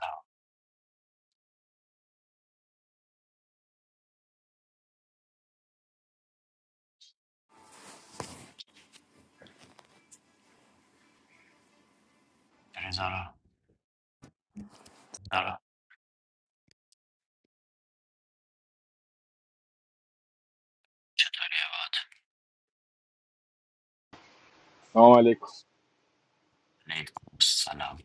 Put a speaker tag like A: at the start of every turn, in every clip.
A: سلام فریزا رو
B: عقب
A: چطوری عباد
C: سلام علیکم
A: علیکم سلام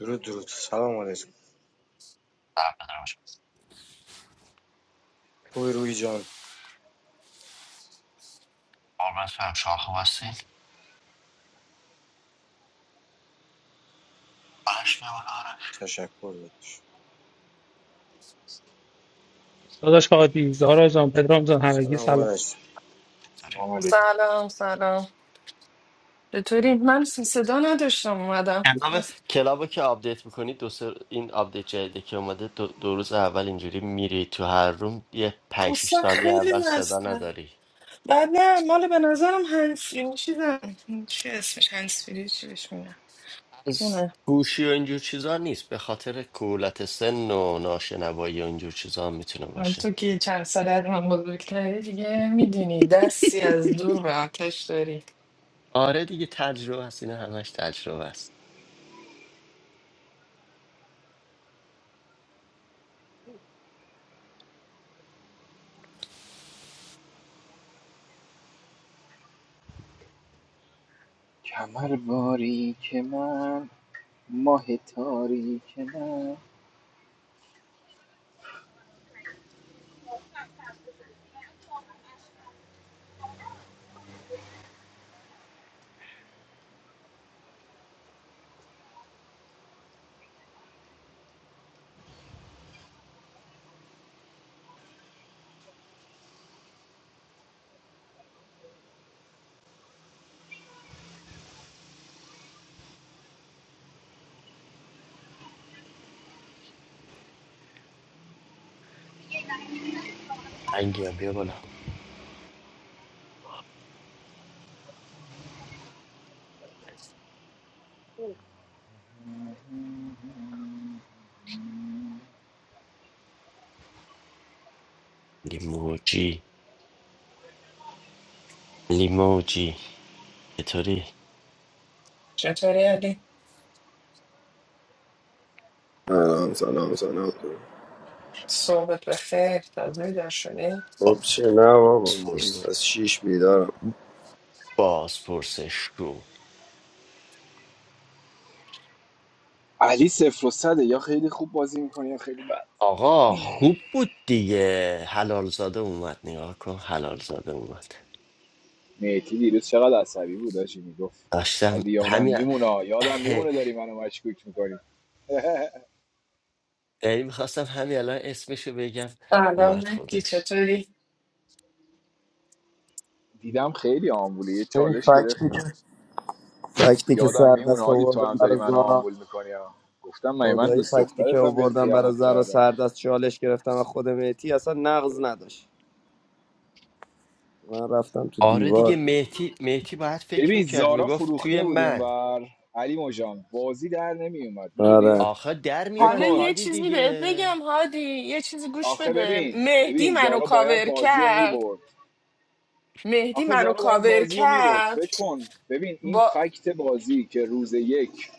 D: درود درود سلام علیکم
A: سلام پدرم شد
D: خوبی روی جان
A: قربت فرم شما خوب هستین باش نمون آره
D: تشکر داداش
E: داداش هادی زارا جان پدرام جان همگی
D: سلام
E: سلام
D: علیکم
A: چطوری
C: سلام
A: خوبی
B: سلام
C: علیکم
B: سلام چطوری؟ من نداشت شدم
A: کلاب کلاب که آپدیت میکنید دو سر این آپدیت جدیدی که اومده دو, دو روز اول اینجوری میری تو هر روم یه پنج شیش
B: اصلا
A: ثانیه
B: خیلی
A: اول صدا
B: مستم
A: نداری
B: بعد نه مال به نظرم هنسفیری چیزم چی اسمش هنسفیری چی بهش میگن نه
A: گوشی و اینجور چیزا نیست به خاطر کولت سن و ناشنوایی و اینجور چیزا هم میتونه باشه
B: تو که چند ساله از من بزرگتری دیگه میدونی دستی از دور به آتش داری
A: آره دیگه تجربه هست اینا همش تجربه است
C: کمر باری که من ماه تاری که من
A: انگی هم بیا بالا انگی موجی لیموجی چطوری؟
B: چطوری علی؟
F: سلام سلام سلام
B: صحبت بخیر تازه بیدار شدی؟
F: خب چه نه بابا من
A: سپرس
F: از شیش بیدارم
A: باز پرسش رو
C: علی صفر و صده یا خیلی خوب بازی میکنه یا خیلی بد
A: آقا خوب بود دیگه حلال زاده اومد نگاه کن حلال زاده اومد
C: میتی دیروز چقدر عصبی بود داشتی میگفت
A: داشتم
C: عادی یادم
A: همین
C: میمونه یادم میمونه داری منو مشکوک میکنی
A: یعنی میخواستم همین الان اسمشو بگم
B: سلام
A: اومد
B: مهدی
A: خودش
B: چطوری؟
C: دیدم خیلی آمبولی یه
F: این
C: چالش گرفت
F: فکتی که
C: گفت
F: فکتی که
C: یادم میمونه
F: سردست
C: عادی تو
F: آوردم
C: هم داری
F: برای
C: منو
F: زارا
C: آمبول میکنی گفتم من من
F: خدایی
C: دوست
F: فکتی که
C: دخترتم بهت
F: آوردم برای
C: خیانت
F: زارا
C: کردم
F: سردست چالش گرفتم و خود میتی اصلا نقض نداشت من رفتم تو
A: آره دیگه
F: دیوار
A: مهتی مهتی باید فکر
C: ببین
A: میکرد
C: زارا
A: میگفت توی
C: فروخته بود
A: من
C: اونور علی مجان بازی در نمی اومد میدونی
F: آره
A: آخه در
C: فکر
A: میومد
B: حالا
C: کن
B: یه
A: هادی
B: چیزی بهت
A: دیگه
B: بگم هادی یه چیزی گوش
C: آخه
B: بده
C: ببین
B: مهدی
C: ببین
B: منو
C: زارا باید
B: کاور
C: بازی رو
B: کرد
C: میبرد
B: مهدی
C: آخه
B: منو
C: زارا باید
B: کاور
C: بازی رو میبرد
B: کرد
C: فکر کن ببین این
B: با
C: فکت بازی که روز یک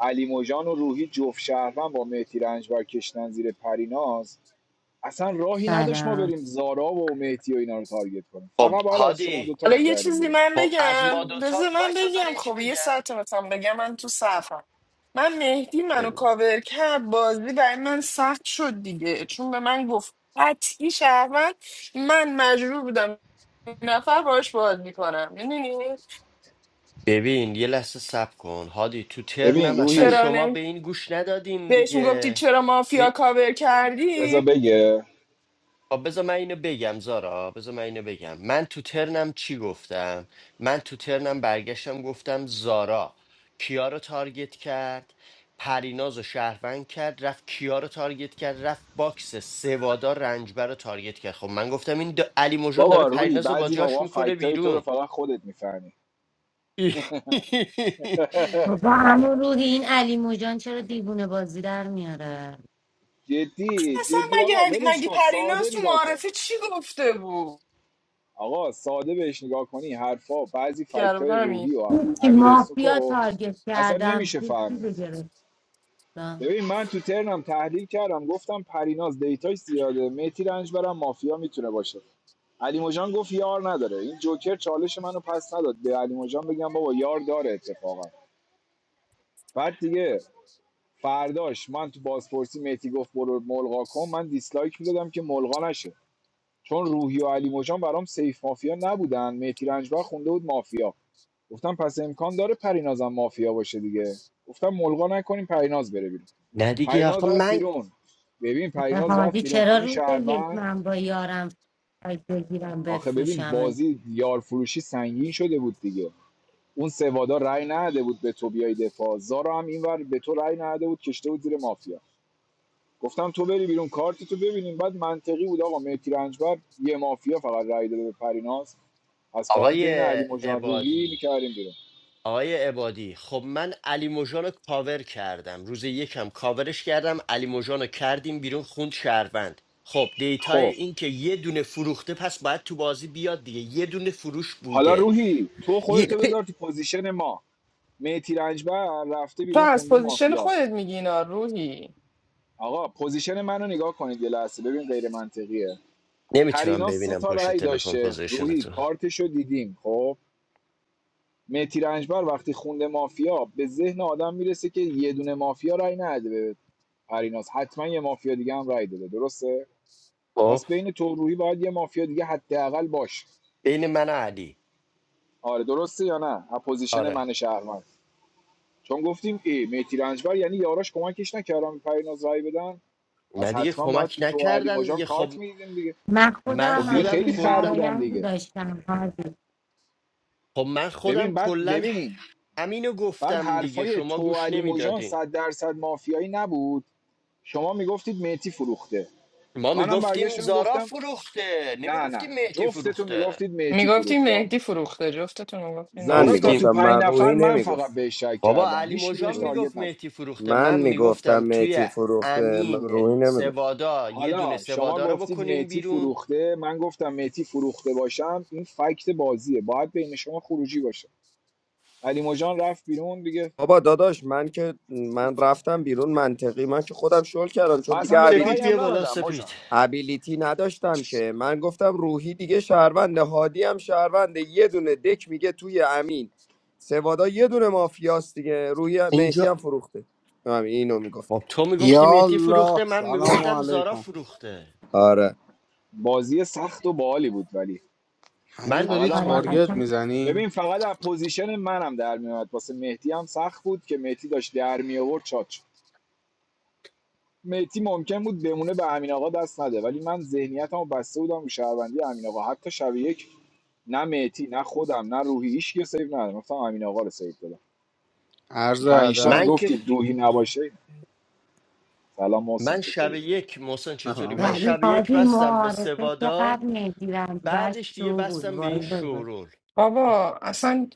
C: علی مجان و روحی جفت شهروند با مهدی رنجبر کشتن زیر پریناز اصلا راهی نداشت ما
G: سلام.
C: بریم زارا و مهدی و اینا رو تارگت کنیم
A: خب
C: فقط باید از شما
A: هادی
C: دوتا
B: حالا یه
C: میکردیم
B: چیزی
C: بیرون
B: من
A: خب از ما
B: بگم بذار
A: دوتا
B: من
A: وایسا
B: بگم
A: زاره چی
B: خب یه
A: بگم
B: ساعت مثلا بگم من تو صفم من مهدی منو
A: بگو
B: کاور کرد بازی برای من سخت شد دیگه چون به من گفت قطعی شهروند من مجبور بودم یه نفر باش باز میکنم میدونی
A: ببین یه لحظه سب کن هادی تو
C: ببین
A: ترنم اصلا
C: روحی
B: چرا
A: شما
B: نمی
A: به این گوش ندادین
B: بهش میگفتی
A: دیگه
B: چرا
A: ب...
B: مافیا کاور
C: رضا
B: کردی
C: بگه
A: آ، بذار من اینو بگم زارا بذار من اینو بگم من تو ترنم چی گفتم من تو ترنم برگشتم گفتم زارا کیا رو تارگت کرد پریناز و شهروند کرد رفت کیا رو تارگت کرد رفت باکس سوادار رنجبر رو تارگت کرد خب من گفتم این د... علی موجان داره
C: بابا روحی
A: پریناز رو با
C: بعضی
A: جاش
C: موقع
A: میکنه
C: فکتای تو رو
A: بیرون
C: فقط خودت میفهمی
G: Baba, Hamurhine Ali Mujan, shara dibune bazi dar miara.
C: جدی
B: اصلا
C: جدی آقا
B: مگه
C: ولش
B: مگه
C: کن ساده
B: پریناز تو
C: نگاه کن
B: معارفه چی گفته بود
C: آقا ساده بهش نگاه کنی حرفا بعضی
B: کرده
C: فکتای
B: بودم
C: روحی و امیر
G: Kima pia
C: سوکو
G: target
C: اصلا
G: kadam
C: نمیشه فهمید
G: pishidejara?
C: ببین من تو ترنم تحلیل کردم گفتم پریناز دیتاش زیاده میتی رنج برم مافیا میتونه باشه علی مجان گفت یار نداره این جوکر چالش منو پس نداد به علی مجان بگم بابا یار داره اتفاقا بعد دیگه فرداش من تو بازپرسی مهدی گفت برو ملغا کن من دیسلایک میدادم که ملغا نشه چون روحی و علی مجان برام سیف مافیا نبودن مهدی رنجبر خونده بود مافیا گفتم پس امکان داره پرینازم مافیا باشه دیگه گفتم ملغا نکنیم پریناز بره بیرون
A: نه دیگه
C: پریناز
A: آخه
C: رفت
A: من
C: بیرون ببین پریناز رفت
G: Hadi
C: بیرون
G: chera
C: خون
G: rote yek
C: شهروند
G: mambayaram pishidejara
C: آخه ببین
G: befrushame.
C: بازی یار فروشی سنگین شده بود دیگه اون سوادا رأی نداده بود به تو بیای دفاع زارا هم اینور به تو رأی نداده بود کشته بود زیر مافیا گفتم تو بری بیرون کارت تو ببینیم بعد منطقی بود آقا مهدی رنجبر یه مافیا فقط رای داده به پریناز پس باید
A: آقای
C: بین علی مجان روحی
A: عبادی
C: میکردیم بیرون
A: آقای عبادی خب من علی موجان رو کاور کردم روز یکم کاورش کردم علی موجان رو کردیم بیرون خوند شهروند خب دیتای
C: خب
A: این که یه دونه فروخته پس باید تو بازی بیاد دیگه یه دونه فروش
C: حالا
A: بوده
C: روحی تو
A: یه...
C: خودتو بذار تو پوزیشن ما مهدی رنجبر رفته
B: تو
C: بیرون
B: از
C: خونده
B: پوزیشن
C: مافیا
B: خودت میگی اینا روحی
C: آقا پوزیشن منو نگاه کنید یه لحظه ببین غیر منطقیه
A: نمیتونم
C: پریناز سه
A: ببینم
C: تا
A: پشت
C: رأی
A: تلفن
C: داشته
A: پوزیشن
C: روحی
A: تو
C: کارتشو دیدیم خب مهدی رنجبر وقتی خونده مافیا به ذهن آدم میرسه که یه دونه مافیا رأی نده به پریناز حتما یه مافیا دیگه هم رای داده درسته پس
A: خب
C: بین تو و روحی باید یه مافیا دیگه حداقل باشه
A: بین من و علی
C: آره درسته یا نه اپوزیشن
A: آره
C: من شهرمند چون گفتیم ای میتی رنجبر یعنی یاراش کمکش نکردم پریناز رای بدن
A: نه
C: پس
A: دیگه
C: حتما باید
A: کمک
C: تو تو علی
A: نکردن
C: مژان
A: دیگه خب
C: کارت میدیدین دیگه
G: Ma khoda
A: من
C: خب دیگه
A: خودم
G: hamtim
C: خیلی خر
G: dar
A: کل
C: بودن
G: yani
C: دیگه
G: dasham hazi
A: خب من خودم
C: ببین بعد
A: کلا
C: ببین
A: همینو
C: بعد
A: گفتم دیگه
C: حرفای
A: شما
C: تو و
A: گوش
C: علی مژان
A: نمیدادین
C: صد درصد مافیایی نبود شما میگفتید میتی فروخته
A: ما
C: منم
A: میگفتیم
C: برگشتم
A: زارا
C: گفتم
A: فروخته
C: نه
A: نمیگفتیم
C: نه
A: مهدی
C: جفتتون
A: فروخته
C: میگفتید میتی
B: میگفتی
C: فروخته آقا
B: مهدی فروخته جفتتون میگفتین
F: من
C: زارا تا تو
B: مهدی
F: میگفتم
A: گفتیم
C: پنج
F: من
C: نفر
F: روحی
C: من فقط
F: نمیگفت
C: بهش شک
A: بابا
C: کردم
A: علی
C: هیچکی بهش
A: مژان میگفت
C: تارگت نزد
A: مهدی فروخته
F: من
A: من
F: میگفتم
A: میگفتم توی
F: میتی فروخته من-
A: امین
F: روحی نمیگفت
A: سوادا یه دونه
C: حالا شما
A: سوادا رو
C: گفتید
A: بکنین
C: میتی
A: بیرون
C: فروخته من گفتم میتی فروخته باشم این فکت بازیه باید بین شما خروجی باشه علی موجان رفت بیرون دیگه
F: بابا داداش من که من رفتم بیرون منطقی من که خودم شل کردم
C: من
F: چون
C: اصلا به رأی
F: دیگه
A: سپید بیا
C: هم
A: بالا
C: ندادم مجان
A: سپید
F: ابیلیتی نداشتم که من گفتم روحی دیگه شهرونده هادی هم شهرونده یه دونه دک میگه توی امین سوادا یه دونه مافیاست دیگه روحی هم- مهدی
A: اینجا
F: هم فروخته همین اینو میگفت
A: خب تو
H: یا
A: میگفتی مهدی
H: الله
A: فروخته من
H: سلام
A: میگفتم زارا
H: علیکم
A: فروخته
F: آره
C: بازی سخت و باحالی بود ولی
H: هنوز
A: من
C: فقط
H: داری
C: هم من
H: تارگت
G: orakam.
C: میتونم
H: میزنی
C: ببین فقط از پوزیشن منم در میومد واسه مهدی هم سخت بود که مهدی داشت در می آورد چات شد. مهدی ممکن بود بمونه به امین آقا دست نده ولی من ذهنیتمو بسته بودم به شهروندی امین آقا حتی شب یک نه مهدی نه خودم نه روحی هیچ که سیو ندادم گفتم امین آقا رو سیو دادم تو
H: عرض
C: پنج تا
H: ادب
A: من که
C: میگفتید روحی نباشه سلام محسن
A: من شب
C: چطوری
A: یک محسن چطوری
H: سلام
A: من
H: دارم.
G: Ali
A: شب یک
G: hadi
A: بستم به
G: moar se
A: سوادا
G: takaani divani
A: بعدش
G: dasho
A: دیگه
G: bud
A: بستم به
G: boy
A: این
G: boy boy.
A: شورول
B: بابا اصلا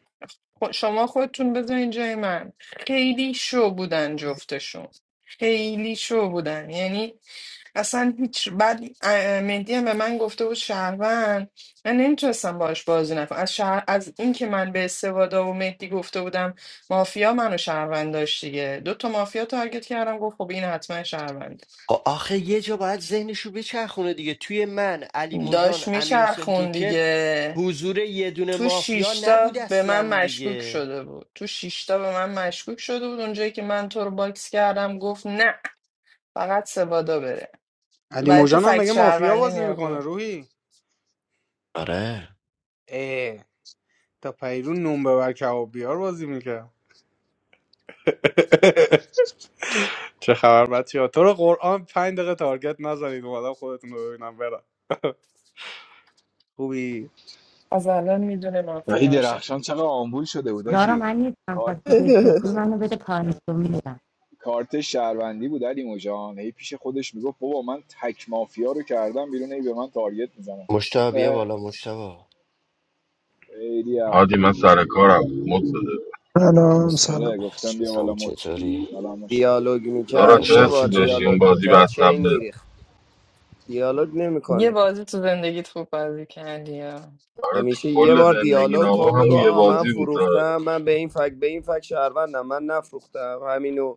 B: خ- شما خودتون بذارین جای من خیلی شو بودن جفتشون خیلی شو بودن یعنی اصلا هیچ بعد اه، مهدی هم به من گفته بود شهروند من نمیتونستم باش بازی نکنم از شهر... از اینکه من به استوادا و مهدی گفته بودم مافیا منو شهروند داشت دیگه دو تا مافیا تارگت کردم گفت خب این حتما شهروند
A: خب آخه یه جا باید ذهنشو بچرخونه دیگه توی من علی موجان
B: داشت
A: امیر حسین
B: میچرخون
A: جوکر
B: دیگه
A: حضور یه دونه
B: تو
A: مافیا
B: شیشتا
A: نبود
B: به من
A: اصلا
B: مشکوک
A: دیگه
B: شده بود تو شیشتا به من مشکوک شده بود اونجایی که من تو رو باکس کردم گفت نه فقط سوادا بره
H: علی
B: برای تو
H: موجان هم
B: فکت
H: مگه مافیا
B: شهروندی
H: بازی
B: می
H: میکنه
B: آورد
H: روحی
A: آره
H: اه تا پیرون نون ببر کباب بیار بازی میکرد چه خبر بچه ها تو رو قرآن پنج دقیقه تارگت نزنید اومدم خودتون رو ببینم برم خوبی
B: از الان میدونه
C: ولی
B: مافیا میشه
C: درخشان چقدر آمبول شده بود
G: Zara
C: آجی
G: mani tambar
C: کارت
G: tijehse. Simano bede phan tomila.
C: کارت شهروندی بود علی موجان هی پیش خودش میگفت بابا من تک مافیا رو کردم بیرون هی به من تارگت میزنم
A: مشتا مشتبا
C: خیلی
I: هادی
C: آمبول
I: من
C: بود
I: سر کارم مد بده
J: سلام
A: اسم
J: سلام
C: حالا
J: بچه.
C: گفتم بیا بالا
A: اسم
C: مد شو
A: چطوری
C: سلام مشتاق.
F: دیالوگ
I: زارا
F: میکرد
I: چه
F: یه
A: مشتاقی
F: بار
I: حسی داشتی اون
F: دیالوگ
I: بازی
F: میکرد
I: بستم
F: چین
I: به
F: میریخ دیالوگ
B: یه
F: نمیکنه
B: بازی تو زندگیت خوب بازی کردی ها.
F: همیشه یه
I: کل
F: بار
I: زندگی
F: دیالوگ
I: نامم
F: کن
I: همون
F: بگو
I: یه
F: آقا من
I: بازی بود زارا
F: فروختم من به این فک به این فک شهروندم من نفروختم همینو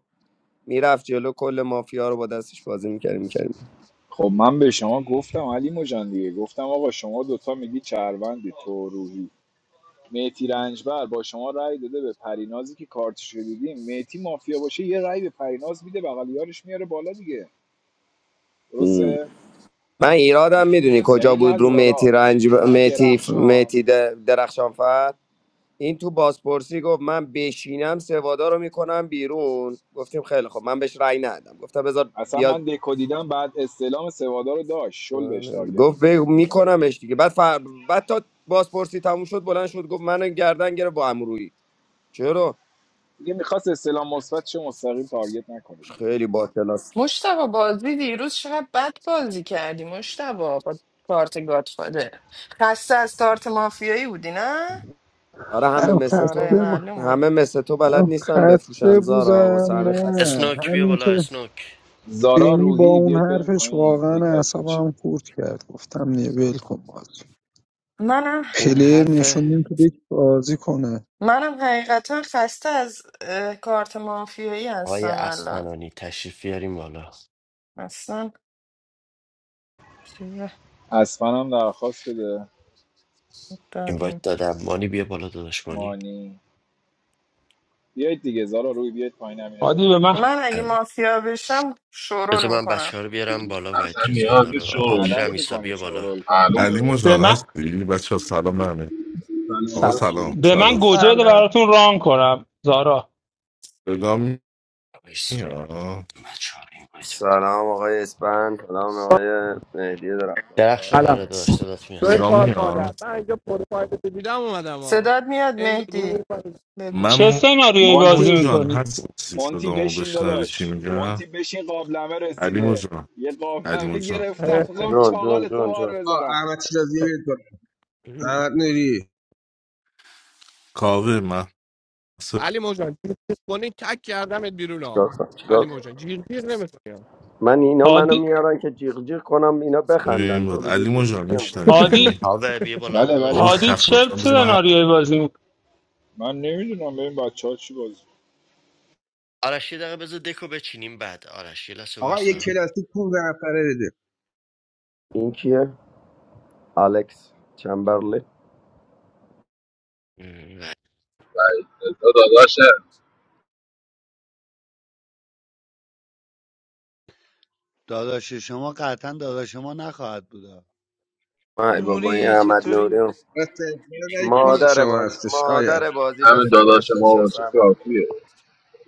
F: میرفت جلو کل مافیا رو با دستش بازی میکردیم میکردیم
C: خب من به شما گفتم علی مجان دیگه گفتم آقا شما دوتا میگی چهروندی تو روحی میتی رنجبر با شما رأی داده به پرینازی که کارتش رو دیدیم میتی مافیا باشه یه رأی به پریناز میده بغل یارش میاره بالا دیگه درسته
F: من ایرادم میدونی کجا
C: یعنی نه
F: بود رو مهتی
C: زارا
F: رنج
C: نه
F: مهتی
C: درخشان
F: مهتی درخشانفر این تو بازپرسی گفت من بشینم سوادا رو میکنم بیرون گفتیم خیلی خب من بهش رأی ندادم گفتم بذار
C: اصلا
F: بیاد
C: من دکو دیدم بعد استعلام سوادا رو داشت شل بهش تارگت
F: گفت
C: میزد
F: بگو
C: مجان
F: میکنمش دیگه بعد فر... بعد تا بازپرسی تموم شد بلند شد گفت منو گردن گرفت با امرویی چرا
C: دیگه میخواست استعلام مثبت چه مستقیم تارگت نکنه دیگه
F: خیلی با کلاس
B: مشتبه بازی دیروز چقدر بد بازی کردی مشتبه با کارت گاتفاده خسته از کارت مافیایی بودی نه
F: آره همه
J: من
F: مثل
B: آره
F: تو
J: خسته بودم
B: معلومه
F: همه مثل تو
J: من
F: بلد نیستن
J: خسته
F: بفروشن زارا
J: بودم
F: واسه همین خسته
A: اسم
J: نه همین که
C: زارا
J: بینی با
C: روحی
J: اون
C: بیاید بریم
J: حرفش
C: پایین
J: واقعا
C: تک تک میشه
J: اعصابم خورد کرد گفتم نه ول کن بازی
B: منم
A: اون
J: پلیر
A: حرف
J: نشوندیم تو دیگه بازی کنه
B: منم حقیقتا خسته از اه، کارت مافیایی
A: آقای
B: هستم الان
A: بالا
B: اصلا چیز
C: اصلا هم درخواست بده
A: این باید
B: دادیم
A: دانی
C: مانی بیایید دیگه زارا روی بیاید پایین همینه بریم
E: هادی به من
B: من اگه
A: ام.
B: مافیا بشم
A: بذار
B: شورول
A: من
B: میکنم
A: بچه ها رو بیارم بالا وایت
I: اصلا
A: اترزا
I: نیاز
A: اینا
I: نیست
A: رو
I: شروع
A: آبجی هم
C: غلط
I: کنی
C: میکنه
A: بیا
C: شو
A: بالا
C: رول کنه
I: معلومه
K: علی
E: به
K: مجان
E: من
K: هستی بچه سلام به همه آقا
E: سلام
K: سلام
E: به من
K: سلام
E: گوجه بده
B: سلام
E: براتون ران کنم زارا
K: صدام
A: ایسا.
K: میاد
A: بچه ها رو این باید بدم
F: سلام آقای اسپند سلام آقای مهدی درخشان.
A: درخشان
L: سلام
A: آره داداش دادات میاد
L: شوی
K: صدام
L: کار مادر
K: میاد
L: من اینجا پروفایل تو دیدم اومدم ها
B: صداد میاد
L: این رو
B: مهدی بگو
E: چه
K: من
E: سناریویی بازی
C: مونتی
K: مجان
E: میکنی
K: هستی
C: مونتی
K: صدامو
C: بشین
K: بشنوی چی
C: داداش
K: میگم
C: مونتی بشین قابلمه
K: علی
C: رسیده
K: مجان
C: یه
K: علی
C: قابلمه
K: مجان
C: گرفتم
L: اه.
C: میخوام
F: جون جون
C: چاقال تو
F: جون
C: مار
F: جون
M: آه،
C: بذارم
M: احمد شیرازی بیاد بالا. احمد نوری
K: کاوه من
L: علی موجان چیز کنی تک کردمت بیرون ها
F: چیکار کنم؟ چیکار
L: علی
F: کنم؟
L: موجان جیر جیر نمیتونیم
F: من اینا منو
E: هادی
F: میارن که جیغ جیغ کنم اینا
K: صدام
F: بخندن
K: بود
F: تو دیگه
K: علی
F: جیغ
K: مجان
F: جیغ نمیکنی
K: میشنوی
E: هادی
A: کاوه بیا بالا
C: بله
A: داداش
K: بابا
C: بله ف-
E: هادی
A: کاوه
K: خفه
E: چه
K: باش. من بذار من حرف-
E: سناریویی بازی میکنی
C: من نمیدونم ببین بچه ها چی بازی
A: آرش یه دقیقه بذار دکو بچینیم بعد آرش یه لحظه
M: آقا یه
A: وایسا
M: کلاسیک پول به نفره بده
F: این کیه الکس چمبرلی
A: ام،
I: تا داداشه
N: داداش شما قطعا داداش ما نخواهد بودا
F: ای بابا این
O: نوری
F: احمد
O: چطوری
F: نوری
M: استقبال پول
F: مادر
M: شما
F: بازی
M: هستش آیا
F: مادر بازی به
I: همین داداش
F: فناش
I: ما
F: نشست
I: باشه
F: احمد
I: کافیه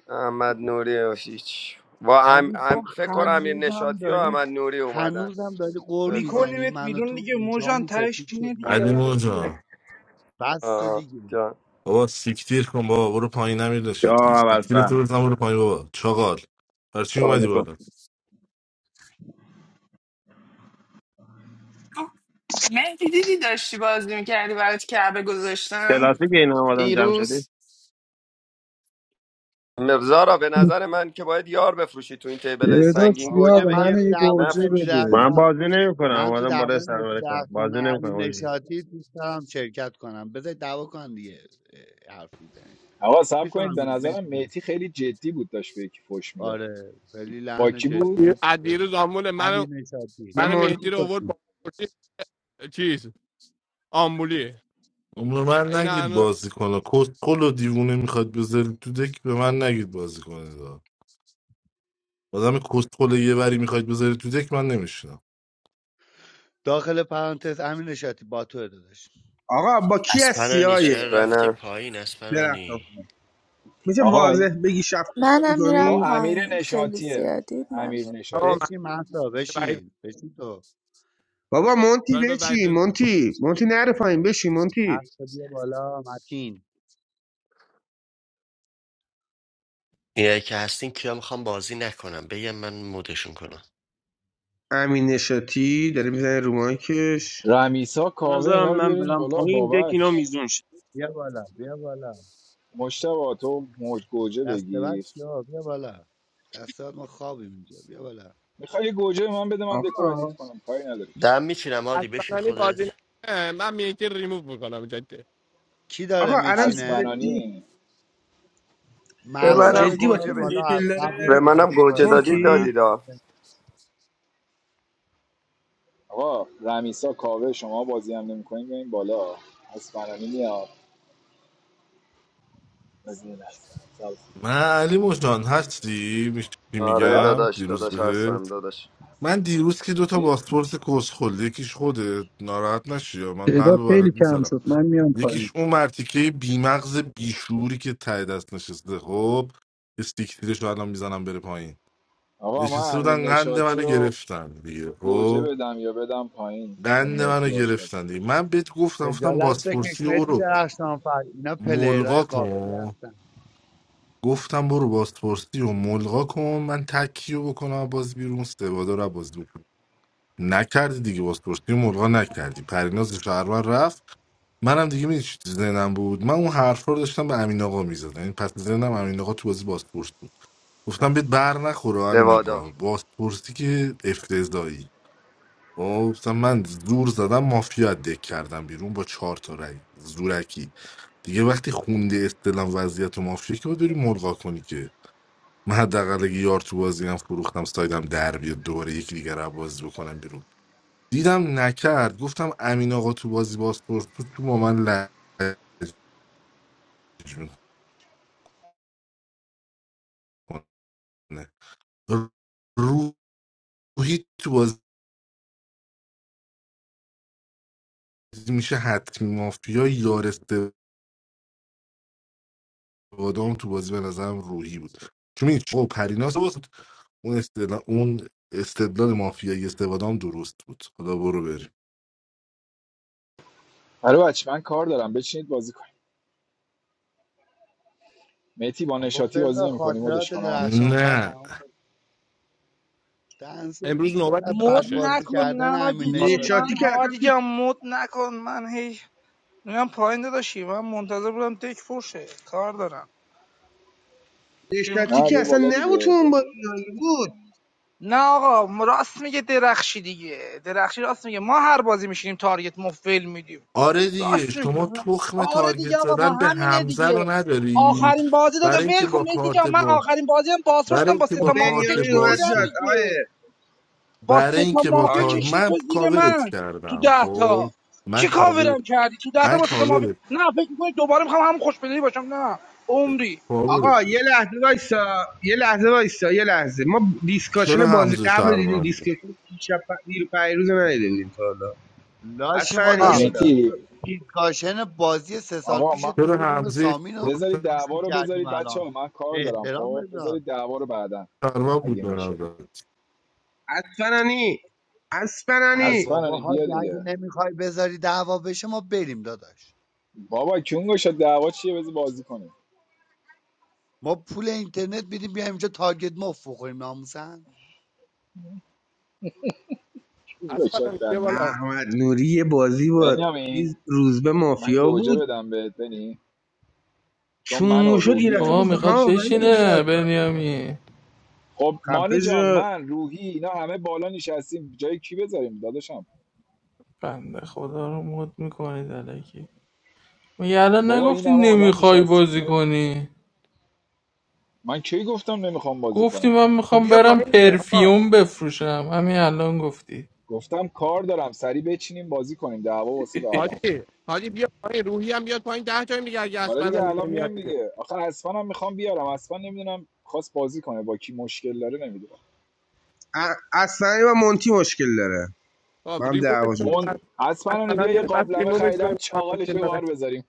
F: احمد نوری و هیچ و ام...
N: علی
F: ام...
N: تو
F: فکر کن امیر
N: هنوزم
F: نشاتی و
N: داری
F: احمد نوری اومدن
N: هنوزم داری قور
F: فکر کن
N: میزنی
O: میکنیمت
N: من و
O: بیرون
N: تو
O: دیگه موجان
N: ریشامون
O: تهش
N: سفید شد
O: اینه دیگه
K: علی
N: مامون
O: داداش
N: سفید
O: دیگه.
K: مجان
N: بس
F: آه.
N: دیگه
F: جان
K: بابا سیکتیر کن بابا برو پایین
P: Jo,
K: نمیدونشتی سیکتیر
P: alsa.
K: تو بزن برو پایین بابا چاقال برای چی
P: Saw
K: اومدی
P: you.
K: بالا
B: مهدی دیدی داشتی بازی میکردی برات کعبه گذاشتم
P: Telasi keena, wadam jamshidi.
B: دیروز
F: مرزا را به نظر من که باید یار بفروشی تو این تیبل
J: تعداد
F: سنگین
N: آقا
F: گوجه
J: زیاده
N: من
J: منو
F: بگیر
N: تو
J: یه
N: دعوای
J: گوجه
N: متی
F: نفروش
J: بده
P: Maan
N: درختان
P: bazi neyuka na,
N: من تو
P: wadam bade
N: دعوای
P: sir
N: متی
P: walikha.
N: درختان
P: Bazi
N: و
P: neyuka,
N: امیر
P: hoji.
N: نشاطی دوست دارم شرکت کنم بذار دعوا کن دیگه اه، حرف میزنیم
C: آقا صبر کنید به
N: میفهمید
C: نظرم
N: متی جان
C: میتی خیلی جدی بود داشت به یکی فوش میداد
N: آره خیلی
C: با
N: لحن
C: کی بود
N: جدی
L: از دیروز آمبول منو
N: امیر نشاطی
M: به
L: منو مهدی
M: مونتی
L: رو آورد
M: کنی
L: با آمبولی چیز آمبولی
K: به من
L: این
K: نگید
L: هنوز
K: بازی کنه کستکل و دیوونه میخواد بذارید تو دک به من نگید بازی کنه دا. آدم کستکل یه وری میخواد بذارید تو دک من نمیشنم
N: داخل پرانتز امیر نشاطی با تو داداش
M: آقا با کی
A: از پنه
M: هستی آیه
F: اسپنم
M: درخت میشه
C: آقا
M: واضح
C: این
M: بگی شفت بازی
Q: منم
C: با
Q: میرم
M: کنی
C: امیر
Q: پایین خیلی
C: نشاتیه
Q: زیادی من
C: امیر
Q: میرم
L: هوا
C: نشاتی
L: مهدی
N: بشین مهسا
L: وحید-
N: بشین بشین تو
M: بابا مونتی
L: داره به وحید
M: بچی
L: رضا
M: مونتی مونتی نره پایین بشی مونتی
N: مهسا بیا بالا متین
A: یه کنم
M: امین نشاتی داره میزنه رو مایکش
C: رمیسا
R: Then,
C: کاوه
R: then,
C: اینا رو
R: I'm going
C: بیارین
R: to
C: بالا
R: point to
C: بابک
R: you.
N: بیا بالا بیا بالا
C: مشتبه تو موج گوجه
N: دست بعد
C: بگیر
N: چیا بیا بالا دست بعد ما خوابیم اینجا بیا بالا
C: میخوای یه گوجه به من بده من دکو ردیف
M: آقا
C: کنم کاری نداری که
A: دم
L: اصلا بازی نه من مهدی رو ریموو میکنم جدی
N: کی
M: آقا
N: داره
M: الان
N: میچینه این
M: جدی
C: اسپنانی
F: به
C: یه بالا
N: مهسا
F: منم
N: رو
M: جدی با
C: اسپن
N: بیار
M: تو
F: گوجه
N: بالا
F: بدید
N: از
M: مشکل
N: قبلش
F: به
M: داره
F: منم
N: میخواسته
F: گوجه
N: بازی
F: دادید
N: کنه
M: مونتی
F: دادید
N: مهسا
C: آقا رمیسا کاوه شما بازی هم نمیکنین بیاین بالا اسپنانی میاد بزنین اسپن.
K: من علی مجان هستی میشی
F: آره
C: گلاب
K: میگم
F: داداش
K: دیروز
F: داداش
K: بهت
F: هستم داداش
K: من دیروز که دوتا
C: چی
K: پاسپورت کستکل یکیش خودت ناراحت نشی یا من قلب
J: تعداد
K: برات
J: خیلی کم
K: میذارم
J: شد من میام پایین
K: یکیش اون مرتیکه بیمغز بیشوری که ته دست نشسته خب استیک تیرش رو الان میزنم بره پایین
C: آقا من
K: نشسته
C: امیر
K: بودن قند
C: نشاتی
K: منو
C: و
K: گرفتن دیگه
C: گوجه
K: خب
C: بدم یا بدم پایین چون
K: قند
C: میتی
K: منو
C: باش بازی
K: گرفتن دیگه من بهت گفتم گفتم
N: خجالت بکش
K: بازپرسی و
N: مهدی
K: برو
N: درخشانفر اینا پلیرهای
K: ملغا
N: قابلی
K: کن
N: هستن
K: گفتم برو بازپرسی و ملغا کن من تکیو بکنم باز بیرون سوادا رو باز بکنم نکردی دیگه بازپرسی و ملغا نکردی پریناز شهرون رفت منم دیگه می چی تو ذهنم بود من اون حرفا رو داشتم به امین آقا میزدم این پس ذهنم امین آقا تو بازی بازپرس بود گفتم بهت بر نخوره امین
F: سوادا
K: آقا بازپرسی که افتضاحی خب، مثلا من زور زدم مافیا از دک کردم بیرون با چهار تا رای زورکی دیگه وقتی خونده استلم وضعیت مافیا که باید بری ملغا کنی که من حداقل اگه یار تو بازی هم فروختم سایدم در بیاد دوباره یکی دیگر رو بازی بکنم بیرون دیدم نکرد گفتم امین آقا تو بازی بازپرس تو تو با من لج میکنه روحی تو بازی میشه حتمی مافیا یار اون تو بازی به نظرم روحی بود چون می‌دونی چه خب پریناز بود اون استدلال اون استدلال مافیایی استفاده هم درست بود خدا برو بریم
C: آره بچه من کار دارم بچینید بازی کنیم میتی با
N: بابا
C: نشاتی
N: بذار
C: بازی نمیکنی
N: خاطرات
C: مدش کنم
N: درخشانفر
K: نه
N: تمام کنه. دنس
L: امروز نوبت
N: بد
O: مد
L: داداشه
N: بازی
L: امروز
O: نکن
N: کردن امیر
O: ناجی
L: داداش-
O: که
M: نشاتی
O: من
N: نشاطی
M: که الان
O: هادی جان مد نکن من هی میگم پایین داداشی من منتظر بودم تک فرشه کار دارم چی
M: نشاطی
C: نه
M: که
C: بیا
O: میخوام
M: اصلا
C: بالا
M: نبود تو
C: دیگه
M: اون
C: بیا
M: بازی بود
O: نه آقا ما راست میگه درخشی دیگه درخشی راست میگه ما هر بازی میشینیم تارگت مفل میدیم
K: آره دیگه
O: راست میگه
K: شما تخم
O: آره دیگه
K: تارگت
O: آقا پس
K: زدن به
O: همینه
K: حمزه رو
O: دیگه
K: ندارید
O: آخرین بازی داده
K: برای اینکه
O: ول کن
K: با
O: مهدی
K: کارت
O: جان من
K: با
O: آخرین بازی هم
K: برای
O: بازپرسم با
K: اینکه
O: سه
M: خب
K: با
O: تا مافو
K: کارت
M: بنیامین
O: کشیدی
M: اومد
K: باس
O: زیرم
M: جاد
K: رو-
O: دیگه
M: آقای
O: با
K: برای
O: سه تا
K: اینکه با
O: مافیا
K: کارت
M: آقای-
O: کشیدی تو
K: من
O: زیر
K: کاورت
O: من تو
K: کردم
O: ده
K: خب
O: تا
K: من
O: چی
K: کاور
O: کاورم کردی تو ده تا
K: من
O: با سه تا مافیا
K: کاورت
O: نه فکر میکنی دوباره میخوام همون خوشبلی باشم نه عمری
K: کاورت
M: آقا
K: کردم.
M: یه لحظه وایسا یه لحظه وایسا یه لحظه ما دیسکاشن
K: چرا
M: بازی
K: حمزه
M: قبل رو دیدیم
K: شهروندی
M: دیسکاشن شب دیر پیروز رو ندیده بودیم تا حالا
N: لاشی
M: اصلا
N: ما
M: دیگه
L: آه
N: داشتیم
M: حالا
C: میتی
N: دیس- دیسکاشن بازی سه سال
C: آقا
N: پیش
C: من
K: چرا
N: توی روم
K: حمزه
N: سامین رو
C: بذارید
N: گوش
C: دعوا رو
N: میکردیم
C: بذارید بچه
N: الان
C: ها من
N: چه
C: کار دارم
N: احترام
C: خب
N: بذار
C: بذارید دعوا رو بعدا
K: سرما بود
C: اگه
K: به
C: میشه
K: نظر
M: اسفنانی
N: ای
M: اسفنانی
N: بابا
C: اسپنانی بیا
N: حاجی اگه
C: دیگه
N: نمیخوای بذاری دعوا بشه ما بریم داداش
C: بابا کیون شد دعوا چیه بذار بازی کنیم
N: ما پول اینترنت میدیم بیایم اینجا تارگت مفت بخوریم ناموسن
C: کیون گشاد
L: اصلا بیا
C: دنده
L: بالا
M: احمد نوری یه بازی با
C: بنیامین
M: چیز روزبه
C: من
M: مافیا
C: گوجه
M: بود
C: بدم بهت بنی چون من
M: چون
C: و
M: شد یه
C: روحی و اینا
M: دفعه
S: آقا
M: گفت
C: میخوایم
S: میخواد
M: ها
C: بشینیم
M: ولی
C: داداش
S: بشینه بنیامین
C: خب مانی
M: خفه
C: جان
M: شد
C: من روحی اینا همه بالا نشستیم جای کی بذاریم داداشم
S: بنده خدا رو مد میکنید علکی میگه
C: خب
S: الان
C: بابا این
S: نگفتی
C: همه آدم
S: نمیخوای
C: نشستیم
S: بازی
C: میخوایم
S: کنی
C: من کی گفتم نمیخوام بازی
S: گفتی
C: کنم
S: من
L: خب
S: میخوام
L: بیا
S: برم
L: پایین دیگه آقا
S: پرفیوم بفروشم همین الان گفتی
C: گفتم کار دارم سری بچینیم بازی کنیم دعوا واسه بعدا
L: حاجی حاجی بیا پایین روحی هم بیاد پایین ده تایم دیگه اگه
C: حالا دیگه
L: اسفنانی
C: الان
L: نمیاد
C: میایم
L: دیگه
C: دیگه آخه اسفن هم میخوام بیارم اسفن نمیدونم خواست بازی کنه با کی مشکل داره نمیدونم
M: ا- اسفنانی و مونتی مشکل داره
L: خب
M: با هم
L: ریمووش
M: دعواشون
L: کنید
M: شد
C: مون
L: پس
C: اسفن بیا
L: اسفنانی
C: یه
L: رو پس
C: قابلمه
L: ریمووش
C: خریدم
L: کنید با من
C: چاقالش
L: مشکل
C: رو
L: داره
C: بار بذاریم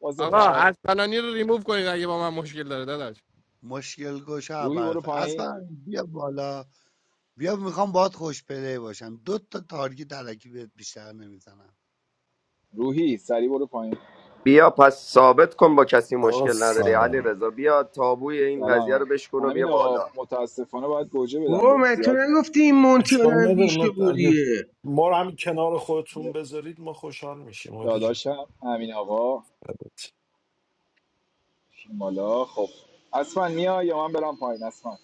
C: واسه
L: آقا
C: نار
L: اسفنانی رو ریموو کنید اگه با من مشکل داره داداش
N: مشکل گوشه
C: روحی برو
N: ابرفه
C: پایین
N: اصلا بیا بالا بیا میخوام باهات خوش پلی باشم دو تا تارگت علکی بهت بیشتر نمیزنم
C: روحی سری برو پایین
F: بیا پس ثابت کن با کسی
T: آقا
F: مشکل نداری علی
T: سلام
F: رضا بیا تابوی این
C: سلام
F: قضیه رو
C: هم
F: بشکن و
C: همین
F: بیا
C: آقا
F: بالا
C: متاسفانه باید گوجه بدم
M: بابا
C: به
M: من تو
C: زیاد
M: نگفتی این مونتی
T: اشکال
M: آدم
T: نداره من اگه
M: بیشعوریه
T: ما رو همین کنار خودتون
C: یه
T: بذارید ما خوشحال میشیم عادی جون
C: داداشم همین آقا شمالا خب اسفن میا یا من برم پایین اسفن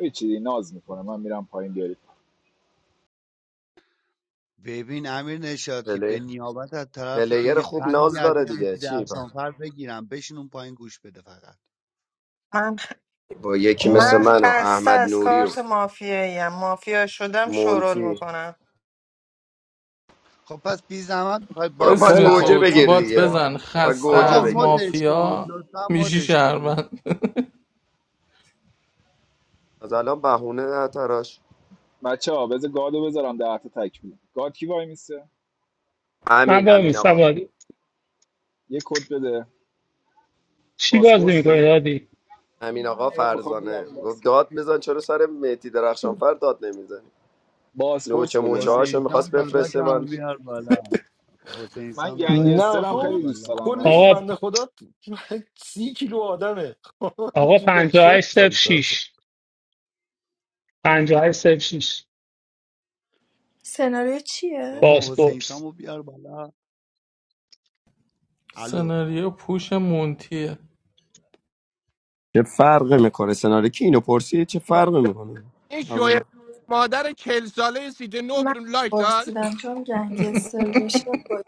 C: هیچی ناز میکنه من میرم پایین بیارید
N: ببین امیر نشاطی به
F: پلی
N: نیابت از طرف تو
F: پلیر
N: یه
F: خوب
N: قندی
F: ناز
N: از
F: داره
N: این
F: دیگه
N: مهدی
F: چی با,
N: درخشانفر بگیرم بشین اون پایین گوش بده فقط
B: من
F: با یکی مثل
B: من
F: من
M: آره
F: و
B: خسته
F: احمد
B: از
F: نوری و
B: کارت مافیاییم مافیا شدم شورول
F: مونتی
B: میکنم
N: خب پس بی زحمت میخوای
F: برو
N: بازی
F: پس
C: خیلی
S: اسم
N: خلق
C: خوب
F: گوجه
S: تو تو
F: بگیر
N: مدش
S: بات
F: دیگه
N: کن
S: بزن
F: و
S: خسته
F: گوجه
N: آقا
C: آها
S: از
F: بگیر
N: مدش کن
S: مافیا
N: لطفا
S: میشی
N: مدش کنیم
S: شهروند
F: از الان بهونه نه تراش
C: بچه ها بذار گادو بذارم ده تا تکمیل گاد کی وای میسه
E: من
F: امین
E: با
F: امین آقا
E: میستم هادی
C: یه کد بده
E: چی بازی
C: باسپورس
E: میکنی
C: بریم
E: هادی
F: همین آقا
C: الان میخوام
F: فرزانه
C: بگم
F: گفت
C: باز
F: داد میزن چرا سر مهدی درخشانفر داد نمیزنی نوچه
C: باسپورس بده
F: موچه
C: من
F: هاشو
N: حسین سام
F: میخواست بفرسته
N: داداشم
F: من
N: بیار بالا حسین
C: من
N: سام
T: نه
N: داداشم
C: گنگسترم
N: بیار
T: خب
C: خیلی دوست
N: بالا
C: دارم ولی
T: کلش
E: آقا
T: بنده
C: باسپورس
T: خدا سی کیلو آدمه خب،
E: آقا
T: چی به چی
E: 58 صفر
T: داشته اصلا
E: 6 58 صفر 6
Q: سناریو چیه؟
N: بابا حسین
E: باسپورس
N: سامو بیار بالا الو
S: سناریو پوش مونتیه
F: چه فرقی میکنه سناریو که اینو پرسید چه فرقی
L: حاجی،
F: میکنه
L: این شوی
F: اول
L: مادر چل ساله سیت نو
Q: من
L: لایک داد
Q: پرسیدم چون گنگستر بشه با-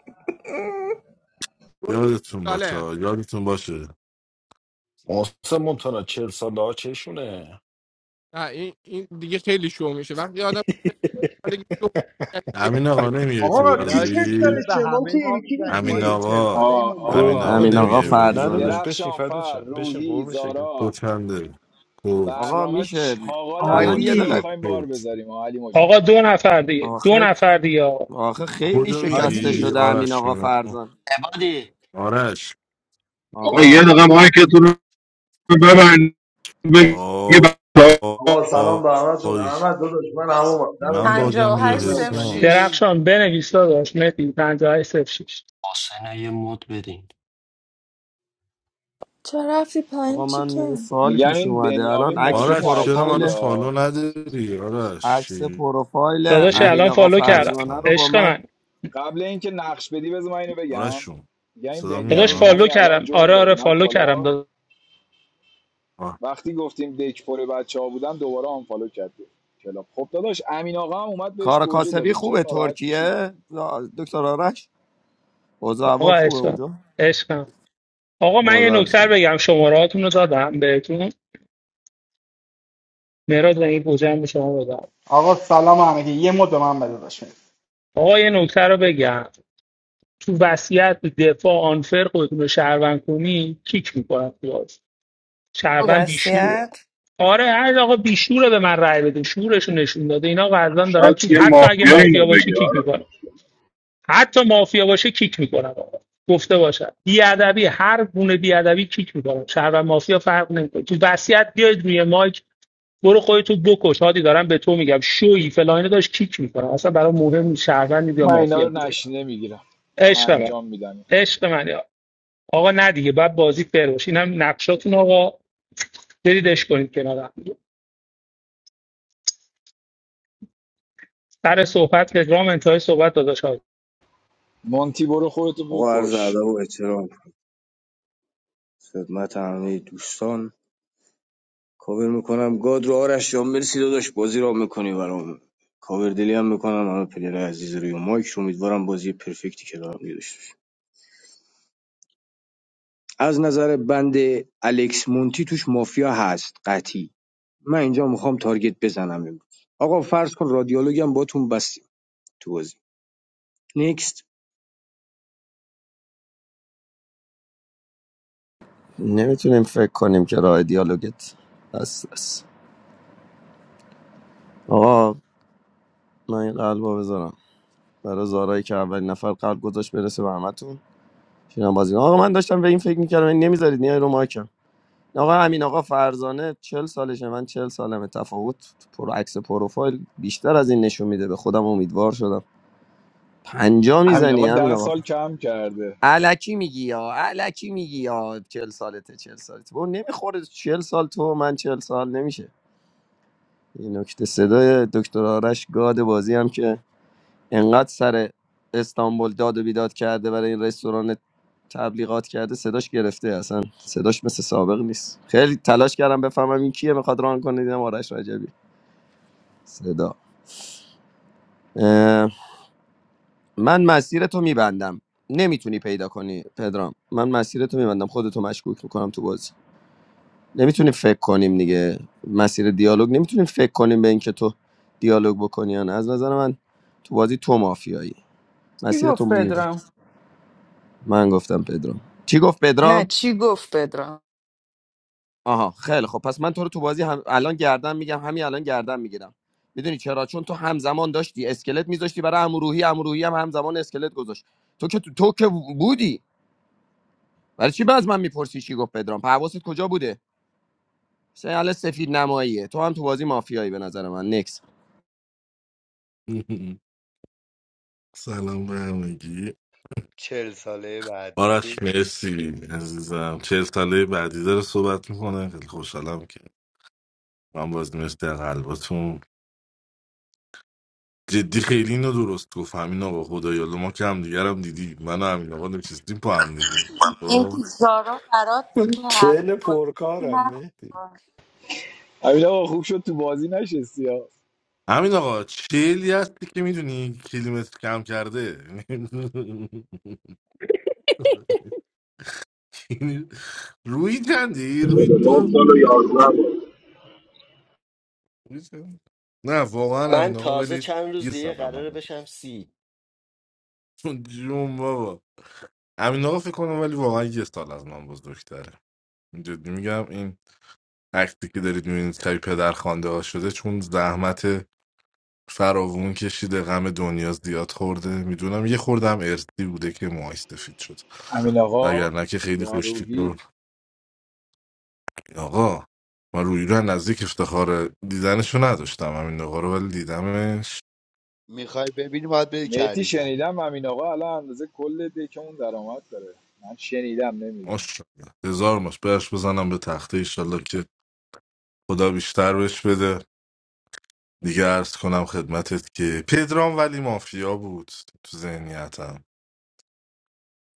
K: یادتون
L: ساله
K: باشه یادتون باشه
T: محسن مونتانا چهل ساله ها چشونه
L: نه این این دیگه خیلی شو میشه وقتی آدم سالگی شو میشه،
K: امین آقا
L: خیلی
K: نمیای
N: خب
K: تو
M: آقا کی تک
N: لاشی چرا
M: داره
K: بازی
N: به
M: چه
N: همه
M: مونتی
N: ما
M: به کی
N: میزنیم ما
K: امین
M: گفتی
N: اینجا چل
K: آقا
N: ساله ای ما
C: آه
K: امین
N: نکردیم
K: آقا
C: آه
T: قربون
F: امین
T: مهدی
F: آقا
K: نمیای
T: جون
K: بازی
T: نداداش
F: فرزانه
T: بشین
C: درخشان
T: فردات
C: فر
T: شم بشین
C: روحی
T: قربون شکل
C: زارا
K: کچنده کت
F: آقا
C: برنامه
F: میشه
C: چاقال
F: الان
K: کت
F: یه
C: مونتی رو
F: دقیقه
M: هادی
C: میخوایم بار
K: کت
C: بذاریم آه علی مجان
E: آقا دو نفر دیگه دو
F: آخه
E: نفر دیگه آقا
F: آخه خیلی
K: کدو
F: شکسته
K: میگی
M: هادی
F: شده امین
K: آرش
F: آقا
K: جون؟
F: فرزان
A: عبادی
K: آرش
I: آقا یه
F: آقا
I: دقیقه مایکتون رو ببند بگه
K: آ- آ-
U: Hello, Salaam Alaikum.
K: آی
U: How are
K: من
U: you?
B: پنجا و
K: باگم
N: بازی
K: یا
U: I am
B: هشت
U: good.
B: صفر
K: حسام
B: شیش
N: نمیکنی
E: درخشان بنویس داداش مهدی 58 صفر شش.
A: حسنه یه مد بدین
Q: چرا رفتی پایین
F: آقا من
Q: چیکن
F: سوالی
C: میگم
F: پیش
C: این
F: اومده الان
C: بنیامین
F: عکس
C: موجود
K: آرش چرا منو
C: عجیبی
F: پروفایل
K: فالو
C: ها
K: نداری آرش
F: عکس پروفایل
E: داداش
F: امین
E: الان
K: چجوری
F: آقا
E: فالو کردم
F: فرزانه رو
K: داستانه
F: با
E: عشق
F: من
E: من
C: قبل اینکه نقش بدی بذار من اینو
K: آرش
C: بگم
K: جون
C: میگم این
K: صدا
E: داداش
C: بنیامین
K: میاد
E: فالو
C: همین الان
E: کردم
C: جوین
E: آره
C: داد
E: آره
C: اومد
E: فالو کردم
C: بالا
E: داداش
C: وقتی گفتیم دک پر بچه بودن دوباره آنفالو کردیم کلاب خب داداش امین آقا هم اومد بهش
F: کار
C: گوجه
F: کاسبی
C: دادیم چرا
F: خوبه
C: ناراحت میشی
F: ترکیه دکتر آرش اوضاع اول
E: آقا
F: خوبه
E: عشق
F: اونجا
E: عشقم آقا من یه
F: خدا
E: نکتر بگم شمارهاتون رو دادم بهتون مراد و این گوجم به شما بدم
V: Agar salamane ki ye mode naam milta hai.
E: آقا یه نکتر رو بگم تو وصیت دفاع آنفر خودتون رو شهروند کنی کیک میکنم تو بازی
B: تو
E: شهروند بیشوره
B: وسیعت
E: آره هر آقا بیشوره به من رأی بده شورش رو نشون داده اینا قضا دارم
I: شاید
E: کیک
I: یه
E: حتی اگه
I: مافیایی
E: مافیا
I: اینو
E: باشه
I: بگه
E: کیک
I: آره
E: میکنم حتی مافیا باشه کیک میکنم آقا گفته باشم بیادبی هر گونه بیادبی کیک میکنم شهر و مافیا فرق نمیکنه تو وصیت بیاید روی مایک برو خودتو بکش هادی دارم به تو میگم شوی فلان اینا داشت کیک میکنم اصلا برای مهم نیست شهروند یا
C: من اینا رو
E: مافیا بوده
C: نشینه میگیرم چون
E: عشق من
C: انجام میدم اینا
E: عشق من یا. آقا نه دیگه بعد بازی فر باشه اینم نقشاتون آقا بریدش کنید کنار هم دیگه. سر صحبت پدرام انتهای صحبت داداش هادی.
C: مونتی برو خودتو
D: آقا عرض ادب
C: بکش
D: و احترام خدمت همه دوستان کاور میکنم گاد رو آرش جان مرسی داداش بازی را میکنی برام کاور دلی هم میکنم همه پلیرهای عزیز روی مایک رو امیدوارم بازی پرفکتی که دارم داشته باشیم. از نظر بند الکس مونتی توش مافیا هست قطعی من اینجا میخوام تارگت بزنم امروز آقا فرض کن رادیولوگم باتون بستیم تو بازی نکست
F: نمیتونیم فکر کنیم که راه دیالوگت هست هست. آقا من این قلبو بذارم برای زارایی که اولین نفر قلب گذاشت برسه به همتون شیرم بازی آقا من داشتم به این فکر میکردم این نمیذارید نیای رو ماکم آقا همین آقا فرزانه 40 سالشه من 40 سالمه تفاوت پر عکس پروفایل بیشتر از این نشون میده به خودم امیدوار شدم پنجا
C: امین آقا
F: میزنی همین
C: ده
F: آقا
C: سال کم کرده
F: علکی میگی یا علکی میگی یا چل سالته چل سالته اون نمیخوره چل سال تو من چل سال نمیشه این نکته صدای دکتر آرش گاد بازی هم که انقدر سر استانبول داد و بیداد کرده برای این رستوران تبلیغات کرده صداش گرفته اصلا صداش مثل سابق نیست خیلی تلاش کردم بفهمم این کیه میخواد ران کنه دیدم آرش رجبی صدا اه، من مسیر تو میبندم نمیتونی پیدا کنی پدرام من مسیر تو میبندم خودتو مشکوک میکنم تو بازی نمیتونیم فکر کنیم دیگه مسیر دیالوگ نمیتونیم فکر کنیم به اینکه تو دیالوگ بکنی یا نه از نظر من تو بازی تو مافیایی
B: کی
F: مسیر تو
B: گفت
F: میره
B: پدرام
F: من گفتم پدرام چی گفت
B: نه
F: پدرام
B: چی گفت پدرام
F: آها خیلی خب پس من تو رو تو بازی هم... الان گردن میگم همین الان گردن میگیرم میدونی چرا چون تو همزمان داشتی اسکلت میذاشتی برای امروحی امروحی هم همزمان اسکلت گذاشت تو که تو, تو که بودی برای چی باز من میپرسی چی گفت پدرام حواست کجا بوده سیال سفید نماییه تو هم تو بازی مافیایی به نظر من نکس
K: سلام به همگی
N: چهل ساله
K: آرش
N: بعدی
K: مرسی عزیزم چهل ساله بعدی داره صحبت میکنه خیلی خوشحالم که من باز نوشته در قلباتون جدی خیلی اینو درست گفت همین آقا خدایا ما که هم دیگر هم دیدی من و همین آقا نشستیم پا هم دیگه خب.
W: It's zero. I don't
T: من چهل
W: care
T: پرکارم
W: about
T: مهدی
W: it.
C: امین آقا خوب شد تو بازی نشستی ها
K: همین آقا چلی هستی که میدونی کیلومتر کم کرده روی کندی روی
I: 49
K: تو
I: سال و 11
K: روی چند؟ نه واقعا
A: من
K: همین آقا
A: تازه
K: ولی
A: چند روز
K: یه
A: دیگه
K: سرم هم
A: قراره بشم سی
K: بود. جون بابا امین آقا فکر کنم ولی واقعا یه سال از من بزرگتره جدی میگم این عکسی که دارید میبینید شبیه پدر خوانده ها شده چون زحمت فراوون کشیده غم دنیا زیاد خورده میدونم یه خوردم ارثی بوده که موهاش سفید شد
C: امین آقا
K: وگرنه که خیلی
C: یا
K: خوشتیپ و
C: روحی
K: آقا من روی رو نزدیک افتخار دیدنشو نداشتم همین آقا رو ولی دیدمش
N: میخوای ببینی باید بری
C: مهتی
N: کریزک
C: شنیدم امین آقا الان اندازه کل دکمون درآمد داره من شنیدم نمیدونم
K: ماشاءالله هزار ماش برش بزنم به تخته ایشالله که خدا بیشتر بهش بده دیگه عرض کنم خدمتت که پدرام ولی مافیا بود تو ذهنیتم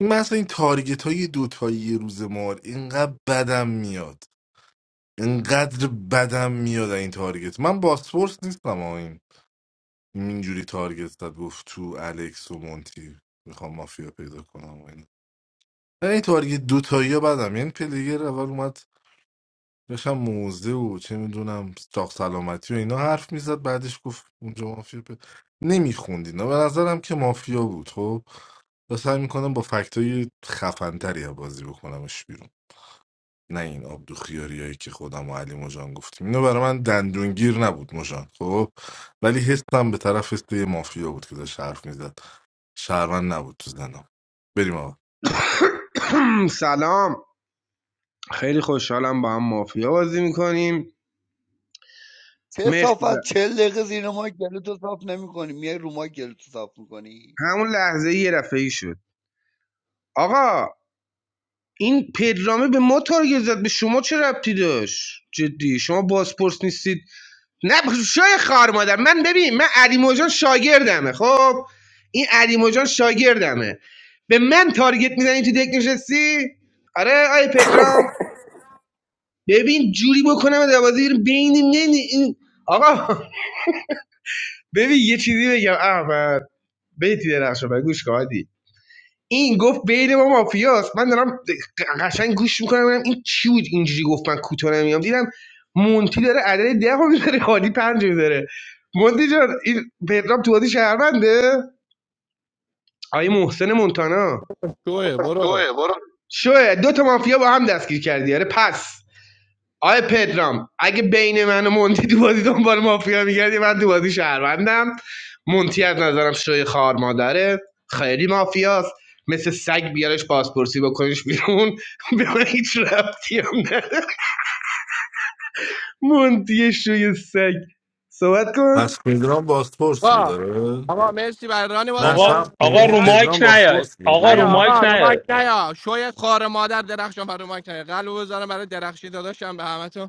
K: این مثلا این تارگت های دوتایی یه روز مار اینقدر بدم میاد اینقدر بدم میاد از این تارگت من باسپورس نیستم آقا این اینجوری تارگت زد گفت تو الکس و مونتی میخوام مافیا پیدا کنم و اینا. من این تارگت دوتایی ها بدم یعنی پلیگر اول اومد داشتم موزه و چه میدونم چاق سلامتی و اینا حرف میزد بعدش گفت اونجا مافیا ب... نمیخوند اینا به نظرم که مافیا بود خب و سعی میکنم با فکتای خفنتری بازی بکنمش بیرون نه این آبدو خیاریایی که خودم و علی مجان گفتیم اینو برای من دندونگیر نبود مجان خب ولی حسم به طرف حس یه مافیا بود که داشت حرف میزد شهروند نبود تو زنم بریم آقا
M: سلام خیلی خوشحالم با هم مافیا بازی میکنیم مرسی
N: کسافت
M: ز-
N: چهل دقیقه زیر ما گلوتو صاف نمیکنی میای رو ما گلوتو صاف میکنی
M: همون لحظه یه رفعی شد آقا این پدرامه به ما تارگت زد به شما چه ربطی داشت جدی شما بازپرس نیستید نه ب- شوی خار مادر من ببین من علی موجان شاگردمه خب این علی موجان شاگردمه به من تارگت میزنی تو دک نشستی آره آی پترام ببین جوری بکنم دوازی رو بین نمی این آقا ببین یه چیزی بگم احمد بیتی درخشان گوش کن عادی. این گفت بین ما مافیاست من دارم قشنگ گوش میکنم ببینم این چی بود اینجوری گفت من کوتاه نمیام دیدم مونتی داره عدد ده رو میذاره خالی پنج میذاره مونتی جان این پدرام تو بازی شهرونده آیه محسن مونتانا
L: شوه برو
M: شوه برو شوه دو تا مافیا با هم دستگیر کردی آره پس آقای پدرام اگه بین من و مونتی تو بازی دنبال مافیا میگردی من تو بازی شهروندم مونتی از نظرم شوی خار مادره خیلی مافیاست مثل سگ بیارش پاسپورسی بکنش بیرون به من هیچ ربطی هم نداره مونتی شوی سگ صحبت کن
K: پس پدرام باسپورس بود
L: با
K: داره
L: آقا مرسی برای ران
K: نه
L: بازی در
E: آقا
K: سب
L: چون
E: آقا
L: که
K: کن
E: رو مایک
K: پدرام
E: نیاد
K: باسپورس
E: آقا رو
L: ایا
K: بود
E: مایک
L: آقا رو
E: نیاد
L: مایک نیا شوی خار مادر درخشان بر رو مایک نیا قلب بذارم برای درخشی داداشم به همه تو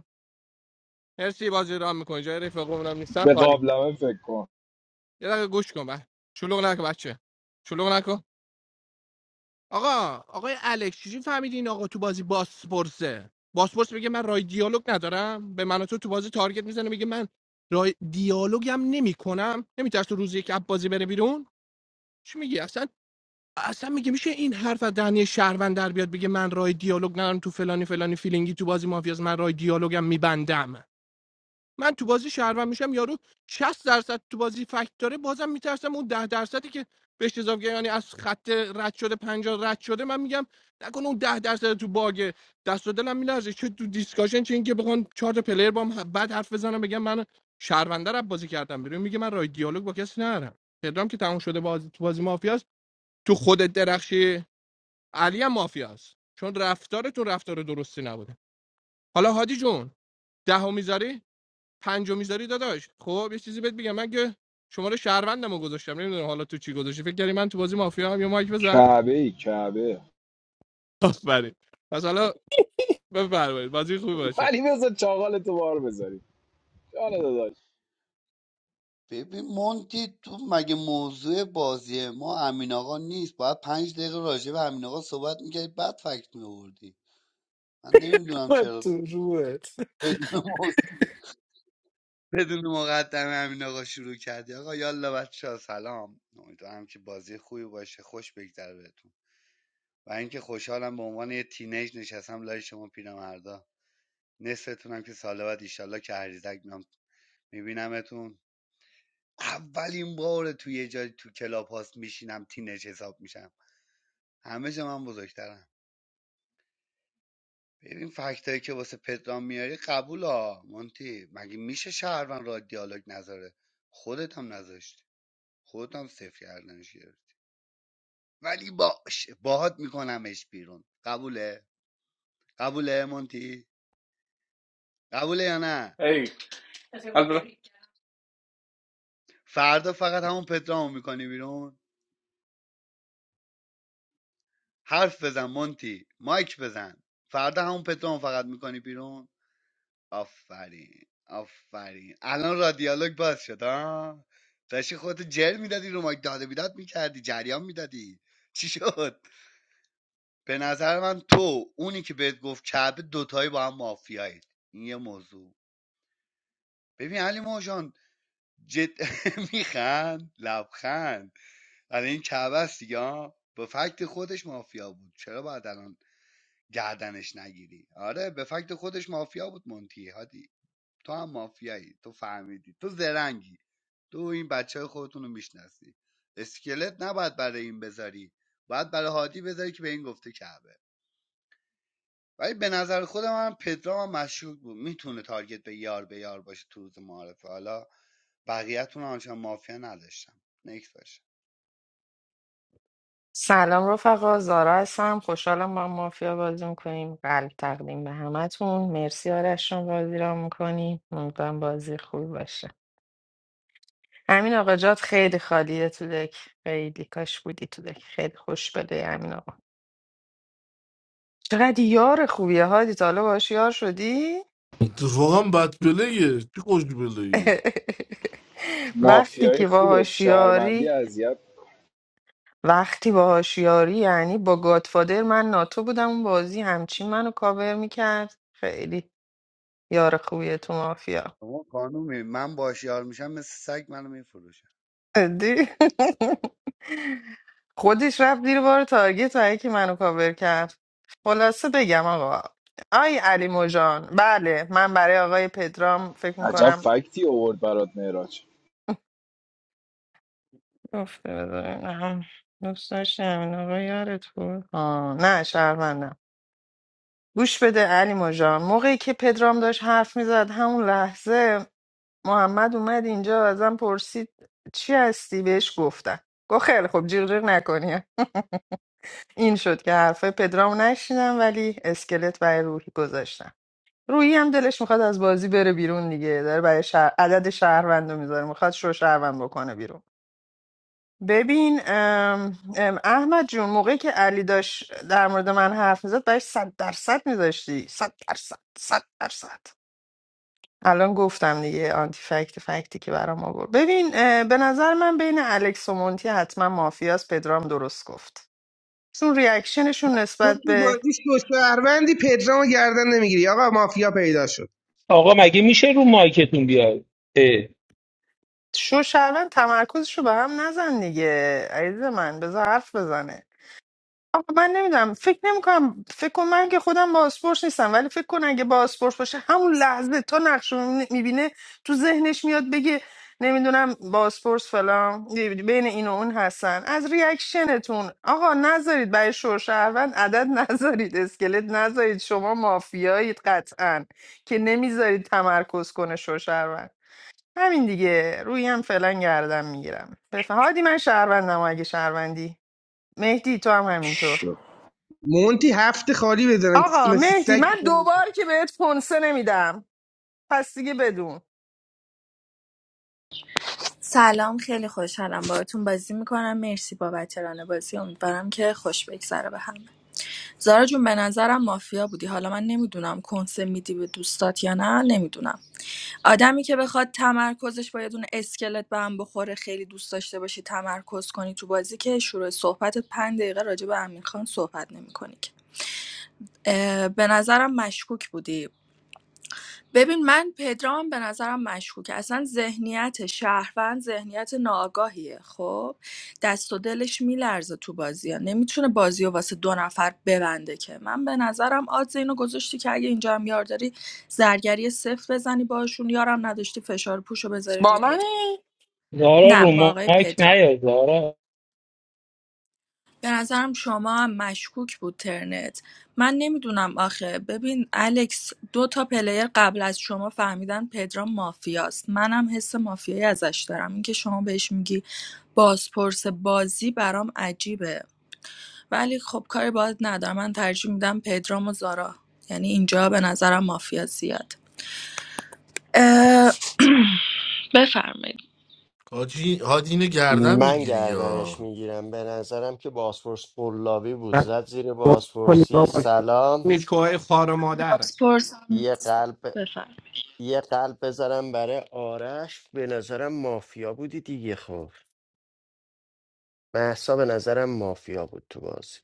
L: مرسی بازی رام میکنی جای رفقمونم نیستن
C: به
L: خالی
C: قابلمه فکر کن
L: یه دقیقه گوش کن به شلوغ نکن بچه شلوغ نکن آقا آقای الکس چجوری فهمیدی این آقا تو بازی باسپورسه باسپورس میگه من رای دیالوگ ندارم به من و تو تو بازی تارگت میزنه میگه من رای دیالوگم نمیکنم نمیترس تو روز یک اب بازی بره بیرون چی میگی اصلا اصلا میگه میشه این حرف از دهنی شهروند در بیاد بگه من رای دیالوگ ندارم تو فلانی فلانی فیلینگی تو بازی مافیاز من رای دیالوگم میبندم من تو بازی شهروند میشم یارو 60 درصد تو بازی فکت داره بازم میترسم اون ده درصدی که بهش اضافه یعنی از خط رد شده 50 رد شده من میگم نکنه اون ده درصد تو باگ دست و دلم میلرزه چه تو دیسکاشن چه اینکه بخوام چهار تا پلیر بام بعد حرف بزنم بگم من شهرونده رو بازی کردم بیرون میگه من رای دیالوگ با کسی ندارم پدرام که تموم شده باز تو بازی مافیاست تو خودت درخشی علی هم مافیاست چون رفتارتون رفتار درستی نبوده حالا هادی جون دهو میذاری پنجو میذاری داداش خب یه چیزی بهت بگم من که شماره شهروندمو گذاشتم نمیدونم حالا تو چی گذاشتی فکر کردی من تو بازی مافیا هم یا مایک بزن
C: کعبه ای کعبه
L: آفرین پس حالا بفرمایید بازی خوبی باشه
C: ولی بذار چاقال تو بار بذاری جان داداش
N: ببین مونتی تو مگه موضوع بازی ما امین آقا نیست باید پنج دقیقه راجع به امین آقا صحبت میکردی بعد فکت میوردی من نمیدونم
T: من
N: چرا
T: تو روحت
N: بدون موضوع بدون مقدمه امین آقا شروع کردی آقا یالا بچه سلام امیدوارم که بازی خوبی باشه خوش بگذره بهتون و اینکه خوشحالم به عنوان یه تینیج نشستم لای شما پیرمردا نصفتونم که سال بعد ایشالله که هریزک میام میبینمتون اولین بار تو یه جای تو کلاب هاست میشینم تینیج حساب میشم همه جا من بزرگترم ببین فکتایی که واسه پدرام میاری قبول ها مونتی مگه میشه شهرون را دیالوگ نذاره خودت هم نذاشتی خودت هم صفر کردنش گرفتی ولی باش باهات میکنمش بیرون قبوله قبوله مونتی قبوله یا نه فردا فقط همون پترامو میکنی بیرون حرف بزن مونتی مایک بزن فردا همون پترامو فقط میکنی بیرون آفرین آفرین الان را دیالوگ باز شد ها داشتی خودتو جر میدادی رو مایک داده بیداد میکردی جریان میدادی چی شد به نظر من تو اونی که بهت گفت کعبه دوتایی با هم مافیایید این یه موضوع ببین علی موجان جد میخند لبخند برای این کعبه است دیگه به فکت خودش مافیا بود چرا باید الان گردنش نگیری آره به فکت خودش مافیا بود مونتی هادی تو هم مافیایی تو فهمیدی تو زرنگی تو این بچه خودتون رو میشناسی اسکلت نباید برای این بذاری باید برای هادی بذاری که به این گفته کعبه ولی به نظر خودم هم پدرام هم مشکوک بود میتونه تارگت به یار به یار باشه تو روز معارفه حالا بقیه‌تون رو آنچنان مافیا نداشتم نکس باشه
B: سلام رفقا زارا هستم خوشحالم با هم مافیا بازی میکنیم قلب تقدیم به همتون مرسی آرش جان بازی را میکنیم امیدوارم بازی خوبی باشه امین آقا جات خیلی خالیه تو دک خیلی کاش بودی تو دک خیلی خوش بده امین آقا چقدر یار خوبیه هادی تا حالا باهاش یار شدی
K: اتفاقا بدبلهیه چی خوشبلهیه
B: وقتی
C: مافیای
B: که
C: خوبه
B: باهاش
C: شهروندی
B: یاری
C: اذیت
B: وقتی باهاش یاری یعنی با گادفادر من ناتو بودم اون بازی همچین منو کاور میکرد خیلی یار خوبیه تو مافیا
N: شما خانومی من باش یار میشم مثل سگ منو میفروشم
B: دی خودش رفت دیر بار تارگت و که منو کاور کرد خلاصه بگم آقا آی علی موجان بله من برای آقای پدرام فکر
C: عجب
B: میکنم
C: فکتی اوورد برات معراج
B: گفته بذارم دوست داشتم این آقا یارت بود آه نه شرمندم گوش بده علی جان موقعی که پدرام داشت حرف میزد همون لحظه محمد اومد اینجا ازم پرسید چی هستی بهش گفتم گفت خیلی خوب جیغ جیغ نکنی این شد که حرفه پدرام نشیدم ولی اسکلت برای روحی گذاشتم روحی هم دلش میخواد از بازی بره بیرون دیگه داره برای شهر... عدد شهروند رو میذاره میخواد شو شهروند بکنه بیرون ببین ام، ام، احمد جون موقعی که علی داشت در مورد من حرف میزد برای صد درصد میذاشتی صد درصد صد درصد الان گفتم دیگه آنتی فکت فکتی که برام آورد ببین اه، به نظر من بین الکس و مونتی حتما مافیاس پدرام درست گفت چون ریاکشنشون
M: تو
B: نسبت
M: تو
B: به
M: بازی شو شهروندی پدرام رو گردن نمیگیری آقا مافیا پیدا شد
E: آقا مگه میشه رو مایکتون بیاد اه.
B: شو شهروند تمرکزشو به هم نزن دیگه عزیز من بذار حرف بزنه آقا من نمیدونم فکر نمیکنم فکر کنم من که خودم بازپرس نیستم ولی فکر کن اگه بازپرس باشه همون لحظه تا نقش رو میبینه تو ذهنش میاد بگه نمیدونم بازپرس فلان بین این و اون هستن از ریاکشنتون آقا نذارید برای شهروند عدد نذارید اسکلت نذارید شما مافیایید قطعا که نمیذارید تمرکز کنه شهروند همین دیگه روی هم فعلا گردم میگیرم بفهم هادی من شهروندم اگه شهروندی مهدی تو هم همینطور
M: مونتی هفت خالی بزنن
B: آقا
M: مثل
B: مهدی
M: سگ
B: من دوبار که بهت کنسه نمیدم پس دیگه بدون
Q: سلام خیلی خوشحالم باهاتون بازی میکنم مرسی با وتران بازی امیدوارم که خوش بگذره به همه زارا جون به نظرم مافیا بودی حالا من نمیدونم کنسه میدی به دوستات یا نه نمیدونم آدمی که بخواد تمرکزش با یه دونه اسکلت به هم بخوره خیلی دوست داشته باشی تمرکز کنی تو بازی که شروع صحبت پنج دقیقه راجع به امیر خان صحبت نمی‌کنی که اه، به نظرم مشکوک بودی ببین من پدرام به نظرم مشکوکه اصلا ذهنیت شهروند ذهنیت ناآگاهیه خب دست و دلش میلرزه تو بازی ها، نمیتونه بازی و واسه دو نفر ببنده که من به نظرم آدز اینو گذاشتی که اگه اینجا هم یار داری زرگری صفر بزنی باشون یارم نداشتی فشار پوشو بذاری
B: با
Q: روی دو
B: منی
E: زارا
Q: نه
E: رو
Q: با آقای
E: مایک
Q: پدرام
E: نیاد زارا
Q: به نظرم شما هم مشکوک بود ترنت من نمیدونم آخه ببین الکس دو تا پلیر قبل از شما فهمیدن پدرام مافیاست منم حس مافیایی ازش دارم اینکه شما بهش میگی بازپرس بازی برام عجیبه ولی خب کاری باید ندارم من ترجیح میدم پدرام و زارا یعنی اینجا به نظرم مافیا زیاد اه، بفرمایید
K: حاجی حاجی اینه گردن
A: من
K: میگیری یا
A: گردنش میگیرم به نظرم که باسفورس قلابی بود
L: بس
A: زد زیر
L: گفت کنی
A: باسفورسی
L: بابا
A: سلام
L: نیکوهای خار و مادر
Q: بازپرسم
A: یه
Q: نیست
A: قلب
Q: بفرمایید
A: یه قلب بذارم برای آرش به نظرم مافیا بودی دیگه خب محسا به نظرم مافیا بود تو بازی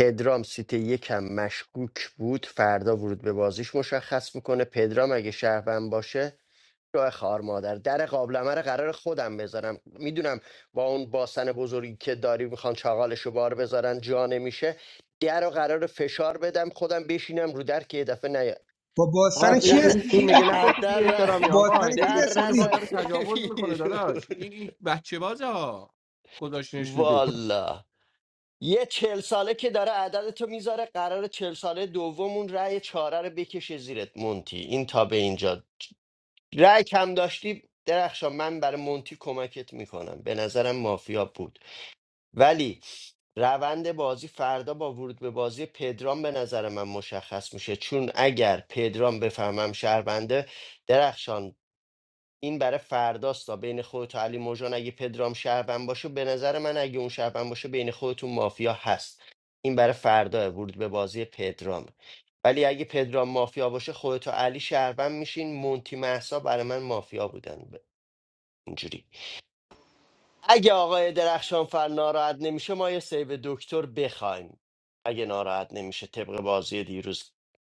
A: پدرام سیت یکم مشکوک بود فردا ورود به بازیش مشخص میکنه پدرام اگه شهروند باشه راه خار مادر در قابلمه رو قرار خودم بذارم میدونم با اون باسن بزرگی که داری میخوان چاقالش رو بار بذارن جا نمیشه در رو قرار فشار بدم خودم بشینم رو در که یه دفعه نیا
M: با
L: آقا
M: باستان
A: از
M: کی
L: این,
A: در
L: این,
M: هستی روی
L: میگه نگفتی
A: در
L: بی
A: ن-
L: احترامی آقا
M: باستان کی
L: این به
A: در
L: چون
M: هستی
L: ما
A: نزن
L: داره تجاوز میکنه
A: بیرون
L: داداش این این بچه بازه گذاشتنش رو
A: والا یه چهل ساله که داره عدد تو میذاره قرار چل ساله دومون رأی چهاره رو بکشه زیرت مونتی این تا به اینجا رأی کم داشتی درخشان من برای مونتی کمک میکنم به نظرم مافیا بود ولی روند بازی فردا با ورود به بازی پدرام به نظر من مشخص میشه چون اگر پدرام بفهمم شهربنده درخشان این برای فرداست، فرداستا بین خودت و علی موجان اگه پدرام شهروند باشه به نظر من اگه اون شهروند باشه بین خودتون مافیا هست این برای فردا ورود به بازی پدرام ولی اگه پدرام مافیا باشه خودت و علی شهروند میشین مونتی محسا برای من مافیا بودن ب- اینجوری اگه آقای درخشان فر ناراحت نمیشه ما یه سیو دکتر بخوایم اگه ناراحت نمیشه طبق بازی دیروز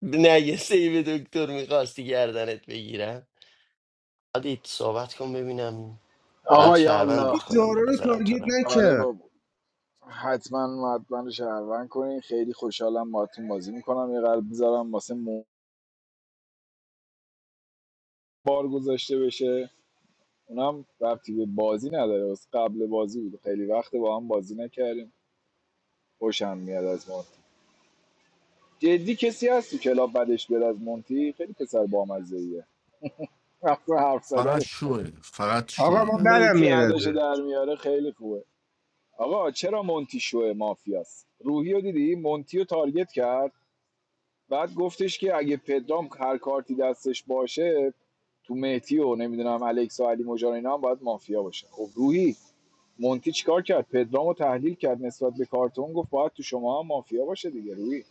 A: نه یه سیو دکتر میخواستی گردنت بگیرم عادی صحبت کن ببینم بعد
C: آها یا الله
M: این
A: شهروندت کنم
M: دارا
A: به
M: رو
A: نظرم تو
M: تارگت
A: رو
C: آره
M: نکرد
C: بابا حتما حتما رو شهروند کنین خیلی خوشحالم باهاتون بازی میکنم یه قلب میذارم واسه مو بار گذاشته بشه اونم ربطی به بازی نداره واسه قبل بازی بود خیلی وقت با هم بازی نکردیم خوشم میاد از مونتی جدی کسی هست تو کلاب بدش بیاد از مونتی خیلی پسر بامزه ایه حرف حرف
K: فقط
C: زدنش
K: شوه فقط
M: آقا ما
K: شوه
M: بدم
C: میتی
M: میاد
C: اداشو
M: ازش.
C: در میاره خیلی خوبه آقا چرا مونتی شوه مافیاست روحی دیدی مونتیو رو تارگت کرد بعد گفتش که اگه پدرام هر کارتی دستش باشه تو مهتی و نمیدونم الکس و علی مجان اینا هم باید مافیا باشه خب روحی مونتی چیکار کرد پدرام تحلیل کرد نسبت به کارتون گفت باید تو شما هم مافیا باشه دیگه روحی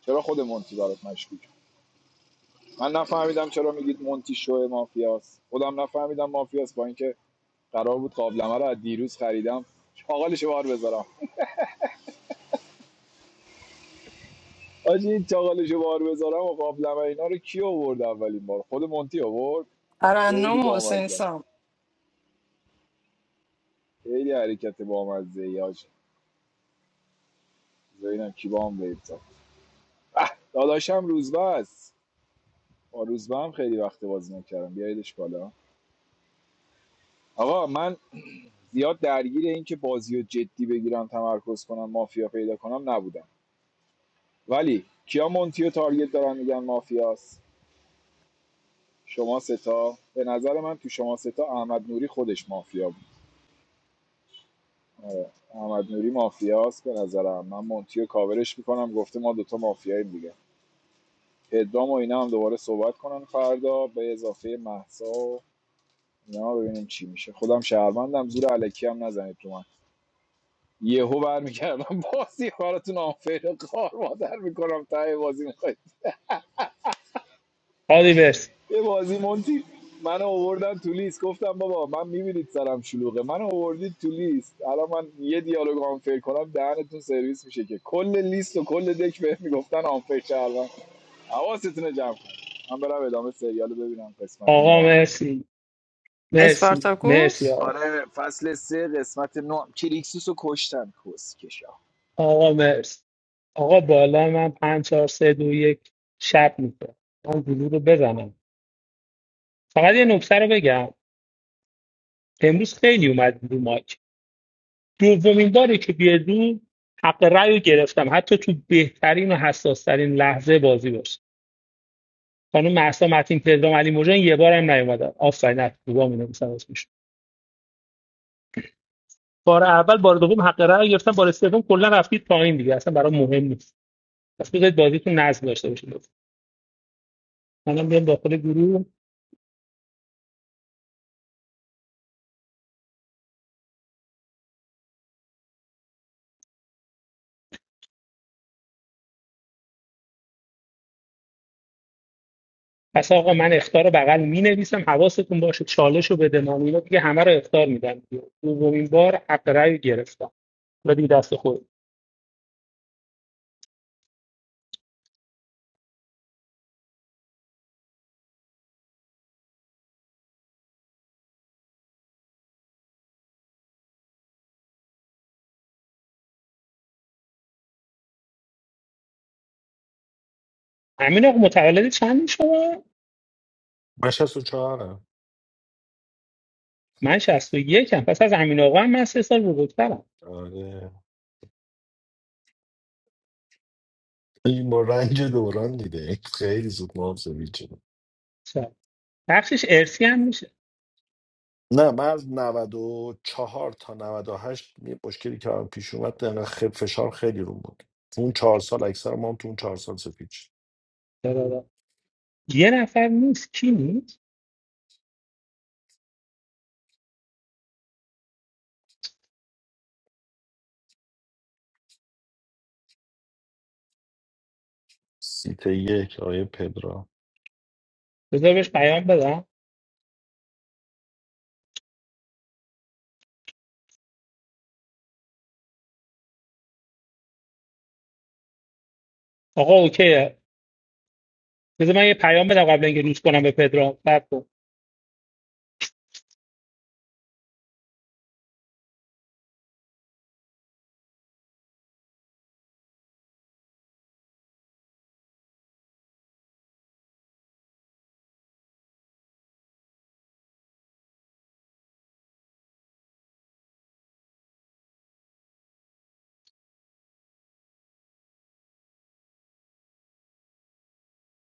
C: چرا خود مونتی برات مشکوک من نفهمیدم چرا میگید مونتی شو مافیاست خودم نفهمیدم مافیاست با اینکه قرار بود قابلمه رو از دیروز خریدم حاالش بار بذارم آجی این چاقالشو بار بذارم و قابلمه اینا رو کی آورد اولین بار خود مونتی آورد خیلی
B: ترنم و حسین
C: بامزه است
B: سام
C: خیلی حرکت بامزه ای آجی ببینم کی بام ویب زد داداشم روزبه است با روزبه هم خیلی وقت بازی نکردم بیاییدش بالا آقا من زیاد درگیر این که بازی جدی بگیرم تمرکز کنم مافیا پیدا کنم نبودم ولی کیا مونتیو و تارگت دارن میگن مافیاست شما ستا به نظر من تو شما ستا احمد نوری خودش مافیا بود محمد نوری مافیاست به نظرم من مونتیو کاورش میکنم گفته ما دوتا مافیاییم دیگه پدرام و اینا هم دوباره صحبت کنن فردا به اضافه محسا و اینا ببینیم چی میشه خودم شهروندم زور علکی هم نزنید تو من یهو برمیگردم بازی براتون آنفیر قار مادر میکنم ته بازی میخوای
E: آدی برس
C: یه بازی مونتی منو آوردن تو لیست گفتم بابا من میبینید سرم شلوغه منو آوردید تو لیست الان من یه دیالوگ آنفر کنم دهنتون سرویس میشه که کل لیست و کل دک بهم میگفتن آنفر کردم حواستون جمع کن من برم ادامه سریال ببینم قسمت
E: آقا
C: نو هم.
E: مرسی مرسی مرسی
B: اسپارتاکوس
E: آقا
C: آره فصل سه قسمت نو هم. کریکسوس رو کشتن کسکشا
E: آقا مرسی آقا بالا من پنج چهار سه دو یک شب میشه من گلو رو بزنم فقط یه نکته رو بگم امروز خیلی اومد رو مایک دومین باری که بیاد رو حق رأی رو گرفتم حتی تو بهترین و حساسترین لحظه بازی باشه خانم مهسا متین پدرام علی موجان یه بارم نیومدن آفرین از خوبا می بار اول بار دوم حق رأی گرفتن بار سوم کلا رفتید پایین دیگه اصلا برای مهم نیست پس بذارید بازیتون نظم داشته باشه لطفا منم بیام داخل گروه پس آقا من اختار رو بغل می نویسم حواستون باشه چالش رو بده ما اینا دیگه همه رو اختار میدن دومین بار حق رأی رو گرفتم و دیگه دست خود امین آقا متولد چند شما
T: من شست و چهارم
E: من 61 یکم. پس از امین آقا هم من سه سال بزرگترم
T: آره این با رنج دوران دیده خیلی زود محافظه شده
E: چرا؟ بخشش ارسی هم میشه
T: نه من از نود و چهار تا نود و هشت یه مشکلی که هم پیش اومد دقیقا خیلی فشار خیلی رو بود تو اون چهار سال اکثر ما هم تو اون چهار سال سپید شد
E: چرا؟ یه نفر نیست کی نیست
T: سیت یک آیه پدرا
E: بذار بهش پیام بدم آقا اوکی بذار من یه پیام بدم قبل اینکه روز کنم به پدرام بعد کن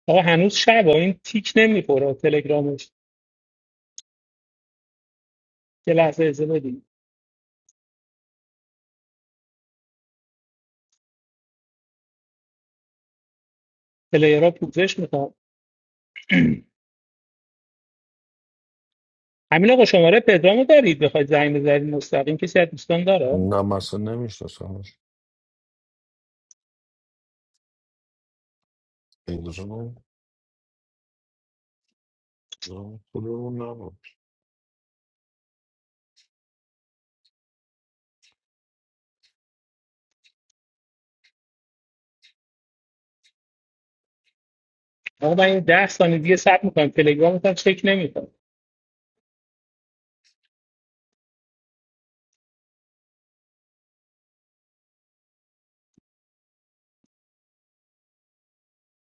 E: آقا هنوز شب این تیک نمیخوره تلگرامش یه لحظه اجازه بدید پلیرها پوزش میخوام همین آقا شماره پدرامو دارید بخواید زنگ بزنید مستقیم کسی از دوستان داره
T: نه مثلا نمیشناسمش پدرا نه، خودمون نبود
E: آقا من این 10 ثانیه دیگه صبر میکنم تلگرام هم چک نمیکنم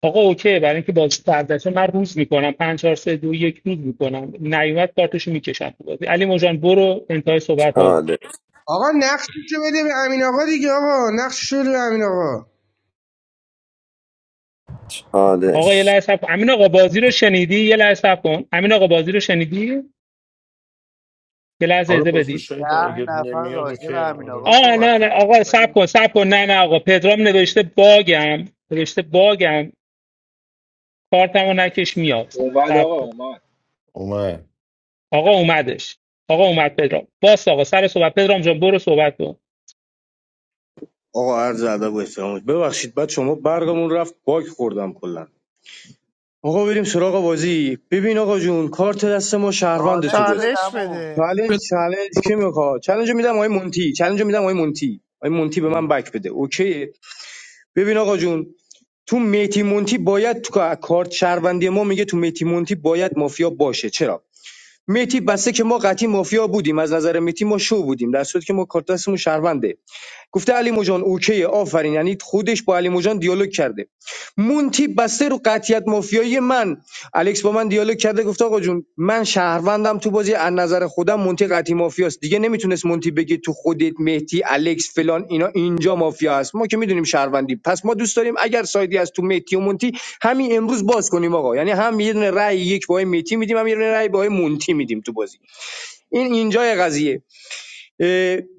E: آقا اوکی برای اینکه بازی فرداشه من روز میکنم 5 4 3 2 1 روز میکنم نیومد کارتشو میکشم تو بازی علی مجان برو انتهای صحبت ها
F: چالش
M: آقا نقششو بده به امین آقا دیگه آقا نقششو بده به امین آقا
E: آقا یه
F: چالش
E: لحظه صبر کن. امین آقا بازی رو شنیدی یه لحظه صبر کن امین آقا بازی رو شنیدی یه لحظه
T: آره
E: اجازه
T: بازون
E: بدید
T: شهید
N: ده
T: اگه
N: نفر
T: نمیاد
N: راجع به
T: اوکی
N: امین آقا
T: آره
E: آه
N: صحبت
E: نه نه
N: کردم
E: آقا
N: می‌خوای
E: سب
N: من
E: کن سب کن نه نه آقا پدرام نوشته باگم نوشته باگم کارتمو نکش میاد
C: اومد
E: سب
C: آقا
E: کن
C: اومد
T: اومد
E: آقا اومدش آقا اومد پدرام باس آقا سر صحبت پدرام جان برو صحبت کن
D: آقا عرض ادب و احترام ببخشید بعد شما برگمون رفت باگ خوردم کلا آقا بریم سراغ بازی ببین آقا جون کارت دست ما شهروند تو
N: چالش
D: بازی
B: چالش
N: بدم و
B: بده
D: چالش چالش کی میخواد چالش رو میدم آقای مونتی چالش رو میدم آقای مونتی آقای مونتی به من بک بده اوکی ببین آقا جون تو میتی مونتی باید تو کا- کارت شهروندی ما میگه تو میتی مونتی باید مافیا باشه چرا میتی بسته که ما قطعی مافیا بودیم از نظر میتی ما شو بودیم در صورتی که ما کارت دستمون شهرونده گفته علی موجان اوکی آفرین یعنی خودش با علی موجان دیالوگ کرده مونتی بسته رو قطیت مافیایی من الکس با من دیالوگ کرده گفته آقا جون من شهروندم تو بازی از نظر خودم مونتی قطعی مافیاست دیگه نمیتونست مونتی بگه تو خودت مهدی الکس فلان اینا اینجا مافیا هست ما که میدونیم شهروندی پس ما دوست داریم اگر سایدی از تو مهدی و مونتی همین امروز باز کنیم آقا یعنی هم یه دونه رأی یک با مهدی میدیم هم یه دونه رأی با مونتی میدیم تو بازی این اینجای قضیه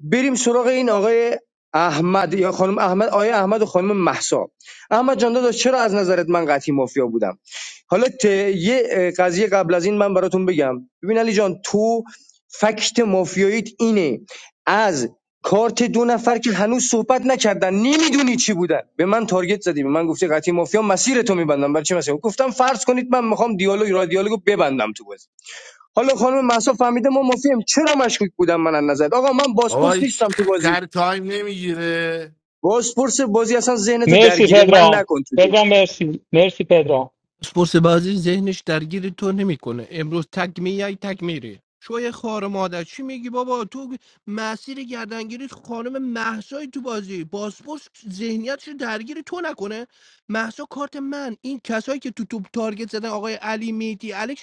D: بریم سراغ این آقای احمد یا خانم احمد آقای احمد و خانم محسا احمد جان داداش چرا از نظرت من قطعی مافیا بودم حالا ت... یه قضیه قبل از این من براتون بگم ببین علی جان تو فکت مافیاییت اینه از کارت دو نفر که هنوز صحبت نکردن نمیدونی چی بودن به من تارگت زدی به من گفتی قطعی مافیا مسیر تو میبندم برای چی مسیر گفتم فرض کنید من میخوام دیالوگ را دیالوگو ببندم تو حالا خانم مهسا فهمیده ما مافیم چرا مشکوک بودم من از نظر آقا من
K: آقا
D: بازپرس
K: هیچ
D: نیستم تو بازی
K: کار تایم نمیگیره
D: بازپرس بازی اصلا ذهنتو
E: مرسی
D: درگیر من
E: پدرام
D: نکن تو دیگه
E: پدرام مرسی مرسی پدرام
L: اسپورس بازی ذهنش درگیر تو نمیکنه امروز تک میای تک میری شوی خار مادر چی میگی بابا تو مسیر گردنگیری خانم مهسای تو بازی باسپورس ذهنیتش رو درگیر تو نکنه مهسا کارت من این کسایی که تو توپ تارگت زدن آقای علی میتی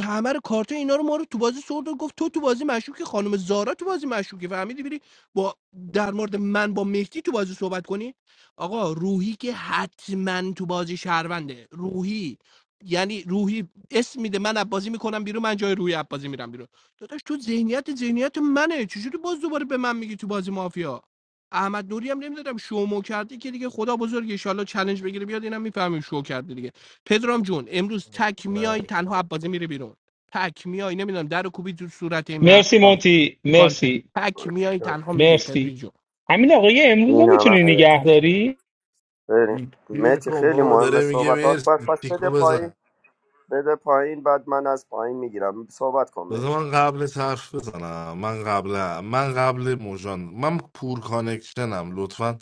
L: همه رو کارت اینا رو ما رو تو بازی سرد و گفت تو تو بازی مشکوکی خانم زارا تو بازی مشکوکی فهمیدی بری با در مورد من با مهدی تو بازی صحبت کنی آقا روحی که حتما تو بازی شهرونده روحی یعنی روحی اسم میده من بازی میکنم بیرون من جای روحی بازی میرم بیرون داداش تو ذهنیت ذهنیت منه چجوری باز دوباره به من میگی تو بازی مافیا احمد نوری هم نمیدادم شومو کردی که دیگه خدا بزرگ ان چالش بگیره بیاد اینم میفهمیم شو کرده دیگه پدرام جون امروز تک
K: نه
L: میای تنها عبازی میره بیرون تک میای نمیدونم در و کوبی تو صورت این
E: مرسی
L: مهسا
E: مونتی
L: چیکار کردی
E: مرسی
L: تک میای تنها میری پدری
E: مرسی
L: جون
E: همین آقای امروز رو
F: این همه
E: میتونی
F: حرف
E: نگه داری
F: بریم
K: پیر
F: متی
K: کن
F: خیلی
K: بابا
F: مهمه
K: داره میگه
F: صحبتات باید
K: مرسی
F: پس بده
K: تیکو
F: پایین
K: بزن
F: بده پایین بعد من از پایین میگیرم صحبت کن متی
K: بذار من قبل حرف بزنم من قبل من قبل موجان من پور کانکشنم لطفا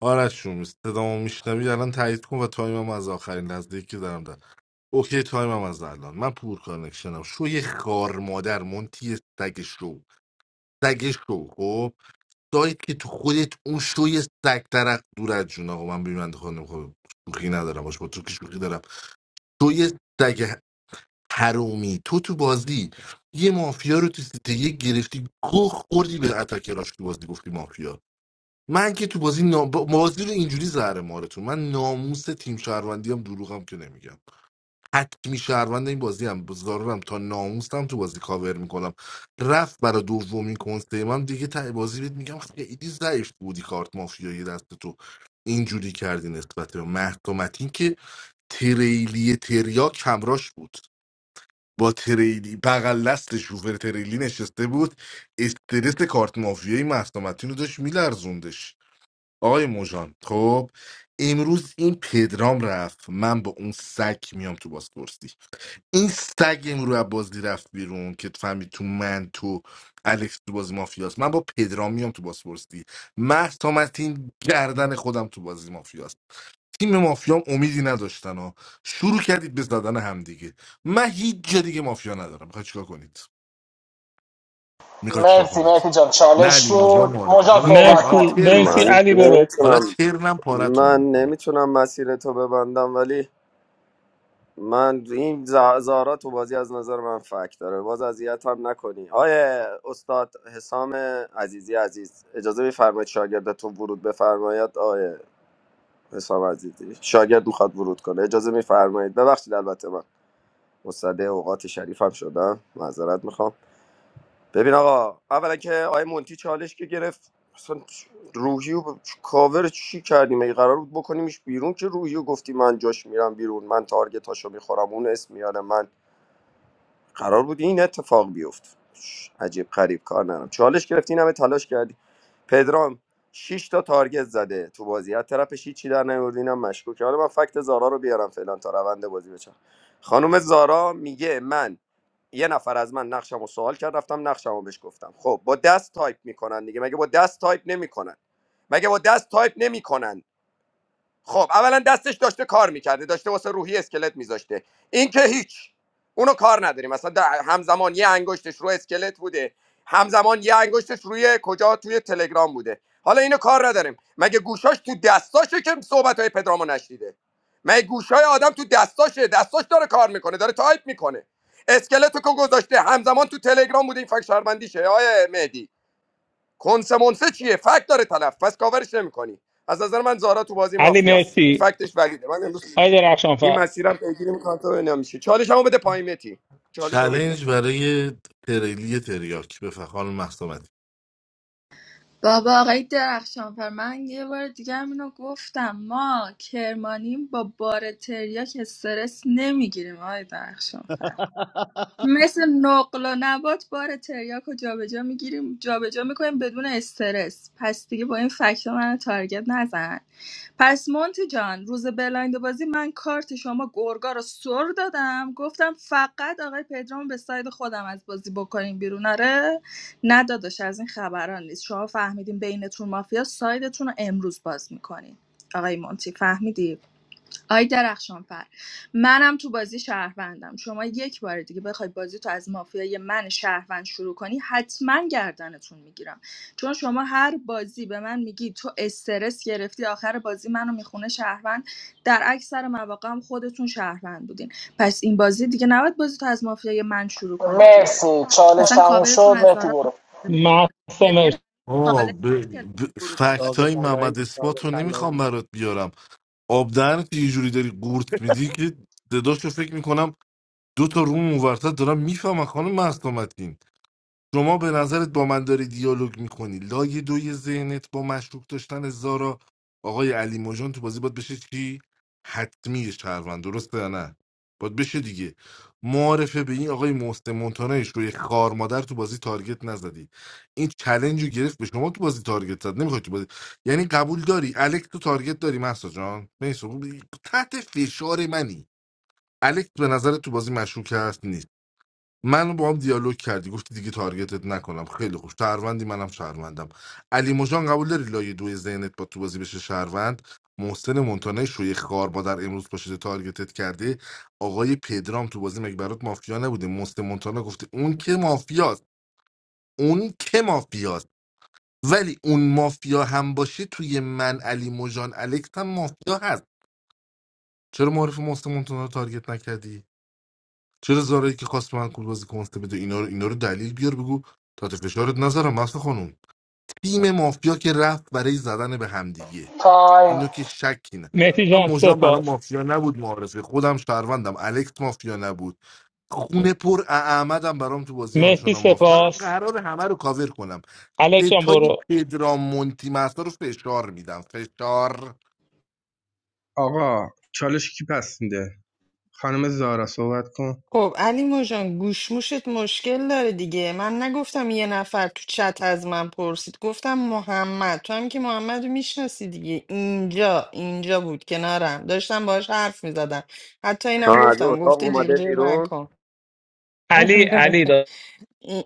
K: آرش جون صدامو میشنوی الان تایید کن و تایمم از آخرین لحظه که دارم اوکی تایمم از الان من پور کانکشنم شو یه خار مادر مونتی سگ شو سگ شو خب دایید که تو خودت اون شو یه سگ درق دور از جون آقا من بیمند خانم خب شوخی ندارم باش با تو که شوخی دارم تو یه سگ حرومی تو تو بازی یه مافیا رو تو سیته یه گرفتی گوه خوردی به اتکراش تو بازی گفتی مافیا من که تو بازی نام... بازی رو اینجوری زهر مارتون من ناموس تیم شهروندی هم دروغم که نمیگم حتمی شهروند این بازی هم زارورم تا ناموسم تو بازی کاور میکنم رفت برا دومین کنسه من دیگه ته بازی بهت میگم خیلی ضعیف بودی کارت مافیایی دست تو اینجوری کردی نسبت به محکومتین که تریلی تریا کمراش بود با تریلی بغل دست شوفر تریلی نشسته بود استرس کارت مافیایی محکومتین رو داشت میلرزوندش آقای موجان خب امروز این پدرام رفت من با اون سگ میام تو بازپرسی این سگ امرو از بازی رفت بیرون که فهمید تو من تو الکس تو بازی مافیاست من با پدرام میام تو بازپرسی مهسا متین گردن خودم تو بازی مافیاست تیم مافیام امیدی نداشتن ها شروع کردید به زدن همدیگه من هیچ جا دیگه مافیا ندارم میخوای چیکار کنید میخوای چیکار
V: Merci,
K: کنید
V: merci, John.
K: نه
V: Challenge
K: علی مجا
V: food.
K: معرفه حالا
V: Mujhko
K: تی... حالا
V: vakon.
E: مرسی مرسی
F: من
K: ترنم
E: علی برو
K: حالا
F: نمیتونم
K: ترنم پارتون
F: من
K: میکنه
F: نمیتونم مسیر تو ببندم ولی من این ز- زارا تو بازی از نظر من فکت داره باز اذیت هم نکنی آیه استاد حسام عزیزی عزیز اجازه میفرمایید شاگردتون ورود بفرماید آیه حسام عزیزی شاگرد میخواد ورود کنه اجازه میفرمایید ببخشید البته من مصدق اوقات شریف هم شدم معذرت میخوام ببین آقا اولا که آقای مونتی چالش که گرفت اصلا روحی و ب- کاور چی کردیم اگه قرار بود بکنیمش بیرون که روحی و گفتی من جاش میرم بیرون من تارگتاشو میخورم اون اسم میاره من قرار بود این اتفاق بیفته عجیب غریب کار نرم چالش گرفتی این همه تلاش کردی پدرام شش تا تارگت زده تو بازی از طرفش هیچی در نیورد اینم مشکوکه حالا من فکت زارا رو بیارم فعلا تا روند بازی بچم خانم زارا میگه من یه نفر از من نقشمو سوال کرد رفتم نقشمو رو بهش گفتم خب با دست تایپ میکنن دیگه مگه با دست تایپ نمیکنن مگه با دست تایپ نمیکنن خب اولا دستش داشته کار میکرده داشته واسه روحی اسکلت میذاشته این که هیچ اونو کار نداریم مثلا در- همزمان یه انگشتش رو اسکلت بوده همزمان یه انگشتش روی کجا توی تلگرام بوده حالا اینو کار نداریم مگه گوشاش تو دستاشه که صحبت های پدرامو نشنیده مگه گوشای آدم تو دستاشه دستاش داره کار میکنه داره تایپ میکنه اسکلتو که گذاشته همزمان تو تلگرام بوده این فکر شهروندیشه آیه مهدی کنس منسه چیه فکت داره طرف پس کاورش نمیکنی از نظر من زارا تو بازی
E: علی
F: مافیاست این
E: مرسی
F: فکتش ولیده من امروز
E: آی
F: این
E: درخشانفر
F: مسیرم پیگیری میکنم تا ببینم چی چالشمو بده پایین متی چالشمو بگیرم
K: چلنج برای تریلی تریاک بفخال مهسا متین.
Q: بابا آقای درخشانفر من یه بار دیگه هم اینو گفتم ما کرمانیم با بار تریاک استرس نمیگیریم آقای درخشانفر مثل نقل و نبات بار تریاک رو جابجا میگیریم جابجا میکنیم بدون استرس پس دیگه با این فکت من تارگت نزن پس مونتی جان روز بلایند بازی من کارت شما گرگا رو سر دادم گفتم فقط آقای پدرام به ساید خودم از بازی بکنیم بیرون آره نه داداش از این خبران نیست شما فهمیدین بینتون مافیا سایدتون رو امروز باز میکنین آقای مونتی فهمیدی آی درخشانفر منم تو بازی شهروندم شما یک بار دیگه بخوای بازی تو از مافیای من شهروند شروع کنی حتما گردنتون میگیرم چون شما هر بازی به من میگی تو استرس گرفتی آخر بازی منو میخونه شهروند در اکثر مواقع هم خودتون شهروند بودین پس این بازی دیگه نباید بازی تو از مافیای من شروع کنید دیگه
V: Merci. Challenge
Q: اصلا کاورتون
V: aunsho.
Q: از
V: Merci
Q: دارا
V: bolo.
E: محسا
Q: پلیر
E: مرسی
K: آه
Q: چالش
K: ب...
Q: نگرفته
K: ب...
Q: ورود به بازی.
N: ساق
K: فکت های
N: طلایی
K: محمد
N: ساق
K: اثبات رو نمیخوام
N: طلایی
K: برات بیارم آب دهنت یه جوری داری قورت میدی که صداش رو فکر میکنم دو تا روم اونورتر دارم میفهمم خانم مهسا متین. شما به نظرت با من داری دیالوگ میکنی لای دوی ذهنت با مشکوک داشتن زارا آقای علی مژان تو بازی باید بشه چی حتمی شهروند درسته یا نه باید بشه دیگه معارفه به این آقای محسن مونتانا شوی خار مادر تو بازی تارگت نزدی این چلنج رو گرفت به شما تو بازی تارگت زد نمیخوای تو بازی یعنی قبول داری الکس تو تارگت داری محسا جان نیست تحت فشار منی الکس به نظر تو بازی مشکوک هست نیست من با هم دیالوگ کردی گفتی دیگه تارگتت نکنم خیلی خوب شهروندی منم شهروندم علی مجان قبول داری لایه دو ذهنت با تو بازی بشه شهروند محسن مونتانه شوی خار با در امروز پاشیده تارگتت کرده آقای پدرام تو بازی مگه برات مافیا نبوده محسن مونتانا گفته اون که مافیاست اون که مافیاست ولی اون مافیا هم باشه توی من علی مجان الکس هم مافیا هست چرا معرف محسن مونتانا رو تارگت نکردی چرا زارایی که خواست من کول بازی کنسته بده اینا رو اینا رو دلیل بیار بگو تحت فشارت نذارم مست خانوم تیم مافیا که رفت برای زدن به همدیگه
V: Time.
K: اینو که شکی نه
E: مهدی
K: من
E: جان
K: مژان برای
E: سپاس
K: مافیا نبود معارفه خودم شهروندم الکس مافیا نبود خونه پر احمدم برام تو بازی
E: مهدی
K: آنچنان ماف من
E: سپاس
K: قرار همه رو کاور کنم
E: الکس جان
K: دتای
E: برو
K: پدرام مونتی مستا رو فشار میدم فشار
M: آقا چالش کی پس میده خانم زارا صحبت کن
B: خب علی موجان گوشموشت مشکل داره دیگه من نگفتم یه نفر تو چت از من پرسید گفتم محمد تو هم که محمد رو میشناسی دیگه اینجا اینجا بود کنارم داشتم باهاش حرف میزدم حتی
F: تا
B: اینم
F: از
B: گفتم
F: اتاق
B: گفته جیغ
F: اومده
B: جیغ
F: بیرون
B: نکن
E: علی علی داد
B: این-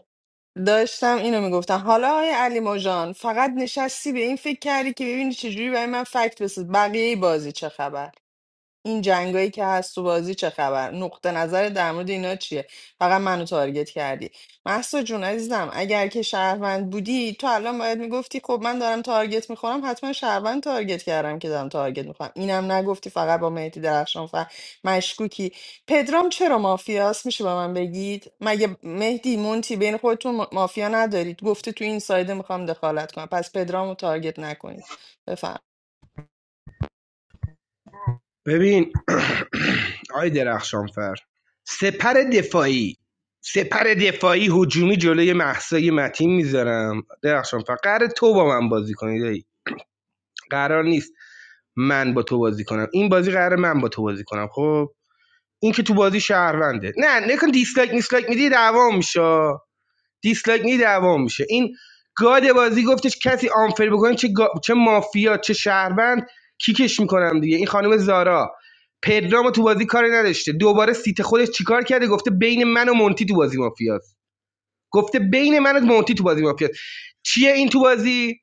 B: داشتم اینو میگفتم حالا آیا علی مژان فقط نشستی به این فکر کردی که ببینی چجوری برای من فکت بسید بقیه بازی چه خبر این جنگایی که هست تو بازی چه خبر نقطه نظر در مورد اینا چیه فقط منو تارگت کردی محسا جون عزیزم اگر که شهروند بودی تو الان باید میگفتی خب من دارم تارگت میخورم حتما شهروند تارگت کردم که دارم تارگت میخورم اینم نگفتی فقط با مهدی درخشان فر مشکوکی پدرام چرا مافیاست میشه به من بگید مگه مهدی مونتی بین خودتون ما- مافیا ندارید گفته تو این سایده میخوام دخالت کنم پس پدرامو تارگت نکنید بفرمایید.
M: ببین آی درخشانفر سپر دفاعی سپر دفاعی هجومی جلوی محسای متین میذارم درخشانفر قرار تو با من بازی کنی دایی قرار نیست من با تو بازی کنم این بازی قرار من با تو بازی کنم خب این که تو بازی شهرونده نه نکن دیسلایک میسلایک میدی دعوام میشه دیسلایک میدی دعوام میشه این گاد بازی گفتش کسی آنفر بکنه چه, گا- چه مافیا چه شهروند کیکش میکنم دیگه این خانم زارا پدرامو تو بازی کاری نداشته دوباره سیت خودش چیکار کرده گفته بین من و مونتی تو بازی مافیاست گفته بین من و مونتی تو بازی مافیاست چیه این تو بازی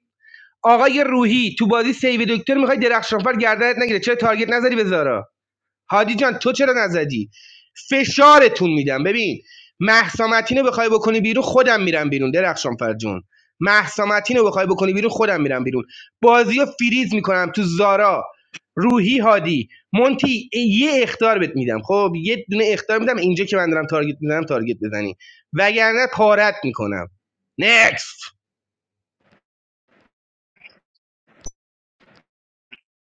M: آقای روحی تو بازی سیو دکتر میخوای درخشانفر گردنت نگیره چرا تارگت نظری به زارا هادی جان تو چرا نزدی فشارتون میدم ببین مهسا متین بخوای بکنی بیرون خودم میرم بیرون درخشان فرجون مهسا متین بخوای بکنی بیرون خودم میرم بیرون بازی رو فریز میکنم تو زارا روحی هادی مونتی یه اختار بهت میدم خب یه دونه اختار میدم اینجا که من دارم تارگت میزنم تارگت بزنی وگرنه پارت میکنم نکس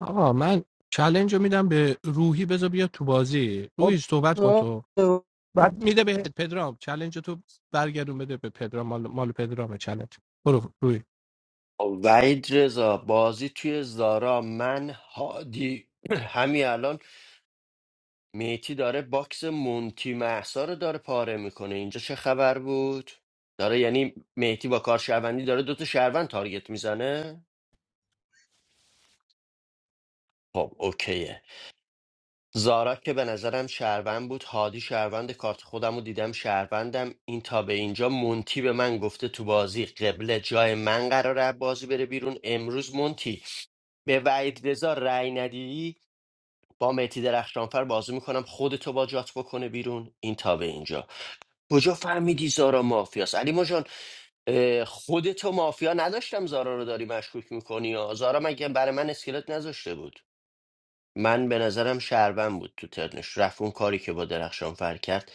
L: آقا من چلنج میدم به روحی بذار بیا تو بازی روحی
D: خب
L: صحبت کن تو
D: آقا
L: بعد میده بهت پدرام چلنج تو برگردون بده به پدرام مال, مال پدرام چلنج برو روحی
A: وحید رضا بازی توی زارا من هادی همین الان میتی داره باکس مونتی محسا رو داره پاره میکنه اینجا چه خبر بود داره یعنی میتی با کار شهروندی داره دوتا شهروند تارگت میزنه خب اوکیه زارا که به نظرم شهروند بود هادی شهروند کارت خودم رو دیدم شهروندم این تا به اینجا مونتی به من گفته تو بازی قبله جای من قراره بازی بره بیرون امروز مونتی به وحید رضا رأی ندی با مهدی درخشانفر بازی میکنم خودتو با جات بکنه بیرون این تا به اینجا کجا فهمیدی زارا مافیاست علی مجان اه، خودتو مافیا نداشتم زارا رو داری مشکوک میکنی یا زارا مگه برای من اسکلت نذاشته بود من به نظرم شهروند بود تو ترنش رفت اون کاری که با درخشانفر کرد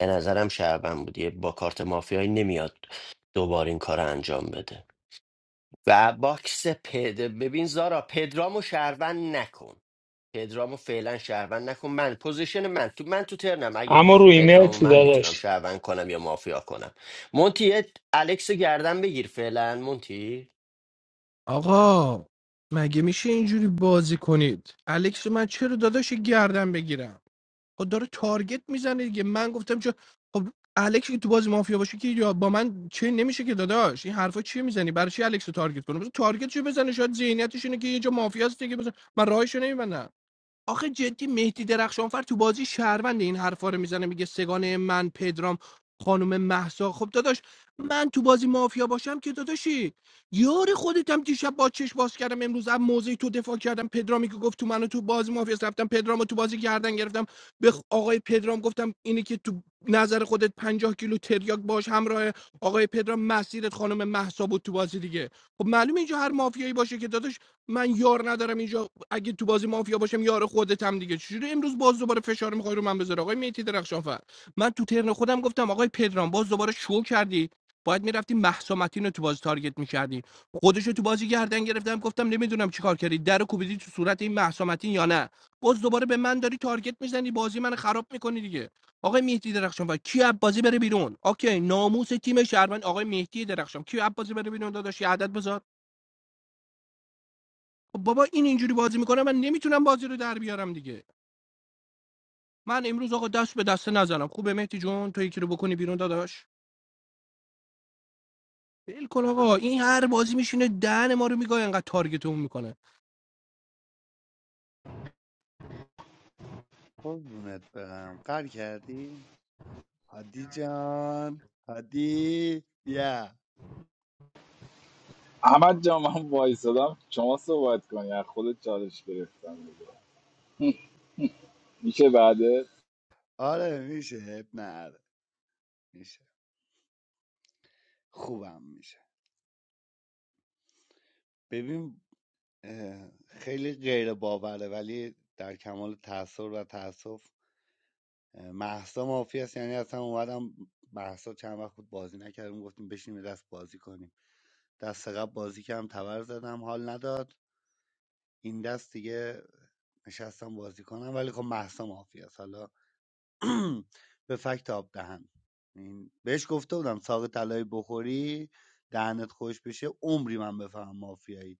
A: به نظرم شهروند بود یه با کارت مافیایی نمیاد دوباره این کار رو انجام بده و باکس پد ببین زارا پدرامو شهروند نکن پدرامو فعلا شهروند نکن من پوزیشن من تو من تو ترنم اگه
E: اما رو ایمیل
A: پدرامو
E: چی
A: من میتونم
E: داداش
A: شهروند کنم یا مافیا کنم مونتی یه الکس رو گردن بگیر فعلا مونتی
L: آقا مگه میشه اینجوری بازی کنید الکس من چرا داداش گردن بگیرم خب داره تارگت میزنه دیگه من گفتم چه خب الکس که تو بازی مافیا باشه که یا با من چه نمیشه که داداش این حرفا چیه میزنی برای چی الکس رو تارگت کنه مثلا تارگت چه بزنه شاید ذهنیتش اینه که یه جا مافیاست. هست دیگه بزن من راهش رو نمیبندم آخه جدی مهدی درخشانفر تو بازی شهروند این حرفا رو میزنه میگه سگانه من پدرام خانم محسا خب داداش من تو بازی مافیا باشم که داداشی یار خودتم دیشب با چش باز کردم امروز از موضع تو دفاع کردم پدرامی که گفت تو منو تو بازی مافیا رفتم پدرامو تو بازی گردن گرفتم به آقای پدرام گفتم اینی که تو نظر خودت پنجاه کیلو تریاک باش همراه آقای پدرام مسیرت خانم محسا بود تو بازی دیگه خب معلومه اینجا هر مافیایی باشه که داداش من یار ندارم اینجا اگه تو بازی مافیا باشم یار خودت هم دیگه چجوری امروز باز دوباره فشار میخوای رو من بذاره آقای میتی درخشانفر من تو ترن خودم گفتم آقای پدرام باز دوباره شو کردی باید میرفتی مهسا متین رو تو بازی تارگت میکردی خودش رو تو بازی گردن گرفتم گفتم نمیدونم چیکار کردی در رو کوبیدی تو صورت این مهسا متین یا نه باز دوباره به من داری تارگت میزنی بازی من خراب میکنی دیگه آقای مهدی درخشانفر کی از بازی بره بیرون اوکی ناموس تیم شهروند آقای مهدی درخشان کی از بازی بره بیرون داداش یه بذار خب بابا این اینجوری بازی میکنه من نمیتونم بازی رو در بیارم دیگه من امروز آقا دست به دست نزنم خوبه مهدی جون تو یکی رو بکنی بیرون داداش ول کن آقا این هر بازی میشینه دهن ما رو میگاه انقدر تارگتمون میکنه
N: قربونت برم قر کردی هادی جان هادی بیا
C: احمد جان من وایسادم شما صحبت کنی از خودت چالش گرفتم دیگه. میشه بعده
N: آره میشه عیب نداره میشه خوبم میشه ببین اه، خیلی غیر باوره ولی در کمال تاثر و تاسف محسا مافی است یعنی اصلا اومدم محسا چند وقت بود بازی نکردیم گفتیم بشینیم دست بازی کنیم دست قبل بازی کردم تبر زدم حال نداد این دست دیگه نشستم بازی کنم ولی خب محسا مافی است حالا به فکت آب دهن این بهش گفته بودم ساق طلایی بخوری دهنت خوش بشه عمری من بفهم مافیایی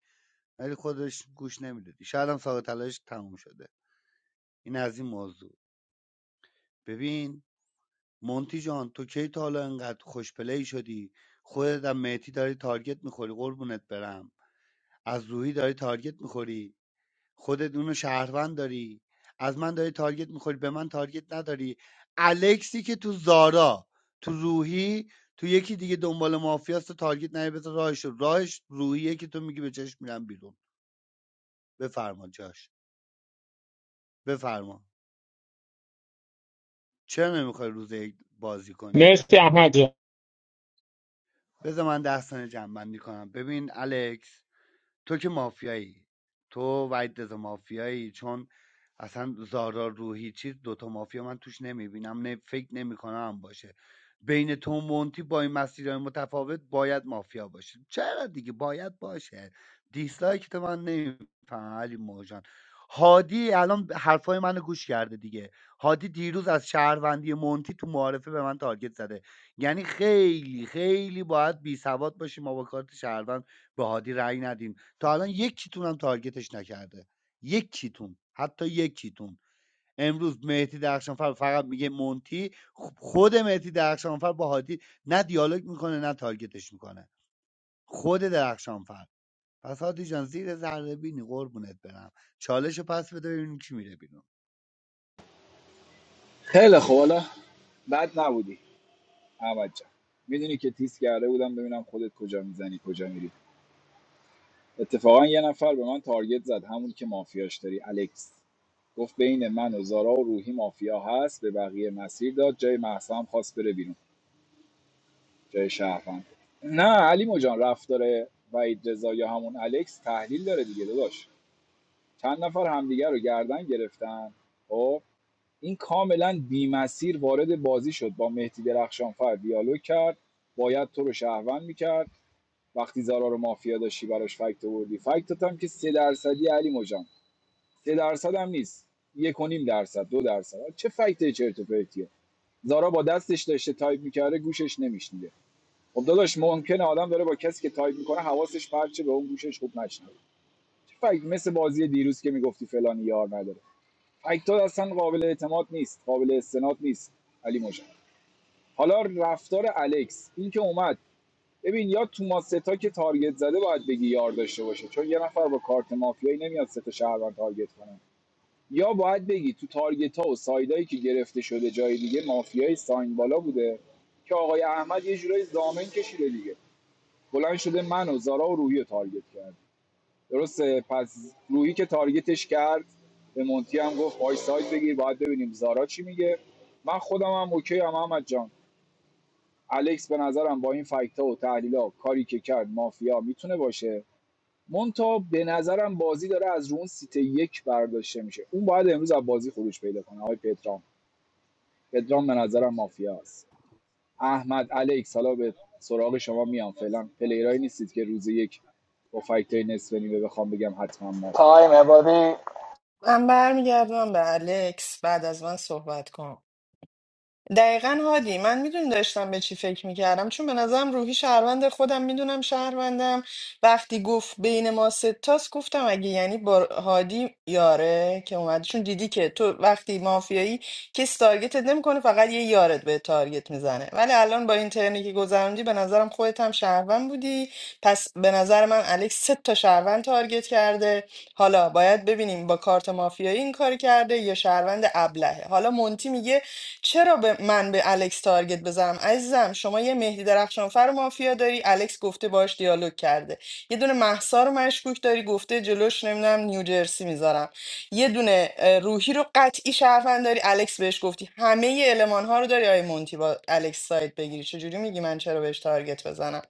N: ولی خودش گوش نمیدادی شاید هم ساق طلاییش تموم شده این از این موضوع ببین مونتی جان تو کی تا حالا انقدر خوش پلی شدی خودت هم مهدی داری تارگت میخوری قربونت برم از روحی داری تارگت میخوری خودت اونو شهروند داری از من داری تارگت میخوری به من تارگت نداری الکسی که تو زارا تو روحی تو یکی دیگه دنبال مافیاست تو تارگت نری بذار راهش رو. راهش روحیه که تو میگی به چشم میرم بیرون بفرما جاش بفرما چرا نمیخوای روز یک بازی کنی
E: مرسی احمد جان
N: بذار من داستان جنبندی کنم ببین الکس تو که مافیایی تو وحید رضا مافیایی چون اصلا زارا روحی چیز دوتا مافیا من توش نمیبینم نه فکر نمیکنم هم باشه بین تو و مونتی با این مسیرهای متفاوت باید مافیا باشه چرا دیگه باید باشه دیسلایک تو من نمیفهمم علی موجان هادی الان حرفای منو گوش کرده دیگه هادی دیروز از شهروندی مونتی تو معارفه به من تارگت زده یعنی خیلی خیلی باید بی سواد باشیم ما با کارت شهروند به هادی رأی ندیم تا الان یکیتون هم تارگتش نکرده یکیتون حتی یکیتون امروز مهدی درخشانفر فقط میگه مونتی خ- خود مهدی درخشانفر با هادی نه دیالوگ میکنه نه تارگتش میکنه خود درخشانفر پس هادی جان زیر ذره بینی قربونت برم چالش رو پس بده ببینیم کی میره بیرون
C: خیلی خوب حالا بد نبودی احمد جان میدونی که تیز کرده بودم ببینم خودت کجا میزنی کجا میری اتفاقا یه نفر به من تارگت زد همون که مافیاش داری الکس گفت بین من و زارا و روحی مافیا هست به بقیه مسیر داد جای مهسا هم خواست بره بیرون جای شهروند نه علی جان رفتار وحید رضا یا همون الکس تحلیل داره دیگه داداش چند نفر همدیگه رو گردن گرفتن خب این کاملا بی مسیر وارد بازی شد با مهدی درخشانفر دیالوگ کرد باید تو رو شهروند میکرد وقتی زارا رو مافیا داشتی براش فکت آوردی فکتت هم که سه درصدی علی مجان سه درصد هم نیست یک و نیم درصد دو درصد چه فکت چرت و پرتیه زارا با دستش داشته تایپ میکرده گوشش نمیشنیده خب داداش ممکنه آدم داره با کسی که تایپ میکنه حواسش پرچه به اون گوشش خوب نشنوه چه فکت مثل بازی دیروز که میگفتی فلانی یار نداره فکتات اصلا قابل اعتماد نیست قابل استناد نیست علی مجان حالا رفتار الکس این که اومد ببین یا تو ما ستا که تارگت زده باید بگی یار داشته باشه چون یه نفر با کارت مافیایی نمیاد ستا شهروند تارگت کنه یا باید بگی تو تارگت ها و سایدایی که گرفته شده جای دیگه مافیای ساین بالا بوده که آقای احمد یه جورایی زامن کشیده دیگه بلند شده من و زارا و روحی رو تارگت کرد درسته پس روحی که تارگتش کرد به مونتی هم گفت وای ساید بگیر باید ببینیم زارا چی میگه من خودم هم اوکی هم احمد جان الکس به نظرم با این فکت و تحلیل ها کاری که کرد مافیا میتونه باشه مونتا به نظرم بازی داره از رون سیت یک برداشته میشه اون باید امروز از بازی خروج پیدا کنه آقای پدرام پدرام به نظرم مافیا است احمد الکس حالا به سراغ شما میام فعلا پلیرایی نیستید که روز یک با فکت نصف نیمه بخوام بگم حتما مافیا
V: Time. Abadi
B: من برمیگردم به الکس بعد از من صحبت کن دقیقا هادی من میدونی داشتم به چی فکر میکردم چون به نظرم روحی شهروند خودم میدونم شهروندم وقتی گفت بین ما ستاست گفتم اگه یعنی با هادی یاره که اومد چون دیدی که تو وقتی مافیایی کسی تارگتت نمیکنه فقط یه یارت به تارگت میزنه ولی الان با این ترنی که گذروندی به نظرم خودت هم شهروند بودی پس به نظر من الکس سه تا شهروند تارگت کرده حالا باید ببینیم با کارت مافیایی این کار کرده یا شهروند ابلهه حالا مونتی میگه چرا به من به الکس تارگت بزنم عزیزم شما یه مهدی درخشانفر رو مافیا داری الکس گفته باش دیالوگ کرده یه دونه مهسا رو مشکوک داری گفته جلوش نمیدونم نیوجرسی میذارم یه دونه اه، روحی رو قطعی شهروند داری الکس بهش گفتی همه المان ها رو داری آی مونتی با الکس سایت بگیری چجوری میگی من چرا بهش تارگت بزنم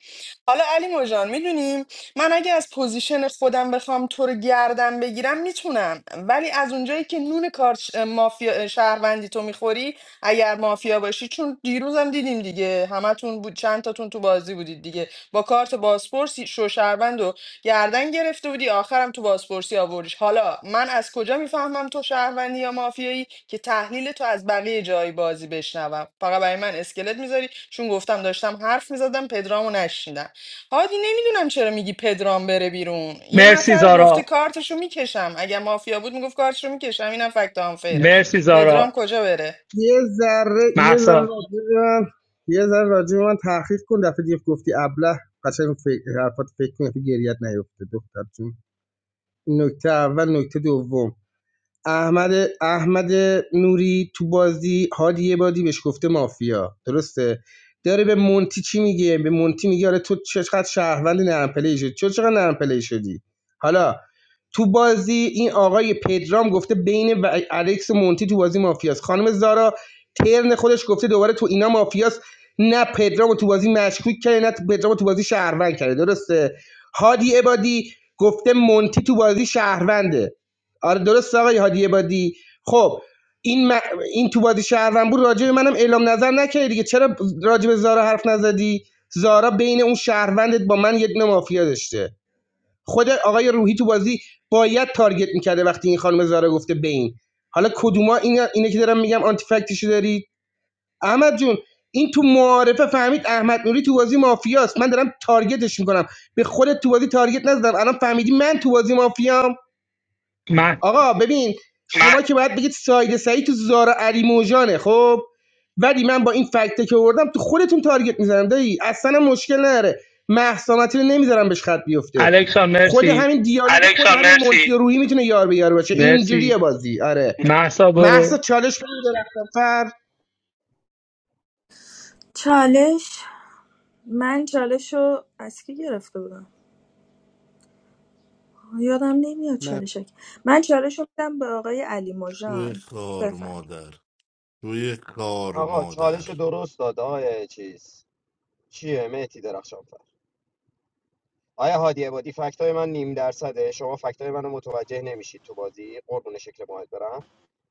B: حالا علی مجان میدونیم من اگه از پوزیشن خودم بخوام تو رو گردن بگیرم میتونم ولی از اونجایی که نون کار مافیا شهروندی تو میخوری اگر مافیا باشی چون دیروزم دیدیم دیگه همتون بود چند تاتون تو بازی بودید دیگه با کارت بازپرس شو شهروند رو گردن گرفته بودی آخرم تو بازپرسی آوردیش حالا من از کجا میفهمم تو شهروندی یا مافیایی که تحلیل تو از بقیه جای بازی بشنوم فقط برای من اسکلت میذاری چون گفتم داشتم حرف میزدم پدرامو نشنیدم هادی نمیدونم چرا میگی پدرام بره بیرون یه
E: مرسی
B: نفر گفته
E: زارا
B: کارتشو میکشم اگه مافیا بود میگفت کارتشو میکشم اینم فکت آنفیرش
E: مرسی
B: پدرام
E: زارا
B: کجا بره
M: یه ذره یه ذره
E: محسا
M: راجع به من یه ذره راجع به من تحقیق کن دفعه دیگه گفتی ابله قشنگ فکر حرفات فکر کن که گریت نیفته دختر جون نکته اول نکته دوم احمد احمد نوری تو بازی هادی یه بادی بهش گفته مافیا درسته داره به مونتی چی میگه به مونتی میگه آره تو چقدر شهروند نرم پلی شدی چرا چقدر نرم پلی شدی حالا تو بازی این آقای پدرام گفته بین و- الکس و مونتی تو بازی مافیاست خانم زارا ترن خودش گفته دوباره تو اینا مافیاست نه پدرامو تو بازی مشکوک کرده نه پدرامو تو بازی شهروند کرده درسته هادی عبادی گفته مونتی تو بازی شهرونده آره درست آقای هادی عبادی خب این م- این تو بازی شهروند بود راجع به منم اعلام نظر نکردی دیگه چرا راجع به زارا حرف نزدی زارا بین اون شهروندت با من یه دونه مافیا داشته خود آقای روحی تو بازی باید تارگت میکرده وقتی این خانم زارا گفته بین حالا کدوما این اینه که دارم میگم آنتی فکتشو دارید احمد جون این تو معارفه فهمید احمد نوری تو بازی مافیاست من دارم تارگتش میکنم به خودت تو بازی تارگت نزدم الان فهمیدی من تو بازی مافیام
E: مح...
M: آقا ببین شما که باید بگید ساید سعید تو زارا علیموژانه خب ولی من با این فکته که آوردم تو خودتون تارگت میزنم دایی اصلا مشکل نره محسامتی رو نمیذارم بهش خط بیفته
E: الکس جان
M: خود
E: مرسی
M: همین دیالوگ خود همین مونتی روحی میتونه یار به یار باشه اینجوریه
E: مرسی
M: بازی آره
E: محسا
M: محسا
E: برو
M: چالش بگیر درختم فر
Q: چالش من چالش رو از کی گرفته بودم یادم نمیاد
L: من
Q: چالش شد. من چالش رو بدم به آقای علی
K: توی
Q: مژان
K: خار
Q: بفرم
K: مادر توی خار
F: آقا
K: مادر
F: چالش درست داد آیا چیز چیه مهتی درخشان فر آیا هادی عبادی فکتای من نیم درصده شما فکتای منو متوجه نمیشید تو بازی قربون شکل ماهت برم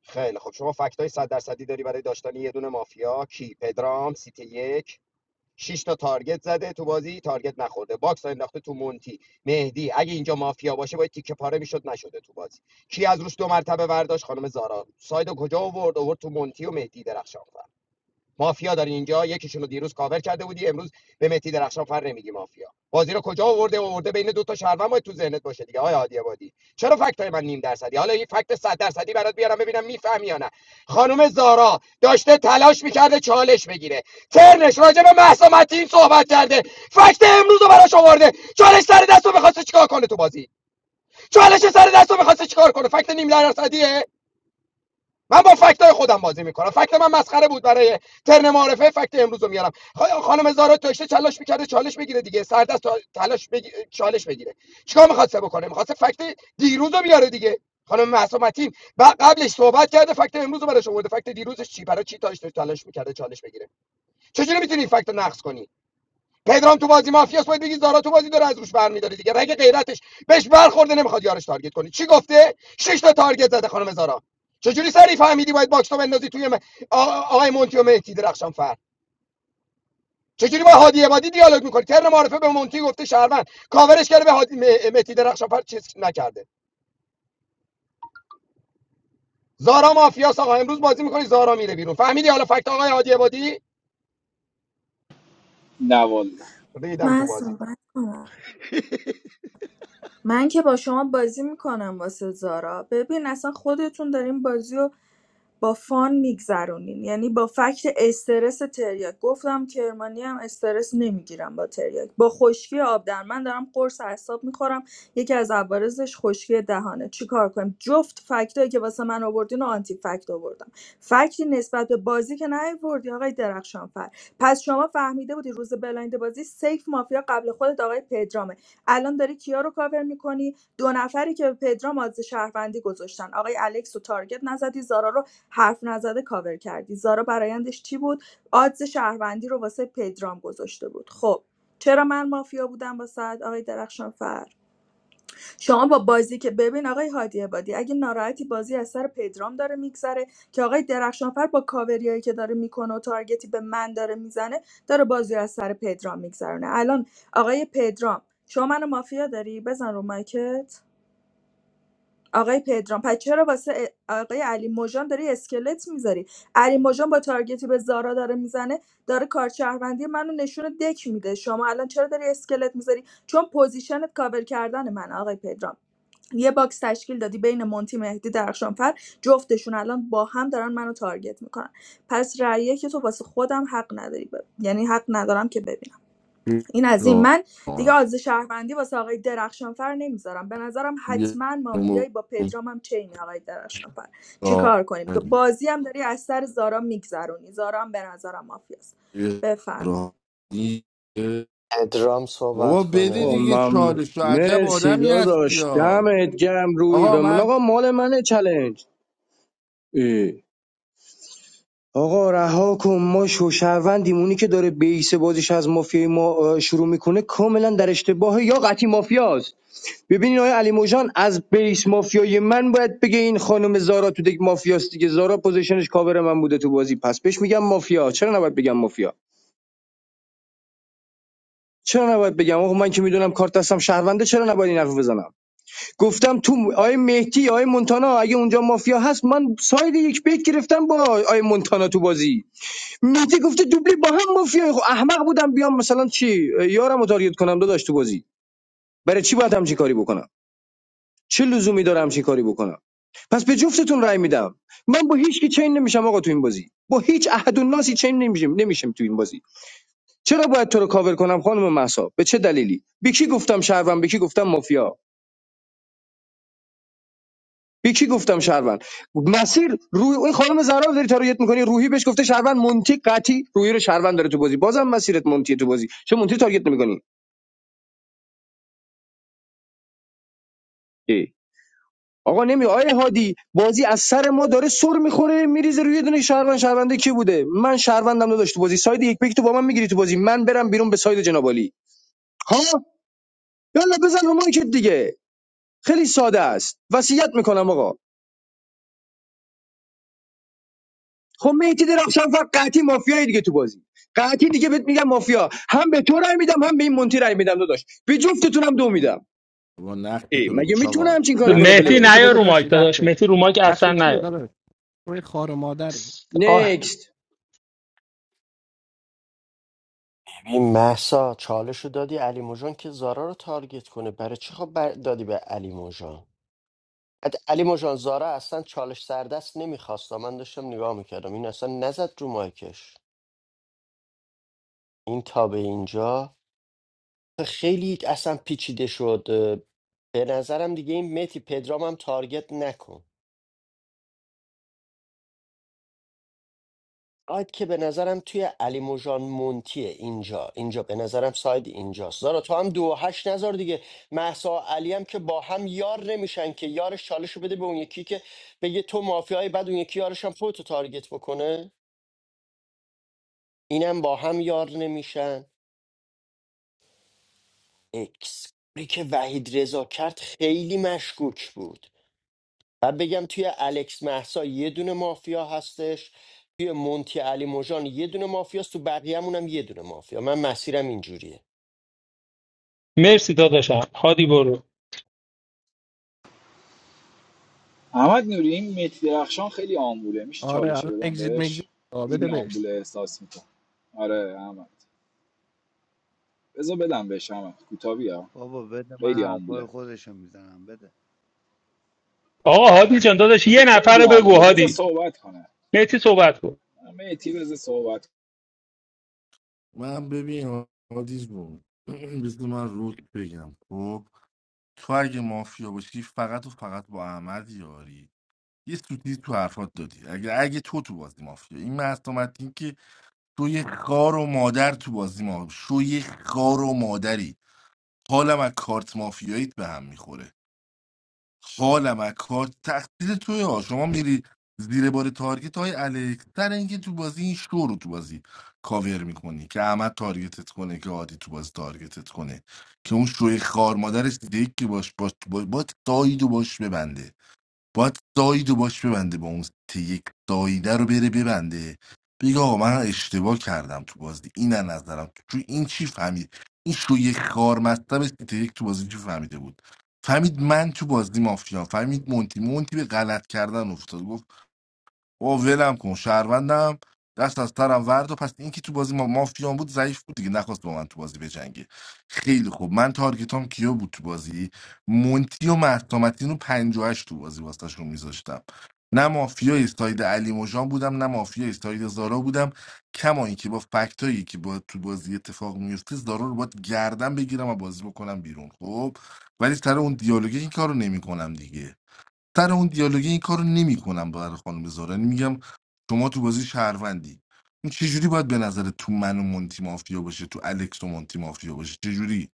F: خیلی خب شما فکتای صد درصدی داری برای داشتن یه دونه مافیا کی پدرام سیتی یک شش تا تارگت زده تو بازی تارگت نخورده باکس رو انداخته تو مونتی مهدی اگه اینجا مافیا باشه باید تیکه پاره میشد نشده تو بازی کی از روش دو مرتبه برداشت خانم زارا ساید کجا آورد آورد تو مونتی و مهدی درخشان مافیا داری اینجا یکیشون رو دیروز کاور کرده بودی امروز به مهدی درخشان فر نمیگی مافیا بازی رو کجا آورده آورده بین دو تا شهروند باید تو ذهنت باشه دیگه آیا عادی آبادی چرا فکت های من نیم درصدی حالا این فکت 100 درصدی برات بیارم ببینم میفهمی یا نه خانم زارا داشته تلاش میکرده چالش بگیره ترنش راجع به مهسا متین صحبت کرده فکت امروز رو براش آورده چالش سر دستو رو میخواسته چیکار کنه تو بازی چالش سر دستو رو میخواسته چیکار کنه فکت نیم درصدی من با فکتای خودم بازی میکنم فکت من مسخره بود برای ترن معرفه فکت امروز رو میارم خانم زارا داشته چالش میکرده چالش بگیره دیگه سردست تا- تلاش بگی... چالش بگیره چیکار میخواسته بکنه میخواسته فکت دیروز رو بیاره دیگه خانم مهسا متین قبلش صحبت کرده فکت امروز رو براش آورده فکت دیروزش چی برای چی تاش تلاش میکرده چالش بگیره چجوری میتونی فکت رو کنی پدرام تو بازی مافیاس باید بگی زارا تو بازی داره از روش برمیداره دیگه رگ غیرتش بهش برخورده نمیخواد یارش تارگت کنی چی گفته شش تا تارگت زده خانم زارا چجوری سری فهمیدی باید باکس تو بندازی توی م- آقای مونتی و مهدی درخشان فر چجوری با هادی عبادی دیالوگ میکنی ترن معرفه به مونتی گفته شهروند کاورش کرده به هادی م- مهدی درخشان فر چیز نکرده زارا مافیاس آقا امروز بازی میکنید میره بیرون. آقای هادی عبادی
C: نه والا
F: ریدم تو
Q: من
F: بازی
Q: صحبت کنم من که با شما بازی میکنم واسه زارا ببین اصلا خودتون دارین بازی و با فان میگذرونین یعنی با فکت استرس تریاک گفتم کرمانی هم استرس نمیگیرم با تریاک با خشکی آب در من دارم قرص اعصاب میخورم یکی از عوارضش خشکی دهانه چیکار کنیم جفت فکتایی که واسه من آوردین و آنتی فکت آوردم فکتی نسبت به بازی که نیاوردی آقای درخشانفر پس شما فهمیده بودی روز بلایند بازی سیف مافیا قبل خودت آقای پدرامه الان داری کیا رو کاور میکنی دو نفری که به پدرام از شهروندی گذاشتن آقای الکس و تارگت نزدی زارا رو حرف نزده کاور کردی زارا برایندش چی بود آدز شهروندی رو واسه پدرام گذاشته بود خب چرا من مافیا بودم با سعد آقای درخشانفر شما با بازی که ببین آقای هادی عبادی اگه ناراحتی بازی از سر پدرام داره میگذره که آقای درخشانفر با کاوریایی که داره میکنه و تارگتی به من داره میزنه داره بازی رو از سر پدرام میگذرونه الان آقای پدرام شما منو مافیا داری بزن رو مایکت آقای پدرام پس چرا واسه آقای علی موژان داری اسکلت میذاری علی موژان با تارگتی به زارا داره میزنه داره کارت شهروندی منو نشون دک میده شما الان چرا داری اسکلت میذاری چون پوزیشنت کاور کردن من آقای پدرام یه باکس تشکیل دادی بین مونتی مهدی درخشانفر جفتشون الان با هم دارن منو تارگت میکنن پس رأیه که تو واسه خودم حق نداری ب- یعنی حق ندارم که ببینم این از این من دیگه آز شهروندی واسه آقای درخشانفر نمیذارم به نظرم
K: یه
Q: حتما مافیایی با پدرام هم چینه آقای درخشانفر چیکار کنیم تو
K: آفرین.
Q: بازی هم داری از سر زارا میگذرونی زارا هم به نظرم مافیاست
K: یه
Q: بفرم
K: رانی.
A: پدرام
K: بابا
A: صحبت
K: بده
A: کنه
K: دیگه
D: من
K: چالش تو عجب
D: مرسی
K: آدمی هستی
D: داداش
K: یا
D: دمت گرم روی
K: آقا
D: به من
K: من
D: آقا مال منه چلنج اه. آقا رها کن ما شوشهروندیم اونی که داره بیس بازیش از مافیای ما اه، شروع میکنه کاملا در اشتباه یا قطعی مافیاست ببینین آقای علی موجان از بیس مافیای من باید بگه این خانم زارا تو دیگه مافیاست دیگه زارا پوزیشنش کاور من بوده تو بازی پس بهش میگم مافیا چرا نباید بگم مافیا چرا نباید بگم آخه من که میدونم کارت هستم شهرونده چرا نباید این حرف بزنم گفتم تو آیه مهدی آیه مونتانا اگه اونجا مافیا هست من ساید یک بیت گرفتم با آیه مونتانا تو بازی مهدی گفته دوبلی با هم مافیا خب احمق بودم بیام مثلا چی یارم رو تارگت کنم داداش تو بازی برای چی باید همچین کاری بکنم چه لزومی داره همچین کاری بکنم پس به جفتتون رأی میدم من با هیچ کی چین نمیشم آقا تو این بازی با هیچ احد و چین نمیشم نمیشم تو این بازی چرا باید تو رو کاور کنم خانم مهسا به چه دلیلی به کی گفتم شهروند به کی گفتم مافیا به کی گفتم شهروند مسیر روی این خانم زهرا رو داری تارگت میکنی روحی بهش گفته شهروند مونتی قطی روحی رو شهروند داره تو بازی بازم مسیرت مونتی تو بازی چه مونتی تارگت نمیکنی آقا نمی آیه هادی بازی از سر ما داره سر میخوره میریزه روی یه دونه شهروند شهرونده کی بوده من شهروندم نداشت تو بازی ساید یک بک تو با من میگیری تو بازی من برم بیرون به ساید جنابالی ها یالا بزن رو مایکت دیگه خیلی ساده است وصیت میکنم آقا خب مهدی درخشان فقط قحطی مافیایی دیگه تو بازی قحطی دیگه بهت میگم مافیا هم به تو رای میدم هم به این مونتی رای میدم داداش به جفتتونم دو میدم
K: با نقش
D: ای
K: تو
D: مگه
K: بگو
D: میتونه
K: آقا
D: همچین کاری
K: نقش
D: کنه
K: تو
E: مهدی
D: پلیر
L: نقشه تو
E: نیا
L: بگو
K: بگو
E: رو مایک
L: داشتی
E: داداش
L: نقشه
E: مهدی رو مایک اصلا
L: نقشه چیه
E: نیا
L: داداش تو خار مادری
E: آه.
D: نکست
A: این محسا چالشو دادی علی موجان که زارا رو تارگت کنه برای چی خب بر... دادی به علی موجان بعد علی موجان زارا اصلا چالش سردست نمیخواست من داشتم نگاه میکردم این اصلا نزد رو مایکش این تا به اینجا خیلی اصلا پیچیده شد اه، به نظرم دیگه این متی پدرام هم تارگت نکن ساید که به نظرم توی علی موجان مونتیه اینجا اینجا به نظرم ساید اینجاست زارا تو هم دو و هشت نظر دیگه محسا و علی هم که با هم یار نمیشن که یارش چالشو بده به اون یکی که بگه تو مافیایی بعد اون یکی یارش هم خودتو تارگت بکنه اینم با هم یار نمیشن اکس کاری که وحید رضا کرد خیلی مشکوک بود و بگم توی الکس محسا یه دونه مافیا هستش توی مونتی علی موجان یه دونه مافیاست تو بقیه‌مون هم یه دونه مافیا من مسیرم اینجوریه
E: مرسی داداشم هادی برو
C: احمد نوری این مهدی درخشان خیلی آمبوله میشه
L: آره
C: چالشه
L: الان
C: بدم
L: اگزیت مگزیت
C: بهش
L: آه، بده
C: خیلی
L: بهش
C: آمبوله احساس میکنم آره احمد بذار بدم بشم کوتاوی ها
N: بابا بده من
C: خیلی
N: حرفای
C: آمبوله
N: خودشو میزنم بده
E: آقا هادی جان داداش
C: حاجی
E: یه نفر
C: خیلی
E: رو بگو
C: آمبوله بذار
E: هادی
C: صحبت کنه
E: مهدی صحبت کن
C: میتی بذار صحبت
K: من ببین حادیز بود بس من رو بگم خب تو اگه مافیا باشی فقط و فقط با احمد یاری یه سوتی تو حرفات دادی اگه اگه تو تو بازی مافیا این مستومت این که تو یه خار و مادر تو بازی مافیا شو یه خار و مادری حالم از کارت مافیاییت به هم میخوره حالم از کارت تقصیر توی ها شما میری زیر بار تارگت های الکس سر اینکه تو بازی این شو رو تو بازی کاور میکنی که احمد تارگتت کنه که عادی تو بازی تارگتت کنه که اون شوی خار مادرش دیگه که باش باش با, با ساید و باش ببنده باید سایدو باش ببنده با اون سیت یک سایده رو بره ببنده بگه آقا من اشتباه کردم تو بازی این از نظرم چون این چی فهمید این شوی خار مطلب سیت یک تو بازی چی فهمیده بود فهمید من تو بازی مافیا فهمید مونتی مونتی به غلط کردن افتاد گفت او ولم کن شهروندم دست از سرم ورد و پس این که تو بازی ما مافیان بود ضعیف بود دیگه نخواست با من تو بازی بجنگه خیلی خوب من تارگتام کیا بود تو بازی مونتی و مرتامتین و 58 تو بازی واسطشون میذاشتم نه مافیای ساید علی مجان بودم نه مافیای ساید زارا بودم کما اینکه با فکتایی که با تو بازی اتفاق میفته زارا رو باید گردن بگیرم و بازی بکنم بیرون خب ولی سر اون دیالوگی این کارو نمیکنم دیگه سر اون دیالوگی این کارو نمیکنم برای خانم زارا یعنی میگم شما تو بازی شهروندی این چه جوری باید به نظر تو من و مونتی مافیا باشه تو الکس و مونتی مافیا باشه چه جوری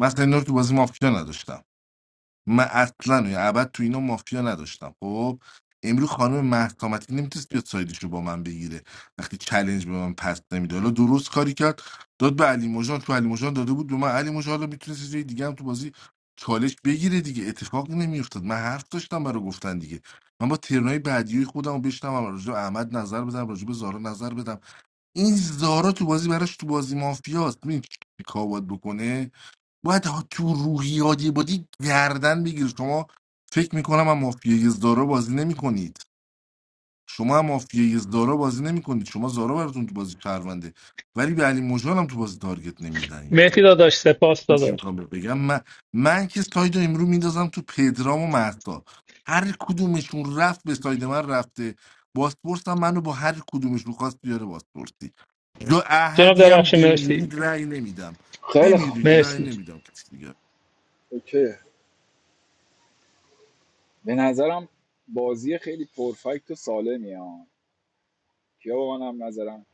K: مثلا اینا رو تو بازی مافیا نداشتم من اصلا یا ابد تو اینا مافیا نداشتم خب امروز خانم مهسا نمیتونست بیاد سایدش رو با من بگیره وقتی چلنج به من پس نمیده حالا درست کاری کرد داد به علی مژان تو علی مژان داده بود به من علی مژان حالا میتونست جای دیگه هم تو بازی چالش بگیره دیگه اتفاقی نمیافتاد من حرف داشتم برای گفتن دیگه من با ترنای بعدی خودم رو بشنوم راجع به احمد نظر بدم راجع به زارا نظر بدم این زارا تو بازی براش تو بازی مافیاست ببین چی کار باید بکنه باید ها- تو روحیاتی بادی گردن بگیر شما فکر میکنم هم مافیای زارا بازی نمیکنید شما هم مافیای زارا بازی نمیکنید شما زارا براتون تو بازی پرونده ولی به علی مژان هم تو بازی تارگت نمیزنید
E: مهدی داداش سپاس
K: این چی
E: داداش
K: میخوام بهت بگم من من که ساید رو امرو میندازم تو پدرام و مهسا هر کدومشون رفت به ساید من رفته باسپورس هم منو با هر کدومشون خواست بیاره باسپورسی یا
E: جناب
K: احدی هم
E: درخش مرسی
K: بمیرید رأی نمیدم
C: کنه. خیلی خوب
K: بمیرید رأی
E: مرسی
K: نمیدم کسی دیگه
C: اوکی به نظرم بازی خیلی پرفکت و سالمیه ها کیا با منم نظرم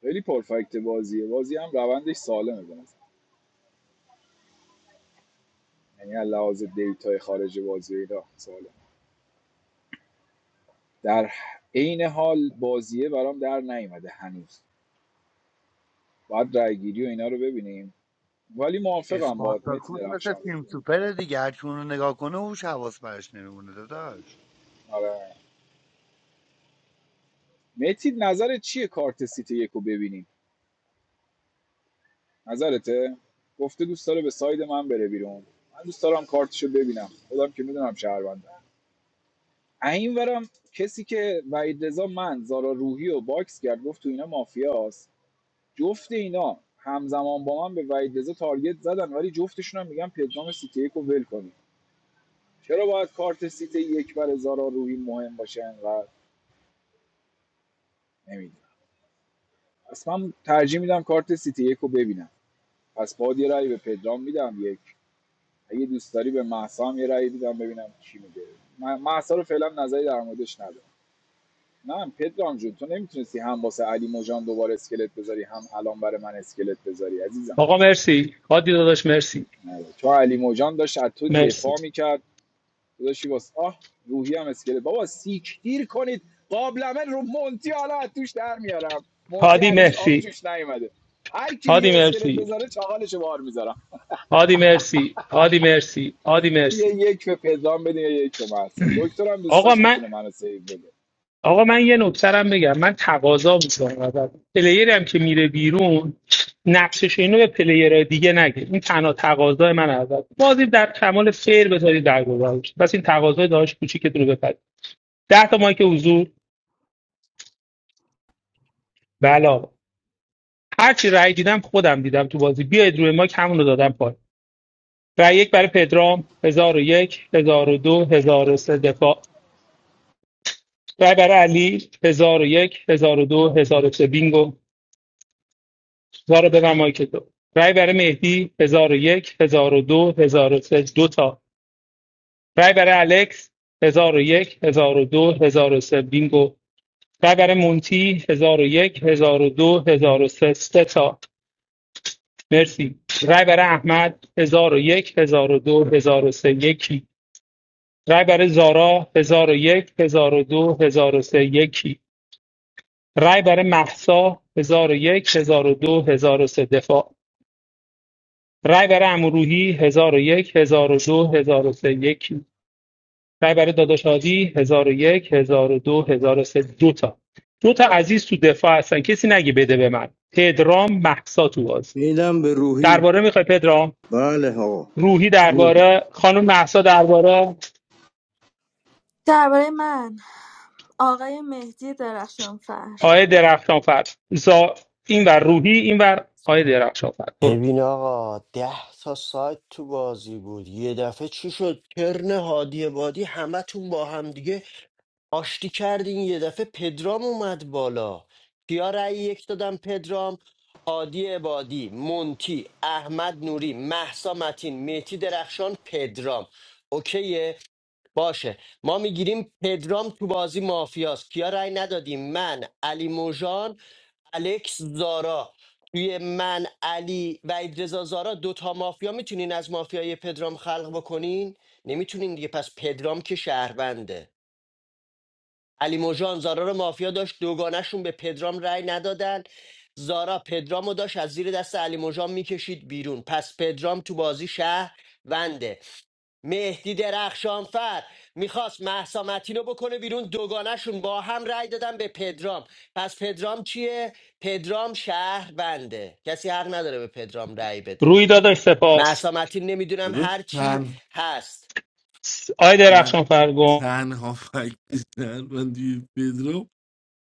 C: خیلی پرفکت بازیه بازی هم روندش سالمه به نظر یعنی از لحاظ دیتای خارج بازی اینا سالم در عین حال بازیه برام در نیومده هنوز باید رایگیری و اینا رو ببینیم ولی موافقم با متی
N: اسپارتاکوس مثل
C: درخشان
N: فیلم سوپر دیگه هر کی اونو نگاه کنه هوش حواس برش نمیمونه داداش
C: آره متی نظرت چیه کارت سیت یکو ببینیم نظرته گفته دوست داره به ساید من بره بیرون من دوست دارم کارتشو ببینم خودم که میدونم شهروندم این ورم کسی که وحید رضا من زارا روحی و باکس کرد گفت تو اینا مافیاست جفت اینا همزمان با من به وحید رضا تارگت زدن ولی جفتشون هم میگن پدرام سیتی یک رو ول کنیم چرا باید کارت سیتی یک برای زارا روحی مهم باشه انقدر نمیدونم اصلا من ترجیح میدم کارت سیتی یکو ببینم پس باید یه رأی به پدرام میدم یک اگه دوست داری به محسا هم یه رأی بدم ببینم چی میگه من رو فعلا نظری در موردش ندارم نه پدرام جون تو نمیتونستی هم واسه علی موجان دوباره اسکلت بذاری هم الان برای من اسکلت بذاری عزیزم
E: آقا مرسی هادی داداش مرسی
C: نه. تو علی موجان داشت از تو
E: مرسی
C: دفاع میکرد تو داشتی واسه آه روحی هم اسکلت بابا سیک دیر کنید قابلمه رو مونتی حالا از توش در میارم مونتی
E: هادی
C: هنوز آب
E: مرسی
C: جوش نیومده هر کی دیگه
E: هادی
C: اسکلت
E: مرسی
C: بذاره چاقالشو بار میذارم
E: هادی مرسی هادی مرسی هادی مرسی
C: یه یک به پدرام بده یک به محسا دکترم
E: آقا
C: دوستاش
E: من
C: میتونه منو سیو بده
E: آقا من یه نکترم بگم من تقاضا میکنم ازت پلیری هم که میره بیرون نقشش اینو به پلیر دیگه نگه این تنها تقاضای من ازت بازی در کمال فیر بذاری در گذارش بس این تقاضای داشت کوچیکتون رو بپرید ده تا مایک حضور بله آقا. هر چی رأی دیدم خودم دیدم تو بازی بیاید روی ماک همون رو دادم پایین رای یک برای پدرام 1001 1002 1003 دفاع رای برای علی هزار هزار و و یک هزار و دو هزار و سه بینگو زارا ببر مایک تو رای برای مهدی هزار و یک هزار و دو هزار و سه دو تا رای برای الکس هزار هزار و و یک هزار و دو هزار و سه بینگو رای برای مونتی هزار هزار و و یک هزار و دو هزار و سه سه تا مرسی رای برای احمد هزار هزار و و یک هزار و دو هزار و سه یکی رای برای زارا هزار هزار و و یک، هزار و دو، هزار و سه یکی رای برای مهسا هزار و یک، هزار و دو، هزار و سه دفاع رای برای عموروحی هزار و یک، هزار و دو، هزار و سه یکی رای برای داداش هادی 1001 1002 1003 دو هزار و سه، دو تا دو تا عزیز تو دفاع هستن کسی نگی بده به من پدرام مهسا تو باز
D: میدم به روحی
E: درباره میخوای پدرام
D: بله آقا
E: روحی درباره خانم مهسا درباره
Q: درباره من آقای مهدی درخشانفر
E: آقای درخشانفر زا... این ور روحی این ور آقای درخشانفر برو
A: ببین آقا ده تا سایت تو بازی بود یه دفعه چی شد کرن هادی بادی همتون با هم دیگه آشتی کردین یه دفعه پدرام اومد بالا کیا رأی یک دادم پدرام هادی بادی، مونتی احمد نوری محسا متین مهتی درخشان پدرام اوکیه باشه ما میگیریم پدرام تو بازی مافیاست کیا رأی ندادیم من علی موژان الکس زارا توی من علی و رضا زارا دوتا مافیا میتونین از مافیای پدرام خلق بکنین نمیتونین دیگه پس پدرام که شهرونده علی موژان زارا رو مافیا داشت دوگانشون به پدرام رأی ندادن زارا پدرام رو داشت از زیر دست علی موژان میکشید بیرون پس پدرام تو بازی شهر ونده. مهدی درخشانفر میخواست محسا متین رو بکنه بیرون دوگانشون با هم رأی دادن به پدرام پس پدرام چیه؟ پدرام شهر بنده کسی حق نداره به پدرام رأی بده
E: روی داداش سپاس
A: محسا متین نمیدونم
K: بابا
A: هر چی
K: تن...
A: هست
E: س- آقای
K: تن-
E: درخشانفر گم
K: تنها فکر شهروندی پدرو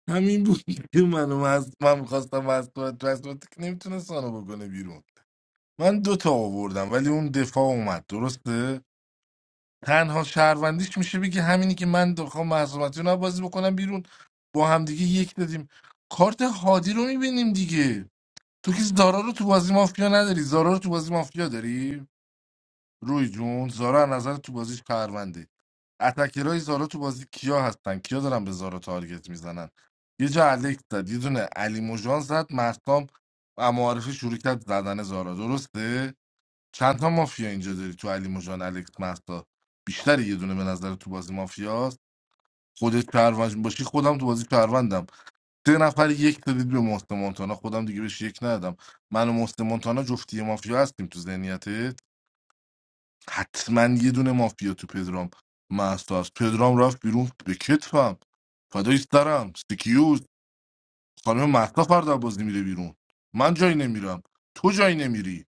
K: همین بود که منو مز... من میخواستم از تو رسمت که نمیتونست آنو بکنه بیرون من دوتا آوردم ولی اون دفاع اومد درسته تنها شهروندیش میشه بگه همینی که من دخواه محصومتی رو بازی بکنم بیرون با همدیگه یک دادیم کارت هادی رو میبینیم دیگه تو که زارا رو تو بازی مافیا نداری زارا رو تو بازی مافیا داری روی جون زارا از نظر تو بازی شهرونده اتکرای زارا تو بازی کیا هستن کیا دارن به زارا تارگت میزنن یه جا الکس زد یه دونه علی موجان زد مستام و معارفه شروع کرد زدن زارا درسته چند تا مافیا اینجا داری تو علی موجان الکس مستا بیشتر یه دونه به نظر تو بازی مافیاست خودت شهروند باشی خودم تو بازی شهروندم سه نفر یک دادید به محسن مونتانا خودم دیگه بهش یک ندادم من و محسن مونتانا جفتی مافیا هستیم تو ذهنیتت حتما یه دونه مافیا تو پدرام محسا است پدرام رفت بیرون به کتفم فدای سرم سکیوز خانم محسا فردا بازی میره بیرون من جایی نمیرم تو جایی نمیری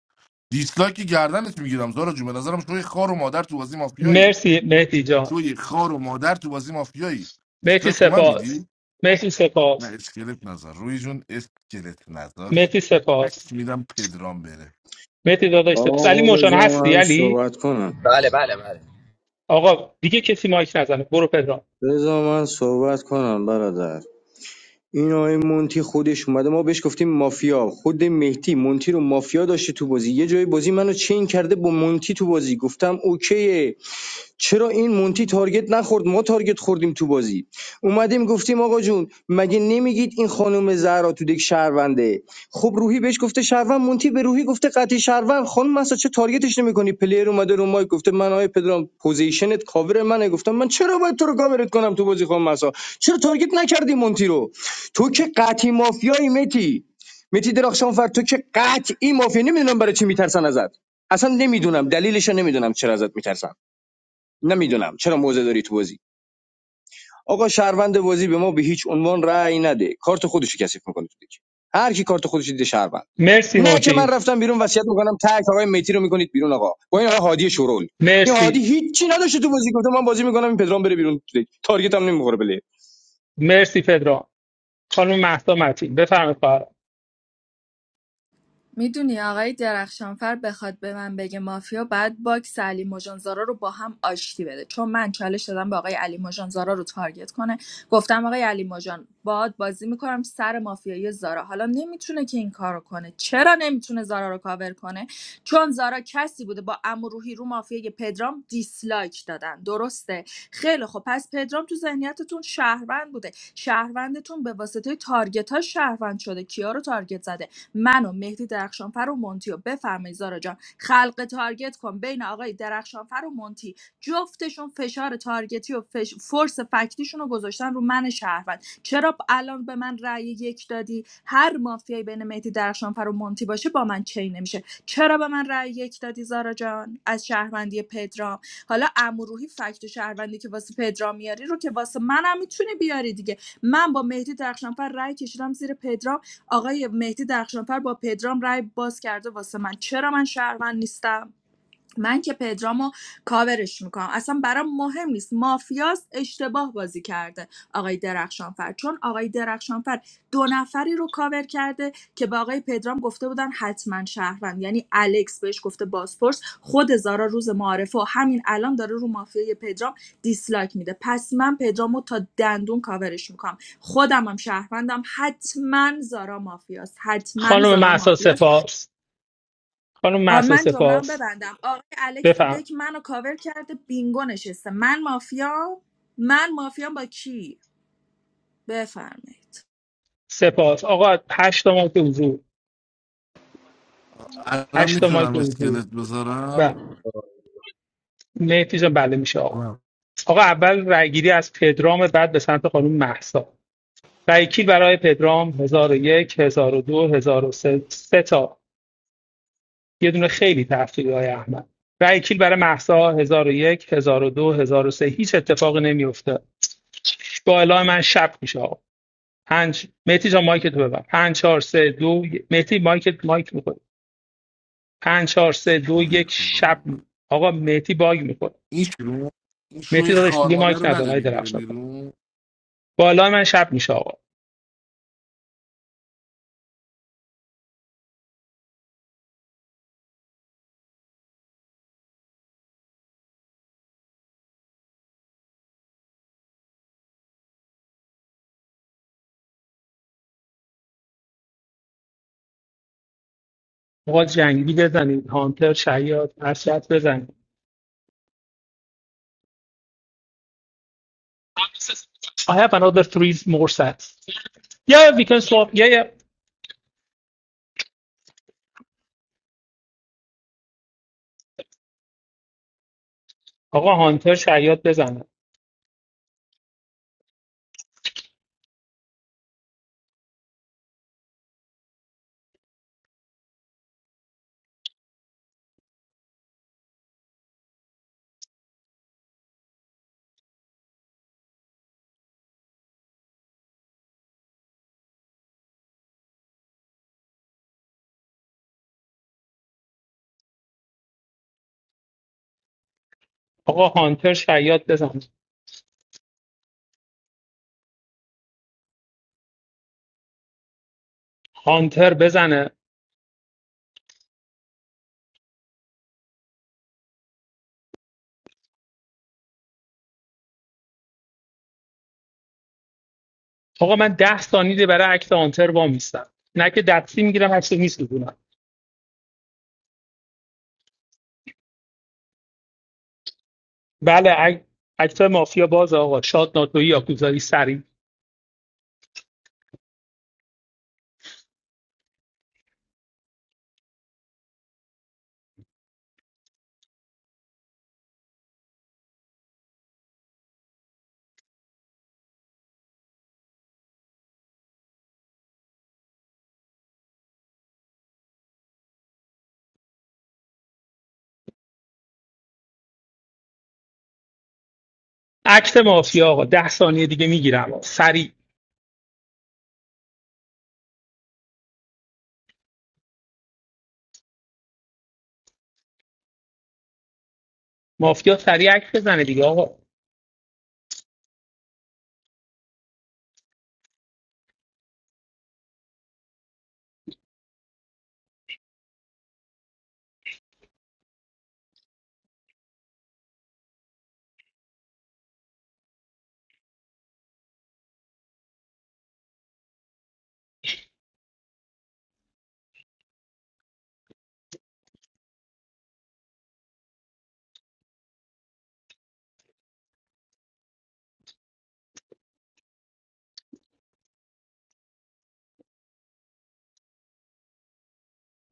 K: دیسلایک گردنت میگیرم زارا جون به نظرم شوی خار و مادر تو بازی مافیایی
E: مرسی مهدی جان
K: شوی خار و مادر تو بازی مافیایی
E: مهدی
K: دیسلایک رو من
E: سپاس
K: میدی
E: مهدی
K: نه
E: سپاس
K: اسکلت نظر روی جون اسکلت نظر
E: مهدی
K: تک
E: سپاس
K: میدم پدرام بره
E: مهدی داداش سپاس علی
D: آقا
E: موشان
D: بذار
E: هستی
D: من
E: علی
D: صحبت کنم
E: آقا دیگه کسی مایک نزنه برو پدرام
D: بذار من صحبت کنم برادر این آقای مونتی خودش اومده ما بهش گفتیم مافیا خود مهدی مونتی رو مافیا داشته تو بازی یه جای بازی منو چین کرده با مونتی تو بازی گفتم اوکیه چرا این مونتی تارگت نخورد ما تارگت خوردیم تو بازی اومدیم گفتیم آقا جون مگه نمیگید این خانم زهرا تو دک شهرونده خب روحی بهش گفته شهروند مونتی به روحی گفته قطعی شهروند خانم مسا چه تارگتش نمیکنی پلیر اومده رو مایک گفته من آیه پدرام پوزیشنت کاور منه گفتم من چرا باید تو رو کاورت کنم تو بازی خانم مسا چرا تارگت نکردی مونتی رو تو که قطعی مافیایی متی متی درخشانفر تو که قطعی مافیا نمیدونم برای چی میترسن ازت اصلا نمیدونم دلیلش رو، نمیدونم چرا ازت میترسن نمیدونم چرا موزه داری تو بازی آقا شهروند بازی به ما به هیچ عنوان رأی نده کارت خودشو کثیف میکنه تو دیگه هر کی کارت خودش دیده شهروند
E: مرسی
D: نه که من
E: مونتی
D: رفتم بیرون وصیت میکنم تک آقای میتی رو میکنید بیرون آقا با این آقای هادی شورول این
E: مرسی
D: هادی هیچی نداشته تو بازی گفتم من بازی میکنم این پدرام بره بیرون تو دیگه. تارگت هم نمیخوره بله
E: مرسی پدرام خانم مهسا متین بفرمایید خواهرام.
Q: میدونی آقای درخشانفر بخواد به من بگه مافیا بعد باکس علی مژانزارا رو با هم آشتی بده چون من چالش دادم به آقای علی مژانزارا رو تارگت کنه گفتم آقای علی مژان باد بازی میکنم سر مافیای زارا حالا نمیتونه که این کارو کنه چرا نمیتونه زارا رو کاور کنه چون زارا کسی بوده با عمو روحی رو مافیای پدرام دیسلایک دادن درسته خیلی خب پس پدرام تو ذهنیتتون شهروند بوده شهروندتون به واسطه تارگت ها شهروند شده کیا رو تارگت زده منو مهدی درخشانفر و مونتی و بفرمایید زارا جان خلق تارگت کن بین آقای درخشانفر و مونتی جفتشون فشار تارگتی و فش... فورس فکتیشون رو گذاشتن رو من شهروند چرا الان به من رأی یک دادی هر مافیایی بین مهدی درخشانفر و مونتی باشه با من چی نمیشه چرا به من رأی یک دادی زارا جان از شهروندی پدرام حالا اموروهی فکت شهروندی که واسه پدرام میاری رو که واسه منم میتونی بیاری دیگه من با مهدی درخشانفر رأی کشیدم زیر پدرام آقای مهدی درخشانفر با پدرام رای باز کرده واسه من چرا من شهروند نیستم من که پدرامو کاورش میکنم اصلا برام مهم نیست مافیاست اشتباه بازی کرده آقای درخشانفر چون آقای درخشانفر دو نفری رو کاور کرده که به آقای پدرام گفته بودن حتما شهروند یعنی الکس بهش گفته بازپرس خود زارا روز معارفه و همین الان داره رو مافیای پدرام دیسلایک میده پس من پدرامو تا دندون کاورش میکنم خودم هم شهروندم حتما زارا مافیاست حتما
E: خانم
Q: زارا
E: مهسا
Q: مافیاست
E: سپاس خانم
Q: آن
E: مهسا
Q: من جمله‌ام
E: سپاس
Q: ببندم آقای الکس تو
E: بفرمایید
Q: دک منو کاور کرده بینگو نشسته من مافیا من مافیام با کی بفرمایید
E: سپاس آقا هشت تا مایک حضور
K: الان
E: هشت تا مایک
K: میتونم
L: مادرم.
E: حضور
K: اسکلت
E: و
K: بذارم
E: مهدی جان بله میشه آقا
L: تمام.
E: آقا اول رأیگیری از پدرام بعد به سمت خانم مهسا رأیکیل برای پدرام 1001 1002 1003 سه سه تا یه دونه خیلی تأخیری های احمد رأیکیل برای مهسا 1001 1002 سه هیچ اتفاقی نمیفته با اعلام من شب میشه آقا پنج مهدی جان مایک تو ببر 5 4 3 2 مهدی مایک مایک پنج چهار سه دو یک شب آقا مهدی باگ میکنه
K: این شروع این
E: مهدی
K: شوی
E: داداش دیگه
K: خارماده
E: مایک
K: رو
E: نزن های
K: ندارید بره
E: درخشان
K: بیرون
E: بالا من شب میشه آقا آقا جنگی بزنید هانتر شیاد هرشت بزنید I have another three more sets yeah yeah, we can swap yeah yeah آقا هانتر شیاد بزنه آقا هانتر شیاد بزنه هانتر بزنه آقا من ده ثانیه برای عکس هانتر وا میستم نه که دستی میگیرم عکس میسوزونم بله عک- عکس مافیا باز آقا شاد ناتوی یاکوزایی سریع اکت مافیا آقا ده ثانیه دیگه میگیرم سریع مافیا سریع اکت بزنه دیگه آقا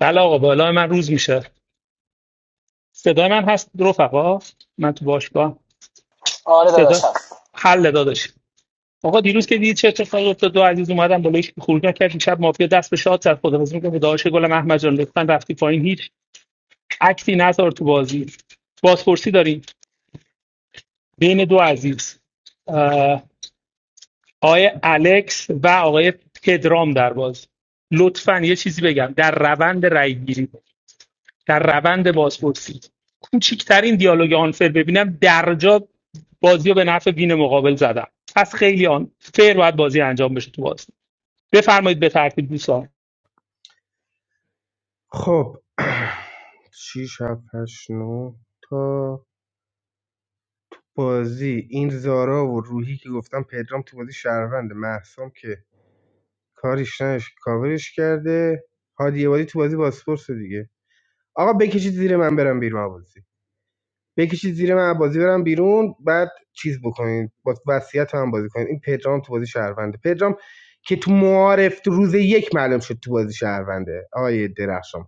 E: بله آقا بالا من روز میشه صدای من هست رفقا من تو باشگاه
V: aane
E: صدا
V: deta hai.
E: حل داداش آقا دیروز که دیدید چه اتفاقی افتاد دو عزیز اومدن بالا هیچ خروج نکرد شب مافیا دست به شاد زد خداحافظی میکنه داداش گل احمد جان لطفا رفتی پایین هیچ اکتی نذار تو بازی بازپرسی داریم بین دو عزیز آقای الکس و آقای پدرام در باز لطفا یه چیزی بگم در روند رای گیری در روند بازپرسی کوچکترین دیالوگ آنفر ببینم در جا بازی رو به نفع بین مقابل زدم پس خیلی آن فیر باید بازی انجام بشه تو بازی بفرمایید به ترتیب دوستان
M: خب 6 7 8 9 تا بازی این زارا و روحی که گفتم پدرام تو بازی شهرونده محسام که کاریش نش کاورش کرده هادی عبادی تو بازی باسپورس دیگه آقا بکشید زیر من برم بیرون از بازی بکشید زیر من از بازی برم بیرون بعد چیز بکنید با وصیت هم بازی کنید این پدرام تو بازی شهرونده پدرام که تو معارف تو روز یک معلوم شد تو بازی شهرونده آقای درخشان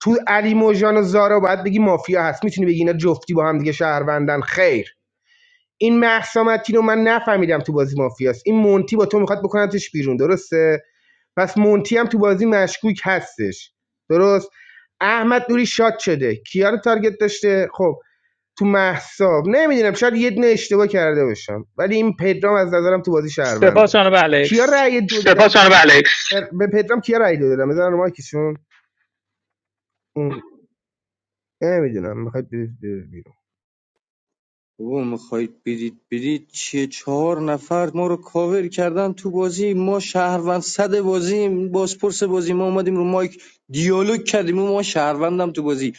M: تو علی موجان و زارا باید بگی مافیا هست میتونی بگی اینا جفتی با هم دیگه شهروندن خیر این محسامتین رو من نفهمیدم تو بازی مافیاست این مونتی با تو میخواد بکنتش بیرون درسته پس مونتی هم تو بازی مشکوک هستش درست احمد نوری شاد شده کیا رو تارگت داشته خب تو محساب نمیدونم شاید یه دونه اشتباه کرده باشم ولی این پدرام از نظرم تو بازی
E: سپاس
M: شهرونده
E: جناب
M: کیا
E: الکس
M: رأی دو دادن سپاس جناب الکس به پدرام کیا رأی دو دادم بزن رو مایکشون اون نمیدونم میخواد بری بیرون
D: بابا میخواید بدید بدید چیه چهار نفر ما رو کاور کردن تو بازی ما شهروند صد بازی بازپرس بازی ما اومدیم رو مایک دیالوگ کردیم ما شهروندم تو بازی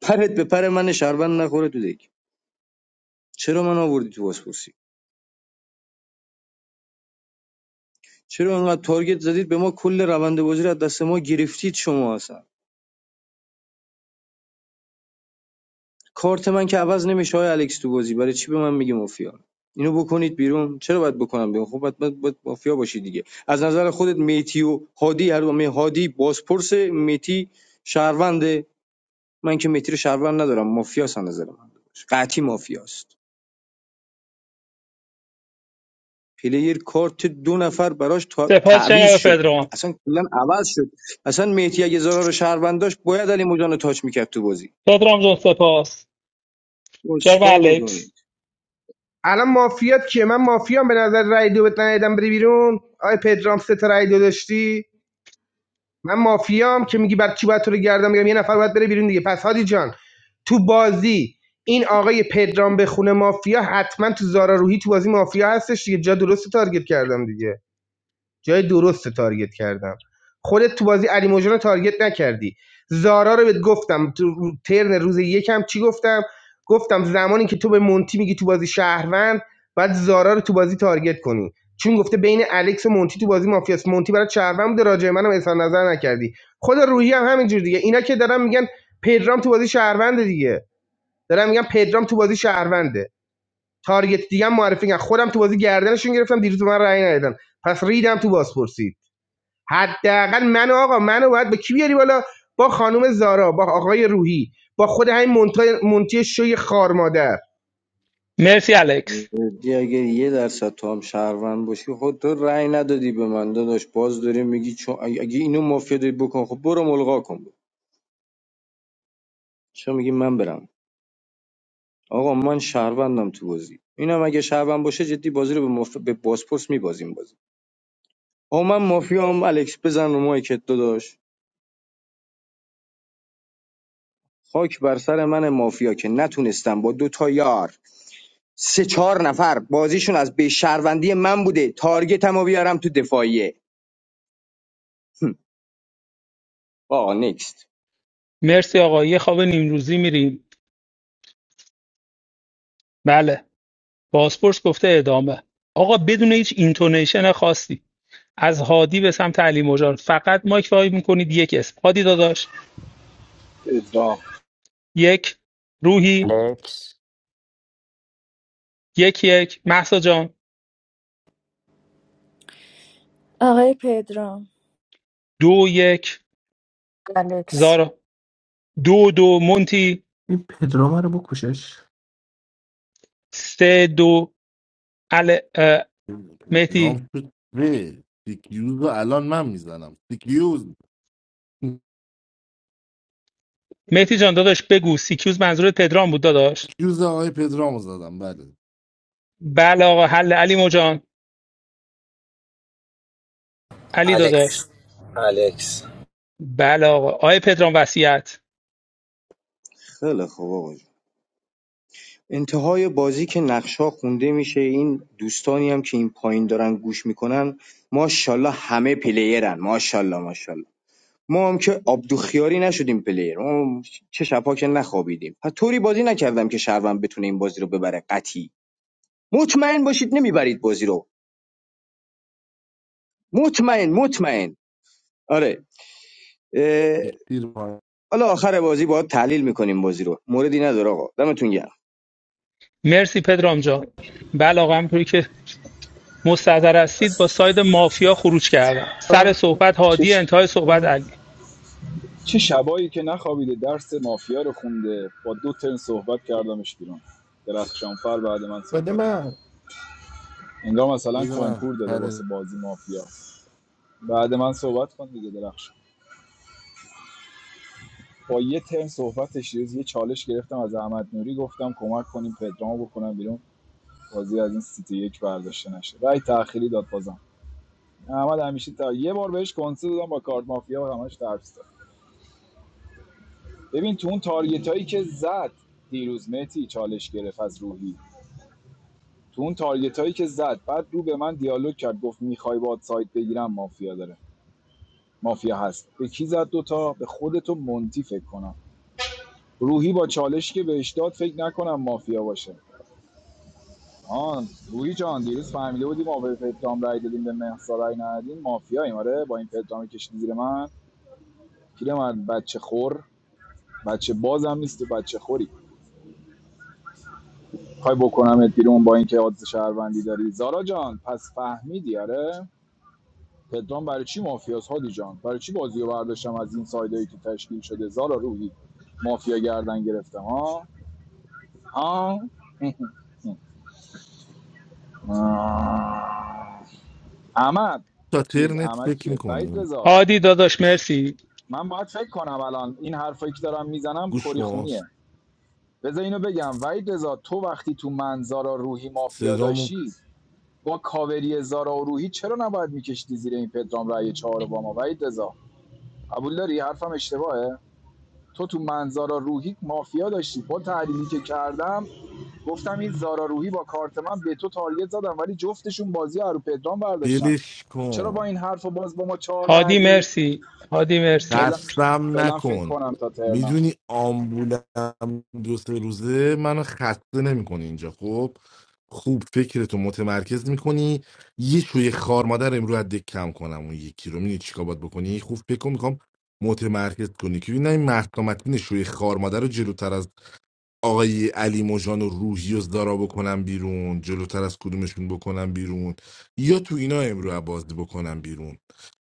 D: پرت به پر من شهروند نخوره تو دک چرا من آوردی تو بازپرسی چرا انقدر تارگت زدید به ما کل روند بازی رو از دست ما گرفتید شما اصلا کارت من که عوض نمیشه های الکس تو بازی برای چی به من میگی مافیا اینو بکنید بیرون چرا باید بکنم بیرون خب باید, باید, باید مافیا باشی دیگه از نظر خودت میتی و هادی هر می هادی بازپرس میتی شهرونده من که میتی رو شهروند ندارم مافیاس از نظر من قطعی مافیاست پلیر کارت دو نفر براش تا-
E: سپاس
D: تعویض
E: جناب
D: شد
E: پدرام
D: اصلا کلا عوض شد اصلا مهدی اگه زرار شهروند داشت باید علی موجان رو تاچ میکرد تو بازی
E: پدرام جان سپاس
D: بابا
E: جناب
D: چیکار
E: الکس
D: میکنی
M: الان مافیات کیه من مافیام به نظر رأی دو بهت ندادم بری بیرون آی پدرام سه تا رأی دو داشتی من مافیام که میگی بر چی باید تو رو گردم میگم یه نفر باید بره بیرون دیگه پس هادی جان تو بازی این آقای پدرام به خونه مافیا حتما تو زارا روحی تو بازی مافیا هستش دیگه جا درست تارگت کردم دیگه جای درست تارگت کردم خودت تو بازی علی موجان رو تارگت نکردی زارا رو بهت گفتم تو رو- ترن روز یکم چی گفتم گفتم زمانی که تو به مونتی میگی تو بازی شهروند بعد زارا رو تو بازی تارگت کنی چون گفته بین الکس و مونتی تو بازی مافیاست مونتی برای شهروند بوده راجع منم اظهار نظر نکردی خود روحی هم همینجور دیگه اینا که دارن میگن پدرام تو بازی شهروند دیگه دارم میگم پدرام تو بازی شهرونده تارگت دیگه هم معرفی کردم خودم تو بازی گردنشون گرفتم دیروز به من رأی ندادن پس ریدم تو بازپرسی حداقل منو آقا منو باید با کی بیاری بالا با خانم زارا با آقای روحی با خود همین مونتی شوی خار مادر
E: مرسی الکس
D: دی اگه یه درصد تو هم شهروند باشی خود تو رأی ندادی به من داداش باز داری میگی چون اگه اگه اینو مافیا داری بکن خب برو ملغا کن چرا میگی من برم آقا من شهروندم تو بازی اینم اگه شهروند باشه جدی بازی رو به, مف... به بازپرس میبازیم بازی آقا من مافیا هم الکس بزن رو مایکت داداش خاک بر سر من مافیا که نتونستم با دو تا یار سه چهار نفر بازیشون از به شهروندی من بوده تارگتمو بیارم تو دفاعیه هم. آقا نکست
E: مرسی آقا یه خواب نیم روزی میریم بله بازپرس گفته ادامه آقا بدون هیچ اینتونیشن خاصی از هادی به سمت علی مجان فقط مایک وای میکنید یک اسم هادی داداش
C: ادعا
E: یک روحی
A: الکس
E: یک یک محسا جان
Q: آقای پدرام
E: دو یک زارا دو دو مونتی
L: این پدرام رو بکشش
E: سه دو ال اه، مهدی
K: رام شد به سیکیوز رو الان من میزنم سیکیوز
E: مهدی جان داداش بگو سیکیوز منظور پدرام بود داداش
K: سیکیوز آقای پدرام رو زدم بله
E: بله آقا حل علی مجان علی داداش بله آقا آیه پدرام وصیت
D: خیلی خوب آقا جون. انتهای بازی که نقشا خونده میشه این دوستانی هم که این پایین دارن گوش میکنن ماشاءالله همه پلیرن ماشاءالله ماشاءالله ما هم که عبدوخیاری نشدیم پلیر ما هم چه شبها که نخوابیدیم و طوری بازی نکردم که شهروند بتونه این بازی رو ببره قطعی مطمئن باشید نمیبرید بازی رو مطمئن مطمئن آره اه،
K: یک تیر پایین.
D: حالا آخر بازی باید تحلیل میکنیم بازی رو موردی نداره آقا دمتون گرم
E: مرسی پدرام جان بله آقا همونطوری که مستظر هستید با ساید مافیا خروج کردن سر
L: آه،
E: صحبت
C: چه,
E: هادی
C: ش...
E: انتهای صحبت
L: بده
E: علی
C: چه شبایی که نخوابیده درس مافیا رو خونده با دو ترن صحبت کردمش بیرون درخشانفر بعد من
L: بده
C: صحبت کرد.
L: من
C: انگار مثلا
K: بده من
C: کنکور داده
K: سر
C: واسه بازی مافیا بعد من صحبت کن دیگه درخشان با یه ترن صحبتش یه چالش گرفتم از احمد نوری گفتم کمک کنیم پدرامو بکنم بیرون بازی از این سیتی یک برداشته نشه رأی تأخیری داد بازم احمد همیشه تا یه بار بهش کنسول دادم با کارت مافیا و همش ترس داد. ببین تو اون تارگت هایی که زد دیروز مهتی چالش گرفت از روحی تو اون تارگت هایی که زد بعد رو به من دیالوگ کرد گفت میخوای باد سایت بگیرم مافیا داره مافیا هست به کی زد دوتا به خودتو منتی فکر کنم روحی با چالش که بهش داد فکر نکنم مافیا باشه آن روحی جان دیروز فهمیده بودیم ما به پدرام رای دادیم به مهسا رای ندادیم مافیاییم آره با این پدرامی کشیدی زیر من پیرمرد بچه خور بچه بازم نیست و بچه خوری میخوای بکنمت بیرون با اینکه عادت شهروندی داری زارا جان پس فهمیدی آره پدرام برای چی مافیاس هادی جان برای چی بازی رو برداشتم از این سایدایی که تشکیل شده زارا روحی مافیا گردن گرفتم ها ها احمد
K: تا
C: چیز
K: ترنت
C: احمد
K: فکر
C: کیه وحید
K: میکنی
C: رضا
E: هادی داداش
K: گوش
E: مرسی
C: من باید فکر کنم الان این حرفایی که دارم میزنم
K: گوش
C: کری
K: کن
C: خونیه بذار اینو بگم وحید رضا تو وقتی تو منظارا روحی مافیا
K: صدامو
C: داشتی با کاوری زارا و روحی چرا نباید میکشیدی زیر این پدرام رأی چهار با ما وحید رضا قبول داری حرفم اشتباهه تو تو من زارا روحی مافیا داشتی با تحلیلی که کردم گفتم این زارا روحی با کارت من به تو تارگت زدم ولی جفتشون بازی رو پدرام برداشتن
K: دلش
C: چرا با
K: کن
C: این حرف باز با ما چهار
E: هادی
C: ندی
E: مرسی هادی مرسی
C: فعلا
K: خستم
C: فعلا فکر
K: نکن
C: کنم تا ترنا
K: میدونی آمبولم دو سه روزه منو خسته نمیکنه اینجا خب خوب فکرتو متمرکز میکنی یه شوی خار مادر امرو از دک کم کنم اون یکی رو میدونی چیکار باید بکنی خوب فکر میکنم متمرکز کنی که نه این مهسا متین شوی خار مادر رو جلوتر از آقای علی مژان و روحی و زارا بکنم بیرون جلوتر از کدومشون بکنم بیرون یا تو اینا امرو بازی بکنم بیرون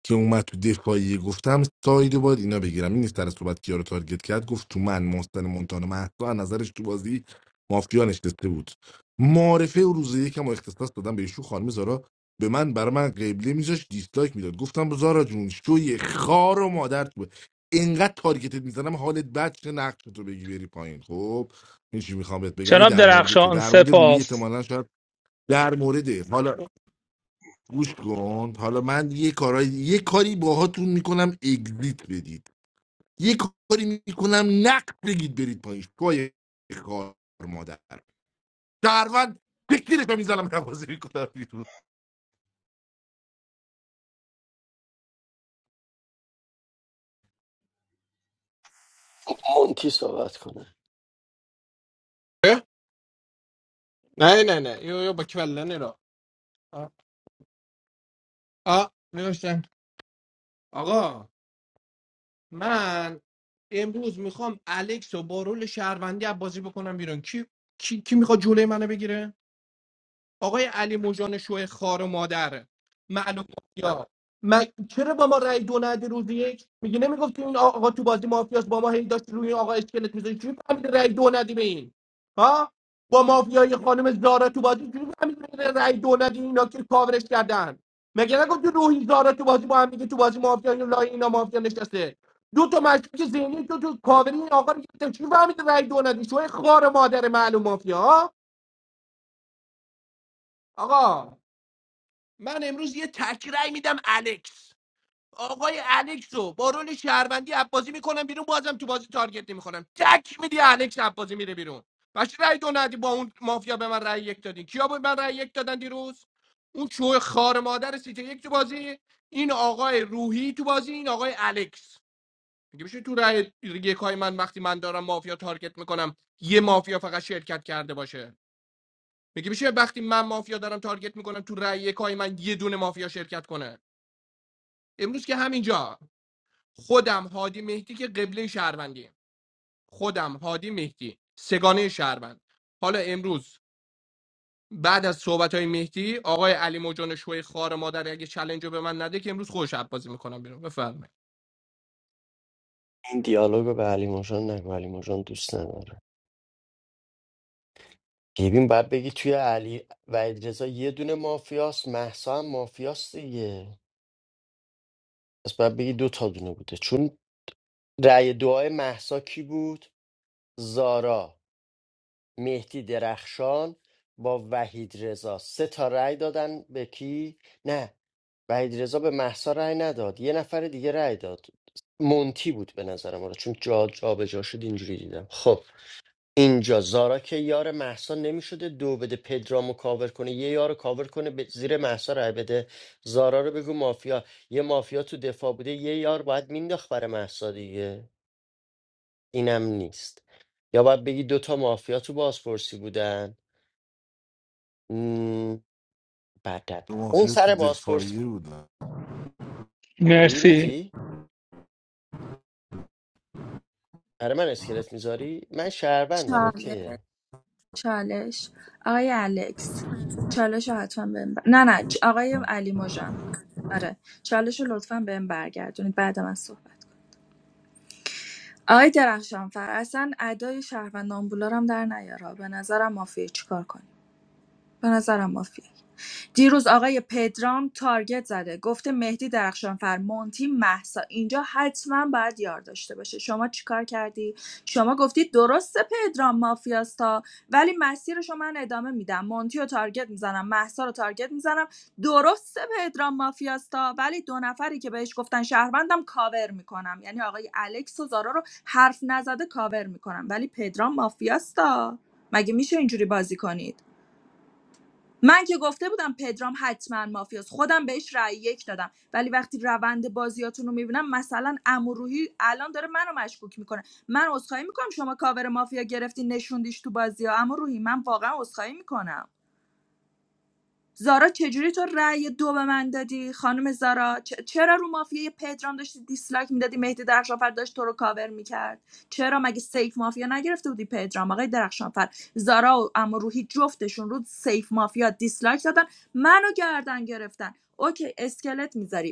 K: که اومد تو دفاعیه گفتم سایدو باید اینا بگیرم این سر صحبت کیا رو تارگت کرد گفت تو من محسن مونتانا مهسا از نظرش تو بازی مافیا نشسته بود معارفه و روز یکم و اختصاص دادم به ایشون خانم زارا به من برای من قبله میذاش دیسلایک میداد گفتم زارا جون شوی خار و مادر تو اینقدر تارگتت میزنم حالت بد چه نقش تو بگی بری پایین خب این چی میخوام بهت بگم این
E: جناب
K: در مورد تو
E: درخشان
K: در مورد روی
E: سپاس
K: احتمالاً شاید در مورد حالا گوش کن حالا من یه کارای یه کاری باهاتون میکنم اگزیت بدید یه کاری میکنم نقد بگید برید پایین شوی کار مادر شهروند فکرش رو میزنم نوازی میکنم بیرون
A: مونتی صحبت کنه
L: نه نه نه یو یو با کلنی را آه آه، نوشتن. آقا من امروز میخوام الکس و با رول شهروندی بازی بکنم بیرون کی کی, کی میخواد جلوی منو بگیره آقای علی موجان شوه خار و مادر معلوم مافیا من چرا با ما رأی دو ندی روز یک میگی نمیگفتی این آقا تو بازی مافیاس با ما هی داشت روی این آقا اسکلت می‌ذاشت چی فهمیدی رأی دو ندی به این ها با مافیای خانم زارا تو بازی چی فهمیدی رأی دو ندی اینا که کاورش کردن مگه نگفتی روحی زارا تو بازی با هم دیگه تو بازی مافیا اینا لای اینا مافیا نشسته دو تا مشکوک ذهنی تو تو کاوری این آقا رو گرفتم چی فهمیدی رأی دو ندی شوی خار و مادر معلوم مافیا ها؟ آقا من امروز یه تک رأی میدم الکس آقای الکس رو با رول شهروندی عباسی میکنم بیرون بازم تو بازی تارگت نمیخورم تک میدی الکس عباسی میره بیرون بچه رأی دو ندی با اون مافیا به من رأی یک دادین کیا به من رأی یک دادن دیروز اون چوه خار مادر سیته یک تو بازی این آقای روحی تو بازی این آقای الکس میگه میشه تو رأی یک های من وقتی من دارم مافیا تارگت میکنم یه مافیا فقط شرکت کرده باشه میگه میشه وقتی من مافیا دارم تارگت میکنم تو رأی یک های من یه دونه مافیا شرکت کنه امروز که همینجا خودم هادی مهدی که قبله شهروندی خودم هادی مهدی سگانه شهروند حالا امروز بعد از صحبت های مهدی آقای علی موجان شوی خار مادر اگه چلنج رو به من نده که امروز خوش بازی میکنم بیرون بفرمایید
A: این دیالوگو به علی مژان نگو علی مژان دوست نداره ببین باید بگی توی علی و رضا یه دونه مافیاست محسا هم مافیاست دیگه پس باید بگی دو تا دونه بوده چون رأی دعای محسا کی بود؟ زارا مهدی درخشان با وحید رضا سه تا رأی دادن به کی؟ نه وحید رضا به محسا رأی نداد یه نفر دیگه رأی داد مونتی بود به نظرم آره چون جا جا به جا شد اینجوری دیدم خب اینجا زارا که یار محسا نمیشده دو بده پدرامو کاور کنه یه یارو کاور کنه به زیر محسا رای بده زارا رو بگو مافیا یه مافیا تو دفاع بوده یه یار باید مینداخت برای محسا دیگه اینم نیست یا باید بگی دوتا مافیا تو بازپرسی بودن مم، بعدد اون
K: مافیا تو
A: سر بازپرس
K: دفاعیه بودن
E: مرسی
A: بیمتی؟ برای من اسکلت میذاری؟ من شهروندم
Q: چالش
A: اوکیه
Q: چالش آقای الکس چالش رو حتما بهم بر... نه نه چ- آقای علی مژان آره چالش رو لطفا بهم برگردونید بعد من صحبت آقای درخشانفر اصلا ادای شهروند آمبولارم در نیارا به نظرم مافیه چیکار کنیم به نظرم مافیه دیروز آقای پدرام تارگت زده گفته مهدی درخشانفر مونتی محسا اینجا حتما باید یار داشته باشه شما چیکار کردی شما گفتی درسته پدرام مافیاستا ولی مسیرشو من ادامه میدم مونتی رو تارگت میزنم محسا رو تارگت میزنم درسته پدرام مافیاستا ولی دو نفری که بهش گفتن شهروندم کاور میکنم یعنی آقای الکس و زارا رو حرف نزده کاور میکنم ولی پدرام مافیاستا مگه میشه اینجوری بازی کنید من که گفته بودم پدرام حتما مافیاست خودم بهش رأی یک دادم ولی وقتی روند بازیاتون رو میبینم مثلا اموروحی الان داره منو مشکوک میکنه من عذرخواهی میکنم شما کاور مافیا گرفتی نشوندیش تو بازی ها اموروحی من واقعا عذرخواهی میکنم زارا چجوری تو رأی دو به من دادی خانم زارا چ- چرا رو مافیای پدرام داشتی دیسلایک میدادی مهدی درخشانفر داشت تو رو کاور میکرد چرا مگه سیف مافیا نگرفته بودی پدرام آقای درخشانفر زارا و اما روحی جفتشون رو سیف مافیا دیسلایک دادن منو گردن گرفتن اوکی اسکلت میذاری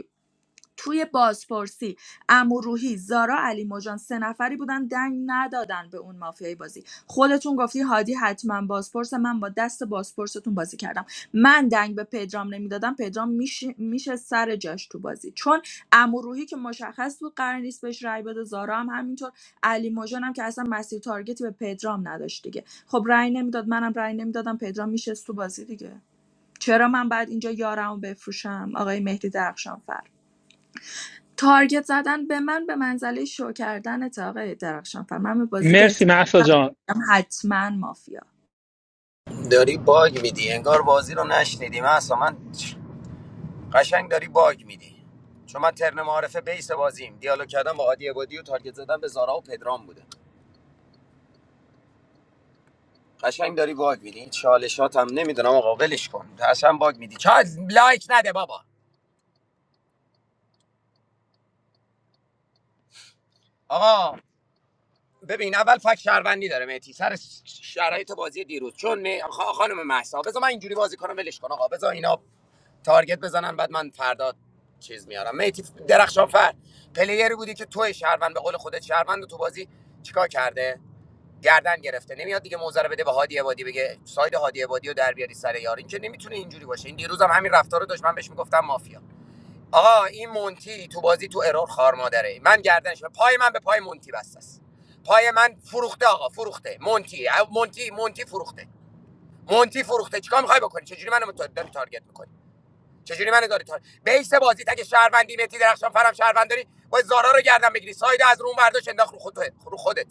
Q: توی بازپرسی عمو زارا علی مژان سه نفری بودن دنگ ندادن به اون مافیای بازی خودتون گفتی هادی حتما بازپرس من با دست بازپرستون بازی کردم من دنگ به پدرام نمیدادم پدرام میشه میشه سر جاش تو بازی چون عمو که مشخص بود قرار نیست بهش رای بده زارا هم همینطور علی مژان هم که اصلا مسیر تارگتی به پدرام نداشت دیگه خب رای نمیداد منم رای نمیدادم پدرام میشه تو بازی دیگه چرا من بعد اینجا یارمو بفروشم آقای مهدی درخشانفر تارگت زدن به من به منزله شو کردن آقای درخشان فر من به بازی
E: مرسی
Q: احتمالم
E: محسا جان
Q: حتما مافیا
F: نشنیدی من اصلا من قشنگ داری باگ میدی چون من ترن معارفه بیس بازیم دیالوگ کردم با عادی عبادی و تارگت زدم به زارا و پدرام بوده قشنگ داری باگ میدی این چالشات هم نمیدونم آقا ولش کن اصلا باگ میدی چا لایک نده بابا آقا ببین اول فهمیتی سر شرایط بازی دیروز چون می... خ- خانم مهسا بذار من اینجوری بازی کنم ولش کن آقا بذار اینا تارگت بزنن بعد من فردا چیز میارم میتی درخشان فر پلیری بودی که توی شهروند به قول خودت شهروند تو بازی چیکار کرده گردن گرفته نمیاد دیگه موزه رو بده به هادی عبادی بگه ساید هادی عبادی رو در بیاری سر یار این که نمیتونه اینجوری باشه این دیروز هم همین رفتار رو داشت من بهش میگفتم مافیا آقا این مونتی تو بازی تو ارور خار مادره من گردنش پای من به پای مونتی بسته است پای من فروخته آقا فروخته مونتی مونتی مونتی فروخته مونتی فروخته چیکار میخوای بکنی چجوری منو تا- داری تارگت می‌کنی؟ چجوری من داری تا بیس بازی تک شهروندی متی درخشان فرام شهروند داری باید زارا رو گردن بگیری ساید از رو اون برداشت انداخت رو خودت رو خودت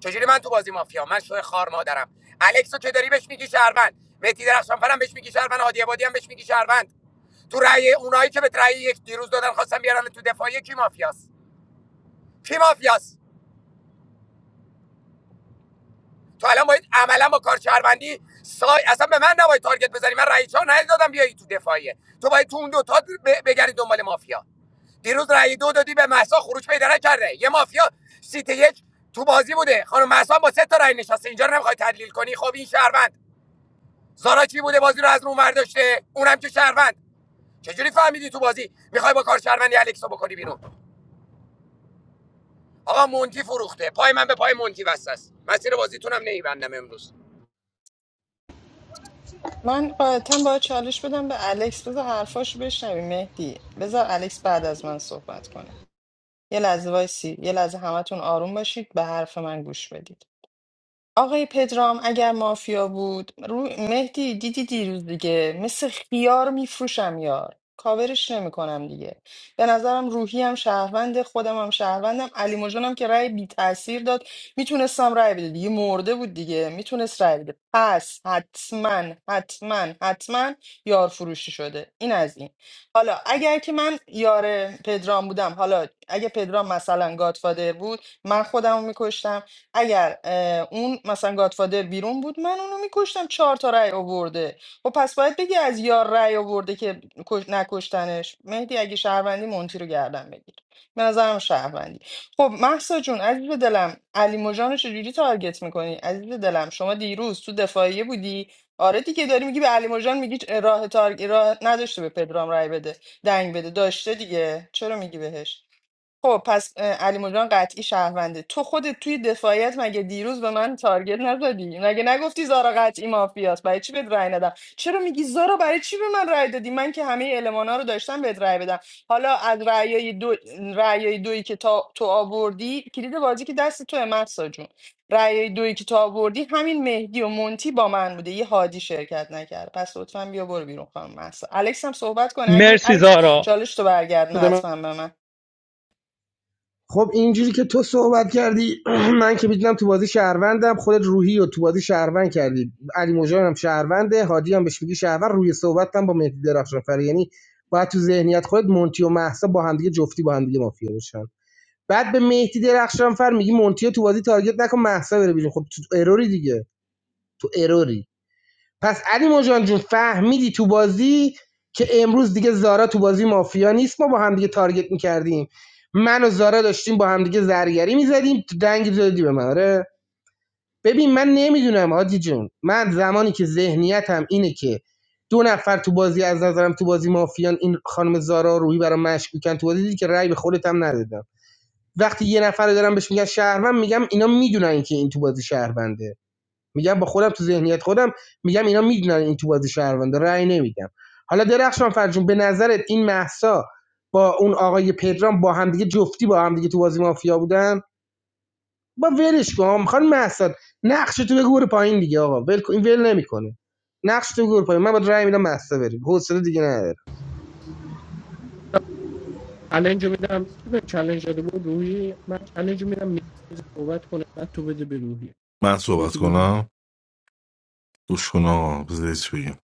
F: چجوری من تو بازی مافیا من شو خار مادرم الکسو که داری بهش میگی شهروند متی درخشان فرام بهش میگی شهروند هادی عبادی هم بهش میگی شهروند تو رأی اونایی که به رأی یک دیروز دادن خواستم بیارن تو دفاعی کی مافیاست کی مافیاست تو الان باید عملا با کار شهروندی سای اصلا به من نباید تارگت بزنی من رئیس ها ندادم بیای تو دفاعیه تو باید تو اون دو تا بگردی دنبال مافیا دیروز رای دو دادی به محسا خروج پیدا نکرده یه مافیا سیت یک تو بازی بوده خانم محسا با سه تا رأی نشسته اینجا رو نمیخوای تحلیل کنی خب این شهروند زارا چی بوده بازی رو از رو اون ور اونم که شهروند چجوری فهمیدی تو بازی میخوای با کار شهروندی الکسو بکنی بیرون آقا مونتی فروخته پای من به پای مونتی وصل است مسیر بازیتونم نمیبندم امروز
B: من قاعدتا باید چالش بدم به الکس بذار حرفاشو بشنویم مهدی بذار الکس بعد از من صحبت کنه یه لحظه وایسی یه لحظه همتون آروم باشید به حرف من گوش بدید آقای پدرام اگر مافیا بود رو مهدی دیدی دیروز دیگه مثل خیار میفروشم یار کاورش نمیکنم دیگه به نظرم روحی هم شهروند خودم هم شهروندم علی مژان که رأی بی تاثیر داد میتونستم رأی بده دیگه مرده بود دیگه میتونست رأی بده پس حتما حتما حتما یار فروشی شده این از این حالا اگر که من یار پدرام بودم حالا اگه پدرام مثلا گادفادر بود من خودم رو میکشتم اگر اه، اون مثلا گادفادر بیرون بود من اونو میکشتم چهار تا رأی آورده خب پس باید بگی از یار رأی آورده که کش- نکشتنش مهدی اگه شهروندی مونتی رو گردن بگیر به نظرم شهروندی خب محسا جون عزیز دلم علی مژان رو چجوری تارگت میکنی عزیز دلم شما دیروز تو دفاعیه بودی آره دیگه داری میگی به علی مژان میگی راه تارگ... راه نداشته به پدرام رأی بده دنگ بده داشته دیگه چرا میگی بهش خب پس اه، علی مژان قطعی شهرونده تو خودت توی دفاعیت مگه دیروز به من تارگت نزدی مگه نگفتی زارا قطعی مافیاست برای چی بهت رأی ندم چرا میگی زارا برای چی به من رأی دادی من که همه المانا رو داشتم بهت رأی بدم حالا از رأیای دو رأیای دویی که تا تو آوردی کلید بازی که دست تو مهسا جون رأیای دویی که تو آوردی همین مهدی و مونتی با من بوده یه هادی شرکت نکرد پس لطفا بیا برو بیرون خانم مهسا الکس هم صحبت کنه اگه
E: مرسی
B: الکس
E: زارا
B: چالش تو برگردون
L: بده من
B: حتما به من
M: خب اینجوری که تو صحبت کردی من که میدونم تو بازی شهروندم خودت روحی رو تو بازی شهروند کردی علی مجان هم شهرونده هادی هم بهش میگی شهروند روی صحبتم با مهدی درخشان فر یعنی باید تو ذهنیت خودت مونتی و محسا با همدیگه جفتی با همدیگه مافیا بشن بعد به مهدی درخشانفر میگی مونتیو تو بازی تارگت نکن محسا بره بیرون خب تو اروری دیگه تو اروری پس علی مجان جون فهمیدی تو بازی که امروز دیگه زارا تو بازی مافیا نیست ما با هم دیگه تارگت میکردیم من و زارا داشتیم با هم دیگه زرگری میزدیم تو دنگ زدی به من آره ببین من نمیدونم هادی جون من زمانی که ذهنیتم اینه که دو نفر تو بازی از نظرم تو بازی مافیان این خانم زارا روحی برام مشکوکن تو بازی دیدی که رأی به خودت هم ندادم وقتی یه نفر رو دارم بهش میگن شهروند میگم اینا میدونن که این تو بازی شهرونده میگم با خودم تو ذهنیت خودم میگم اینا میدونن این تو بازی شهرونده رأی نمیگم حالا درخشان فرجون به نظرت این مهسا با اون آقای پدرام با همدیگه جفتی با همدیگه تو بازی مافیا بودن با ولش کن میخوان محسا نقش تو بگو پایین دیگه آقا ول این ول نمیکنه نقش تو بگو پایین من با رأی میدم مهسا بریم حوصله دیگه نداره
L: چلنج رو میدم کی به چلنج داده بود روحی من چلنج رو میدم میکنه بعد تو بده به روحی
K: من صحبت
L: یکی بگو
K: کنم گوش کن آقا بذار چی بگم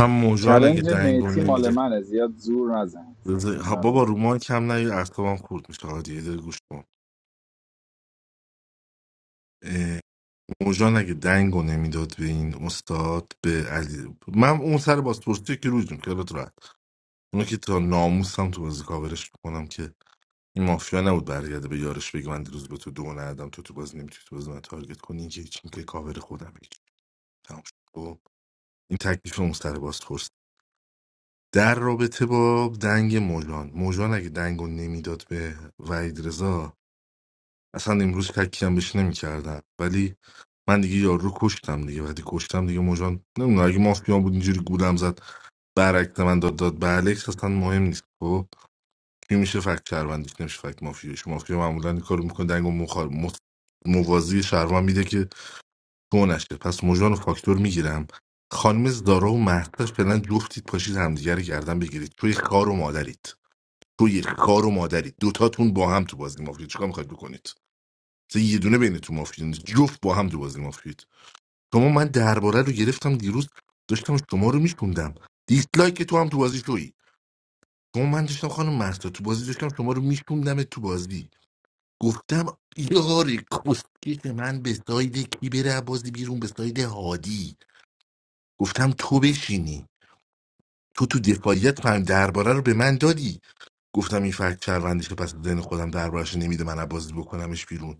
K: هم موجان اگه
C: چلنج
K: دنگو
C: میتی مال
K: نمیره
C: منه زیاد زور نزن
K: بذار- ها بابا
C: معلومه.
K: رو مایک هم نه اعصابم خورد میشه آقا دیگه یه گوش کن موژان اگه دنگو نمیداد به این استاد به علی من اون سر بازپرسی که روز میکنه خیالت راحت اونو که تا ناموسم تو بازی کاورش میکنم که این مافیا نبود برگرده به یارش بگه من دیروز به تو دو ندادم تو تو بازی نمیتونی تو بازی من تارگت کنی این که هیچ این که کاور خودم هیچ تمام شد خب، این تکلیف اون سر بازپرس در رابطه با دنگ موجان موجان اگه دنگو نمیداد به وحید رضا اصلا امروز تکیم بهش نمیکردم ولی من دیگه یارو رو کشتم دیگه وقتی کشتم دیگه مجان نمیدونم اگه مافیا بود اینجوری گولم زد برعکس من داد داد به الکس اصلا مهم نیست خب کی میشه فکت شهروندیش نمیشه فکت مافیاش مافیا معمولا این کارو میکنه دنگو مخار مت- موازی شهروند میده که تو نشه پس موجان و فاکتور میگیرم خانم زارا و مهداش فعلا جفتید پاشید همدیگه رو گردن بگیرید توی خار و مادرید توی خار و مادرید دوتاتون با هم تو بازی مافیا چیکار میخواید بکنید مثلا یه دونه بینتون مافیا نیست جفت با هم تو بازی مافیایید شما من درباره رو گرفتم دیروز داشتم شما رو میشوندم دیسلایک تو هم تو بازی شویی شما من داشتم خانم مهسا تو بازی داشتم شما رو میشوندم تو بازی گفتم یاری کسکش من به ساید کی بره از بازی بیرون به ساید هادی گفتم تو بشینی تو تو دفاعیت فهم درباره رو به من دادی گفتم این فکت شهروندیشه پس ذهن خودم دربارهش نمیده من از بازی بکنمش بیرون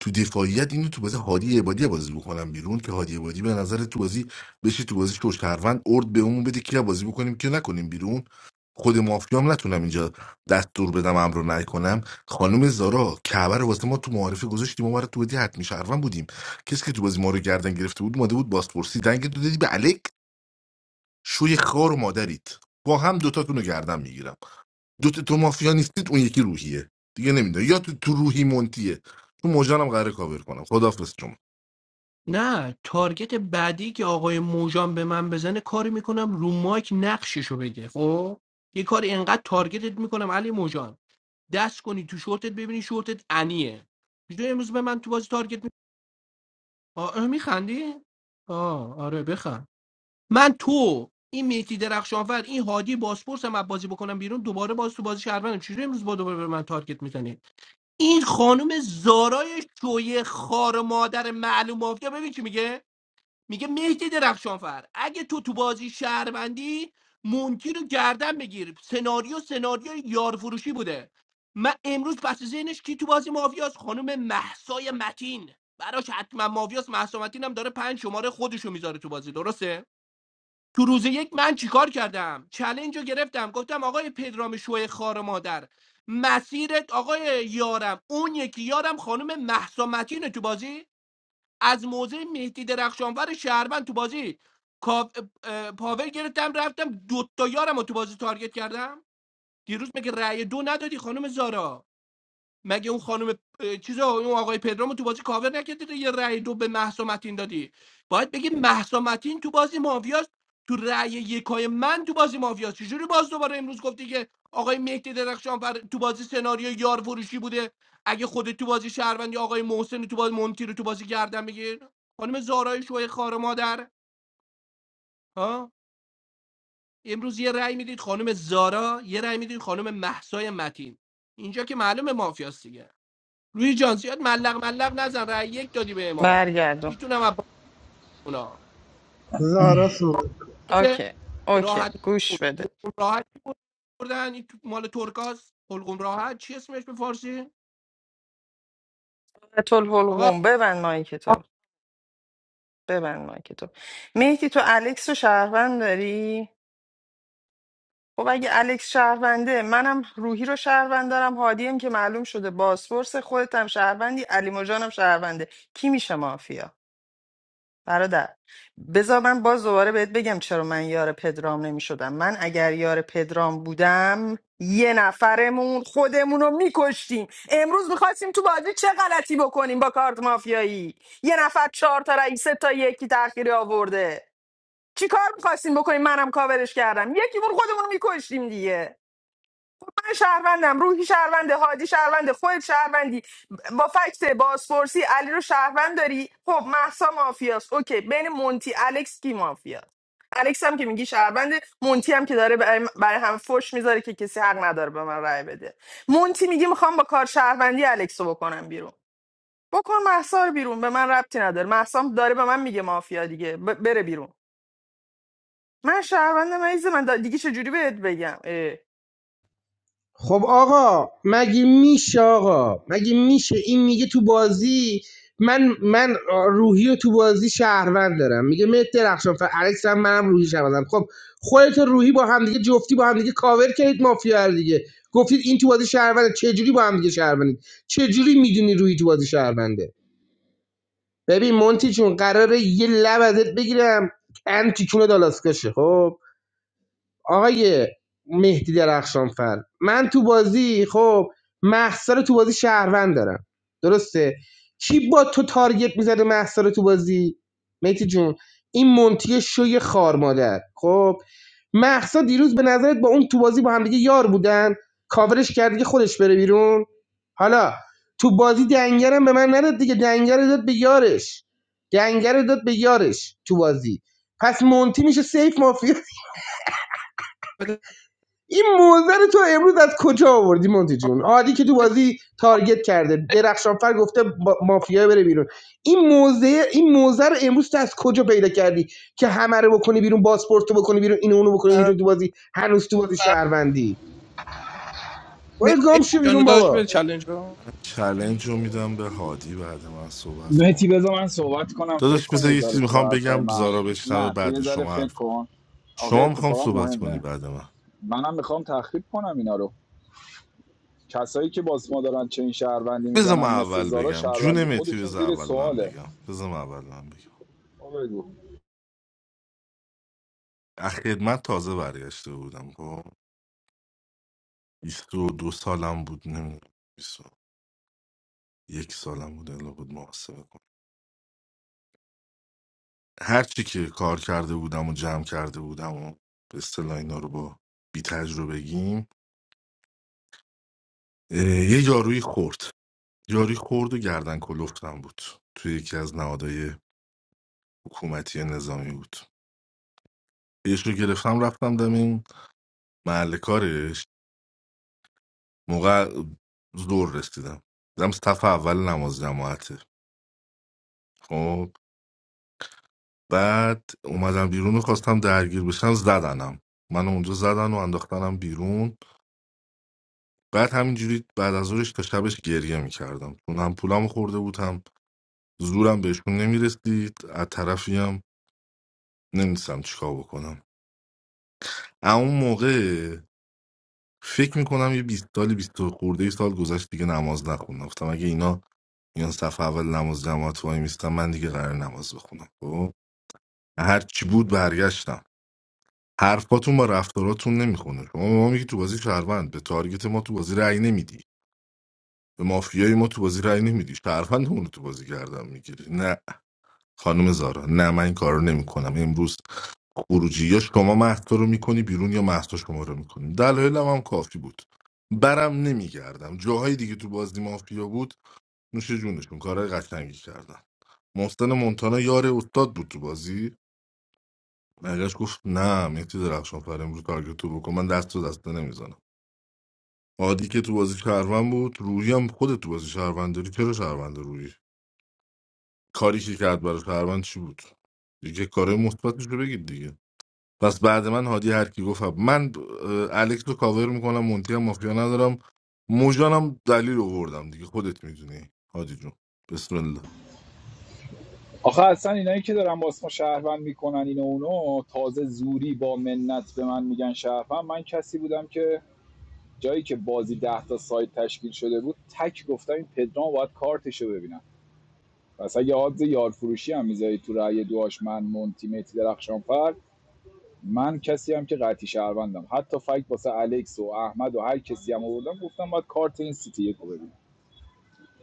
K: تو دفاعیت اینو تو بازی هادی عبادی بازی بکنم بیرون که هادی عبادی به نظر تو بازی بشه تو بازی شو شهروند ارد به اون بده که بازی بکنیم که نکنیم بیرون خود مافیام نتونم اینجا دستور بدم امر رو نکنم خانم زارا کعبه رو واسه ما تو معارفه گذاشتیم ما رو تو بازی حتمی شهروند بودیم کسی که تو بازی ما رو گردن گرفته بود ماده بود بازپرسی دنگ تو دادی به الک شوی خار و مادرید با هم دوتاتون رو گردن میگیرم دو تا تو مافیا نیستید اون یکی روحیه دیگه نمیدونم یا تو تو روحی مونتیه تو موجانم قراره کاور کنم خدافظ شما
L: نه تارگت بعدی که آقای موجان به من بزنه کاری میکنم رو مایک نقششو بگه خب یه کاری انقدر تارگتت میکنم علی موجان دست کنی تو شورتت ببینی شورتت انیه بیدو امروز به من تو بازی تارگت می آه اه، میخندی؟ آه آره بخند من تو این میتی درخشانفر این هادی باسپورس هم از بازی بکنم بیرون دوباره باز تو بازی شهروندم چجوری امروز با دوباره به من تارگت میزنی این خانم زارای شوی خار مادر معلوم مافیا ببین چی میگه میگه مهدی درخشانفر اگه تو تو بازی شهروندی مونتی رو گردن بگیر سناریو سناریو یارفروشی بوده من امروز پس ذهنش کی تو بازی مافیاس خانم محسای متین براش حتما مافیاس محسا متین هم داره پنج شماره خودشو میذاره تو بازی درسته تو روز یک من چیکار کردم چلنج رو گرفتم گفتم آقای پدرام شوی خار مادر مسیرت آقای یارم اون یکی یارم خانم محسا متینه تو بازی از موضع مهدی درخشانور شهروند تو بازی کا- اه، پاور گرفتم رفتم دوتا یارم رو تو بازی تارگت کردم دیروز مگه رأی دو ندادی خانم زارا مگه اون خانم اه، چیزا اون آقای پدرامو تو بازی کاور نکردی یه رأی دو به مهسا متین دادی باید بگی مهسا متین تو بازی مافیاست تو رأی یکای من تو بازی مافیاست چجوری باز دوباره امروز گفتی که آقای مهدی درخشانفر تو بازی سناریو یار فروشی بوده اگه خودت تو بازی شهروندی آقای محسن تو بازی مونتی رو تو بازی گردن بگیر خانم زارای شوی خار مادر ها امروز یه رأی میدید خانم زارا یه رأی میدید خانم مهسای متین اینجا که معلومه مافیاست دیگه روی جان زیاد ملق ملق نزن رای یک دادی به ما
B: برگردون
L: میتونم از اونا
M: زارا سو
L: مثل
B: اوکی اوکی
L: راحت
B: گوش
L: حلقوم
B: بده
L: راحت بردن این مال ترکاس حلقوم راحت چی اسمش به فارسی
B: تول
L: آقا
B: حلقوم ببند مایک تو ببند مایک تو مهدی تو الکس رو شهروند داری خب اگه الکس شهرونده منم روحی رو شهروند دارم هادیم که معلوم شده بازپرس خودت هم شهروندی علی مجانم شهرونده کی میشه مافیا برادر بذار من باز دوباره بهت بگم چرا من یار پدرام نمی شدم من اگر یار پدرام بودم یه نفرمون خودمون رو میکشتیم امروز میخواستیم تو بازی چه غلطی بکنیم با کارت مافیایی یه نفر چهار تا رئیس سه تا یکی تأخیری آورده چی کار میخواستیم بکنیم منم کاورش کردم یکی بر خودمون رو میکشتیم دیگه من شهروندم روحی شهرونده هادی شهرونده خود شهروندی با فکت بازپرسی علی رو شهروند داری خب محسا مافیاست اوکی بین مونتی الکس کی مافیاست الکس هم که میگی شهرونده مونتی هم که داره برای برای هم فوش میذاره که کسی حق نداره به من رأی بده مونتی میگی میخوام با کار شهروندی الکس رو بکنم بیرون بکن محسا رو بیرون به من ربطی نداره محسا هم داره به من میگه مافیا دیگه ب- بره بیرون من شهروندم عزیز من دا- دیگه چه جوری بهت بگم اه.
M: خب آقا مگه میشه آقا مگه میشه این میگه تو بازی من من روحی رو تو بازی شهروند دارم میگه مت درخشان فر الکس هم منم روحی شهروندم خب خودت و روحی با هم دیگه جفتی با هم دیگه کاور کردید مافیا رو دیگه گفتید این تو بازی شهرونده چه جوری با هم دیگه شهروندید چه جوری میدونی روحی تو بازی شهرونده ببین مونتی چون قراره یه لب ازت بگیرم ان تیکونه دالاسکاشه خب آقای مهدی درخشانفر من تو بازی خب محسا رو تو بازی شهروند دارم درسته کی با تو تارگت میزده محسا رو تو بازی مهدی جون این منتی شوی خار مادر خب محسا دیروز به نظرت با اون تو بازی با همدیگه یار بودن کاورش کرد دیگه خودش بره بیرون حالا تو بازی دنگرم به من نداد دیگه دنگر رو داد به یارش دنگر رو داد به یارش تو بازی پس مونتی میشه سیف مافیا
L: بده
M: این موزر تو امروز از کجا آوردی مونتی جون عادی که تو بازی تارگت کرده درخشانفر گفته مافیا بره بیرون این موزه این موزر امروز تو از کجا پیدا کردی که همه رو بکنی بیرون پاسپورت رو بکنی بیرون اینو اونو بکنی بیرون تو بازی هنوز تو بازی شهروندی
L: م-
M: برو
L: م-
M: گم شو
L: جانو
M: بیرون
L: داشت بده
M: بابا
L: چلنج رو
K: چلنج رو میدم به هادی بعد من صحبت کن
C: مهتی بذار من صحبت کنم فکر
K: داداش
C: کن
K: بذار
C: یه
K: یه
C: ذره
K: چیزی
C: تو به
K: میخوام
C: حرفای
K: بگم
C: من
K: زارا بشنوه
C: نه تو یه
K: بعد
C: ذره
K: شما
C: فکر
K: حرف
C: کن آقا
K: شما میخوام
C: اتفاقا
K: صحبت کنی
C: مهمه
K: بعد من
C: منم میخوام تخریب کنم اینا رو کسایی که باز ما دارن چه این شهروندی
K: بذار من
C: میزنن مثل
K: اول
C: زارا
K: بگم جون
C: شهروندی
K: متی
C: خودشون
K: بذار
C: زیر
K: اول من
C: سواله
K: بگم بذار من اول من بگم
C: آقا بگو.
K: از خدمت تازه برگشته بودم خب 22 سالم بود نمیدونم بیست و یک سالم بود الا بود محاسبه کنم. هر چی که کار کرده بودم و جمع کرده بودم و به اصطلاح اینا رو با بی تجربگیم اه، یه یارویی خورد یارویی خورد و گردن کلفتم بود توی یکی از نهادهای حکومتی نظامی بود یش رو گرفتم رفتم دم این محل کارش موقع زور رسیدم دیدم صف اول نماز جماعته خب بعد اومدم بیرون و خواستم درگیر بشم زدنم من اونجا زدن و انداختنم بیرون بعد همینجوری بعد از ظهرش تا شبش گریه میکردم چون هم پولم خورده بود هم زورم بهشون نمیرسید از طرفی هم نمیدونستم چیکار بکنم اما اون موقع فکر میکنم یه 20 سالی 20 خورده ای سال گذشت دیگه نماز نخوندم گفتم اگه اینا اینا صفحه اول نماز جماعت وای میستم من دیگه قرار نماز بخونم خب هر چی بود برگشتم حرفاتون با رفتاراتون نمیخونه شما به ما میگی تو بازی شهروند به تارگت ما تو بازی رأی نمیدی به مافیای ما تو بازی رأی نمیدی شهروندمون رو تو بازی گردم میگیری نه خانم زارا نه من این کارو نمیکنم امروز خروجی یا شما مهسا رو میکنی بیرون یا مهسا شما رو میکنیم دلایلم هم کافی بود برم نمیگردم جاهای دیگه تو بازی مافیا بود نوش جونشون کارهای قشنگی کردن محسن مونتانا یار استاد بود تو بازی برگشت گفت نه مهدی درخشان فر امروز تارگت تو بکن من دست تو دسته نمیزنم عادی که تو بازی شهروند بود روحی هم خود تو بازی شهروند داری چرا شهروند روحی کاری که کرد برای شهروند چی بود دیگه کارهای مثبتش رو بگید دیگه پس بعد من هادی هر کی گفت من اه، الکس رو کاور میکنم مونتی هم مافیا ندارم موجانم دلیل آوردم دیگه خودت میدونی هادی جون بسم الله
C: آخه اصلا اینایی که دارن باز ما شهروند میکنن اینو اونو تازه زوری با منت به من میگن شهروند من کسی بودم که جایی که بازی ده تا سایت تشکیل شده بود تک گفتم این پدرام باید کارتشو ببینم پس اگه آدز یارفروشی فروشی هم میذاری تو رأی دعاش من مونتی متی درخشانفر من کسی هم که قطعی شهروندم حتی فکت واسه الکس و احمد و هر کسی هم آوردم گفتم باید کارت این سیتی یک رو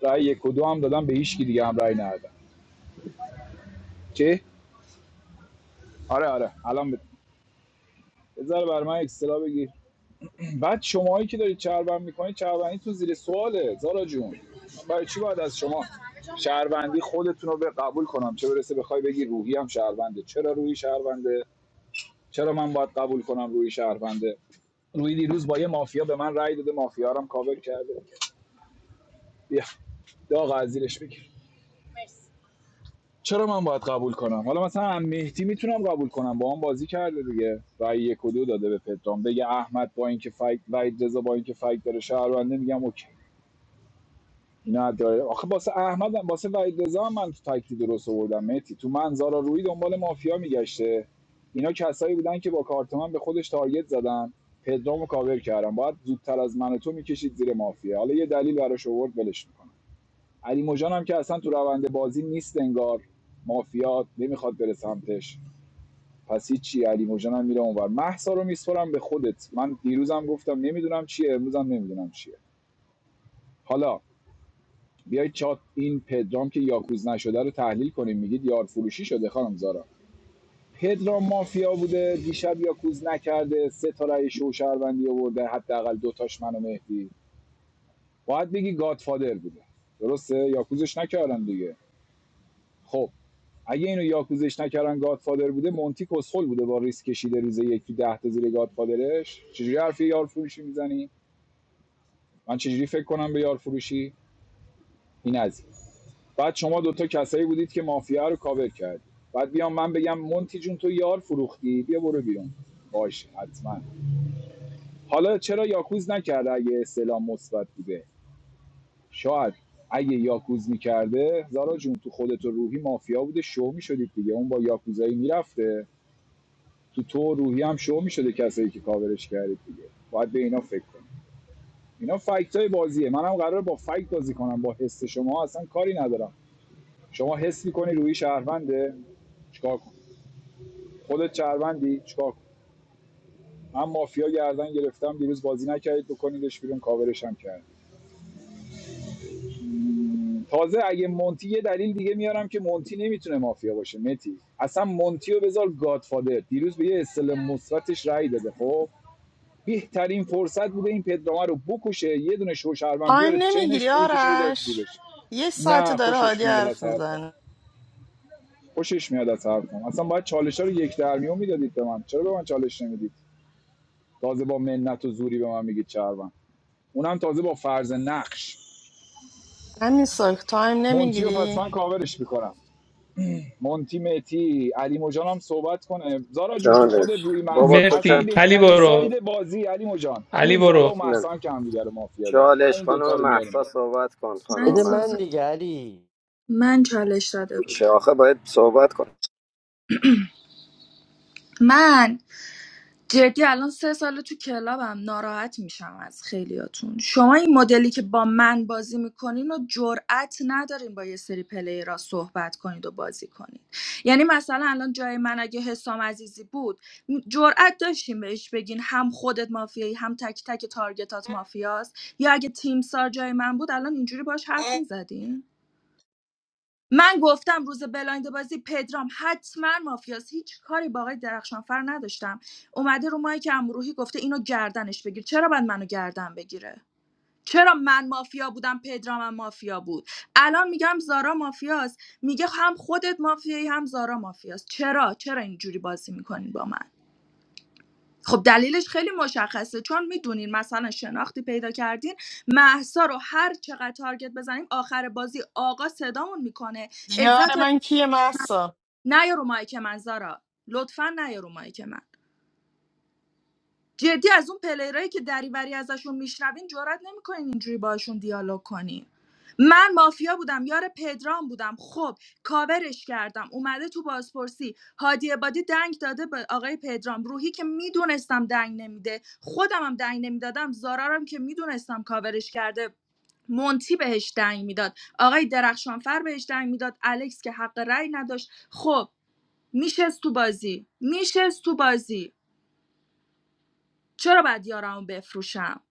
C: رأی یک و دو هم دادم به هیچ کی دیگه هم رأی ندادم چه آره آره الان بت... بذار بر من اکسترا بگیر بعد شماهایی که دارید چربند میکنید چربندی تو زیر سواله زارا جون برای چی باید از شما شهروندی خودتون رو به قبول کنم چه برسه بخوای بگی روحی هم شهرونده چرا روحی شهرونده چرا من باید قبول کنم روی شهرونده روی دیروز با یه مافیا به من رأی داده مافیا رو هم کاور کرده بیا داغ از زیرش بگیر چرا من باید قبول کنم حالا مثلا هم مهدی میتونم قبول کنم با هم بازی کرده دیگه رأی یک و دو داده به پدرام بگه احمد با اینکه فایت وید رضا با اینکه فایت داره شهرونده میگم اوکی نه داره آخه واسه احمد هم- واسه وحید رضا هم من تو تکتی درست آوردم متی تو من روی دنبال مافیا میگشته اینا کسایی بودن که با کارت من به خودش تارگت زدن پدرامو کاور کردم باید زودتر از من و تو میکشید زیر مافیا حالا یه دلیل براش آورد ولش میکنم علی مجان هم که اصلا تو روند بازی نیست انگار مافیا نمیخواد بره سمتش پس چی علی مجان هم میره اونور محسا رو میسپرم به خودت من دیروزم گفتم نمیدونم چیه امروزم نمیدونم چیه حالا بیایید چات این پدرام که یاکوز نشده رو تحلیل کنیم میگید یار فروشی شده خانم زارا پدرام مافیا بوده دیشب یاکوز نکرده سه تا رأی شو شهروندی آورده حداقل دوتاش من و مهدی باید بگی گادفادر بوده درسته یاکوزش نکردن دیگه خب اگه اینو یاکوزش نکردن گادفادر بوده مونتی کسخل بوده با ریسک کشیده روز یکی ده تا زیر گادفادرش چجوری حرفی یار فروشی میزنی من چجوری فکر کنم به یار فروشی این از بعد شما دوتا کسایی بودید که مافیا رو کاور کردید بعد بیام من بگم مونتی جون تو یار فروختی بیا برو بیرون باش حتما حالا چرا یاکوز نکرده اگه استعلام مثبت بوده شاید اگه یاکوز میکرده زارا جون تو خودت و روحی مافیا بوده شو میشدید دیگه اون با یاکوزایی میرفته تو تو و روحی هم شو میشده کسایی که کاورش کردید دیگه باید به اینا فکر کنید اینا فکت های بازیه منم قراره با فکت بازی کنم با حس شما اصلا کاری ندارم شما حس میکنی روحی شهرونده چیکار کنم؟ خودت چربندی چیکار کنی؟ من مافیا گردن گرفتم دیروز بازی نکردید بکنیدش بیرون کاورش هم کرد تازه اگه مونتی یه دلیل دیگه میارم که مونتی نمیتونه مافیا باشه متی اصلا مونتی رو بذار گادفادر دیروز به یه اصطلاح مثبتش رأی داده خب بهترین فرصت بوده این پدرامه رو بکشه یه دونه شوشربن
B: تایم
C: بیاره تو
B: نمیگیری
C: چینش پوینتش رو بذاره تو
B: آرش
C: جیبش
B: یه ساعت
C: نه
B: داره
C: خوشش
B: هادی
C: میاد
B: حرف
C: از حرفم
B: میزنه
C: خوشش میاد از حرفم اصلا باید چالش رو یک درمیون میدادید به من چرا به من چالش نمیدید تازه با منت و زوری به من میگید چربن اونم تازه با فرض نقش
B: همین ساک تایم
C: مونتی رو پس
B: نمیگیری
C: من کاورش میکنم مونتی متی علی مجان هم صحبت کنه زارا جون تو خودت
F: چالش
C: روی محس
F: بابا تو
C: اصلا
F: که
E: مرسی علی
C: بهترین ساید
E: برو
C: بازی علی مجان
E: علی
C: همین زارا
E: برو
C: و
F: من
C: محسا هم که همدیگه رو مافیا دارن
F: چالش
C: همین
F: خانم
C: دوتا رو میاریم
F: محسا
C: بالا
F: صحبت کن
Q: من
F: خانم
A: بده من
F: محسا
Q: صحبت
A: دیگه علی
Q: من چالش داده
F: چه
Q: بودم
F: آخه باید صحبت کن
Q: من جدی الان سه ساله تو کلابم ناراحت میشم از خیلیاتون شما این مدلی که با من بازی میکنین و جرأت ندارین با یه سری پلیرا صحبت کنید و بازی کنید یعنی مثلا الان جای من اگه حسام عزیزی بود جرأت داشتیم بهش بگین هم خودت مافیایی هم تک تک تارگتات مافیاست یا اگه تیم سار جای من بود الان اینجوری باش حرف میزدین من گفتم روز بلایند بازی پدرام حتما مافیاست هیچ کاری با آقای درخشانفر نداشتم اومده رو مایک امروحی گفته اینو گردنش بگیر چرا باید منو گردن بگیره چرا من مافیا بودم پدرامم مافیا بود الان میگم زارا مافیاست میگه هم خودت مافیایی هم زارا مافیاست چرا چرا اینجوری بازی میکنین با من خب دلیلش خیلی مشخصه چون میدونین مثلا شناختی پیدا کردین محسا رو هر چقدر تارگت بزنیم آخر بازی آقا صدامون میکنه
B: یار
Q: عزت و
B: من کیه محسا
Q: نه رو مایک من زارا لطفا نه رو مایک من جدی از اون پلیرایی که دریوری ازشون میشنوین جرئت نمیکنین اینجوری باشون دیالوگ کنین من مافیا بودم یار پدرام بودم خب کاورش کردم اومده تو بازپرسی هادی عبادی دنگ داده به آقای پدرام روحی که میدونستم دنگ نمیده خودم هم دنگ نمیدادم زارارم که میدونستم کاورش کرده مونتی بهش دنگ میداد آقای درخشانفر بهش دنگ میداد الکس که حق رأی نداشت خب میشست تو بازی میشست تو بازی چرا باید یارمو بفروشم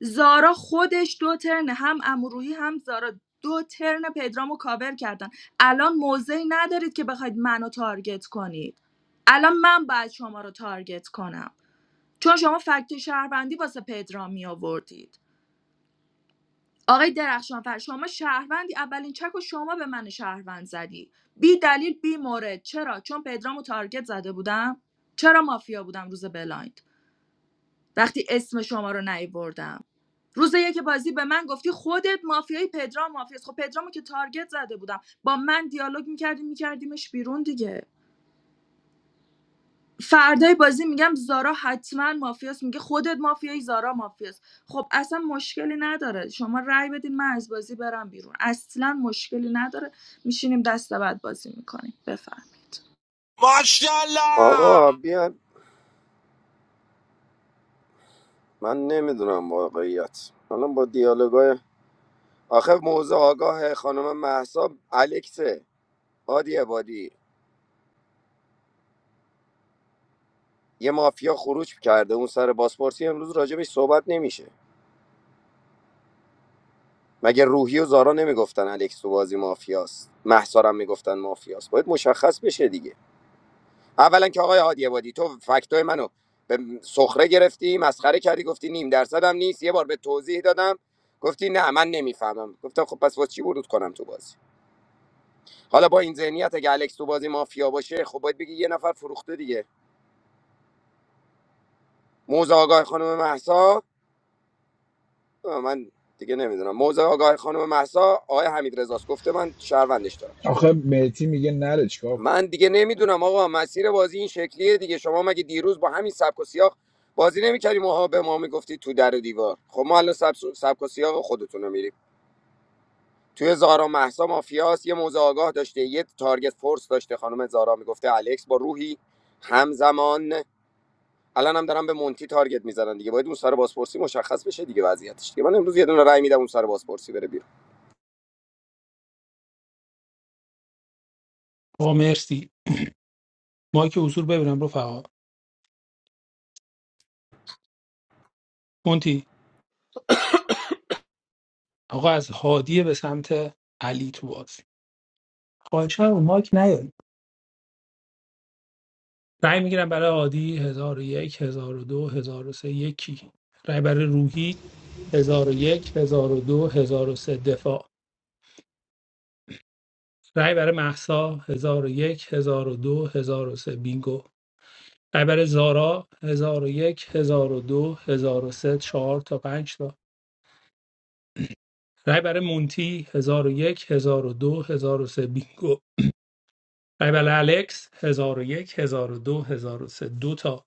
Q: زارا خودش دو ترن هم امروحی هم زارا دو ترن پدرامو کاور کردن الان موضعی ندارید که بخواید منو تارگت کنید الان من باید شما رو تارگت کنم چون شما فکت شهروندی واسه پدرام می آوردید آقای درخشانفر شما شهروندی اولین چک و شما به من شهروند زدی بی دلیل بی مورد چرا چون پدرامو تارگت زده بودم چرا مافیا بودم روز بلاین وقتی اسم شما رو نیاوردم روز یک بازی به من گفتی خودت مافیای پدرام مافیاست خب پدرامو که تارگت زده بودم با من دیالوگ میکردی میکردیمش بیرون دیگه فردای بازی میگم زارا حتما مافیاست میگه خودت مافیایی زارا مافیاست خب اصلا مشکلی نداره شما رأی بدین من از بازی برم بیرون اصلا مشکلی نداره میشینیم دست بعد بازی میکنیم بفهم
F: آقا
X: ماشاءالله
F: بیا من نمیدونم واقعیت حالا با دیالوگای آخه موضوع آگاه خانم محسا الکسه هادی عبادی یه مافیا خروج کرده اون سر بازپرسی امروز راجبش صحبت نمیشه مگه روحی و زارا نمیگفتن الکس تو بازی مافیاست محسا رو هم میگفتن مافیاست باید مشخص بشه دیگه اولا که آقای هادی عبادی تو فکتای منو به سخره گرفتی مسخره کردی گفتی نیم درصدم نیست یه بار به توضیح دادم گفتی نه من نمیفهمم گفتم خب پس واسه چی ورود کنم تو بازی حالا با این ذهنیت اگه الکس تو بازی مافیا باشه خب باید بگی یه نفر فروخته دیگه موزه آگاه خانم محسا من دیگه نمیدونم موزه آگاه خانم محسا آقای حمید رزاست گفته من شهروندش دارم
C: آخه مهتی میگه نره چیکار کنم؟
F: من دیگه نمیدونم آقا مسیر بازی این شکلیه دیگه شما مگه دیروز با همین سبک و سیاق بازی نمیکردیم ما به ما میگفتی تو در و دیوار خب ما الان سبس- سبک و سیاق خودتون رو میریم توی زارا محسا مافیاس یه موزه آگاه داشته یه تارگت فورس داشته خانم زارا میگفته الکس با روحی همزمان الان هم دارن به مونتی تارگت میزنن دیگه باید اون سر بازپرسی مشخص بشه دیگه وضعیتش دیگه من امروز یه دونه رای میدم اون سر بازپرسی بره بیرون
E: آقا مرسی ما که حضور ببینم رفقا مونتی آقا از هادیه به سمت علی تو بازی خواهشاً رو مایک نیاین رأی میگیرم برای هادی 1001 1002 1003 یکی رأی برای روحی 1001 1002 1003 دفاع رأی برای مهسا 1001 1002 1003 بینگو رأی برای زارا 1001 1002 1003 4 تا پنج تا رأی برای مونتی 1001 1002 1003 بینگو رأی برای الکس 1001 1002 1003 دو هزار و سه. دو تا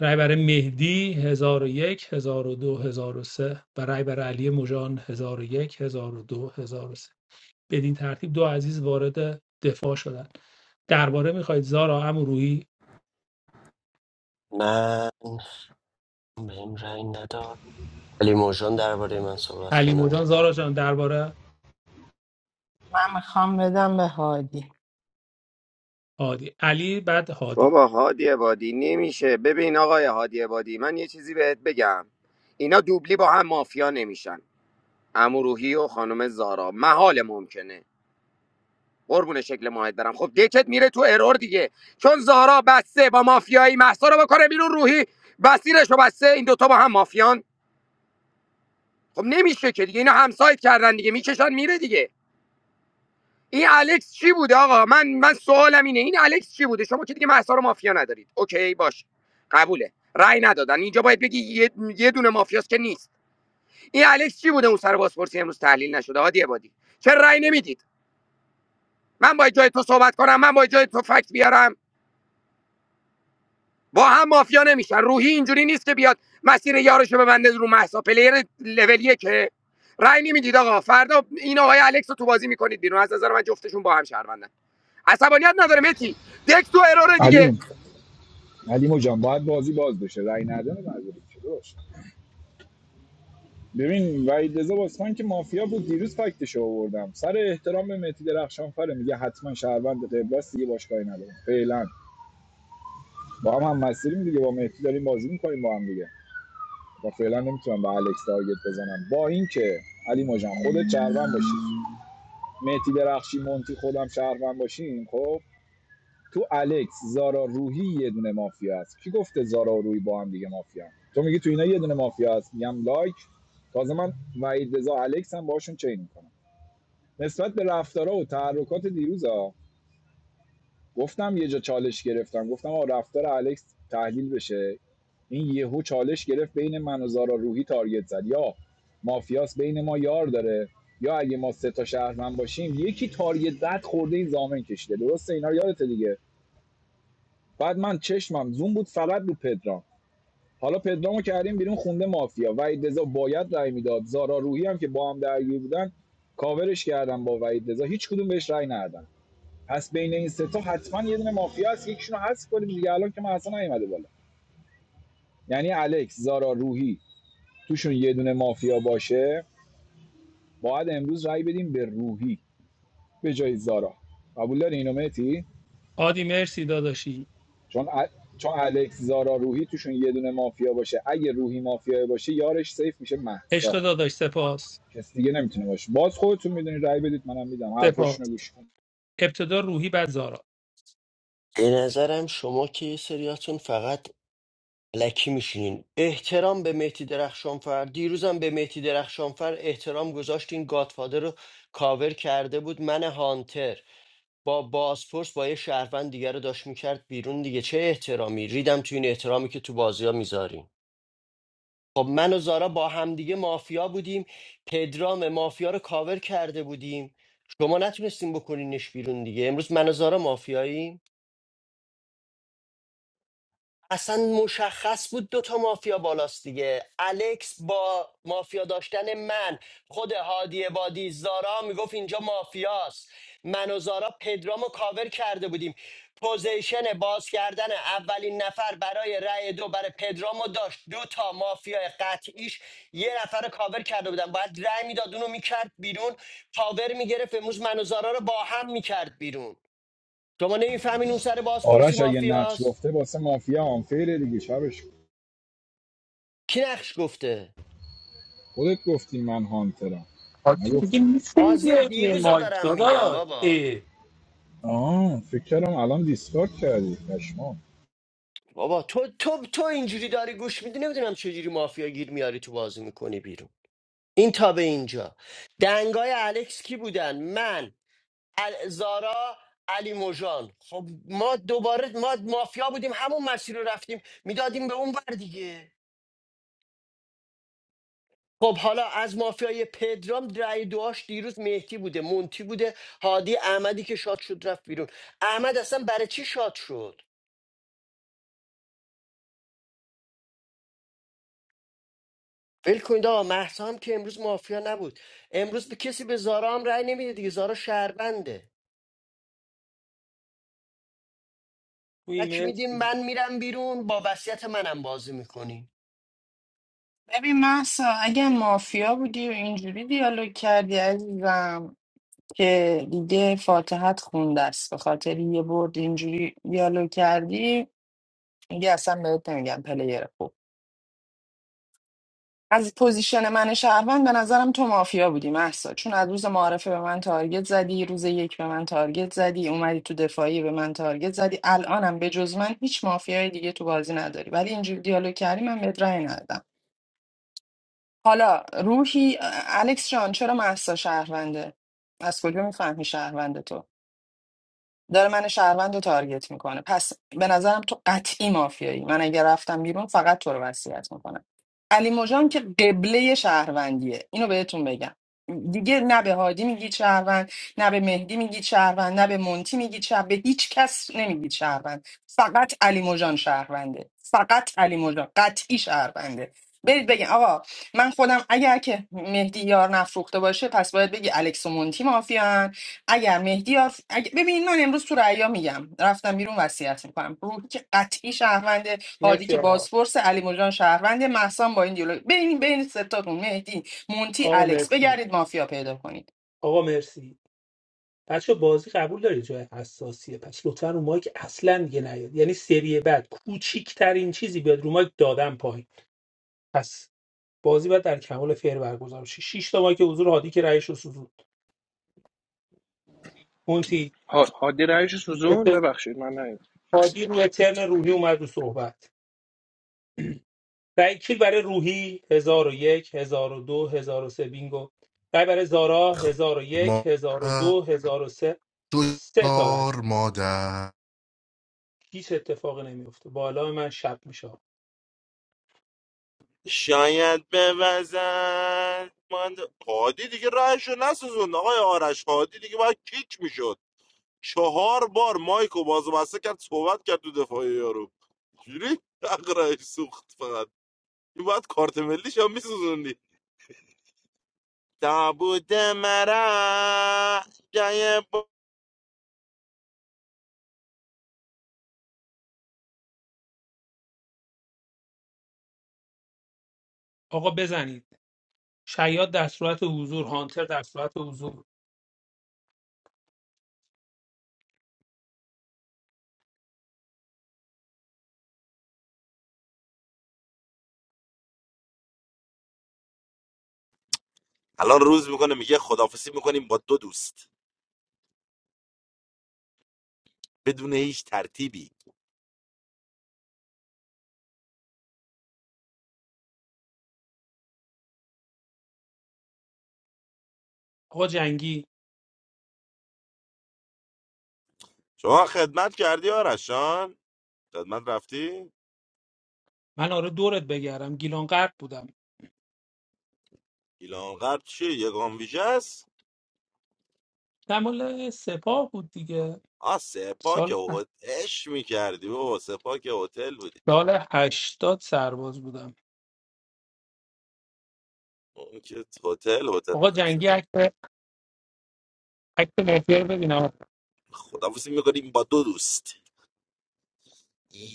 E: رای برای مهدی هزار و یک هزار و دو هزار و سه و رای برای علی مژان هزار 1002 1003 بدین ترتیب دو عزیز وارد دفاع شدند درباره میخواید زارا امرویی
A: من بهم رأی نداد علی مرجان درباره من صحبت
E: علی مژان
A: کنه
E: زارا جان درباره
B: من میخوام بدم به هادی
E: هادی علی بعد هادی
F: بابا هادی عبادی نمیشه ببین آقای هادی عبادی من یه چیزی بهت بگم اینا دوبلی با هم مافیا نمیشن عمو روحی و خانم زارا محال ممکنه قربون شکل ماهت برم خب دکت میره تو ارور دیگه چون زارا بسته با مافیایی محسا رو بکنه بیرون روحی بسیرش رو بسته این دوتا با هم مافیان خب نمیشه که دیگه اینا همسایت کردن دیگه میکشن میره دیگه این الکس چی بوده آقا من من سوالم اینه این الکس چی بوده شما که دیگه مهسا رو مافیا ندارید اوکی باش قبوله رأی ندادن اینجا باید بگی یه, یه دونه مافیاست که نیست این الکس چی بوده اون سر بازپرسی امروز تحلیل نشده هادی بادی چه رأی نمیدید من باید جای تو صحبت کنم من باید جای تو فکت بیارم با هم مافیا نمیشن روحی اینجوری نیست که بیاد مسیر یارشو ببنده رو محسا پلیر لول که رای نمیدید آقا فردا این آقای الکس رو تو بازی میکنید بیرون از نظر من جفتشون با هم شهروندن عصبانیت نداره متی دک تو اراره دیگه
C: علی علی جان باید بازی باز بشه رأی نداره مجبوری که درست. ببین وحید رضا بازیکن که مافیا بود دیروز فکتش رو آوردم سر احترام به مهدی درخشان فره میگه حتما شهروند قبل دیگه باش کاری ندارم فعلا با هم هم مسیریم دیگه با مهدی داریم بازی میکنیم با هم دیگه و فعلا نمیتونم به الکس تارگت بزنم با اینکه علی ماجان خودت شهروند باشی مهدی درخشی مونتی خودم شهروند باشیم خب تو الکس زارا روحی یه دونه مافیا هست کی گفته زارا و روحی با هم دیگه مافیا تو میگی تو اینا یه دونه مافیا هست میگم لایک تازه من وحید رضا الکس هم باشون چین می‌کنم. نسبت به رفتارها و تحرکات دیروزا گفتم یه جا چالش گرفتم گفتم آ رفتار الکس تحلیل بشه این یهو چالش گرفت بین من و زارا روحی تارگت زد یا مافیاس بین ما یار داره یا اگه ما سه تا شهروند باشیم یکی تارگت زد خورده این زامن کشیده درسته اینا رو یادته دیگه بعد من چشمم زوم بود فقط رو پدرام حالا پدرامو کردیم بیرون خونده مافیا وحید رضا باید رأی میداد زارا روحی هم که با هم درگیر بودن کاورش کردم با وحید رضا هیچ کدوم بهش رأی ندادن پس بین این سه تا حتما یه دونه مافیا هست یکیشون رو حذف کنیم دیگه الان که من اصلا نیومده بالا یعنی الکس زارا روحی توشون یه دونه مافیا باشه باید امروز رای بدیم به روحی به جای زارا قبول داری اینو مهدی؟
E: هادی مرسی داداشی
C: چون ا... چون الکس زارا روحی توشون یه دونه مافیا باشه اگه روحی مافیا باشه یارش سیف میشه محسا
E: عشق داداش سپاس
C: کسی دیگه نمیتونه باشه باز خودتون میدونید رای بدید منم میدم
E: سپاس
C: حرفاشونو گوش کن
E: ابتدا روحی بعد زارا
A: به نظرم شما که یه سریاتون فقط لکی میشینین احترام به مهدی درخشانفر دیروزم به مهدی درخشانفر احترام گذاشتین گادفادر رو کاور کرده بود من هانتر با بازپرس با یه شهروند دیگه رو داشت میکرد بیرون دیگه چه احترامی ریدم تو این احترامی که تو بازی ها میذاریم خب من و زارا با همدیگه مافیا بودیم پدرام مافیا رو کاور کرده بودیم شما نتونستیم بکنینش بیرون دیگه امروز من و زارا مافیاییم اصلا مشخص بود دو تا مافیا بالاست دیگه الکس با مافیا داشتن من خود هادی بادی زارا میگفت اینجا مافیاست من و زارا پدرام کاور کرده بودیم پوزیشن باز کردن اولین نفر برای رأی دو برای پدرامو رو داشت دو تا مافیا قطعیش یه نفر رو کاور کرده بودن باید رأی میداد اونو میکرد بیرون کاور میگرفت امروز من و زارا رو با هم میکرد بیرون شما نمیفهمین اون سر بازپرسی
C: آرش اگه نقش
A: مافیاست
C: گفته واسه مافیا آنفیره دیگه شبش
A: کی نقش گفته
C: خودت گفتی من هانترم
E: هادی
C: نگفتی
E: دیگه میتونی
A: بازی
E: بیای روی
A: دیروز رو
E: مایک
A: دارم میگم
E: داداش
A: بابا
E: ای
C: آه فکر کردم الان دیسکارد کردی پشمام
A: بابا تو تو تو اینجوری داری گوش میدی نمیدونم چجوری مافیا گیر میاری تو بازی میکنی بیرون این تا به اینجا دنگای الکس کی بودن من ال... زارا علی موجان خب ما دوباره ما مافیا بودیم همون مسیر رو رفتیم میدادیم به اون بر دیگه خب حالا از مافیای پدرام رای دواش دیروز مهدی بوده مونتی بوده هادی احمدی که شاد شد رفت بیرون احمد اصلا برای چی شاد شد ول کنید آقا مهسا هم که امروز مافیا نبود امروز به کسی به زارا هم رأی نمیده دیگه زارا شهربنده
E: روی
A: تک میدین
E: مرسی
A: من میرم بیرون با وصیت منم بازی میکنین
B: ببین محسا اگه مافیا بودی و اینجوری دیالوگ کردی عزیزم که دیگه فاتحت خونده است به خاطر یه برد اینجوری دیالوگ کردی دیگه اصلا بهت نمیگم پلیر خوب. از پوزیشن من شهروند به نظرم تو مافیا بودی محسا چون از روز معارفه به من تارگت زدی روز یک به من تارگت زدی اومدی تو دفاعی به من تارگت زدی الانم به جز من هیچ مافیای دیگه تو بازی نداری ولی اینجوری دیالوگ کردی من بهت رأی ندادم حالا روحی الکس جان چرا محسا شهرونده از کجا میفهمی شهرونده تو داره من شهروند رو تارگت میکنه پس به نظرم تو قطعی مافیایی من اگر رفتم بیرون فقط تو رو وصیت میکنم علی مژان که قبله شهروندیه اینو بهتون بگم دیگه نه به هادی میگید شهروند نه به مهدی میگید شهروند نه به مونتی میگید شهروند به هیچ کس نمیگید شهروند فقط علی مژان شهرونده فقط علی مژان قطعی شهرونده برید بگین آقا من خودم اگر که مهدی یار نفروخته باشه پس باید بگی الکس و مونتی مافیان اگر مهدی آف... اگه- ببین من امروز تو رعیا میگم رفتم بیرون وصیت میکنم روحی که قطعی شهرونده هادی
E: مرسی
B: که
E: آقا
B: بازفورس علی مجان شهرونده محسان با این دیالوگ بین بین ستاتون مهدی مونتی
E: آقا
B: الکس
E: مرسی
B: بگردید مافیا پیدا کنید
E: آقا مرسی بچه بازی قبول داری جای حساسیه پس لطفا رو مایک اصلا دیگه نیاد یعنی سری بعد کوچیکترین چیزی بیاد رو مایک دادن پایین پس بازی باید در کمال فیر برگزار شه 6 تا مایک حضور هادی که رئیس رو سوزوند مونتی
L: ها- هادی رایش سوزون ببخشید من نیدم
E: هادی روی ترن روحی اومد رو صحبت رای کیل برای روحی هزار و یک، هزار و دو، هزار و سه بینگو رای برای زارا هزار و
K: ما
E: یک، هزار و دو هزار و سه سه تا رای
K: دویار مادر
E: هیچ اتفاقی نمیفته بالا من شب میشه
X: شاید بوزد من هادی دیگه رهشو نسوزوند آقای آرش هادی دیگه باید کیک میشد چهار بار مایکو باز و بسته کرد صحبت کرد تو دفاع یارو جوری اقرای سوخت فقط این باید کارت ملیش هم میسوزوندی تابوت مرا جای ب-
E: آقا بزنید شیاد در صورت حضور هانتر در صورت حضور
X: الان روز میکنه میگه خدافسی میکنیم با دو دوست بدون هیچ ترتیبی
E: آقا جنگی
X: شما خدمت کردی آرشان خدمت رفتی
E: من آره دورت بگردم گیلان غرب بودم
X: گیلان غرب چیه یگان ویژه است
E: دمال سپاه بود دیگه
X: آ سپا که
E: سال
X: هتل اش میکردی بابا سپا که هتل بودی
E: سال هشتاد سرباز بودم
X: اون که هتل هتل
E: آقا جنگی
X: پرستون
E: عکس عکس مافیا رو ببینم
X: خدافزی میکنیم با دو دوست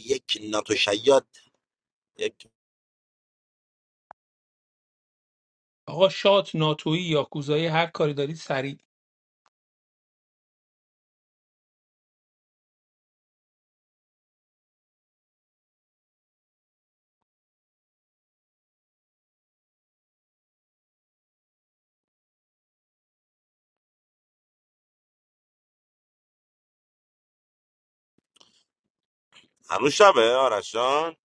X: یک ناتو شیاد یک
E: آقا شات ناتویی یا کوزایی هر کاری دارید سریع
X: هنوز شبه آرش جان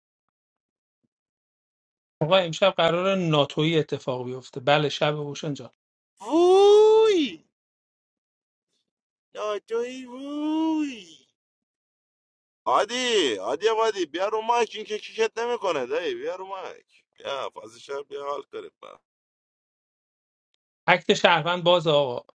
E: آقا امشب قرار ناتویی اتفاق بیفته بله شب اوشن جان
X: ووی ناتوی ووی عادی عادی عادی بیا رو مایک این که کیکت نمیکنه دایی بیا رو مایک بیا فازی شب بیا حال کنیم با.
E: اکت شهروند باز آقا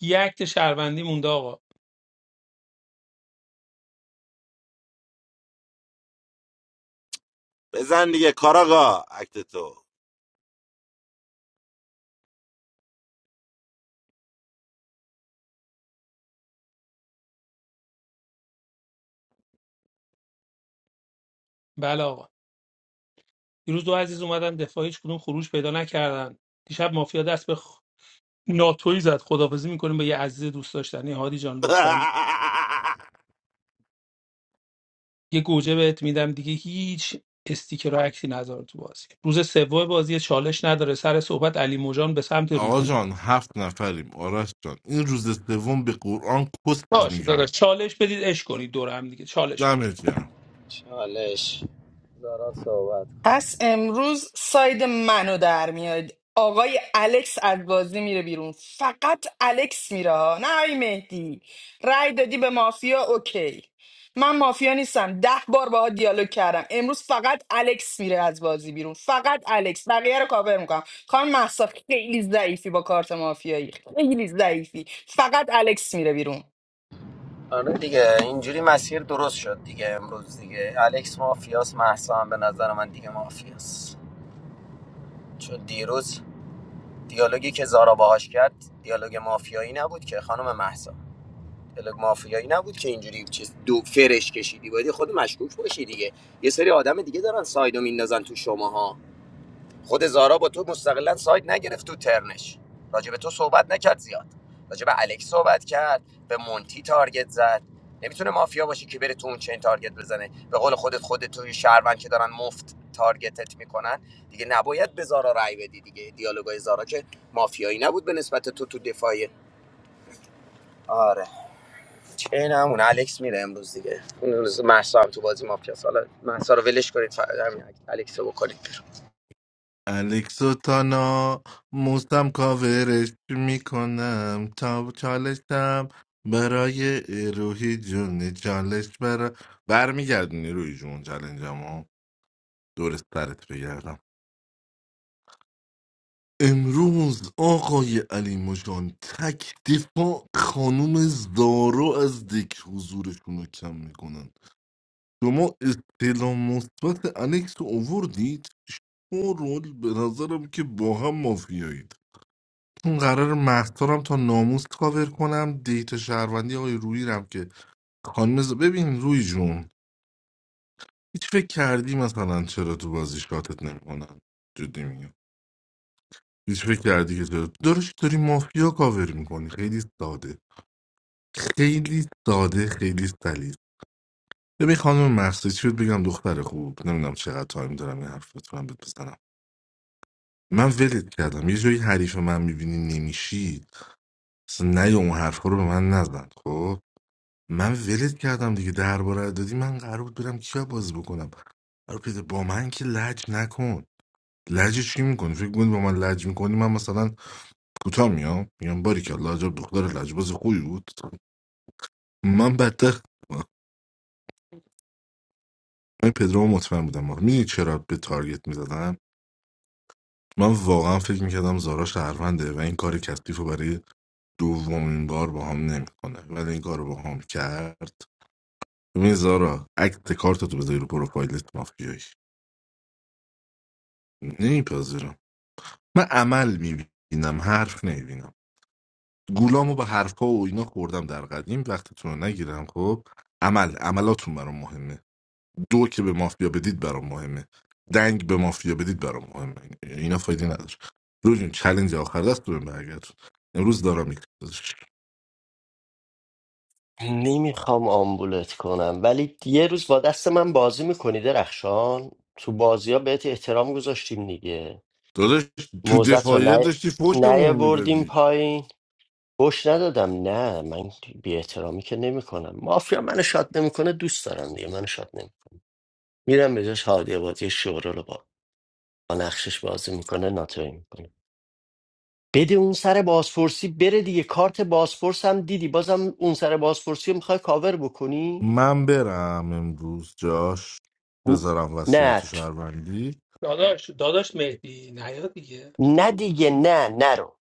E: یک اکت شهروندی مونده آقا
X: بزن دیگه کاراگا اکت تو
E: بله آقا دیروز دو عزیز اومدن دفاع هیچ کدوم خروج پیدا نکردن دیشب مافیا دست به خ... ناتوی زد خدافزی میکنیم با یه عزیز دوست داشتنی هادی جان لطفا یه گوجه بهت میدم دیگه هیچ استیکر و عکسی نذار تو بازی روز سوم بازی چالش نداره سر صحبت علی موجان به سمت رو
K: آقا جان هفت نفریم آرش جان این روز سوم به قرآن کست
E: باش داداش
K: میگن
E: چالش بدید اش کنید دور هم دیگه چالش بدید
K: دمت گرم
F: دارا صحبت
B: پس امروز ساید منو در میاد آقای الکس از بازی میره بیرون فقط الکس میره ها. نه آی مهدی رأی دادی به مافیا اوکی من مافیا نیستم ده بار باها دیالوگ کردم امروز فقط الکس میره از بازی بیرون فقط الکس بقیه رو کاور میکنم خانم محسا خیلی ضعیفی با کارت مافیایی خیلی ضعیفی فقط الکس میره بیرون
F: آره دیگه اینجوری مسیر درست شد دیگه امروز دیگه الکس مافیاس محسا هم به نظر من دیگه مافیاس چون دیروز دیالوگی که زارا باهاش کرد دیالوگ مافیایی نبود که خانم مهسا پلگ مافیایی نبود که اینجوری چیز دو فرش کشیدی باید خود مشکوک باشی دیگه یه سری آدم دیگه دارن سایدو میندازن تو شماها خود زارا با تو مستقلا ساید نگرفت تو ترنش راجع به تو صحبت نکرد زیاد راجع به الکس صحبت کرد به مونتی تارگت زد نمیتونه مافیا باشه که بره تو اون چین تارگت بزنه به قول خودت خودت توی شهروند که دارن مفت تارگتت میکنن دیگه نباید به زارا رأی بدی دیگه دیالوگای زارا که مافیایی نبود به نسبت تو تو دفاعی آره چینمون الکس میره امروز دیگه اون روز محسا هم تو بازی مافیاس حالا محسا رو ولش کنید فقط همین الکس رو بکنید
K: الکس و تانا موسم کاورش میکنم تا چالشم برای روحی جون چالش برا برمیگردونی روحی جون چالنجمو دور سرت بگردم امروز آقای علی مجان تک دفاع خانوم زارو از دک حضورشون رو کم میکنن شما استعلام مثبت الکس رو اووردید شما رول به نظرم که با هم مافیایی اون قرار مهسا تا ناموس کاور کنم دیت شهروندی آقای روی رم که خانم ز- ببین روی جون هیچ فکر کردی مثلا چرا تو بازی شاتت نمیکنن جدی میگم هیچ فکر کردی که چرا دارش داری مافیا کاور میکنی خیلی ساده خیلی ساده خیلی سلیس ببین خانم مهسا چی بهت بگم دختر خوب نمیدونم چقدر تایم دارم این حرف بتونم بهت بزنم من ولت کردم یه جایی حریف من میبینی نمیشی اصلا نه اون حرفا رو به من نزن خب من ولت کردم دیگه درباره رو دادی من قرار بود برم کیا بازی بکنم آره پیده با من که لج نکن لج چی میکنی فکر میکنی با من لج میکنی من مثلا کوتاه میام میگم باری که لاجب دختر لجباز خوبی بود من بدتر من پدرام مطمئن بودم میدونی چرا به تارگت میزدم من واقعا فکر میکردم زارا شهرونده و این کار کثیف رو برای دومین بار با هم نمیکنه ولی این کار رو با هم کرد ببین زارا عکس کارتتو بذاری رو پروفایلت مافیایی نمیپذیرم من عمل میبینم حرف نمیبینم گولامو به حرفها و اینا خوردم در قدیم وقتتون رو نگیرم خب عمل عملاتون برام مهمه دو که به مافیا بدید برام مهمه دنگ به مافیا بدید برام مهمه اینا فایده نداره روز جون چلنج آخر دست بهم برگردون امروز دارم میکنم
A: نمیخوام آمبولت کنم ولی یه روز با دست من بازی میکنی درخشان تو بازی ها بهت احترام گذاشتیم دیگه
K: داداش تو
A: موزت رو
K: دفاعیت
A: نه
K: داشتی فوشمون
A: نیاوردیم
K: میدادی
A: پایین گوش ندادم نه من بی احترامی که نمیکنم مافیا منو شاد نمیکنه دوست دارم دیگه منو شاد نمی میرم به جاش هادی آبادی شورا رو با نقشش بازی میکنه ناتوی میکنه بده اون سر بازپرسی بره دیگه کارت بازپرس هم دیدی بازم اون سر بازپرسی رو میخوای کاور بکنی
K: من برم امروز جاش
A: ن-
K: بذارم
A: نه
K: وصیت و
A: ت-
K: شهروندی
E: داداش داداش مهدی نیاد دیگه
A: نه دیگه نه نرو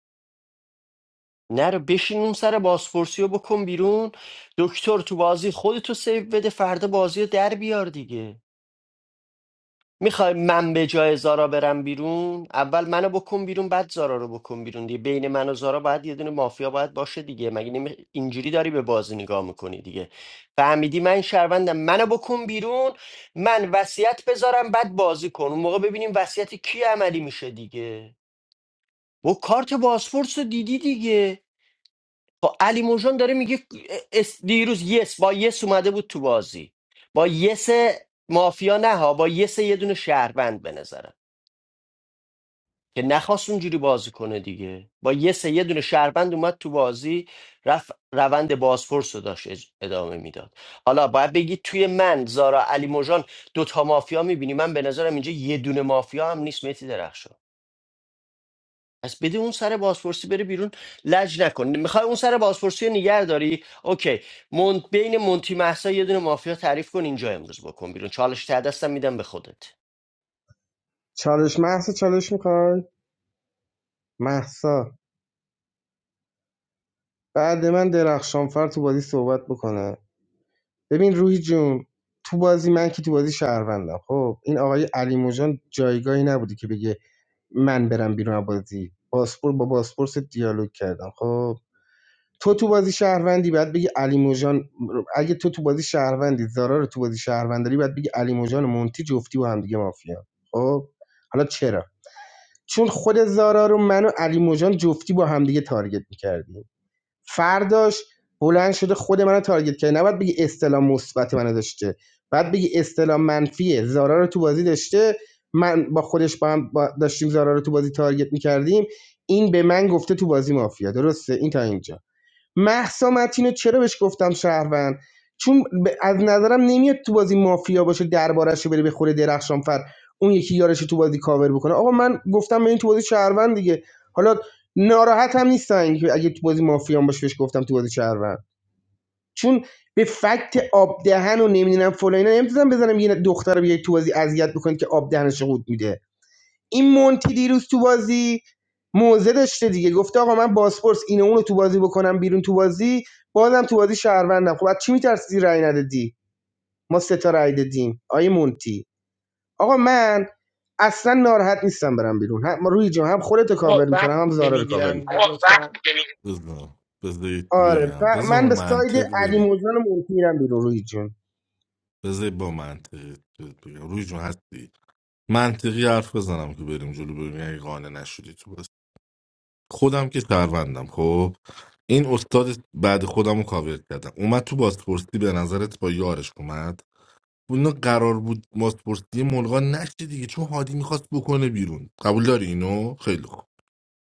A: نرو بشین اون سر بازپرسی رو بکن بیرون دکتر تو بازی خودتو سیو بده فردا بازی رو در بیار دیگه میخوای من به جای زارا برم بیرون اول منو بکن بیرون بعد زارا رو بکن بیرون دیگه بین من و زارا باید یه دونه مافیا باید باشه دیگه مگه نمی... اینجوری داری به بازی نگاه میکنی دیگه فهمیدی من شهروندم منو بکن بیرون من وصیت بذارم بعد بازی کن اون موقع ببینیم وصیت کی عملی میشه دیگه و کارت بازپرس رو دیدی دیگه با علی موجان داره میگه اس- دیروز یس با یس اومده بود تو بازی با یس مافیا نه ها با یس یه دونه شهروند به نظرم که نخواست اونجوری بازی کنه دیگه با یه سه یه دونه شهروند اومد تو بازی رفت روند بازپرس رو داشت اج- ادامه میداد حالا باید بگی توی من زارا علی موجان دوتا مافیا میبینی من به نظرم اینجا یه دونه مافیا هم نیست متی درخشان پس بده اون سر بازپرسی بره بیرون لج نکن میخوای اون سر بازپرسی رو نگه داری اوکی من... بین مونتی محسا یه دونه مافیا تعریف کن اینجا امروز بکن بیرون چالش ته دستم میدم به خودت
M: چالش محسا چالش میخوای محسا بعد من درخشانفر تو بازی صحبت بکنه ببین روحی جون تو بازی من که تو بازی شهروندم خب این آقای علی موجان جایگاهی نبوده که بگه من برم بیرون بازی پاسپور با پاسپورت دیالوگ کردم خب تو تو بازی شهروندی بعد بگی علی موجان اگه تو تو بازی شهروندی زارا رو تو بازی شهروند داری بعد بگی علی موجان و مونتی جفتی با هم دیگه مافیا خب حالا چرا چون خود زارا رو من و علی موجان جفتی با همدیگه تارگت می‌کردیم. فرداش بلند شده خود منو تارگت کرده نباید بگی استلام مثبت منو داشته بعد بگی استلام منفیه زارا رو تو بازی داشته من با خودش با هم با- داشتیم زارا رو تو بازی تارگت میکردیم این به من گفته تو بازی مافیا درسته این تا اینجا مهسا متین چرا بهش گفتم شهروند چون ب- از نظرم نمیاد تو بازی مافیا باشه دربارش رو بره بخوره درخشانفر اون یکی یارش رو تو بازی کاور بکنه آقا من گفتم به این تو بازی شهروند دیگه حالا ناراحت هم نیستن که اگه تو بازی مافیا باشه بهش گفتم تو بازی شهروند چون به فکت آب دهن و نمیدونم فلان اینا نمیتونم بزنم یه دختر رو بیای تو بازی اذیت بکنید که آب دهنش رو قورت میده این مونتی دیروز تو بازی موزه داشته دیگه گفته آقا من باسپورس اینو اونو تو بازی بکنم بیرون تو بازی بازم تو بازی شهروندم خب از چی میترسی رأی ندادی ما سه تا رأی دادیم آیه مونتی آقا من اصلا ناراحت نیستم برم بیرون هم روی جان هم خودت رو کاور
E: آقا وقت
M: میکنم هم
E: دیگه
M: زارا رو کاور
E: میگیرم دیگه
M: میکنم
E: لطفا
K: بذار بذار یکی
M: آره
K: بگم
M: ف-
K: بذار
M: من به ساید
K: منطق
M: علی
K: بریم
M: موجان و مونتی میرم بیرون روی جون
K: بذاری با منطقی بهت بگم روی جون هستی منطقی حرف بزنم که بریم جلو ببینیم اگه قانع نشدی تو بس خودم که شهروندم خب این استاد بعد خودم رو کاور کردم اومد تو بازپرسی به نظرت با یارش اومد اون قرار بود بازپرسی ملغا نشه دیگه چون هادی میخواست بکنه بیرون قبول داری اینو خیلی خوب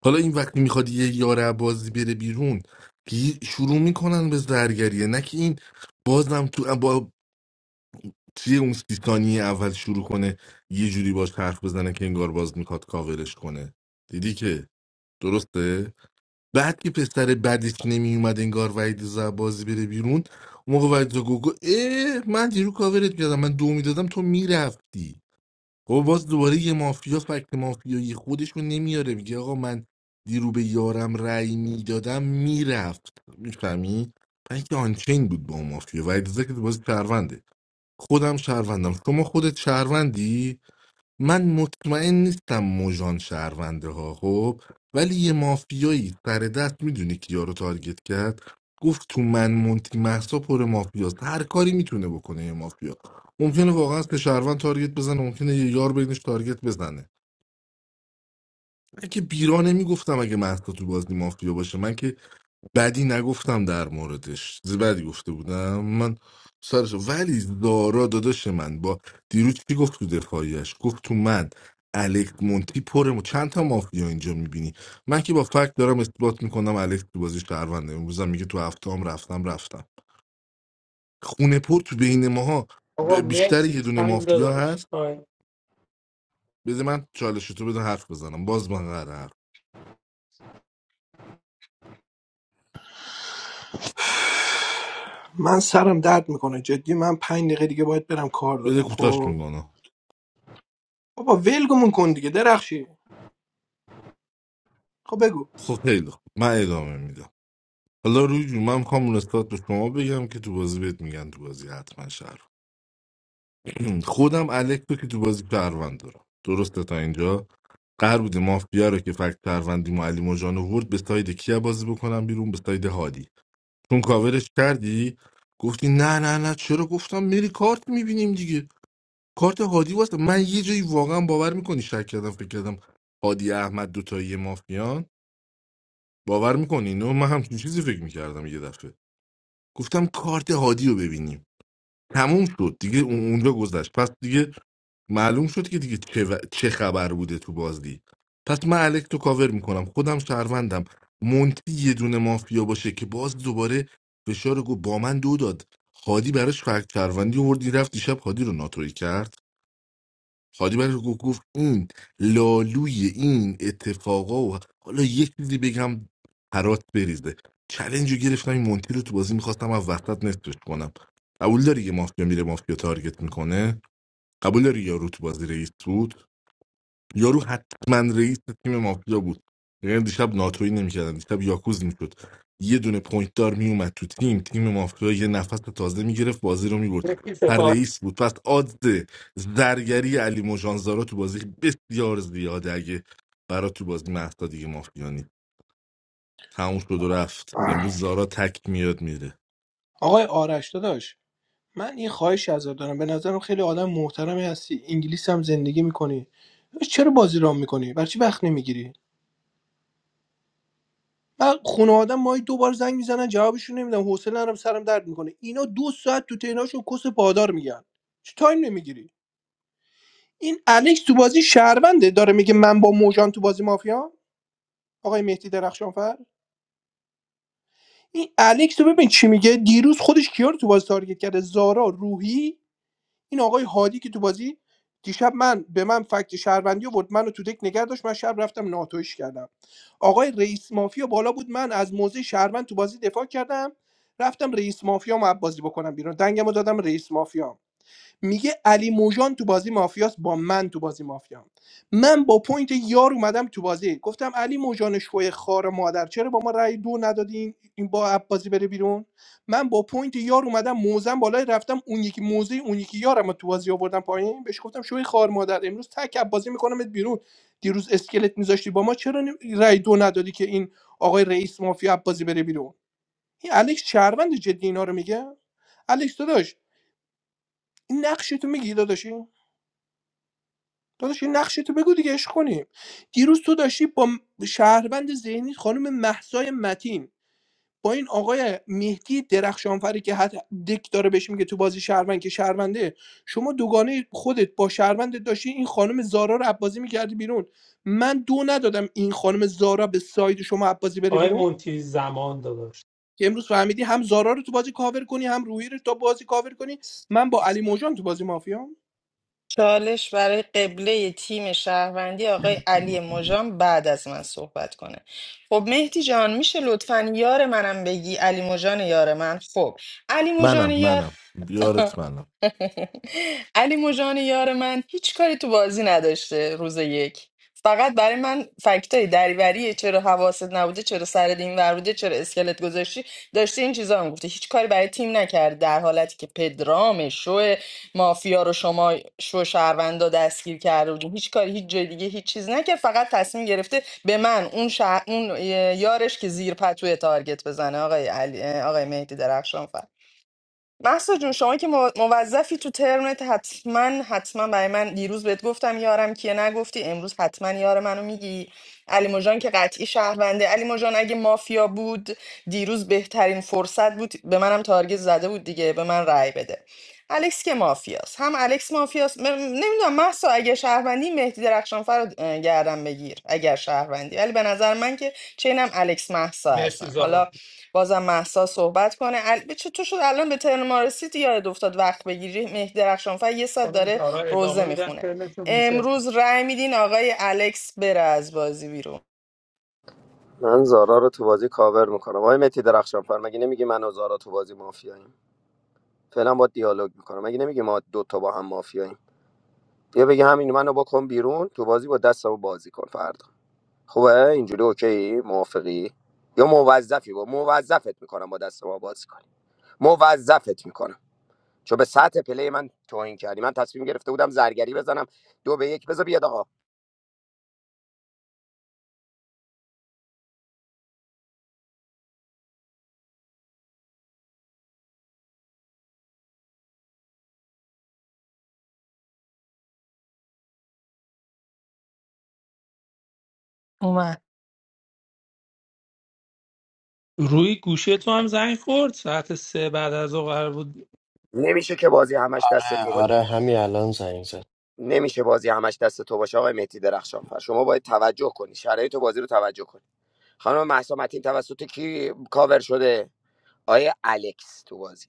K: حالا این وقتی میخواد یه یار بازی بره بیرون که شروع میکنن به زرگریه نه که این بازم تو با چیه اون سی ثانیه اول شروع کنه یه جوری باش حرف بزنه که انگار باز میخواد کاورش کنه دیدی که درسته بعد که پسر بدش نمی اومد انگار وحید زد بازی بره بیرون اون موقع وحید زد گفت اه من دیرو کاورت کردم من دو میدادم تو میرفتی خب باز دوباره یه مافیا فکت مافیایی خودش رو نمیاره میگه آقا من دیرو به یارم رأی میدادم میرفت میفهمی؟ من که آنچین بود با اون مافیا وحید رضا که باز پرونده خودم شهروندم شما خودت شهروندی من مطمئن نیستم موژان شهرونده ها خب ولی یه مافیایی سر دست میدونی کیا رو تارگت کرد گفت تو من مونتی محسا پر مافیاست هر کاری میتونه بکنه یه مافیا ممکنه واقعا به شهروند تارگت بزنه ممکنه یه یار بینش تارگت بزنه من که بیرا نمیگفتم اگه محسا تو بازی مافیا باشه من که بدی نگفتم در موردش چیز بدی گفته بودم من سرش ولی دارا داداش من با دیروز چی گفت تو دفاعیش گفت تو من الکس مونتی پرمو چند تا مافیا اینجا میبینی من که با فکت دارم اثبات میکنم الکس تو بازی شهرونده امروزم میگه تو هفته هم رفتم رفتم خونه پر تو بین ماها
E: آقا
K: ب- بیشتر
E: مرسی
K: یه دونه
E: تایم
K: مافیا
E: داداش
K: هست
E: تایم
K: بده من چالش تو بده حرف بزنم باز من قرار حرف
L: من سرم درد میکنه جدی من پنج دقیقه دیگه باید برم کار
K: بده
L: دارم
K: کوتاش
L: خب
K: میگم
L: بابا ولگمون کن دیگه درخشی خب بگو
K: خب خیلی خوب. من ادامه میدم حالا روی جون من میخوام نسبت به شما بگم که تو بازی بهت میگن تو بازی حتما شهر خودم الکس رو که تو بازی شهروند دارم درسته تا اینجا قرار بوده مافیا رو که فکت شهروندی و علی مجان ورد به ساید کیا بازی بکنم بیرون به ساید هادی چون کاورش کردی گفتی نه نه نه چرا گفتم میری کارت میبینیم دیگه کارت هادی واسه من یه جایی واقعا باور میکنی شک کردم فکر کردم هادی احمد دوتایی مافیان باور میکنی نه من همچین چیزی فکر میکردم یه دفعه گفتم کارت هادی رو ببینیم تموم شد دیگه اون- اونجا گذشت پس دیگه معلوم شد که دیگه چه, و- چه خبر بوده تو بازی پس من الکس رو کاور میکنم خودم شهروندم مونتی یه دونه مافیا باشه که باز دوباره فشار رو گفت با من دو داد هادی براش فکت شهروندی آورد رفت دیشب هادی رو ناتوری کرد حاجی برش گفت این لالوی این اتفاقا و حالا یک چیزی بگم پرات بریزه چلنج رو گرفتم این مونتی رو تو بازی میخواستم از وسط نصفش کنم قبول داری یه مافیا میره مافیا تارگت میکنه قبول داری یارو تو بازی رئیس بود یارو حتما رئیس تیم مافیا بود یعنی دیشب ناتوی نمیکردن دیشب یاکوز میشد یه دونه پوینت دار میومد تو تیم تیم مافیا یه نفس تازه میگرفت بازی رو میبرد
E: یکی
K: هر
E: سپاه
K: رئیس بود پس آدز زرگری علی مژانزارا تو بازی بسیار زیاده اگه برا تو بازی مهسا دیگه مافیا نیست تموم شد و رفت امروز زارا تک میاد میره
L: آقای آرش داداش من یه خواهشی ازت دارم به نظرم خیلی آدم محترمی هستی انگلیس هم زندگی میکنی چرا بازی رام میکنی برای چی وقت نمیگیری من خونه آدم ماهی دو بار زنگ میزنن جوابشون نمیدم حوصله نرم سرم درد میکنه اینا دو ساعت تو تیناشون کس پادار میگن چه تایم نمیگیری این الکس تو بازی شهرونده داره میگه من با موجان تو بازی مافیا آقای مهدی درخشانفر این الکس رو ببین چی میگه دیروز خودش کیا رو تو بازی تارگت کرده زارا روحی این آقای هادی که تو بازی دیشب من به من فکت شهروندی آورد منو تو دک نگه داشت من شب رفتم ناتویش کردم آقای رئیس مافیا بالا بود من از موضع شهروند تو بازی دفاع کردم رفتم رئیس مافیا رو بازی بکنم بیرون دنگمو دادم رئیس مافیا میگه علی موجان تو بازی مافیاست با من تو بازی مافیام من با پوینت یار اومدم تو بازی گفتم علی موژان شوی خار مادر چرا با ما رأی دو ندادین این با بازی بره بیرون من با پوینت یار اومدم موزم بالای رفتم اون یکی موزه اون یکی یارم رو تو بازی آوردم پایین بهش گفتم شوی خار مادر امروز تک بازی میکنمت بیرون دیروز اسکلت میذاشتی با ما چرا نی- رأی دو ندادی که این آقای رئیس مافیا بازی بره بیرون این الکس شهروند جدی اینا رو میگه الکس داداش این نقش تو میگی داداشی داداش این نقشه تو بگو دیگه عشق کنیم دیروز تو داشتی با م- شهروند ذهنی خانم محسای متین با این آقای مهدی درخشانفری که حتی دک داره بهش میگه تو بازی شهروند که شهرونده شما دوگانه خودت با شهروند داشتی این خانم زارا رو عبازی میکردی بیرون من دو ندادم این خانم زارا به ساید شما عبازی بره
E: آقای
L: بیرون
E: مونتی زمان داداش
L: که امروز فهمیدی هم زارا رو تو بازی کاور کنی هم روحی رو تو بازی کاور کنی من با علی موجان تو بازی مافیام
B: چالش برای قبله تیم شهروندی آقای علی مژان بعد از من صحبت کنه خب مهدی جان میشه لطفا یار منم بگی علی مژان یار من خب علی مژان
K: منم
B: یار
K: منم بیارت منم
B: علی مژان یار من هیچ کاری تو بازی نداشته روز یک فقط برای من فکتای دریوریه چرا حواست نبوده چرا سرت این ور بوده چرا اسکلت گذاشتی داشته این چیزا هم گفته هیچ کاری برای تیم نکرد در حالتی که پدرام شو مافیا رو شما شو شهروندا دستگیر کرده بودین هیچ کاری هیچ جای دیگه هیچ چیز نکرد فقط تصمیم گرفته به من اون, شهر... اون اه، یارش که زیر پتوی تارگت بزنه آقای علی... آقای مهدی درخشان محسا جون شما که مو- موظفی تو ترمت حتما حتما برای من دیروز بهت گفتم یارم کیه نگفتی امروز حتما یار منو میگی علی مژان که قطعی شهرونده علی مژان اگه مافیا بود دیروز بهترین فرصت بود به منم تارگت زده بود دیگه به من رأی بده الکس که مافیاست هم الکس مافیاست م... نمیدونم محسا اگه شهروندی مهدی درخشانفر رو اه، گردن بگیر اگر شهروندی ولی به نظر من که چینم الکس محسا
E: مرسی
B: هستن
E: زارا
B: حالا بازم محسا صحبت کنه ال... چطور شد الان به ترن ما رسید یاد افتاد وقت بگیری مهدی درخشانفر یه ساعت
E: خانم
B: داره
E: زارا
B: روزه
E: ادامه میدن
B: میخونه
E: ترمشون ریچل
B: امروز رأی میدین آقای الکس بره از بازی بیرون
F: من زارا رو تو بازی کاور میکنم آقای متی درخشان فر مگه نمیگی من و زارا تو بازی مافیاییم فعلا با دیالوگ میکنم مگه نمیگی ما دو تا با هم مافیاییم بیا بگی همین منو بکن بیرون تو بازی با دستمو بازی کن فردا خوبه اینجوری اوکی موافقی یا موظفی با موظفت میکنم با دست ما بازی کنی موظفت میکنم چون به سطح پلی من توهین کردی من تصمیم گرفته بودم زرگری بزنم دو به یک بذار بیاد آقا
B: اومد
E: روی گوشه تو هم زنگ خورد ساعت سه بعد از ظهر قرار بود
F: نمیشه که بازی همش دست
A: آره
F: تو باشه
A: آره همین الان زنگ زد
F: نمیشه بازی همش دست تو باشه آقای مهدی درخشان فر شما باید توجه کنی شرایط بازی رو توجه کنی خانم مهسا متین توسط کی کاور شده آیه الکس تو بازی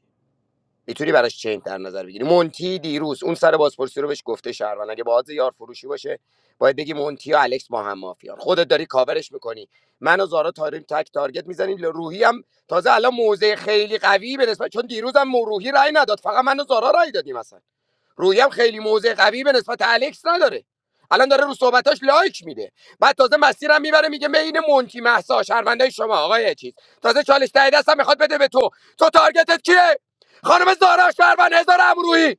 F: میتونی براش چین در نظر بگیری مونتی دیروز اون سر بازپرسی رو بهش گفته شهروند اگه باز یار فروشی باشه باید بگی مونتی و الکس با هم مافیان خودت داری کاورش میکنی من و زارا تاریم تک تارگت میزنیم روحی هم تازه الان موزه خیلی قوی به نسبت چون دیروز هم روحی رای نداد فقط من و زارا رای دادیم مثلا رویم خیلی موضع قوی به نسبت الکس نداره الان داره رو صحبتاش لایک میده بعد تازه مسیرم میبره میگه بین مونتی محسا شرمنده شما آقای چیز تازه چالش ته دستم میخواد بده به تو تو تارگتت کیه خانم زارا شهروند هزار امروهی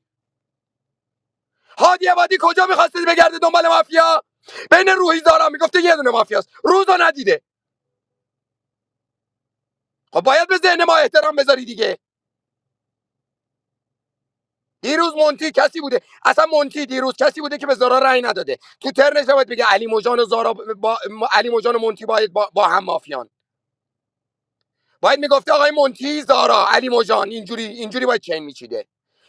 F: هادی عبادی کجا میخواستید بگرده دنبال مافیا بین روحی زارا میگفته یه دونه مافیاست روزو ندیده خب باید به ذهن ما احترام بذاری دیگه دیروز مونتی کسی بوده اصلا مونتی دیروز کسی بوده که به زارا رأی نداده تو ترنش نباید بگه علی موجان و زارا با علی موجان و مونتی باید با, با هم مافیان باید میگفته آقای مونتی زارا علی موجان اینجوری اینجوری باید چین میچیده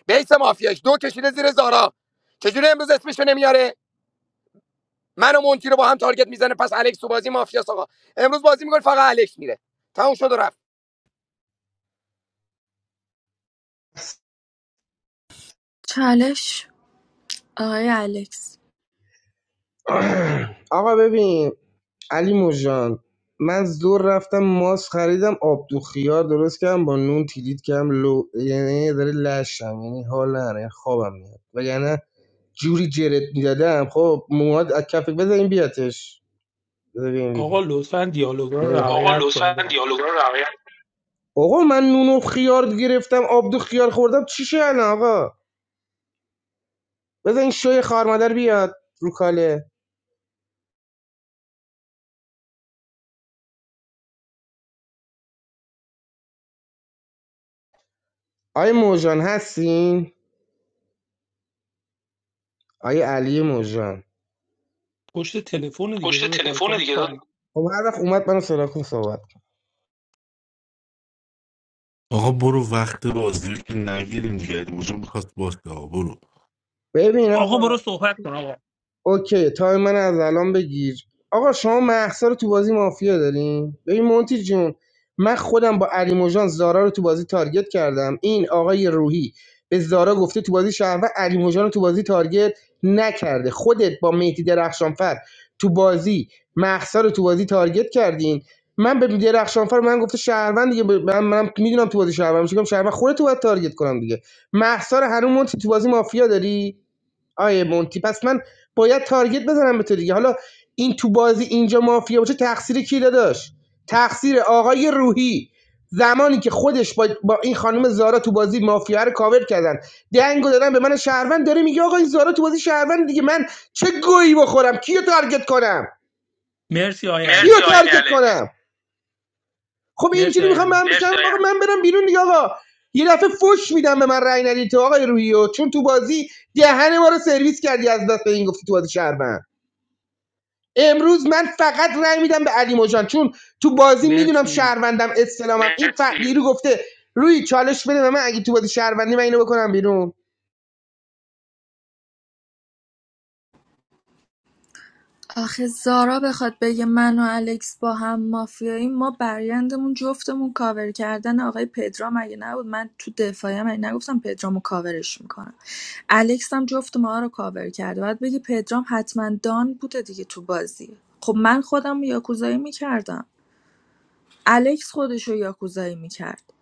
F: بیس مافیاش دو کشیده زیر زارا چجوری امروز اسمشو نمیاره من و مونتی رو با هم تارگت میزنه پس الکس تو بازی مافیاس آقا امروز بازی میکنه فقط الکس میره تموم شد و رفت
Q: چالش آقای الکس
M: آقا ببین علی موجان من زور رفتم ماس خریدم آب دو خیار درست کردم با نون تیلیت کردم لو یعنی داره لشم یعنی حال نداره یعنی خوابم میاد وگرنه جوری جرت میدادم خب مواد از کفک بذار این بیاتش بذار ببین
E: آقا
M: بیدیم
E: لطفا دیالوگا رو
M: نمیخواد آقا
E: رعایت
M: لطفا
E: کنید
M: دیالوگا رو رعایت آقا من نون و خیار گرفتم آب دو خیار خوردم چی شد الان آقا بذار این شوی خارمادر بیاد رو کاله آی موجان هستین آی علی موجان
E: پشت تلفن دیگه
M: پشت
E: داداش
M: تلفن
E: آیکون
M: دیگه
E: فام
M: خب هر وقت اومد منو صدا کن صحبت
K: آقا برو وقت بازی رو که نگیریم دیگه علی مژان میخواست باشه آقا برو
M: ببین آقا
E: آقا برو صحبت کن آقا
M: اوکی تایم من از الان بگیر آقا شما محسا رو تو بازی مافیا دارین ببین مونتی جون من خودم با علی موجان زارا رو تو بازی تارگت کردم این آقای روحی به زارا گفته تو بازی شهروند علی موجان رو تو بازی تارگت نکرده خودت با مهدی درخشانفر تو بازی محسا رو تو بازی تارگت کردین من به درخشانفر من گفته شهروند دیگه به- من, من میدونم تو بازی شهروند میگم شهروند خودت تو باید تارگت کنم دیگه محسا رو هنوز مونتی تو بازی مافیا داری آیه مونتی پس من باید تارگت بزنم به تو دیگه حالا این تو بازی اینجا مافیا باشه تقصیر کی داداش تقصیر آقای روحی زمانی که خودش با, با این خانم زارا تو بازی مافیا رو کاور کردن دنگو دادن به من شهروند داره میگه آقا این زارا تو بازی شهروند دیگه من چه گویی بخورم کیو تارگت کنم
E: مرسی آی
M: کیو
E: الکس
M: تارگت کنم خب
E: مرسی
M: اینجوری
E: آی
M: میخوام من
E: الکس
M: مرسی بشم آقا من برم بیرون دیگه آقا یه دفعه فوش میدم به من رای ندی تو آقای روحی چون تو بازی دهن ما رو سرویس کردی از دست به این گفتی تو بازی شهروند امروز من فقط رأی میدم به علی مژان چون تو بازی میدونم
E: مرسی
M: شهروندم استلامم این فقیری رو گفته روی چالش بده به من اگه تو بازی شهروندی من اینو بکنم بیرون
Q: آخه زارا بخواد بگه من و الکس با هم مافیاییم ما برایندمون جفتمون کاور کردن آقای پدرام اگه نبود من تو دفاعیم اگه نگفتم پدرامو کاورش میکنم الکس هم جفت ما رو کاور کرده باید بگی پدرام حتما دان بوده دیگه تو بازی خب من خودم یاکوزایی میکردم الکس خودش رو یاکوزایی میکرد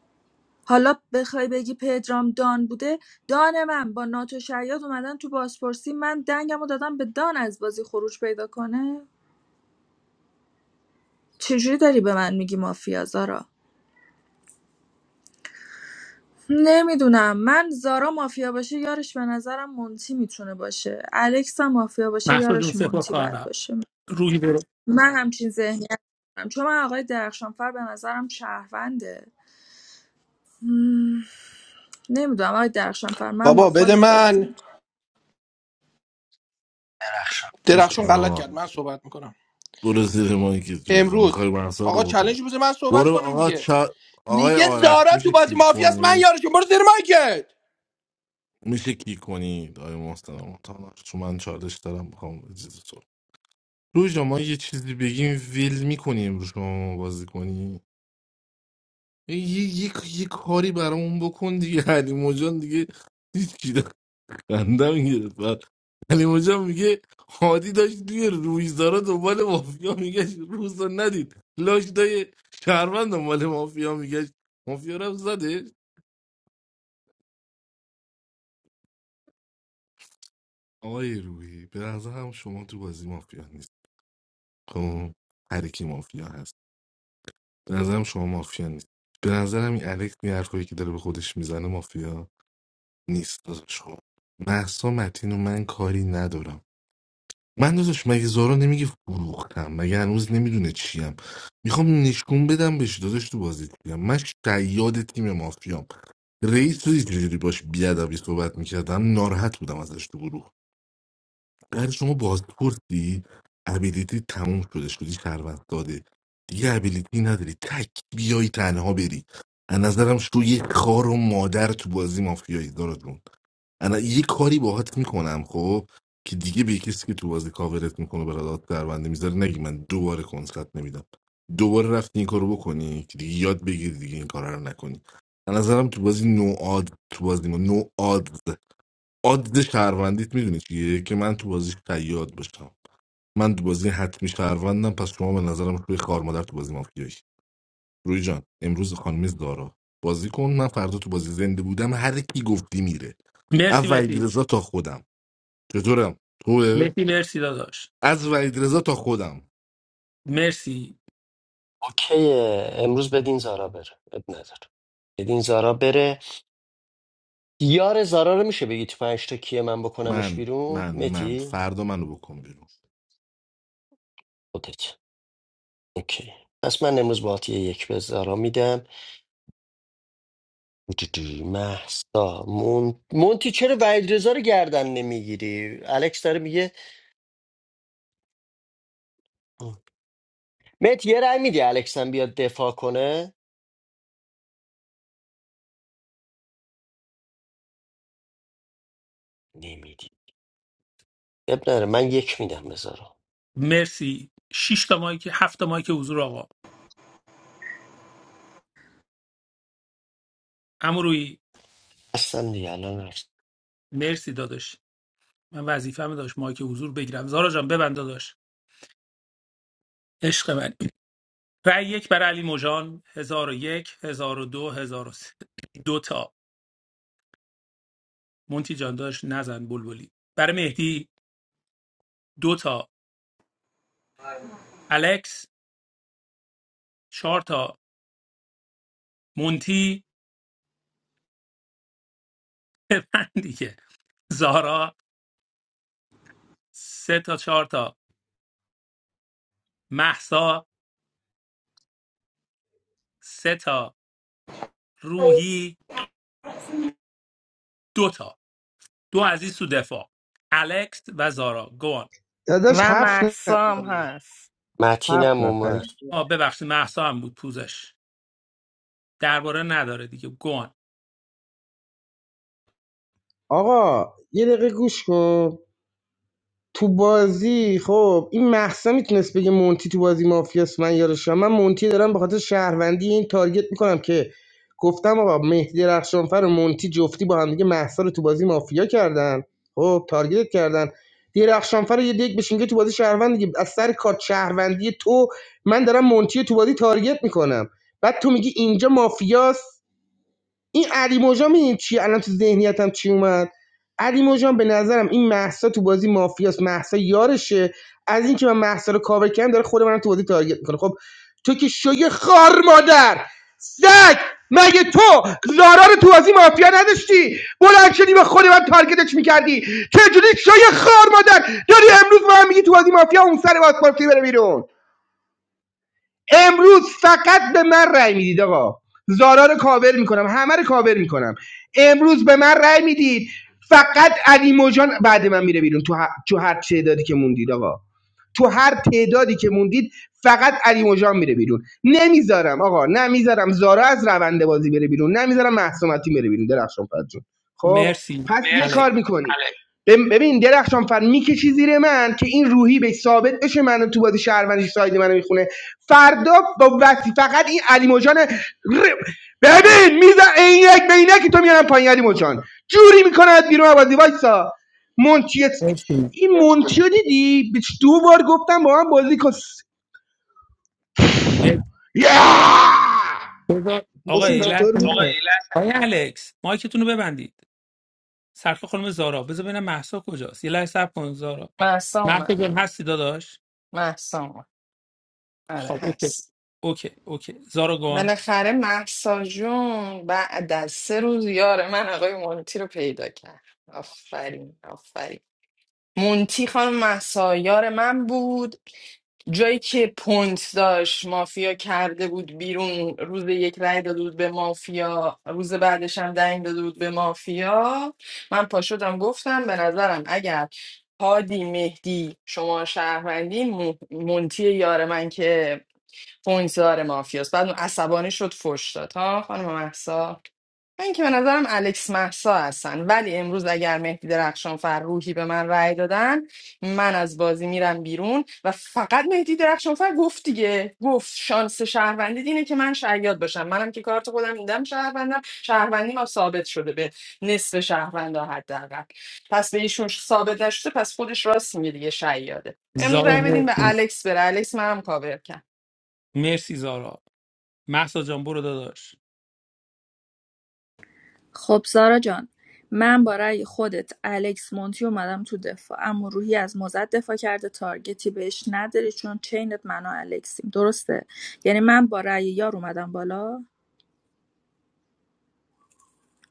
Q: حالا بخوای بگی پدرام دان بوده دان من با ناتو شیاد اومدن تو بازپرسی من دنگم رو دادم به دان از بازی خروج پیدا کنه چجوری داری به من میگی مافیا زارا نمیدونم من زارا مافیا باشه یارش به نظرم مونتی میتونه باشه الکس هم مافیا باشه
E: محسود جون
Q: یارش
E: سپر
Q: مونتی باید
E: خواهرم
Q: باشه
E: روی برو
Q: من همچین ذهنیت دارم چون من آقای درخشانفر به نظرم شهرونده نمیدونم آقای درخشانفر من با
L: بابا بده
Q: خودت بازی می‌کنم.
L: من
K: گوش
L: درخشون
K: کن
L: غلط
K: آقا
L: کرد من صحبت میکنم
K: برو زیر مایکت جوی خب میخوای
L: امروز
K: محصا
L: آقا
K: رو بکنه
L: چالش بده من صحبت
K: برو
L: کنم
K: آقا
L: دیگه
K: چا... آقای
L: میگه
K: آرش
L: زارا تو
K: میشه
L: بازی
K: کیک
L: مافیا است من
K: کنی
L: یارشون برو زیر مایکت
K: میشه کیک کنی آقای محترم تا چون من چالش دارم میخوام اجازه تو روی جا ما یه چیزی بگیم ویل میکنی امروز شما ما بازی کنی یه, یه،, یه،, یه کاری برامون بکن دیگه علی موجان دیگه هیچ خندم گرفت علی مجا میگه هادی داشت توی رویزدارا دنبال مافیا میگشت روز رو ندید لاش دای شهروند دنبال مافیا میگشت مافیا رفت زده آقای روحی به نظرم شما تو بازی مافیا نیست خب هر کی مافیا هست به نظرم شما مافیا نیست به نظرم این الکس این حرفایی که داره به خودش میزنه مافیا نیست داداش خب محسا متین و من کاری ندارم من داداش مگه زارا نمیگه فروختم مگه هنوز نمیدونه چیم میخوام نشون بدم بهش داداش تو بازی چیم من شیاد تیم مافیام رئیس تو دیدی چجوری باش بیادبی صحبت میکردم ناراحت بودم ازش تو گروه بعد شما بازپرسی ابیلیتی تموم شده شدی شربت داده دیگه ابیلیتی نداری تک بیای تنها بری از نظرم شو یه خار و مادر تو بازی مافیایی دارد الان یه کاری باهات میکنم خب که دیگه به کسی که تو بازی کاورت میکنه برادات دربنده میذاره نگی من دوباره کنسرت نمیدم دوباره رفتی این کارو بکنی که دیگه یاد بگیری دیگه این کارا رو نکنی به نظرم تو بازی نو آد تو بازی ما نو آد آد شهروندیت میدونی چیه که من تو بازی شیاد باشم من تو بازی حتمی شهروندم پس شما به نظرم روی خار مادر تو بازی مافیایی روی جان امروز خانم زارا بازی کن من فردا تو بازی زنده بودم هر کی گفتی میره
E: مرسی
K: از وحید
E: مهدی
K: رضا تا خودم چطورم توه
E: مهدی مرسی داداش
K: از وحید رضا تا خودم
E: مرسی
A: اوکی امروز بدین زارا بره اب نداره بدین زارا بره یار زارا رو میشه بگی تو پنج تا کیه من بکنمش
K: من
A: بیرون
K: من من
A: متی
K: فردا منو بکن بیرون
A: خودت اوکی پس من امروز باهات یه یک به زارا میدم محسا مون... مونتی چرا وحید رضا رو گردن نمیگیری الکس داره میگه مت یه رأی میدی الکس هم بیاد دفاع کنه نمیدی اب نداره من یک میدم به زارا
E: مرسی شش تا مایک هفت تا مایک حضور آقا عمو روی
A: هستم دیگه الان رفت
E: مرسی داداش من وظیفه‌مه داشت مایک حضور بگیرم زارا جان ببند داداش عشق من رأی یک برای علی مژان 1001 1002 1003 دو هزار و سه، دو تا مونتی جان داشت نزن بلبلی برای مهدی دو تا الکس چهار تا مونتی ببند دیگه زارا سه تا چهار تا محسا سه تا روحی دو تا دو عزیز تو دفاع الکس و زارا گوان
M: داداش
B: و
M: هفت نفر
B: محسا هم هست
M: هفت
A: متینم
M: نفریم
A: اومد
E: آه ببخشید محسا هم بود پوزش درباره نداره دیگه گوان
M: آقا یه دقیقه گوش کن تو بازی خب این محسا میتونست بگه مونتی تو بازی مافیاس من یارشم من مونتی دارم به خاطر شهروندی این تارگت میکنم که گفتم آقا مهدی درخشانفر و مونتی جفتی با هم دیگه محسا رو تو بازی مافیا کردن خب تارگت کردن درخشانفر رو یه دیگ بشین که تو بازی شهروند دیگه از سر کارت شهروندی تو من دارم مونتی تو بازی تارگت میکنم بعد تو میگی اینجا مافیاس این علی موجا میدین چی الان تو ذهنیتم چی اومد علی جان به نظرم این محسا تو بازی مافیاس محسا یارشه از اینکه من محسا رو کاور کردم داره خود منم تو بازی تارگت میکنه خب تو که شوی خار مادر سگ مگه تو زارا رو تو بازی مافیا نداشتی بلند شدی به خود من تارگتش میکردی چجوری شوی خار مادر داری امروز به من میگی تو بازی مافیا اون سر بازپرسی بره بیرون امروز فقط به من رأی میدید آقا زارا رو کاور میکنم همه رو کاور میکنم امروز به من رأی میدید فقط علی موجان بعد من میره بیرون تو ه- تو دادی که دید آقا تو هر تعدادی که موندید فقط علی مژان میره بیرون نمیذارم آقا نمیذارم زارا از روند بازی بره بیرون نمیذارم محسومتی بره بیرون درخشان فرد جون خب
E: مرسی
M: پس یه مرسی کار
E: الکس
M: میکنی الکس ببین درخشان فر میکشی زیر من که این روحی به ثابت بشه منو تو بازی شهروندش ساید منو میخونه فردا با وقتی فقط این علی مجان ر- ببین میزن عینک به عینک تو میارم پایین علی مجان جوری میکنه بیرون از بازی وایسا منچی
E: مرسی
M: این مونتیو دیدی به دو بار گفتم با هم بازی کن
E: مرسی بذار آقا
M: محسن
E: یه
M: چطور
E: لحظه
M: بود
E: نره
M: یه لحظه.
E: آیا الکس مایکتون رو ببندید سرخ خانم زارا بذار ببینم محسا کجاست یه لحظه صبر کن زارا
B: محسا
E: محسا
B: اومد
E: جان هستی داداش
B: محسا اومد آره
E: خب اوکی
B: هست
E: اوکی اوکی زارا گان
B: بالاخره محسا جون بعد از سه روز یار من آقای مونتی رو پیدا کرد آفرین آفرین مونتی خانم محسا یار من بود جایی که پوینت داشت مافیا کرده بود بیرون روز یک رای داده بود به مافیا روز بعدش هم دنگ داده بود به مافیا من پا شدم گفتم به نظرم اگر هادی مهدی شما شهروندی مو- مونتی یار من که پوینت دار مافیاست بعد اون عصبانی شد فش داد ها خانم محسا من که به نظرم الکس محسا هستن ولی امروز اگر مهدی درخشان فر روحی به من رأی دادن من از بازی میرم بیرون و فقط مهدی درخشان فر گفت دیگه گفت شانس شهروندی اینه که من شیاد باشم منم که کارت خودم میدم شهروندم شهروندی ما ثابت شده به نصف شهروندا حداقل پس به ایشون ثابت نشده پس خودش راست میگه دیگه شیاده امروز
E: زارا
B: رأی بدین به
E: مرسی
B: الکس بره الکس منم کاور کرد
E: مرسی زارا محسا جان برو داداش
Q: خب سارا جان من با رأی خودت الکس مونتی اومدم تو دفاع اما روحی از موزت دفاع کرده تارگتی بهش نداری چون چینت منو الکسیم درسته یعنی من با رأی یار اومدم بالا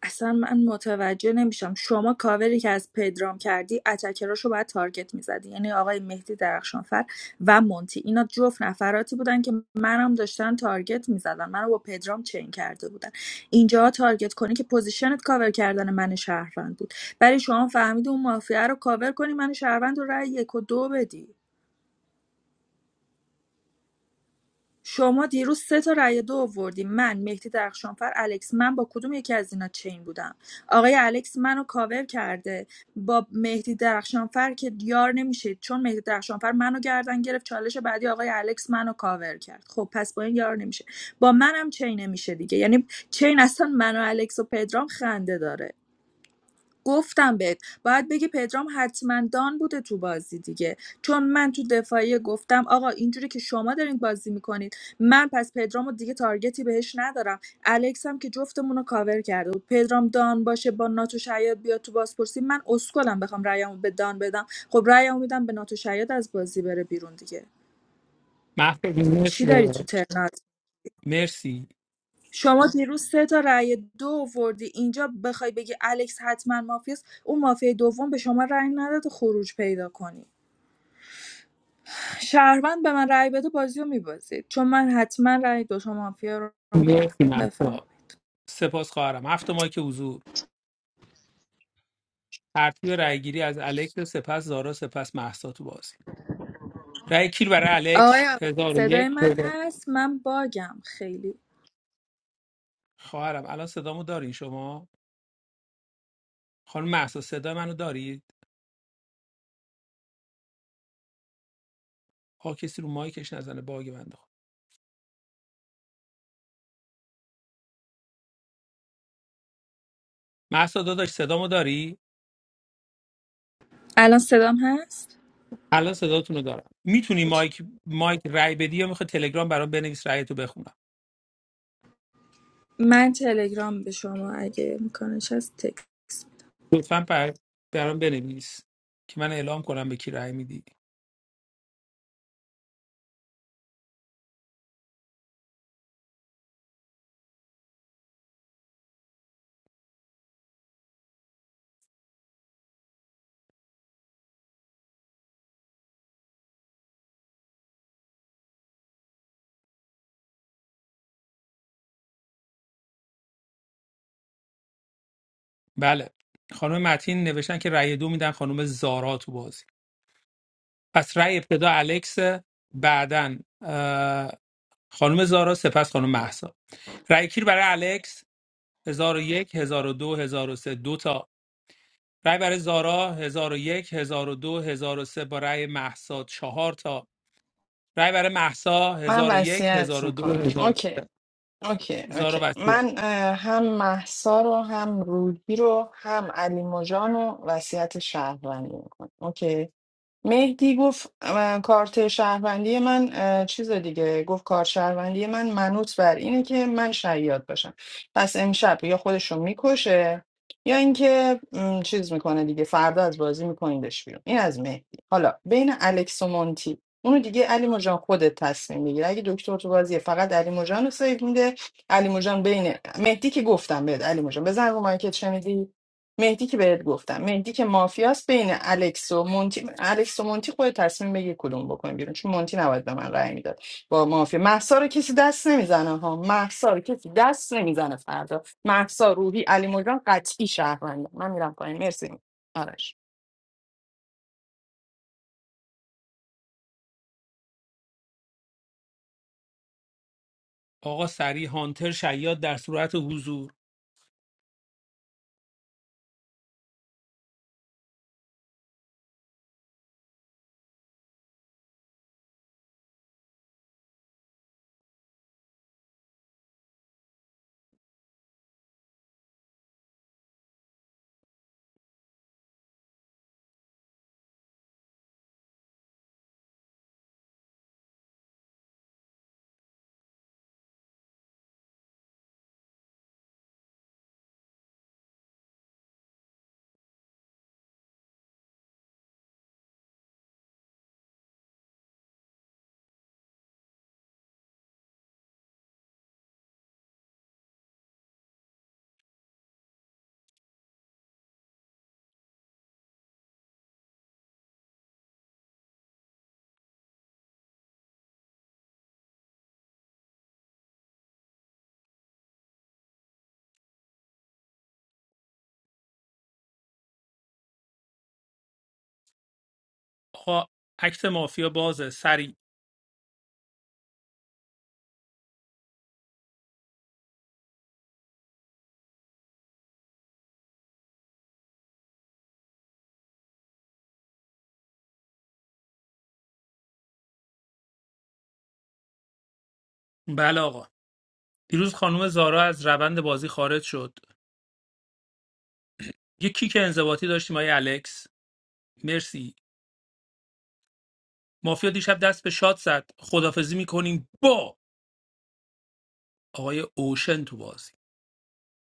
Q: اصلا من متوجه نمیشم شما کاوری که از پدرام کردی اتکراشو باید تارگت میزدی یعنی آقای مهدی درخشانفر و مونتی اینا جفت نفراتی بودن که منم داشتن تارگت میزدن منو با پدرام چین کرده بودن اینجا تارگت کنی که پوزیشنت کاور کردن من شهروند بود برای شما فهمیدی اون مافیا رو کاور کنی من شهروند رو رأی یک و دو بدی شما دیروز سه تا رأی دو آوردی من مهدی درخشانفر الکس من با کدوم یکی از اینا چین بودم آقای الکس منو کاور کرده با مهدی درخشانفر که دیار نمیشه چون مهدی درخشانفر منو گردن گرفت چالش بعدی آقای الکس منو کاور کرد خب پس با این یار نمیشه با منم چین نمیشه دیگه یعنی چین اصلا منو الکس و پدرام خنده داره گفتم بهت باید بگی پدرام حتما دان بوده تو بازی دیگه چون من تو دفاعیه گفتم آقا اینجوری که شما دارین بازی میکنید من پس پدرامو دیگه تارگتی بهش ندارم الکس هم که جفتمون رو کاور کرده بود پدرام دان باشه با ناتو شیاد بیاد تو بازپرسی من اسکلم بخوام رأیمو به دان بدم خب رأیمو میدم به ناتو شیاد از بازی بره بیرون دیگه
E: محسا جان،
Q: چی
E: مرسی
Q: داری تو
E: داداش.
Q: ترنات
E: مرسی
Q: شما دیروز سه تا رأی دو آوردی اینجا بخوای بگی الکس حتما مافیاست اون مافیای دوم به شما رأی نداد خروج پیدا کنی شهروند به من رأی بده بازی رو میبازید چون من حتما رأی دو تا مافیا رو
E: مرسی
Q: بفرم
E: محسا سپاس خواهرم هفت مایک حضور ترتیب رأیگیری از الکس سپس زارا سپس محسا تو بازی رای کیل برای الکس
Q: آقای آقا
E: هزار و
Q: صدای
E: یک
Q: من هست من باگم خیلی
E: خواهرم الان صدامو داری شما خانم محسا صدا منو دارید آه کسی رو مایکش نزنه باگ بنده خدا محسا داداش صدامو داری
Q: الان صدام هست
E: الان صداتونو دارم میتونی
Q: اوکی.
E: مایک مایک رای بدی یا میخوای تلگرام برام بنویس رایتو بخونم
Q: من تلگرام به شما اگه امکانش هست تکس
E: لطفا پر... برام بنویس که من اعلام کنم به کی رای میدی بله خانم متین نوشتن که رای دو میدن خانم زارا تو بازی پس رای ابتدا الکس بعدن اه، خانم زارا سپس خانم مهسا رای کیل برای الکس 1001 1002 1003 دو هزار و سه، دو تا رای برای زارا 1001 1002 1003 با رای مهسا 4 تا رای برای مهسا
B: من
E: 1001
B: وصیت
E: 1002
B: میکنم اوکی
E: 1003
B: اوکی
E: زارا
B: اوکی
E: وصیت
B: من اه، هم محسا رو هم روحی رو هم علی مجان رو وصیت شهروندی میکنم اوکی مهدی گفت من- کارت شهروندی من اه، چیز دیگه گفت کارت شهروندی من منوط بر اینه که من شیاد باشم پس امشب یا خودشو میکشه یا اینکه م، چیز میکنه دیگه فردا از بازی میکنیدش بیرون این از مهدی حالا بین الکس و مونتی اونو دیگه علی مجان خودت تصمیم میگیره اگه دکتر تو بازیه فقط علی مجان رو سیو میده علی مجان بین مهدی که گفتم بهت علی مجان بزن رو مایکت شنیدی مهدی که بهت گفتم مهدی که مافیاست بین الکس و مونتی الکس و مونتی خود تصمیم بگیر کدوم بکنی بیرون چون مونتی نباید به من رأی میداد با مافیا محسا رو کسی دست نمیزنه ها محسا رو کسی دست نمیزنه فردا محسا روحی علی مجان قطعی شهرونده من میرم پایین مرسی آرش
E: آقا سری هانتر شیاد در صورت حضور آقا اکت مافیا بازه سری بله آقا دیروز خانم زارا از روند بازی خارج شد یه کیک انضباطی داشتیم آقای الکس مرسی مافیا دیشب دست به شاد زد خدافزی میکنیم با آقای اوشن تو بازی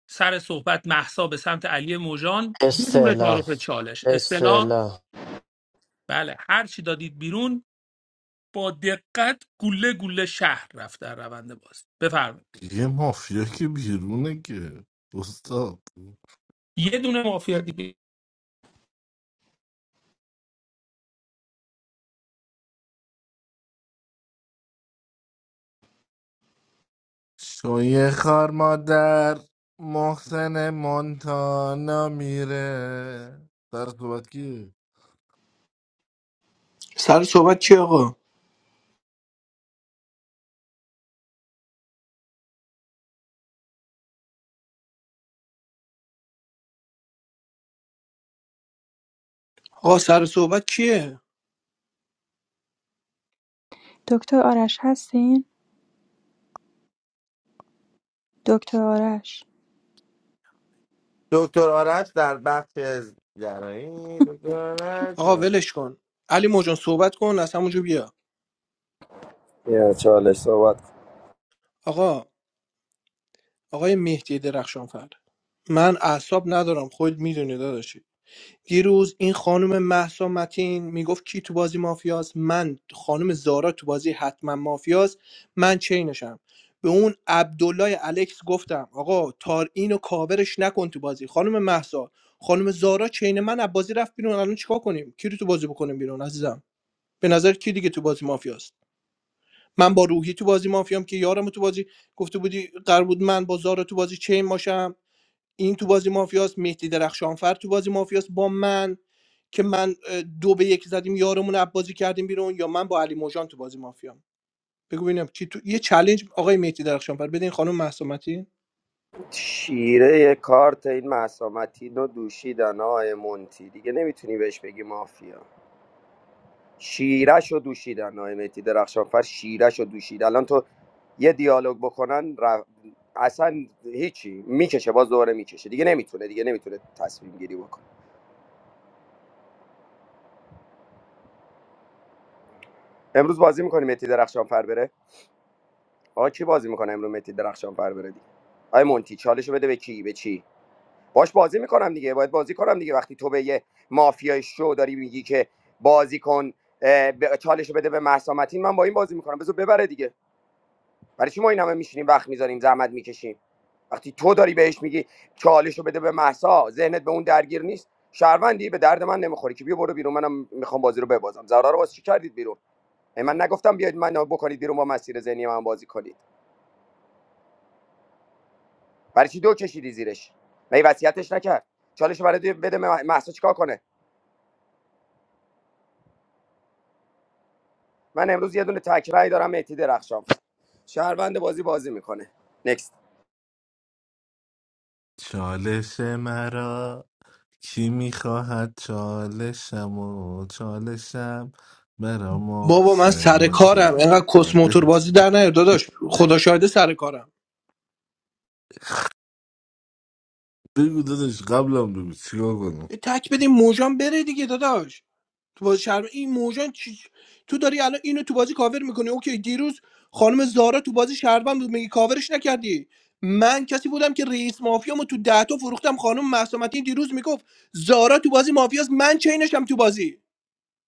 E: سر صحبت محسا به سمت علی موژان بدون
A: استعلا
E: تعارف چالش اصطلاح
A: استعلا
E: بله هر چی دادید بیرون با دقت گله گله شهر رفت در روند بازی بفرمایید
K: یه مافیا که بیرونه که استاد
E: یه دونه مافیا دیگه
K: شوی خار مادر محسن مونتانا میره سر صحبت کی
L: سر صحبت کیه آقا آقا سر صحبت کیه
Y: Dr. Arash Hesin, Dr. Arash.
X: دکتر آرش در بخش گرایی دکتر آرش
L: آقا ولش کن علی موجان صحبت کن از همونجا بیا
F: یا چالش صحبت
L: آقا آقای مهدی درخشان من اعصاب ندارم خود میدونی داداشی دیروز این خانم مهسا متین میگفت کی تو بازی مافیاست من خانم زارا تو بازی حتما مافیاست من چینشم به اون عبدالله الکس گفتم آقا تار اینو کاورش نکن تو بازی خانم مهسا خانم زارا چین من از بازی رفت بیرون الان چیکار کنیم کی رو تو بازی بکنیم بیرون عزیزم به نظر کی دیگه تو بازی مافیاست من با روحی تو بازی مافیام که یارم تو بازی گفته بودی قرار بود من با زارا تو بازی چین باشم این تو بازی مافیاس مهدی درخشانفر تو بازی مافیاس با من که من اه، دو به یک زدیم یارمون رو بازی کردیم بیرون یا من با علی موجان تو بازی مافیام بگو ببینم چی تو یه چالش آقای مهدی درخشانفر بدین خانم محسومتی
F: شیره کارت این مسامتین رو دوشیدن آقای مونتی دیگه نمیتونی بهش بگی مافیا شیرش رو دوشیدن آقای مهدی درخشانفر شیرش رو دوشید الان تو یه دیالوگ بکنن ر- اصلا هیچی میکشه باز دوباره میکشه دیگه نمیتونه دیگه نمیتونه تصمیم گیری بکنه امروز بازی میکنه مهدی درخشانفر بره آقا کی بازی میکنه امروز مهدی درخشانفر بره دیگه آقای مونتی چالش رو بده به کی به چی باش بازی میکنم دیگه باید بازی کنم دیگه وقتی تو به یه مافیای شو داری میگی که بازی کن اه، ب- چالش رو بده به مهسا متین من با این بازی میکنم بذار ببره دیگه برای چی ما این همه میشینیم وقت میذاریم زحمت میکشیم وقتی تو داری بهش میگی چالش رو بده به مهسا ذهنت به اون درگیر نیست شهروندی به درد من نمیخوری که بیا برو بیرون منم میخوام بازی رو ببازم زرا رو واسه چی کردید بیرون ای من نگفتم بیاید من بکنید بیرون با مسیر ذهنی من بازی کنید برای چی دو کشیدی زیرش مگه وصیتش نکرد چالش رو برای بده مهسا چیکار کنه من امروز یه دونه تکرای دارم مهدی درخشان شهروند بازی بازی میکنه نکست
K: چالش مرا کی میخواهد چالشم و چالشم برا
L: بابا من
K: محسن
L: سر کارم
K: منتی
L: اینقدر کس موتور بازی در نیار داداش خدا شاهده سر کارم
K: بگو دادش قبلم بگو چیکار کنم
L: یه تک بدیم موجان بره دیگه داداش تو بازی شهر این موجان چی... تو داری الان اینو تو بازی کاور میکنی اوکی دیروز خانم زارا تو بازی شهروند بود میگی کاورش نکردی من کسی بودم که رئیس مافیامو تو ده تا فروختم خانم محسومتی دیروز میگفت زارا تو بازی مافیاست من چینشم تو بازی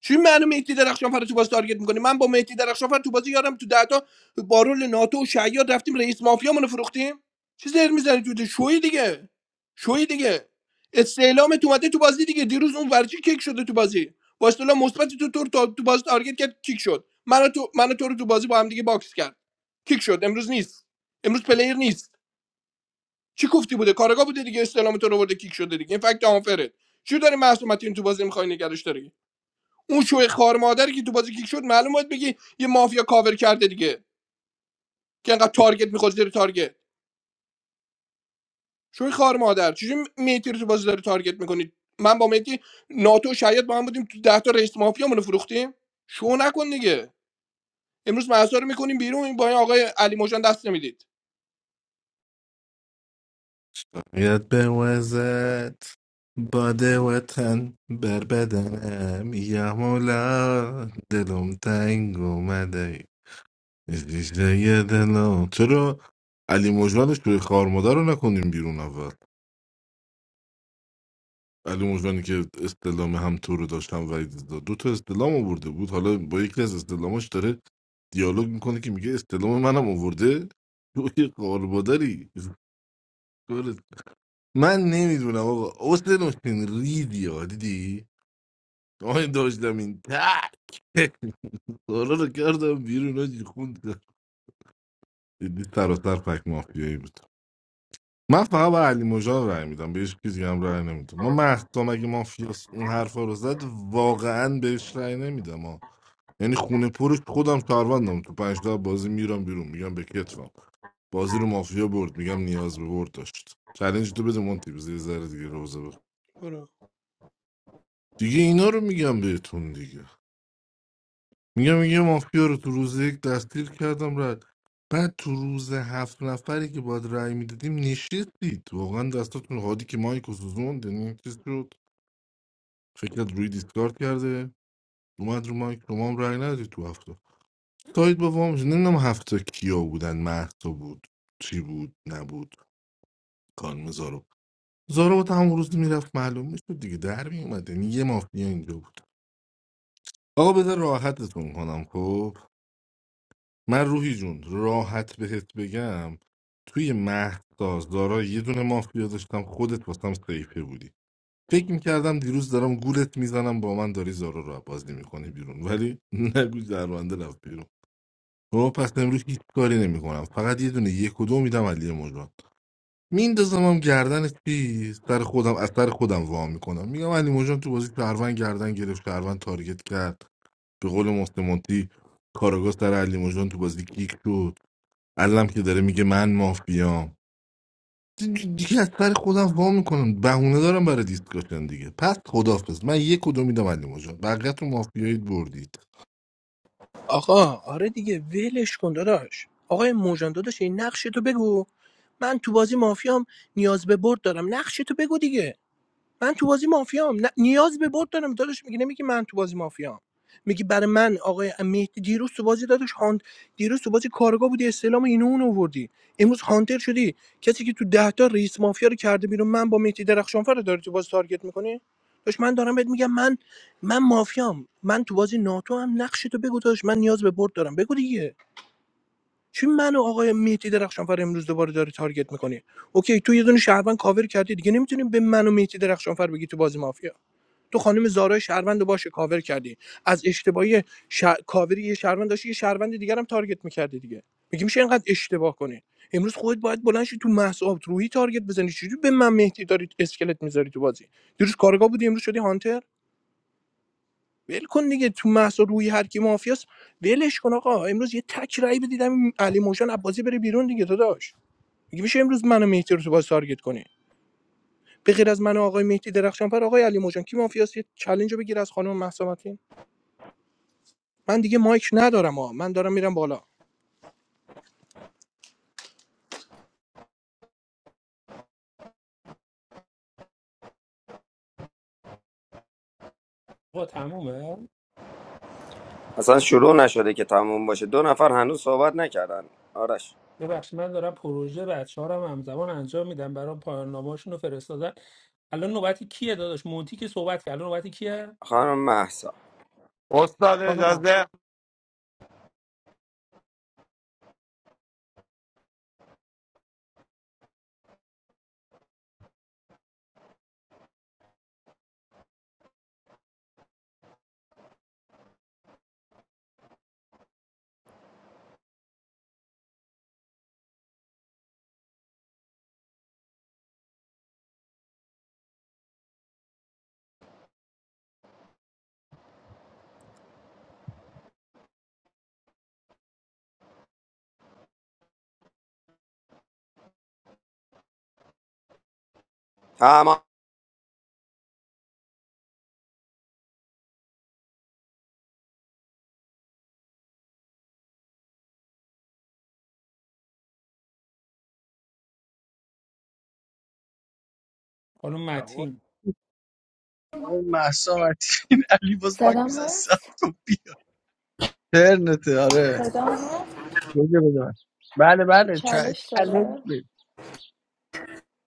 L: چی منو مهدی درخشان فر تو بازی تارگت میکنی من با مهدی درخشان فر تو بازی یارم تو دهتا با رول ناتو و شیاد رفتیم رئیس مافیا منو فروختیم چی زر میزنی تو ده؟ شوی دیگه شوی دیگه استعلام تو اومده تو بازی دیگه دیروز اون ورچی کیک شده تو بازی با استعلام مثبت تو تو رو تو بازی تارگت کرد کیک شد من تو من تو رو تو بازی با هم دیگه باکس کرد کیک شد امروز نیست امروز پلیر نیست چی گفتی بوده کارگاه بوده دیگه استعلام تو رو برده کیک شده دیگه این فکت آنفره چی داری معصومتی تو بازی میخوای نگرش داری اون شوی خار مادری که تو بازی کیک شد معلوم باید بگی یه مافیا کاور کرده دیگه که انقدر تارگت میخواد زیر تارگت شوی خار مادر چجوری میتی رو تو بازی داری تارگت میکنی من با میتی ناتو شاید با هم بودیم تو ده تا رئیس مافیا رو فروختیم شو نکن دیگه امروز مهسا رو میکنیم بیرون این با این آقای علی موجان دست نمیدید
K: یاد به وزت باد وطن بر بدنم یا مولا دلم تنگ اومده زیزه دلم چرا علی مجانش توی خار مادر رو نکنیم بیرون اول علی مجانی که استلام هم تو رو داشتم وحید دو تا استلام آورده بود حالا با یکی از استلاماش داره دیالوگ میکنه که میگه استلام منم آورده تو یه قاربادری من نمیدونم آقا حسین حسین ریدی ها دیدی آی داشتم این تک حالا رو کردم بیرون آجی خوند دیدی سراسر فک مافیایی بود من فقط به علی مجا رای میدم به هیچ کی دیگه هم رای نمیدم ما مهدام اگه مافیاس اون حرفا رو زد واقعا بهش رای نمیدم ها یعنی خونه پرش خودم کاروندم تو پنج تا بازی میرم بیرون میگم به کتفم بازی رو مافیا برد میگم نیاز به برد داشت چالش تو بده مونتی بذار یه ذره دیگه روزه بخ
L: برو.
K: دیگه اینا رو میگم بهتون دیگه میگم یه مافیا رو تو روز یک دستگیر کردم رد بعد تو روز هفت نفری که باید رأی میدادیم نشستید واقعا دستاتون هادی که مایک و سوزوند یعنی چیز شد فکرت روی دیسکارد کرده اومد رو مایک شما هم رأی ندید تو هفته ساید با وام شد نمیدونم هفته کیا بودن مهسا بود چی بود نبود کانم زارو زارو با همون روز میرفت معلوم میشد دیگه در میومد یعنی یه مافیا اینجا بود آقا بذار راحتتون کنم خب من روحی جون راحت بهت بگم توی مهدساز دارا یه دونه مافیا داشتم خودت واسم سیفه بودی فکر میکردم دیروز دارم گولت میزنم با من داری زارا رو بازی میکنی بیرون ولی نگو درونده رفت بیرون خب پس امروز هیچ کاری نمیکنم فقط یه دونه یک و دو میدم علی مجان میندازم هم گردن چی سر خودم از سر خودم وا میکنم میگم علی مجان تو بازی شهروند گردن گرفت شهروند تارگت کرد به قول محسن مونتی کاراگاه علی مجان تو بازی کیک شد علم که داره میگه من مافیام دی- دیگه از سر خودم وا میکنم بهونه دارم برای دیسکاشن دیگه پس خدافظ من یک کدو میدم علی مجان بقیه‌تون مافیایید بردید
L: آقا آره دیگه ولش کن داداش آقای موجان داداش این نقش تو بگو من تو بازی مافیام نیاز به برد دارم نقش تو بگو دیگه تو بازی مافیام نه نیاز به برد دارم داداش میگی نمیگی من تو بازی مافیام میگی برای من آقای مهدی دیروز تو بازی داداش هانت دیروز تو بازی کارگاه بودی استعلام اینو اون آوردی امروز هانتر شدی کسی که تو ده تا رئیس مافیا رو کرده بیرون من با مهدی درخشانفر رو داری تو بازی تارگت میکنی داش من دارم بهت میگم من من مافیام من تو بازی ناتو هم نقش تو بگو داش من نیاز به برد دارم بگو دیگه چی من و آقای مهدی درخشانفر امروز دوباره داری تارگت میکنی اوکی تو یه دونه شهروند کاور کردی دیگه نمیتونیم به من و مهدی درخشانفر بگی تو بازی مافیا تو خانم زارای شهروند رو باش کاور کردی از اشتباهی ش... کاوری یه شهروند داشتی یه شهروند دیگر هم تارگت میکردی دیگه میگی میشه اینقدر اشتباه کنی امروز خودت باید بلند شی تو محساب روحی تارگت بزنی چجوری به من مهدی داری اسکلت میذاری تو بازی دیروز کارگاه بودی امروز شدی هانتر ول کن دیگه تو محسا روی هر کی مافیاس ولش کن آقا امروز یه تک رأی بدیدم این علی موشن عباسی بره بیرون دیگه داداش میگه میشه امروز منو مهدی رو تو باز تارگت کنی به غیر از من و آقای مهدی درخشانفر آقای علی موجان کی مافیاس یه چالش رو بگیر از خانم مهسا متین. من دیگه مایک ندارم ها من دارم میرم بالا
E: با تمومه
F: اصلا شروع نشده که تموم باشه دو نفر هنوز صحبت نکردن آرش
E: ببخشید من دارم پروژه بچه هم همزمان انجام میدم برای پایان نامه‌هاشون رو فرستادن الان نوبتی کیه داداش مونتی که صحبت کرد الان نوبتی کیه
F: خانم مهسا
X: استاد
E: خانم متین
X: اجازه
F: تمام
E: خانم
Z: آقا
E: متین
Z: محسا مرتین علی باز باک
Q: صدام
Z: میزن سب
Q: هست
Z: کن بیا ترنته آره
Q: صدام هست
Z: بگه بدن بله بله چ-
Q: چالش
Z: چالش
Q: داره
Z: بده.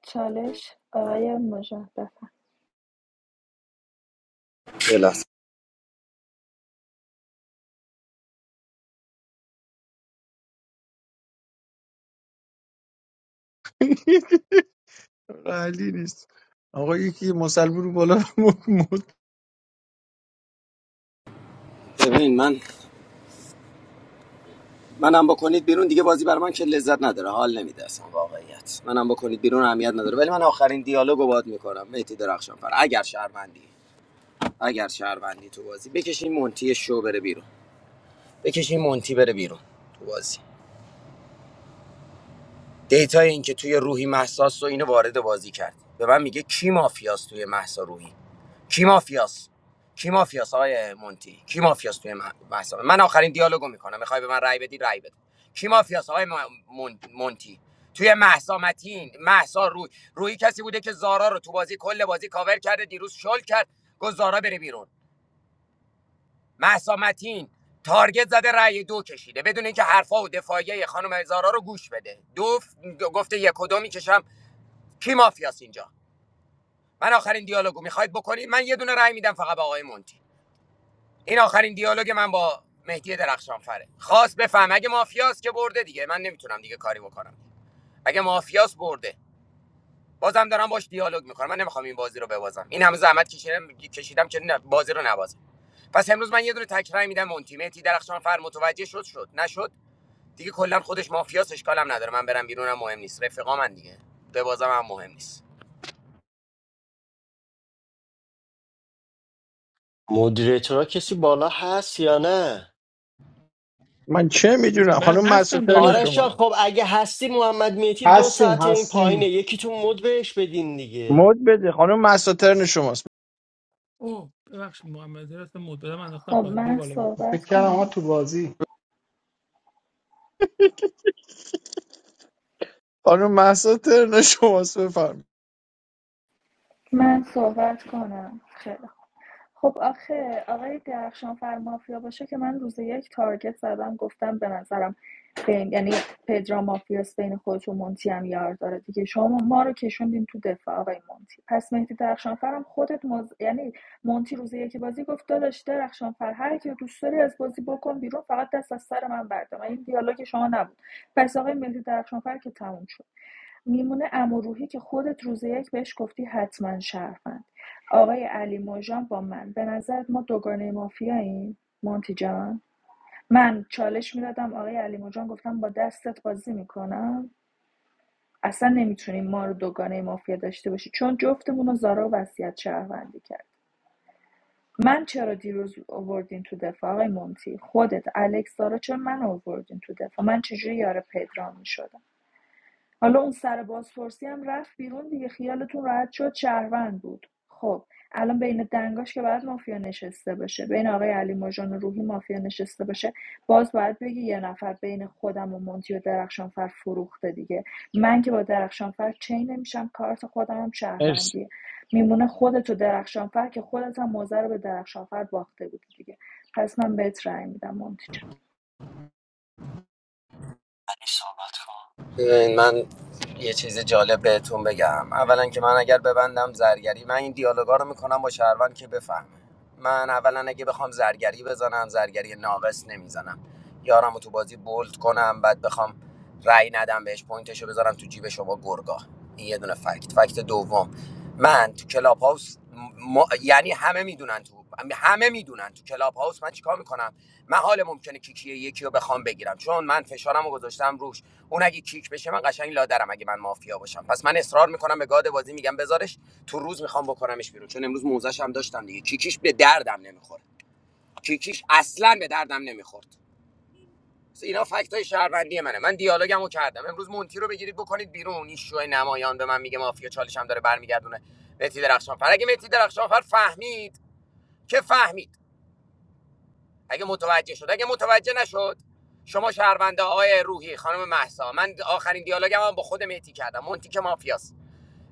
Q: چالش آقای مجدد
F: یه لحظه.
Z: آره، علی نیست آقا یکی مسلمون رو بالا مد مد.
F: ببین من منم بکنید بیرون دیگه بازی بر من که لذت نداره حال نمیده اصلا واقعیت منم بکنید بیرون اهمیت نداره ولی من آخرین دیالوگو باهات میکنم مهدی درخشان فر اگر شهروندی اگر شهروندی تو بازی بکشین مونتی شو بره بیرون بکشین مونتی بره بیرون تو بازی دیتای اینکه توی روحی محساس و اینو وارد بازی کرد به من میگه کی مافیاست توی محسا روحی کی مافیاست کی مافیاست آقای مونتی کی مافیاست توی مح- محسا من آخرین دیالوگو میکنم میخوای به من رای بدی رای بده کی مافیاست آقای م- مون- مونتی توی محسا متین محسا روی روحی کسی بوده که زارا رو تو بازی کل بازی کاور کرده دیروز شل کرد گفت زارا بره بیرون مهسا متین تارگت زده رأی دو کشیده بدون اینکه حرفا و دفاعیه خانم زارا رو گوش بده دو گفته یک و دو میکشم کی مافیاست اینجا من آخرین دیالوگو میخواید بکنید من یه دونه رأی میدم فقط به آقای مونتی این آخرین دیالوگ من با مهدی درخشانفره خواست بفهم اگه مافیاس که برده دیگه من نمیتونم دیگه کاری بکنم اگه مافیاس برده بازم دارم باش دیالوگ میکنم من نمیخوام این بازی رو ببازم این همه زحمت کشیدم کشیدم که نه- بازی رو نبازم پس امروز من یه دونه تکرای میدم مونتی مهدی درخشان فر متوجه شد شد نشد دیگه کلا خودش مافیاس اشکالم نداره من برم بیرونم مهم نیست رفقا من دیگه به بازم هم مهم نیست
A: مدیریتورا کسی بالا هست یا نه
Z: من چه میدونم
E: من
Z: خانم محسا
E: هستم
Z: ترن
E: داداش
A: آرش جان
Z: شماست
A: خب اگه هستی محمد میتی دو
V: Hasim.
A: ساعت این
V: Hasim.
A: پایینه یکیتون مد بهش بدین دیگه
Z: مد بده خانم محسا ترن شماست
E: اوه ببخشید محمد رضا مدبرم انداختم
Q: خب
E: پایین بیا
Q: من
E: بالا
Q: صحبت
V: Pekya na
Q: کنم
V: matubazi.
Z: خانم محسا ترن شماست بفرم
Q: من صحبت کنم خیلی خب آخه آقای درخشانفر مافیا باشه که من روز یک تارگت زدم گفتم به نظرم بین یعنی پدرام مافیاس بین خودش و مونتی هم یار داره دیگه شما ما رو کشوندین تو دفاع آقای مونتی پس مهدی درخشانفرم خودت مز... یعنی مونتی روز یک بازی گفت داداش درخشانفر هر کی رو دوست داری از بازی بکن بیرون فقط دست از سر من بردار این دیالوگ شما نبود پس آقای مهدی درخشانفر که تموم شد میمونه امروحی که خودت روز یک بهش گفتی حتما شرفن آقای علی مژان با من به نظرت ما دوگانه مافیاییم مونتی جان من چالش میدادم آقای علی مژان گفتم با دستت بازی میکنم اصلا نمیتونیم ما رو دوگانه مافیا داشته باشی چون جفتمون رو زارا وصیت شهروندی کرد من چرا دیروز آوردین تو دفاع آقای مونتی خودت الکس زارا چرا من آوردین تو دفاع من چجوری یار پدرام میشدم حالا اون سر بازپرسی هم رفت بیرون دیگه خیالتون راحت شد شهروند بود خب الان بین دنگاش که باید مافیا نشسته باشه بین آقای علی مژان و روحی مافیا نشسته باشه باز باید بگی یه نفر بین خودم و مونتی و درخشانفر فروخته دیگه من که با درخشانفر چین نمیشم کارت خودم هم
Z: مرسی
Q: شهروندیه میمونه خودت و درخشانفر که خودت هم موزه رو به درخشانفر باخته بودی دیگه پس من بهت رأی میدم مونتی جان
A: علی صحبت کن
F: ببین، من یه چیز جالب بهتون بگم اولا که من اگر ببندم زرگری من این دیالوگا رو میکنم با شهروند که بفهمه من اولا اگه بخوام زرگری بزنم زرگری ناقص نمیزنم یارم رو تو بازی بولد کنم بعد بخوام رأی ندم بهش پوینتشو بذارم تو جیب شما گرگا این یه دونه فکت فکت دوم من تو کلاب هاوس م... یعنی همه میدونن تو. همه میدونن تو کلاب هاوس من چیکار میکنم من حال ممکنه کیکیه یکی رو بخوام بگیرم چون من فشارم رو گذاشتم روش اون اگه کیک بشه من قشنگ لادرم اگه من مافیا باشم پس من اصرار میکنم به گاد بازی میگم بذارش تو روز میخوام بکنمش بیرون چون امروز موزش هم داشتم دیگه کیکیش به دردم نمیخوره کیکیش اصلا به دردم نمیخورد اینا فکت های شهروندی منه من دیالوگمو کردم امروز مونتی رو بگیرید بکنید بیرون این شو نمایان به من میگه مافیا چالشم داره برمیگردونه متی درخشانفر اگه متی درخشانفر فهمید که فهمید اگه متوجه شد اگه متوجه نشد شما شهرونده آقای روحی خانم محسا من آخرین دیالوگم هم با خودم مهدی کردم مونتی که مافیاست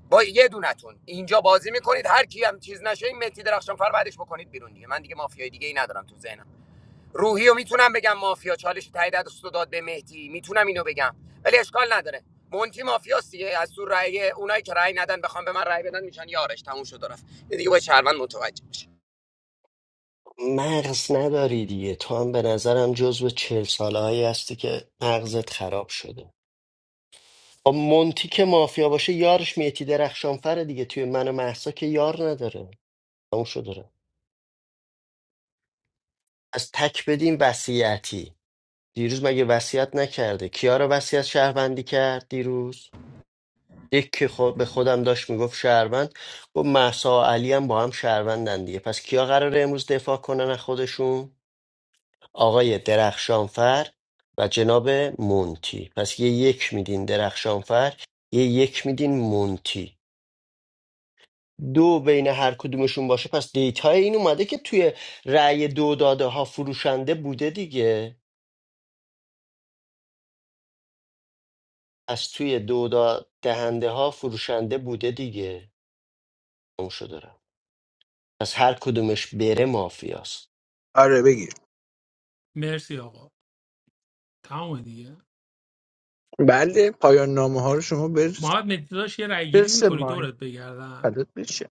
F: با یه دونتون اینجا بازی میکنید هر کی هم چیز نشه این مهدی درخشان فر بعدش بکنید بیرون دیگه من دیگه مافیای دیگه ای ندارم تو ذهنم روحی رو میتونم بگم مافیا چالش تایید دست داد به مهدی میتونم اینو بگم ولی اشکال نداره مونتی مافیاست دیگه از تو رأی اونایی که رأی ندن بخوام به من رأی بدن میشن یارش تموم شد و رفت دیگه با شهروند متوجه بشه
A: مغز نداری دیگه تو هم به نظرم جزو چهل ساله هایی هستی که مغزت خراب شده خب مونتی که مافیا باشه یارش میتی درخشانفره دیگه توی من و محسا که یار نداره اون شده داره. از تک بدیم وسیعتی دیروز مگه وصیت نکرده کیا رو وصیت شهروندی کرد دیروز یک که خود به خودم داشت میگفت شهروند گفت مهسا و علی هم با هم شهروندن دیگه پس کیا قراره امروز دفاع کنن از خودشون آقای درخشانفر و جناب مونتی پس یه یک میدین درخشانفر یه یک میدین مونتی دو بین هر کدومشون باشه پس دیتا این اومده که توی رأی دو داده ها فروشنده بوده دیگه از توی دو دا- دهنده ها فروشنده بوده دیگه شو دارم پس هر کدومش بره مافیاست
Z: آره بگیر
E: مرسی آقا تمام دیگه
Z: بله پایان نامه ها رو شما برس
E: محمد مهدی داشت یه رای گیری
Z: برس
E: میکنی
Z: مایک
E: دورت بگردم
Z: فدات بشم.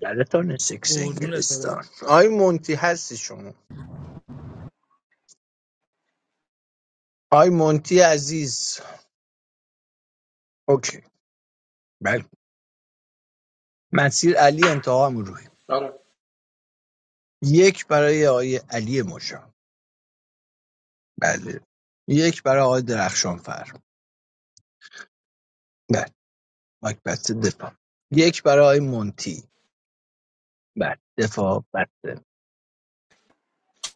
Z: دلتان سکس
E: قربونت برم
Z: انگلستان آی مونتی هستی شما آی مونتی عزیز اوکی بله مسیر علی انتها هم روی
L: آره
Z: یک برای آی علی مجا بله یک برای آقای درخشانفر بله مایک بسته دفاع یک برای آقای مونتی بله دفاع بسته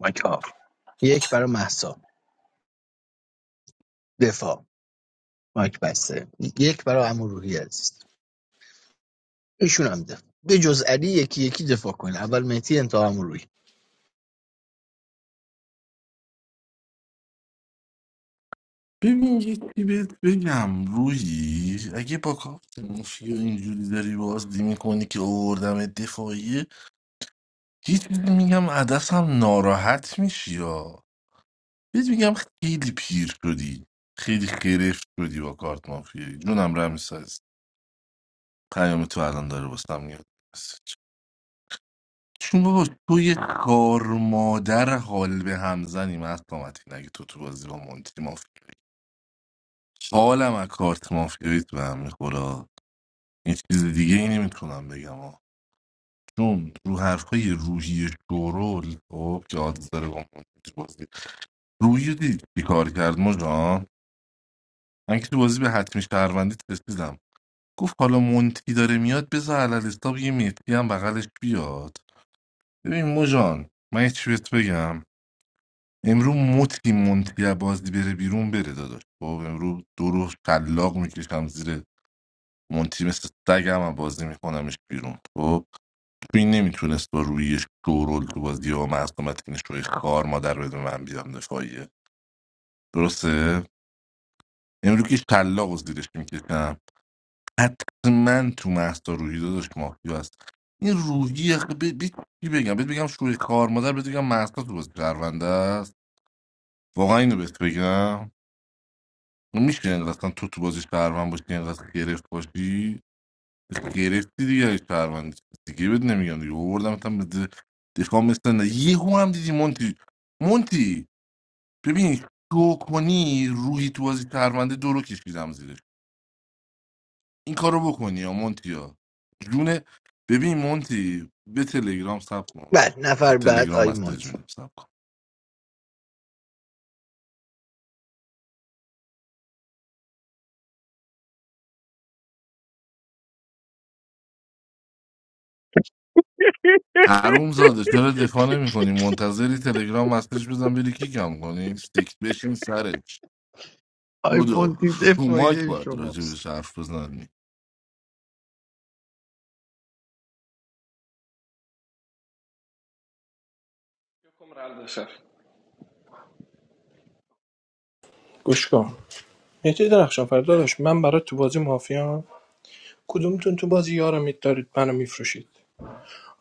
Z: مایک آف یک برای محسا دفاع مایک بسته یک برای امو روحی عزیز ایشون هم دفاع به جز علی یکی یکی دفاع کنه اول مهدی انتها امو
K: ببین یه چی بهت بگم روی اگه با کارت مافیا اینجوری داری بازی میکنی که اووردم دفاعیه یه چیزی میگم عدسم ناراحت میشی یا بهت میگم خیلی پیر شدی خیلی خرفت شدی با کارت مافیایی جونم رمیسا عزیز پیام تو الان داره واسم میاد چون بابا تو یه کار مادر حال به هم زنی من اگه تو تو بازی با مونتی مافیایی حالم از کارت مافیاییت به هم میخوره این چیز دیگه ای نمیتونم بگم ها. چون رو حرفای روحی شورول خب که آدز داره با مونتی تو بازی روحی دید که کار کرد ما جان من که تو بازی به حتمی شهروندی رسیدم گفت حالا مونتی داره میاد بذار علالستا یه مهدی هم بغلش بیاد ببین موجان من یه چی بهت بگم امرو مطی مونتی بازی بره بیرون بره داداش خب امرو دو روز شلاق میکشم زیر مونتی مثل سگم هم بازی میکنمش بیرون خب تو این نمیتونست با روی شورول تو بازی و معصومت این شوی خار مادر بده من بیام دفاعیه درسته امرو که شلاق و زیرش میکشم حتما تو محصا روحی داداش مافیا هست این روحی آخه ب... ب... چی بگم بهت بگم شوی خار مادر بهت بگم محصا تو بازی پرونده است واقعا اینو بهت بگم میشه اینقدر اصلا تو تو بازی شهروند باشی اینقدر گرفت باشی گرفتی دیگه اگه شهروند دیگه بهت نمیگم دیگه آوردم مثلا دفاع مثل نه یهو هم دیدی مونتی مونتی ببین تو کنی روی تو بازی شهرونده دورو کشیدم زیرش این کارو بکنی یا مونتی ها جون ببین مونتی به تلگرام ساب کن
Z: بله
K: تو
Z: نفر بعد
K: تلگرام
Z: آقای
K: مسیج
Z: مونتی
K: میدم ساب کن حروم زاده چرا دفاع نمی کنی منتظری تلگرام مسیج بزن بری کیکم کنی سیک بشیم سرش
Z: آقای
K: بودو
Z: مونتی
K: رو مایک
Z: دفاعی
K: باید
Z: شماست
K: راجبش حرف بزنی
L: مرد سر گوش کن مهدی درخشان فرداداش من برای تو بازی مافیا کدومتون تو بازی یارم دارید منو میفروشید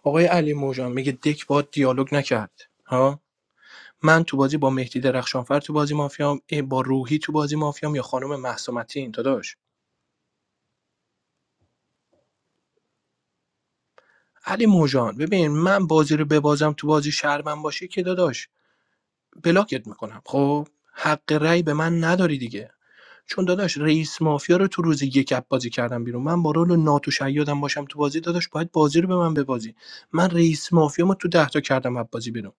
L: آقای علی موجان میگه دک با دیالوگ نکرد ها من تو بازی با مهدی درخشانفر تو بازی مافیام اه، با روحی تو بازی مافیام یا خانم محسومتین داداش علی موجان ببین من بازی رو ببازم تو بازی شهر من باشه که داداش بلاکت میکنم خب حق رأی به من نداری دیگه چون داداش رئیس مافیا رو تو روز یک اپ بازی کردم بیرون من با رول ناتو شیادم باشم تو بازی داداش باید بازی رو به من ببازی من رئیس مافیا ما تو ده تا کردم اپ بازی بیرون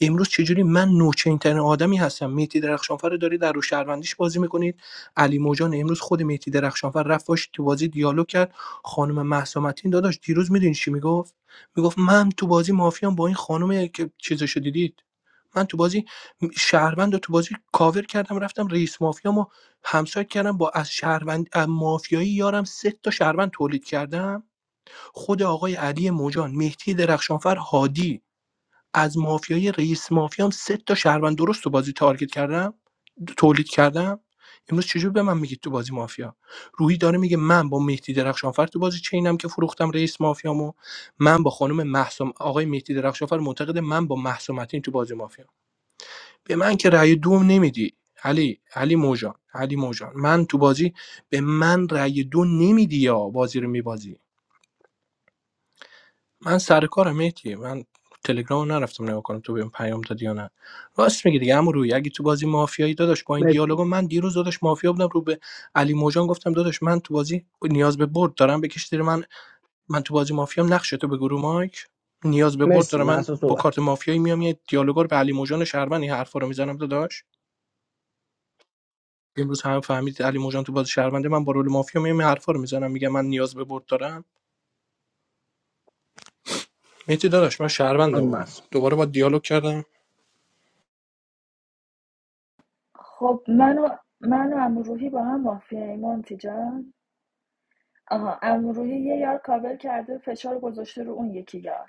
L: امروز چجوری من نوچین ترین آدمی هستم میتی درخشانفر رو داری در رو شهروندیش بازی میکنید علی موجان امروز خود میتی درخشانفر رفت باش تو بازی دیالوگ کرد خانم مهسا متین داداش دیروز میدونی چی میگفت میگفت من تو بازی مافیام با این خانم که چیزشو دیدید؟ من تو بازی شهروند رو تو بازی کاور کردم رفتم رئیس مافیامو همسایت کردم با از شهروند از مافیایی یارم سه تا شهروند تولید کردم خود آقای علی موجان مهدی درخشانفر هادی از مافیای رئیس مافیام سه تا شهروند درست تو بازی تارگت کردم تولید کردم امروز چجور به من میگید تو بازی مافیا روحی داره میگه من با مهدی درخشانفر تو بازی چینم که فروختم رئیس مافیامو من با خانم محسوم آقای مهدی درخشانفر معتقد من با محسومتین تو بازی مافیا به من که رأی دوم نمیدی علی علی موجان علی موجان من تو بازی به من رأی دو نمیدی یا بازی رو میبازی من سر کارم مهدی من تلگرام رو نرفتم نگاه کنم تو بهم پیام دادی یا نه راست میگی دیگه عمو روی اگه تو بازی مافیایی داداش با این
Z: مرسی
L: دیالوگا من دیروز داداش مافیا بودم رو به علی موجان گفتم داداش من تو بازی نیاز به برد دارم بکش زیر من من تو بازی مافیام نقش تو به گروه مایک نیاز به برد
Z: مرسی
L: دارم من
Z: محسا
L: با
Z: صحبت
L: کارت
Z: کن.
L: مافیایی میام یه دیالوگا رو به علی موجان شهروند این حرفا رو میزنم داداش امروز هم فهمید علی موجان تو باز شهرونده من با رول مافیا میام این حرفا رو میزنم میگم من نیاز به برد دارم مهدی داداش من شهروندم
Z: آقای محسا
L: دوباره با دیالوگ کردم
Q: خب من و من و عمو روحی با هم مافیاییم مونتی جان آها روحی یه یار کاور کرده فشار گذاشته رو اون یکی یار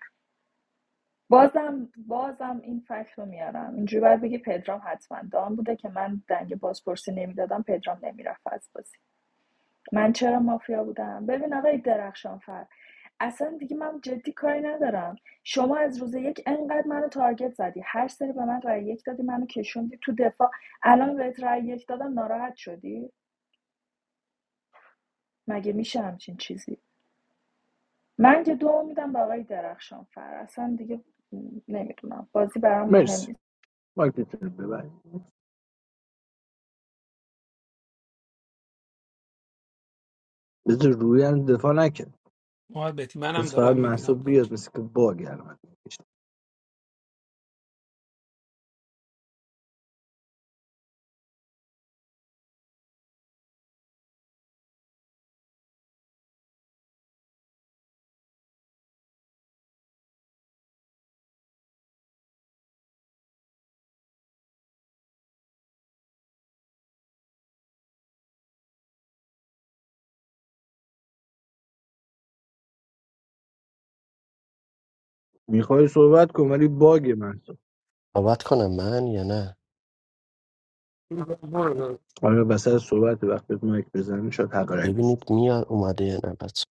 Q: بازم بازم این فکت رو میارم اینجوری باید بگی پدرام حتما دام بوده که من دنگ بازپرسی نمیدادم پدرام نمیرفت از بازی من چرا مافیا بودم ببین آقای درخشانفر اصلا دیگه من جدی کاری ندارم شما از روز یک انقدر منو تارگت زدی هر سری به من رای یک دادی منو کشوندی تو دفاع الان بهت رأی یک دادم ناراحت شدی مگه میشه همچین چیزی من که دو میدم به آقای درخشان فر اصلا دیگه نمیدونم بازی برام مهم
Z: مرسی
Q: نیست
Z: مایکتون رو ببرید بذار روی هم دفاع نکن
E: محمد مهدی منم
Z: بس فقط
E: دارم
Z: محسا
E: میبینم داداش
Z: بیاد مثل که باگ علامت میکشه. میخوای صحبت کن ولی باگ محسا
A: صحبت کنم من یا نه
Z: آره وسط صحبت وقتی مایک بزنی شاید حق رای بسن
A: ببینید میاد اومده یا نه بس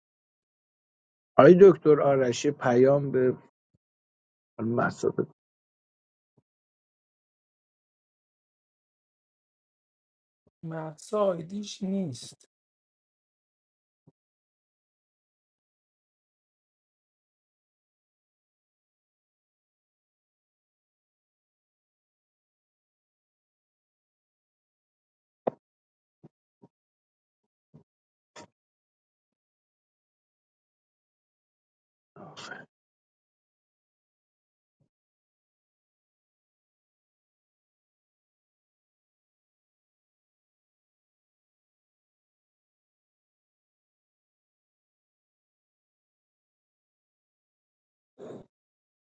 Z: آقای دکتر آرشی پیام به خانم مهسا ب-
E: محسا آیدیش نیست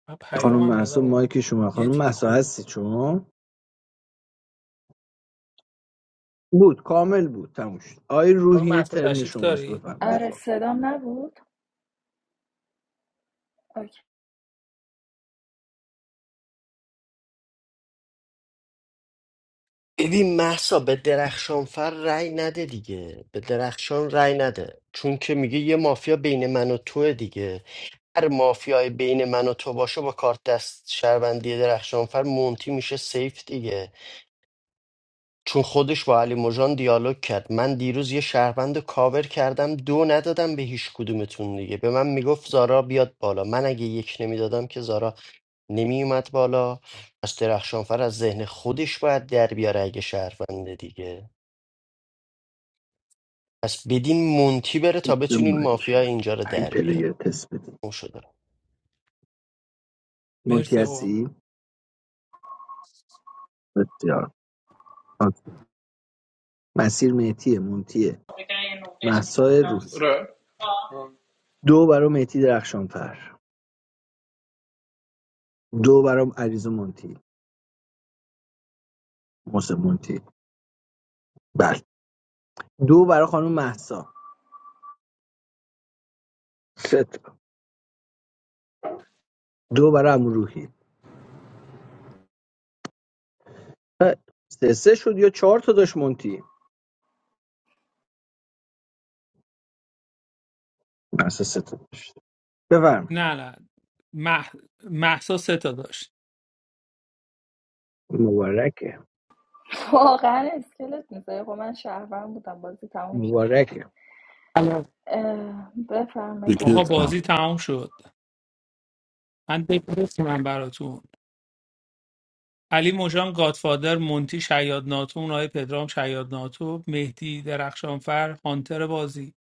E: من
Z: خانم
E: پیامم
Z: مهسا
E: دادم آقا
Z: مایک شما
E: یه
Z: خانم
E: تیک
Z: مهسا
E: خوردم
Z: هستی شما بود کامل بود تموم شد آی
E: آقا
Z: روحی
E: محسا
Z: ترن
E: تشریف
Z: شماست
E: داری؟
Z: بفهم
Q: آره
Z: دفاع
Q: صدام نبود اوکی.
A: ببین محسا به درخشانفر رأی نده دیگه به درخشان رأی نده چون که میگه یه مافیا بین من و توه دیگه هر مافیای بین من و تو باشه با کارت دست شهروندی درخشانفر مونتی میشه سیف دیگه چون خودش با علی مژان دیالوگ کرد من دیروز یه شهروند رو کاور کردم دو ندادم به هیچ کدومتون دیگه به من میگفت زارا بیاد بالا من اگه یک نمیدادم که زارا نمیومد بالا پس درخشانفر از ذهن خودش باید در بیاره اگه شهرونده دیگه پس بدین مونتی بره تا
Z: تست
A: بتونین
Z: مایک
A: مافیا اینجا رو
Z: پنج
A: در
Z: پلیر
A: بیاره
Z: تست بدیم
A: اون شده
Z: مونتی
E: مرسی آقا
Z: هستی بسیار آکی. مسیر مهتیه مونتیه مهسا روحی
L: آره.
Z: دو برام مهتی درخشانفر دو برام عریض مونتی محسن مونتی بله دو برای خانم مهسا سه تا. دو برای عمو روحی خیلی. سه سه شد یا چهار تا داشت مونتی مهسا سه تا داشت بفرمایید.
E: نه نه مح... محسا سه تا داشت
Z: مبارکه
Q: واقعا اسکلت میزه خب من شهرم بودم بازی تموم شد
Z: مبارکه
E: الان.
Q: اه، بفرمایید
E: آقا
Q: دکو
K: بکت کن
E: بازی
Q: بخونید
E: تمام شد من دک نیستم من براتون علی مژان گادفادر مونتی شیاد ناتو اونای پدرام شیاد ناتو مهدی درخشانفر هانتر بازی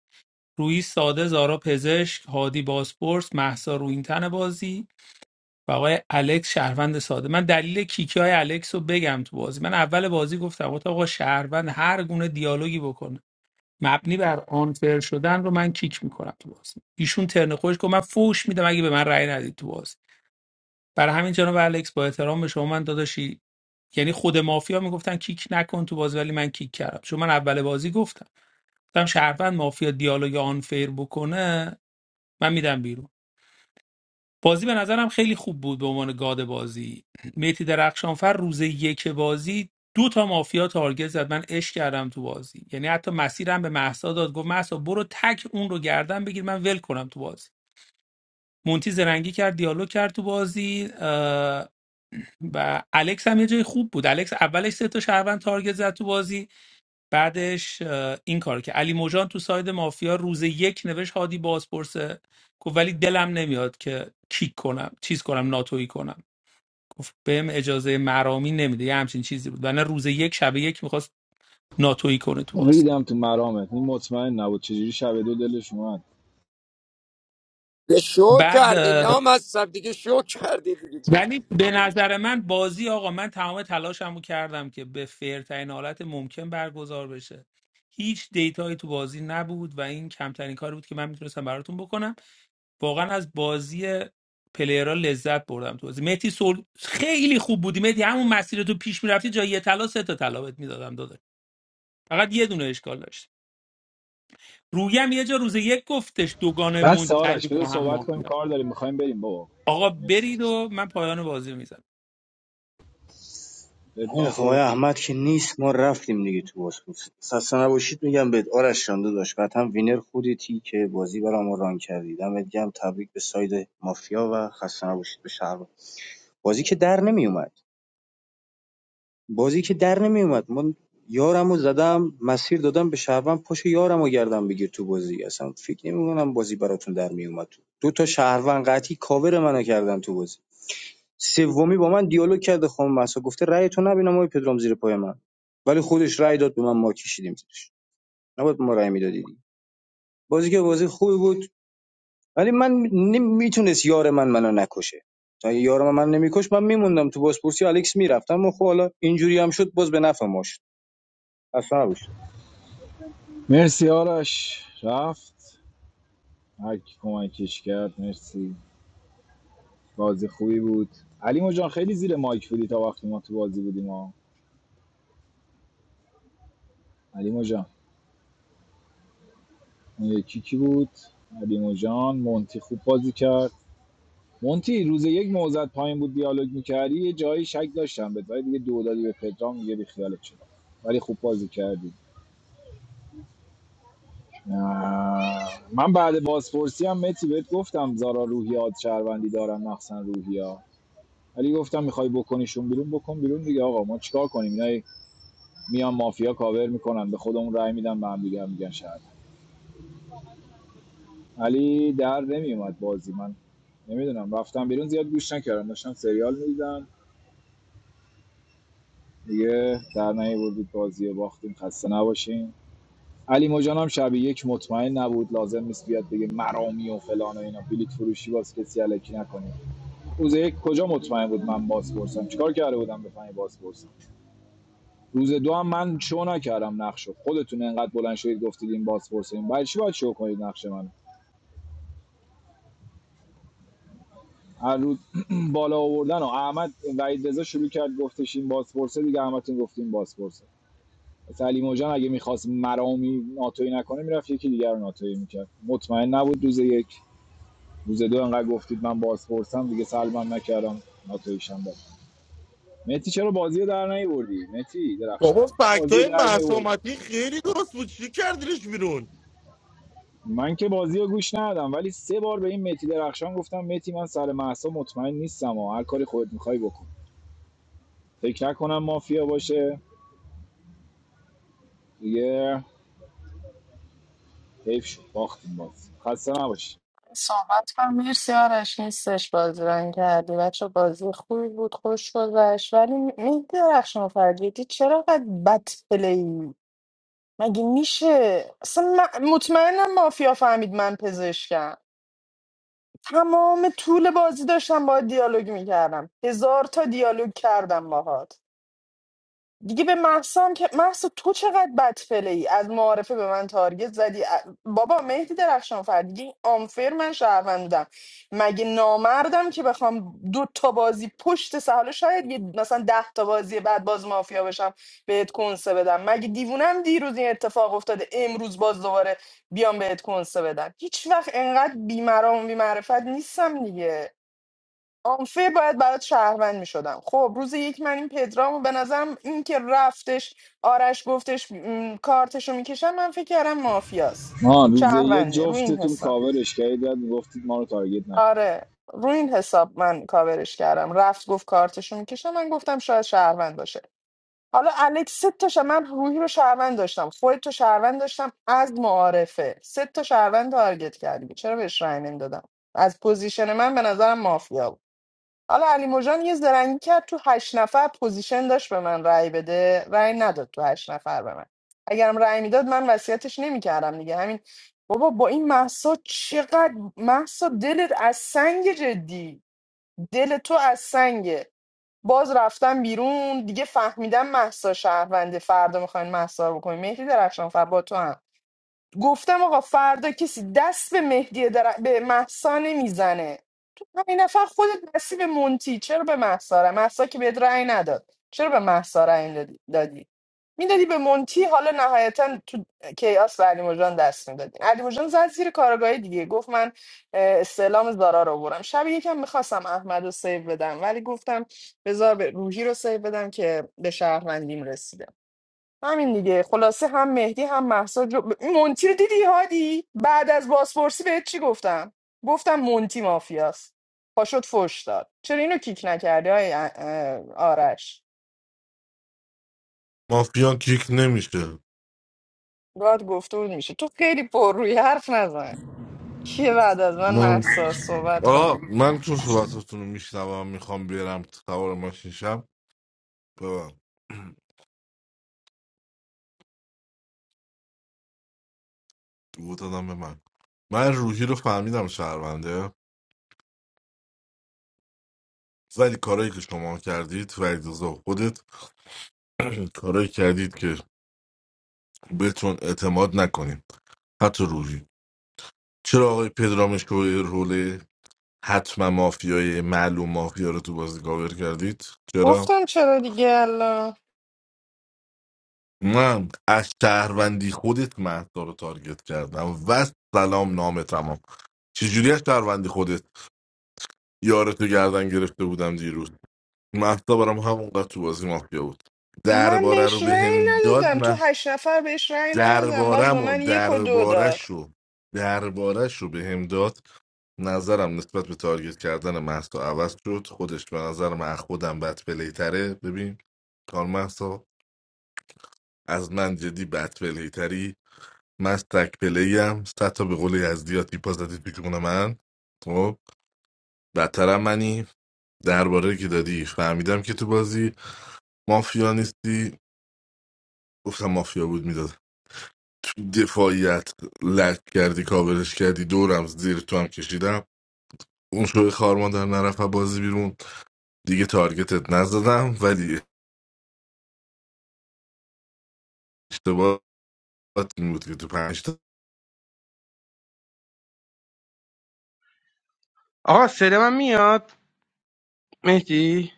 E: روی ساده زارا پزشک هادی باسپورس محسا روینتن بازی و آقای الکس شهروند ساده من دلیل کیکی های الکس رو بگم تو بازی من اول بازی گفتم گفتم آقا شهروند هر گونه دیالوگی بکنه مبنی بر آنفر شدن رو من کیک میکنم تو بازی ایشون ترن خودش گفت من فوش میدم اگه به من رأی ندید تو بازی برای همین جناب الکس با احترام به شما من داداشی یعنی خود مافیا میگفتن کیک نکن تو بازی ولی من کیک کردم چون من اول بازی گفتم گفتم شهروند مافیا دیالوگ آن فیر بکنه من میدم بیرون بازی به نظرم خیلی خوب بود به عنوان گاد بازی میتی درخشانفر روز یک بازی دو تا مافیا تارگت زد من اش کردم تو بازی یعنی حتی مسیرم به محسا داد گفت محسا برو تک اون رو گردن بگیر من ول کنم تو بازی مونتی زرنگی کرد دیالوگ کرد تو بازی و الکس هم یه جای خوب بود الکس اولش سه تا شهروند تارگت زد تو بازی بعدش اه، این کار که علی موجان تو ساید مافیا روز یک نوشت هادی بازپرسه گفت ولی دلم نمیاد که کیک کنم چیز کنم ناتویی کنم گفت بهم اجازه مرامی نمیده یه همچین چیزی بود ولی روز یک شب یک میخواست ناتویی کنه تو باز
C: ریدم تو مرامت این مطمئن نبود چجوری شب دو دلش اومد
F: شو
E: بعد
F: کردی
E: اه،
F: لام از سب دیگه شو کردی دیگه
E: ولی به نظر من بازی آقا من تمام تلاشمو کردم که به فرترین حالت ممکن برگزار بشه هیچ دیتایی تو بازی نبود و این کمترین کاری بود که من میتونستم براتون بکنم واقعا از بازی پلیرها لذت بردم تو بازی مهدی سول خیلی خوب بودی مهدی همون مسیر تو پیش میرفتی جای یه طلا سه تا طلا بهت میدادم داداش فقط یه دونه اشکال داشت رویم یه جا روز یک گفتش دوگان
C: بس
E: منتج
C: آرش بذار
E: با هم
C: صحبت کنیم
E: مافیا
C: کار داریم میخوایم بریم بابا
E: آقا
C: مرسی
E: برید و من پایان بازی میزنم
D: خیلی
C: بدون
D: خب آقای
C: صحبت.
D: احمد که نیست ما رفتیم دیگه تو باسپورس خسته نباشید میگم بهت آرش جان داشت قطعا وینر خودتی که بازی برای ما ران کردی دمت گرم تبریک به ساید مافیا و خسته نباشید به شهر بازی که در نمیومد بازی که در نمیومد من یارمو زدم مسیر دادم به شهروند پاش یارمو گردم بگیر تو بازی اصلا فکر نمیکنم بازی براتون در میومد تو دو تا شهروند قطعی کاور منو کردن تو بازی سومی با من دیالوگ کرده خانم مسا گفته رأی تو نبینم آقای پدرام زیر پای من ولی خودش رأی داد به من ما کشیدیم زیرش نباید ما رأی میدادید بازی که بازی خوبی بود ولی من نمیتونست یار من منو نکشه تا اگه یار من منو نمیکش من میموندم تو بازپرسی الکس میرفتم و خب حالا اینجوری هم شد باز به نفع ما شد. خسته نباشید
C: مرسی آرش رفت هر کی کمکش کرد مرسی بازی خوبی بود علی مجان خیلی زیر مایک بودی تا وقتی ما تو بازی بودیم ها علی مجان اون یکی کی بود علی مجان مونتی خوب بازی کرد مونتی روز یک موزت پایین بود دیالوگ میکردی یه جایی شک داشتم بهت ولی دیگه دو دادی به پدرام دیگه بی خیالت شدم ولی خوب بازی کردی من بعد بازپرسی هم متی بهت گفتم زارا روحیات شهروندی دارن مخصن روحیا ولی گفتم میخوای بکنیشون بیرون بکن بیرون دیگه آقا ما چیکار کنیم اینا میان مافیا کاور میکنن به خودمون رأی میدن به هم دیگه میگن شهر علی در نمیومد بازی من نمیدونم رفتم بیرون زیاد گوش نکردم داشتم سریال میدیدم دیگه در نیاوردید بازی رو باختیم خسته نباشین علی مجان هم شب یک مطمئن نبود لازم نیست بیاد بگه مرامی و فلان و اینا بلیت فروشی باز کسی علکی نکنید روز یک کجا مطمئن بود من باز پرسم چیکار کرده بودم بفهمی باز پرسم روز دو هم من شو نکردم نقشو خودتون انقدر بلند شدید گفتید این باز پرسیم برای چی باید شو کنید نقش منو هر روز بالا آوردن و احمد وحید رضا شروع کرد گفتش این باز پرسه دیگه احمدتون گفتیم باز سلیمو جان اگه میخواست مرامی ناتوی نکنه میرفت یکی دیگر رو ناتوی میکرد مطمئن نبود روز یک روز دو انقدر گفتید من بازپرسم دیگه سلبم نکردم ناتویشم داد متی چرا بازی رو در نیوردی متی درخشان
X: بابا فکت
C: بازی رو
X: های
C: در میوردی
X: معصومتی خیلی درست بود چی کردیش بیرون
C: من که بازی رو گوش ندادم ولی سه بار به این متی درخشان گفتم متی من سر محسا مطمئن نیستم و هر کاری خودت میخوای بکن فکر نکنم مافیا باشه دیگه حیف شد باختیم باز خسته نباشی
B: صحبت کنم مرسی آرش نیستش بازی رنگ کردی بچه بازی خوبی بود خوش گذشت ولی مهدی درخشان فرجیدی چرا قد بد پلی مگه میشه اصلا من- مطمئنم مافیا فهمید من پزشکم تمام طول بازی داشتم با دیالوگ میکردم هزار تا دیالوگ کردم باهات دیگه به محسا که محسا تو چقدر بدفله ای از معارفه به من تارگت زدی ا- بابا مهدی درخشان فر دیگه این آنفر من شهروندم مگه نامردم که بخوام دو تا بازی پشت سهاله شاید یه مثلا ده تا بازی بعد باز مافیا بشم بهت کنسه بدم مگه دیوونم دیروز این اتفاق افتاده امروز باز دوباره بیام بهت کنسه بدم هیچ وقت انقدر بیمرام و بیمعرفت نیستم دیگه آنفه باید برات شهروند میشدم خب روز یک من این پدرامو به نظرم این که رفتش آرش گفتش م، کارتشو میکشم من فکر کردم مافیاست
C: ما روز یک
B: شهرونده رو این
C: جفتتون
B: حساب
C: کاورش کردید گفتید ما رو تارگت نکن
B: آره رو این حساب من کاورش کردم رفت گفت کارتشو میکشم من گفتم شهروند باشه حالا الکس سه تاشه من روحی رو شهروند داشتم خودت تو شهروند داشتم از معارفه شهروند تارگت میچنم دادم از پوزیشن من به نظر فیا بود حالا علی کرد تو هشت نفر پوزیشن داشت به من رأی بده رأی نداد تو هشت نفر به من اگرم رأی میداد من وصیتش نمیکردم دیگه همین بابا با این محسا چقدر محسا دلت از سنگ جدی دل تو از سنگه باز رفتم بیرون دیگه فهمیدم محسا شهرونده فردا میخواین محسا رو بکنین مهدی درخشان فر با تو هم گفتم آقا فردا کسی دست به مهدی در... به محسا نمیزنه همین نفر خودت نصیب مونتی چرا به محسا محسا که بهت رأی نداد چرا به محسا رأی دادی دادی میدادی به مونتی حالا نهایتا تو کیاس به علی مجان دست میدادی علی مجان زد زیر کارگاهی دیگه گفت من اه، استعلام زارا رو برم شب یکم میخواستم احمد رو سیو بدم ولی گفتم بذار به روحی رو سیو بدم که به شهروندیم رسیده همین دیگه خلاصه هم مهدی هم مهسا جو... مونتی رو دیدی هادی بعد از بازپرسی بهت چی گفتم گفتم مونتی مافیاست پاشوت فوش داد چرا اینو کیک نکردی های آرش
K: مافیا کیک نمیشه
B: گاد گفته بود میشه تو خیلی پر روی حرف نزن کیه بعد از من
K: من
B: مهسا صحبت کن
K: آه من تو صحبتتون رو میشنوم میخوام بیارم تو سوار ماشین شم ببم بود دادم به من من روحی رو فهمیدم شهرونده ولی کارایی که شما کردید و اجازه خودت کارایی کردید که بهتون اعتماد نکنید حتی روحی چرا آقای پدرامش که روله حتما مافیای معلوم مافیا رو تو بازی کاور کردید چرا
B: گفتم چرا دیگه الان
K: من از شهروندی خودت مهسا رو تارگت کردم و سلام نامه تمام چجوری از شهروندی خودت یارتو گردن گرفته بودم دیروز مهسا برام همونقدر تو بازی مافیا بود
B: من
K: درباره رو
B: بهش
K: به
B: رأی
K: هم داد
B: ندادم تو
K: من
B: هشت نفر بهش رأی ندادم باز به
K: دربارم و
B: من یک و دو داد
K: دربارش رو دربارش رو به هم داد نظرم نسبت به تارگت کردن مهسا عوض شد خودش به نظر من از خودم بد پلیتره ببین کار مهسا از من جدی بد پلیتری من از تک پلی ام صد تا به قول یزدی ها تیپا زدی تو جون من خب بدترم منی درباره که دادی فهمیدم که تو بازی مافیا نیستی گفتم مافیا بود میداد تو دفاعیت لک کردی کاورش کردی دورم زیر تو هم کشیدم اون شوی خارمان در نرفت بازی بیرون دیگه تارگتت نزدم ولی اشتباهات این بود که تو پنج تا
M: آقا صدا من میاد مهدی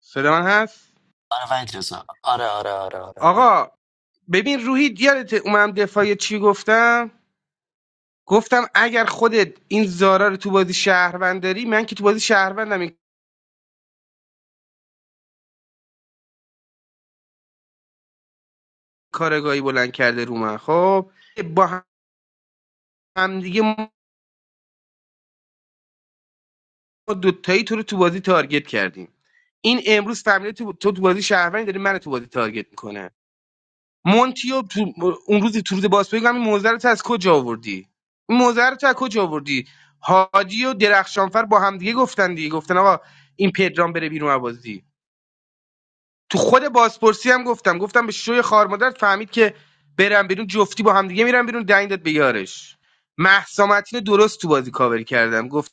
M: صدا من هست
A: آره وحید رضا آره آره آره آره برو
M: آقا ببین روحی یادت اومم دفاعی چی گفتم گفتم اگر خودت این زارا رو تو بازی شهروند داری من که تو بازی شهروندم این کارگاهی بلند کرده رو من خب با هم دیگه ما دوتایی تو رو تو بازی تارگت کردیم این امروز فهمیده تو, تو تو بازی شهروندی داری من تو بازی تارگت میکنه مونتیو تو اون روزی تو روز بازپرسی گفتم موزه رو تو از کجا آوردی این موزه رو تو از کجا آوردی هادی و درخشانفر با هم دیگه گفتن دیگه گفتن آقا این پدرام بره بیرون از بازی تو خود بازپرسی هم گفتم گفتم به شوی خار مادر فهمید که برم بیرون جفتی با هم دیگه میرم بیرون دنگ داد به یارش مهسا متین رو درست تو بازی کاور کردم گفتم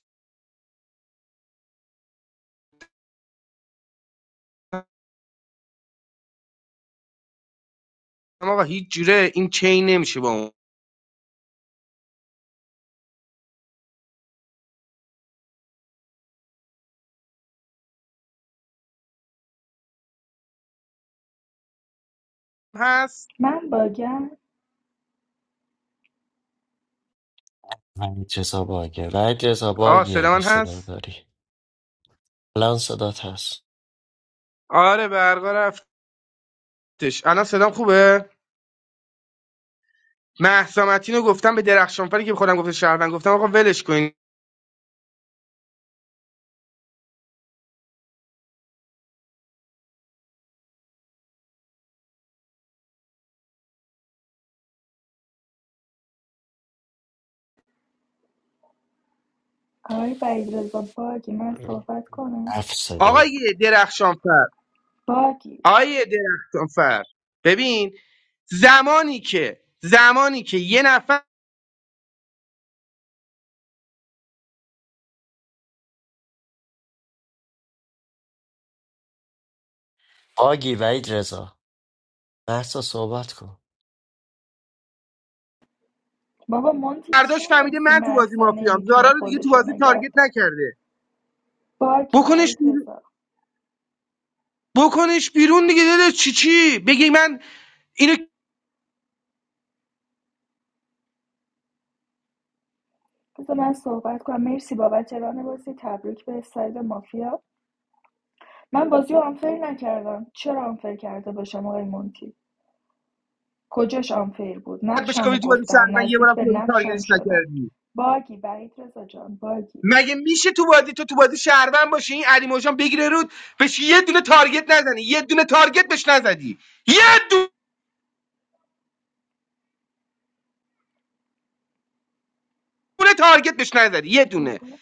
M: آقا هیچ جوره این چین نمیشه با اون هست
Q: من باگم
A: وحید رضا باگه وحید رضا
M: آه
A: باگی
M: صدا
A: اگه
M: من
A: صدا
M: هست
A: داری الان صدات هست
M: آره برقا رفتش الان صدام خوبه مهسا متین رو گفتم به درخشانفر که به خودم گفته شهروند گفتم آقا ولش کن
Q: آقای بعید رضا باگی من
A: رو.
Q: صحبت کنم
A: صدا
M: آقای درخشانفر
Q: باگی
M: آقای درخشانفر ببین زمانی که زمانی که یه نفر
A: آگی وحید رضا بحث رو صحبت کن
Q: بابا مونتی چی
M: برداشت فهمیده
Q: می‌نویسی
M: من تو بازی
Q: مرسا
M: مافیام
Q: نمیتونه
M: زارا رو دیگه تو
Q: خودشو
M: بازی
Q: نگه
M: تارگت
Q: داره
M: نکرده
Q: باگی
M: بکنش
Q: بعید
M: بیرون
Q: رضا
M: بکنش بیرون دیگه داده چی چی بگی من اینو که
Q: بذار من صحبت کنم مرسی بابت ران بازی تبریک به ساید مافیا من بازی رو آنفیر نکردم چرا آنفیر کرده باشم آقای مونتی کجاش آنفیر بود
M: بهش
Q: نقشم رو
M: گفتی تو بازی
Q: گفتم
M: شهروند یه
Q: نزدیک
M: بارم
Q: به
M: تو بازی
Q: نقشم
M: تارگتش
Q: شدم
M: نکردی
Q: باگی وحید رضا جان باگی
M: مگه میشه تو بازی تو تو بازی شهروند باشی این علی موجان بگیره رود بهش یه دونه تارگت نزنی یه دونه تارگت
Q: ای بابا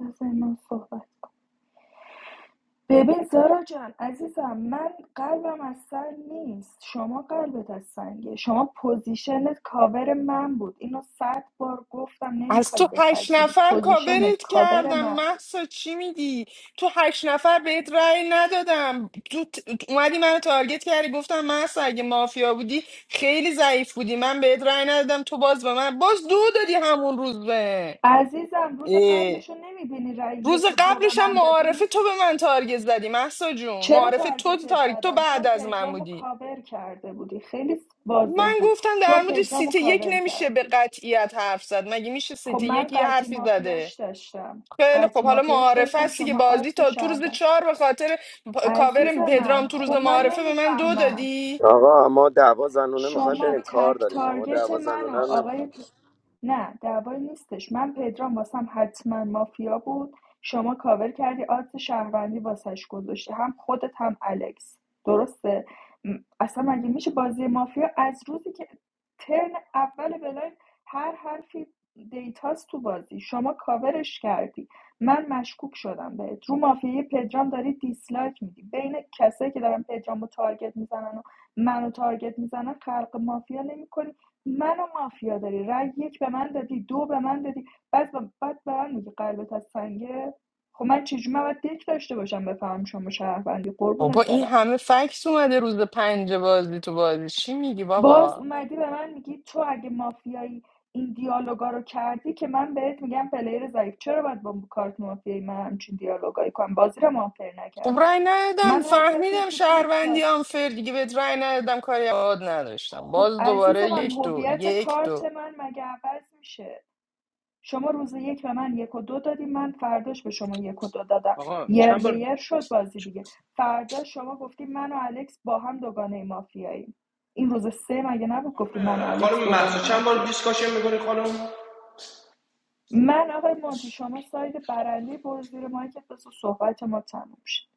Q: بذار من صحبت کنم. ببین زارا جان عزیزم من قلبم از سنگ نیست شما قلبت از سنگه شما پوزیشنت کاور من بود اینو صد بار گفتم
B: از
Q: نمیخوای
B: تو هشت
Q: بپذیری
B: نفر
Q: پوزیشنت
B: کاورت
Q: کاور
B: کردم
Q: من بود
B: محسا چی میگی تو هشت نفر بهت رأی ندادم تو ت- اومدی منو تارگت کردی گفتم محسا اگه مافیا بودی خیلی ضعیف بودی من بهت رأی ندادم تو باز به من باز دو دادی همون روز به
Q: عزیزم روز
B: اه.
Q: قبلشو نمیبینی رای
B: روز
Q: یک و دو به
B: قبلش هم
Q: من دادی
B: معارفه تو به من تارگت زدی محسا جون
Q: چرا
B: معارفه تو
Q: تارگتت
B: تارگت تو
Q: زدم
B: بعد
Q: چون
B: از من
Q: پدرامو
B: بودی
Q: کاور کرده بودی خیلی واضح
B: من
Q: بود
B: گفتم در
Q: چون
B: مورد
Q: پدرامو
B: سیت یک
Q: کاور
B: نمیشه به
Q: کردی
B: قطعیت حرف زد مگه میشه
Q: خب
B: سیت
Q: من
B: یک یه
Q: قطی
B: حرفی زده
Q: مافیاش داشتم
B: خیلی
Q: قطی
B: خب حالا
Q: مافیاش
B: معارفه
Q: داشتم
B: هستی که
Q: شما
B: بازی
Q: آدس
B: تا تو روز
Q: شهروند
B: چهار به خاطر پا-
Q: عزیز
B: کاور پدرام
Q: من
B: تو روز
Q: خب من
B: معارفه به من دو
Q: نمیفهمم
B: دادی
F: آقا ما دعوا زنونه میخوایم
Q: شما
F: بریم کار
Q: تک
F: داریم ما
Q: تارگت
F: دعوا
Q: من
F: زنونه
Q: و
F: هم
Q: آقای
F: نمیخوایم
Q: نه دعوایی نیستش من پدرام واسم حتما مافیا بود شما کاور کردی آدرس شهروندی واسش گذاشتی هم خودت هم الکس درسته م، اصلا مگه میشه بازی مافیا از روزی که ترن اول بلاین هر حرفی دیتاست تو بازی شما کاورش کردی من مشکوک شدم بهت رو مافیای پدرام داری دیسلایک میدی بین کسایی که دارن پدرامو تارگت میزنن و منو تارگت میزنن خلق مافیا نمیکنی منو مافیا داری رأی یک به من دادی دو به من دادی بعد بعد به من میگی قلبت از سنگه خب من چجوری من باید دک داشته باشم بفهمم شما شهروندی
B: بابا
Q: قربونت
B: این
Q: برم
B: همه فکس اومده روز پنج بازی تو بازی چی میگی
Q: باز
B: بابا
Q: اومدی به من میگی تو اگه مافیایی این دیالوگا رو کردی که من بهت میگم پلیر ضعیف چرا باید با کارت مافیایی من همچین دیالوگایی کنم بازی رو مافیایی
B: خب
Q: نکردم
B: رای
Q: من
B: ندادم
Q: هر کسی رو
B: فهمیدم
Q: تو دک
B: شهروندی
Q: تا
B: آنفر دیگه بهت رای ندادم کاری یاد نداشتم
Q: خب
B: باز
Q: عزیز
B: دوباره
Q: من
B: یک دو
Q: هویت
B: یک
Q: کارت
B: دو
Q: من مگه عوض میشه شما روز یک به من یک و دو دادیم من فرداش به شما یک و دو دادم یر
L: چند
Q: به
L: بار
Q: یر شد بازی دیگه فردا شما گفتی من و الکس با هم دوگانه مافیاییم این روز سه مگه نبود گفتی من و الکس
L: خانم محسا
Q: دوگانه
L: چند بار
Q: مافیاییم
L: دیسکاشن میکنی خانم
Q: من آقای مونتی شما ساید برنده برو زیر مایکت بس و صحبت ما تموم شد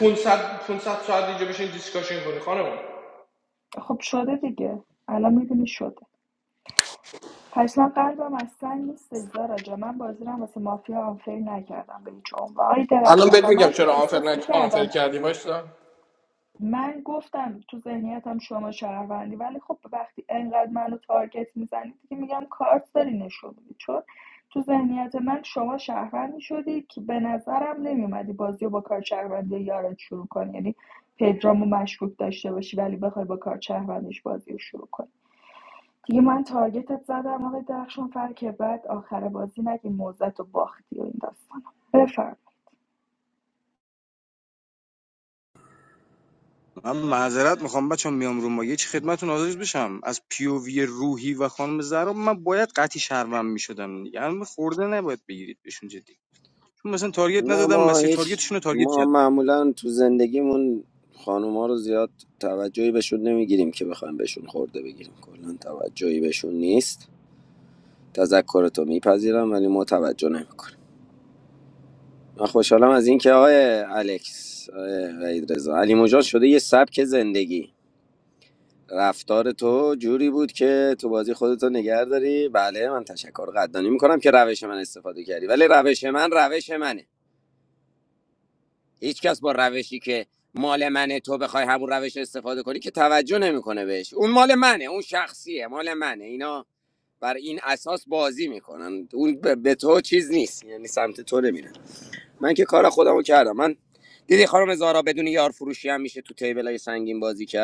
L: 500 500 ساعت اینجا بشین دیسکاشن کنی خانم
Q: خب شده دیگه الان میبینی شده پس من قلبم از سنگ نیست زارا جا من بازی رو واسه مافیا آنفیر نکردم به هیچ عنوان آقای
L: الان
Q: درخشان
L: بهت
Q: و
L: میگم
Q: من
L: چرا آنفر
Q: احساس
L: نک آنفر
Q: میکردم
L: کردی وایسا
Q: من گفتم تو ذهنیتم شما شهروندی ولی خب وقتی انقدر منو تارگت میزنی دیگه میگم کارت داری نشون میدی چون تو ذهنیت من شما شهروندی شدی که به نظرم نمیومدی بازی رو با کار شهروندی یارت شروع کنی یعنی پدرامو مشکوک داشته باشی ولی بخوای با کار شهروندیش بازی رو شروع کنی دیگه من تارگتت زدم آقای درخشان فر که بعد آخر بازی نگی موزت و باختی و این داستانا
D: من معذرت میخوام بچه میام رو ما یه چی خدمتتون حاضر بشم از پیووی روحی و خانم زهرا من باید قطعی شهروند میشدم دیگه الان خورده نباید بگیرید بهشون جدی چون مثلا تارگت
F: نه
D: نزدم
F: ما
D: مسیر
F: هیچ
D: تارگتشون رو تارگت
F: ما
D: کردم
F: معمولا تو زندگیمون خانوما رو زیاد توجهی بهشون نمیگیریم که بخوایم بهشون خورده بگیریم کلا توجهی بهشون نیست تذکر تو میپذیرم ولی ما توجه نمیکنیم من خوشحالم از اینکه آقای الکس آقای وحید رضا علی مجان شده یه سبک زندگی رفتار تو جوری بود که تو بازی خودتو نگه داری بله من تشکر قدردانی میکنم که روش من استفاده کردی ولی روش من روش منه هیچ کس با روشی که مال منه تو بخوای همون روش استفاده کنی که توجه نمیکنه بهش اون مال منه اون شخصیه مال منه اینا بر این اساس بازی میکنن اون به به تو چیز نیست یعنی سمت تو نمیرن من که کار خودمو کردم من دیدی خانم زارا بدون یار فروشی هم میشه تو تیبلای سنگین بازی کرد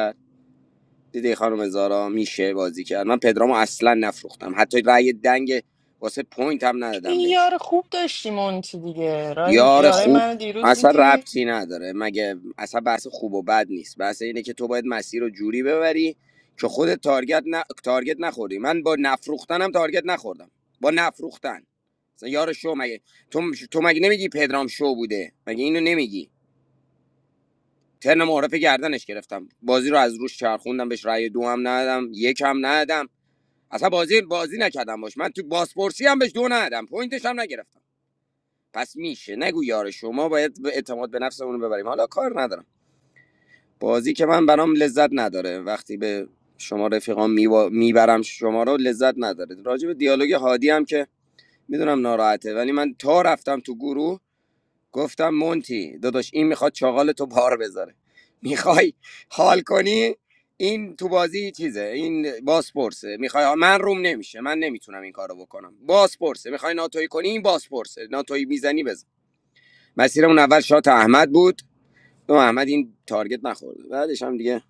F: دیدی خانم زارا میشه بازی کرد من پدرامو اصلا نفروختم حتی رأی دنگ واسه پوینت هم
B: این
F: ندادم بهش
B: یار خوب داشتی مونتی دیگه رای
F: یار
B: یارای
F: خوب
B: من دیروز
F: اصلا
B: دیدی
F: ربطی نداره مگه اصلا بحث خوب و بد نیست بحث اینه که تو باید مسیر رو جوری ببری که خود تارگت ن تارگت نخوری من با نفروختنم تارگت نخوردم با نفروختن مثلا یار شو مگه تو تو مگه نمیگی پدرام شو بوده مگه اینو نمیگی ترن معرف گردنش گرفتم بازی رو از روش چرخوندم بهش رأی دو هم ندادم یک هم ندادم اصلا بازی بازی نکردم باش من تو باسپورسی هم بهش دو ندادم پوینتش هم نگرفتم پس میشه نگو یار شما باید به اعتماد به نفسمون رو ببریم حالا کار ندارم بازی که من برام لذت نداره وقتی به شما رفیقام میوا... میبرم شما رو لذت نداره راجع به دیالوگ هادی هم که میدونم ناراحته ولی من تا رفتم تو گروه گفتم مونتی دادا هادی این تو بازی چیزه این باسپورسه میخوای من روم نمیشه من نمیتونم این کارو بکنم بنا توی میزنی بزن بعد این تارگت نخورد بعدش هم دیگه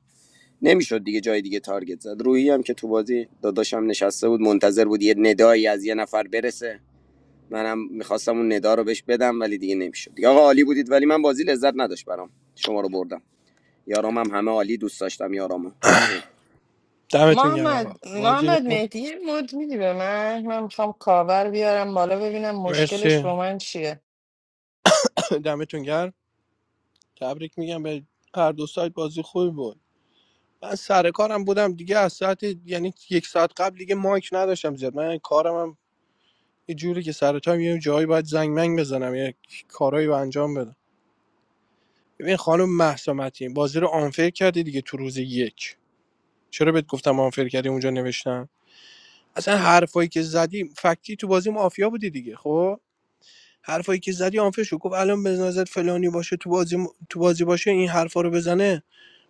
F: دا رو برام خوردم یارامم همه عالی دوست داشتم یارامو
L: دمتون گرم آقا
B: محمد
L: بازی
B: محمد
L: بمون
B: مهدی یه مد میدی به من من میخوام کاور بیارم بالا ببینم مشکلش
L: مرسی
B: با من چیه
L: دمتون گرم تبریک میگم به هر دو سایت بازی خوبی بود من سر کارم بودم دیگه از ساعت یعنی یک ساعت قبل دیگه مایک نداشتم زیاد من کارم هم یه جوری که سر تایم یه جایی باید زنگ منگ بزنم یه کارایی رو انجام بدم ببین خانم مهسا متین بازی رو آنفر کردی دیگه تو روز یک چرا بهت گفتم آنفر کردی اونجا نوشتم اصلا حرفایی که زدی فکتی تو بازی مافیا بودی دیگه خب حرفایی که زدی آنفر شد گفت الان به نظرت فلانی باشه تو بازی تو بازی باشه این حرفا رو بزنه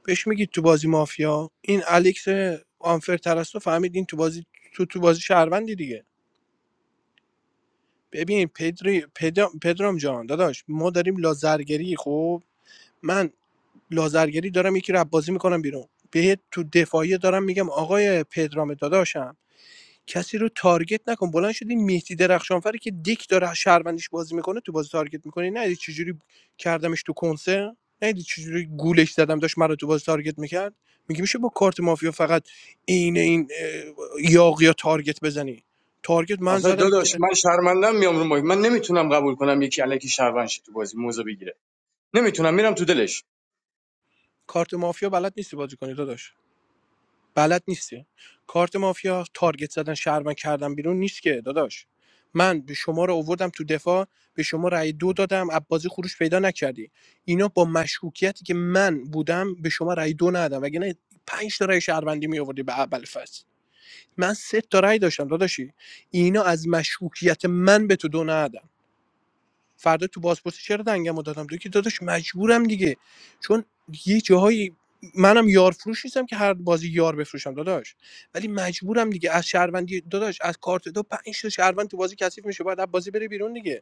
L: بهش میگید تو بازی مافیا این الکس آنفر ترستو فهمید این تو بازی تو تو بازی شهروندی دیگه ببین پدری پدرام, پدرام جان داداش ما داریم لازرگری خب من لازرگری دارم یکی رو بازی میکنم بیرون بهت تو دفاعی دارم میگم آقای پدرام داداشم کسی رو تارگت نکن بلند شدی مهدی درخشانفر که دیک داره از شهروندیش بازی میکنه تو بازی تارگت میکنی نه چجوری کردمش تو کنسه نه چجوری گولش زدم داشت مرا تو بازی تارگت میکرد میگه میشه با کارت مافیا فقط این این اه، یاقی یا تارگت بزنی تارگت من
D: آخه
L: زدم
D: داداش من شرمندم میام رو ما من نمیتونم قبول کنم یکی الکی شهروند شه تو بازی موزه بگیره نمیتونم میرم تو دلش
L: کارت مافیا بلد نیستی بازی کنی داداش بلد نیستی کارت مافیا تارگت زدن شهروند کردن بیرون نیست که داداش من به شما رو آوردم تو دفاع به شما رأی دو دادم عبازی خروش پیدا نکردی اینا با مشکوکیتی که من بودم به شما رأی دو ندادم وگرنه پنج تا رأی شهروندی می آوردی به اول فصل من سه تا رأی داشتم داداشی اینا از مشکوکیت من به تو دو ندادن فردا تو بازپرسی چرا دنگمو دادم تو که داداش مجبورم دیگه چون یه جاهایی منم یار فروش نیستم که هر بازی یار بفروشم داداش ولی مجبورم دیگه از شهروندی داداش از کارت دو پنج تا شهروند تو بازی کثیف میشه باید از بازی بره بیرون دیگه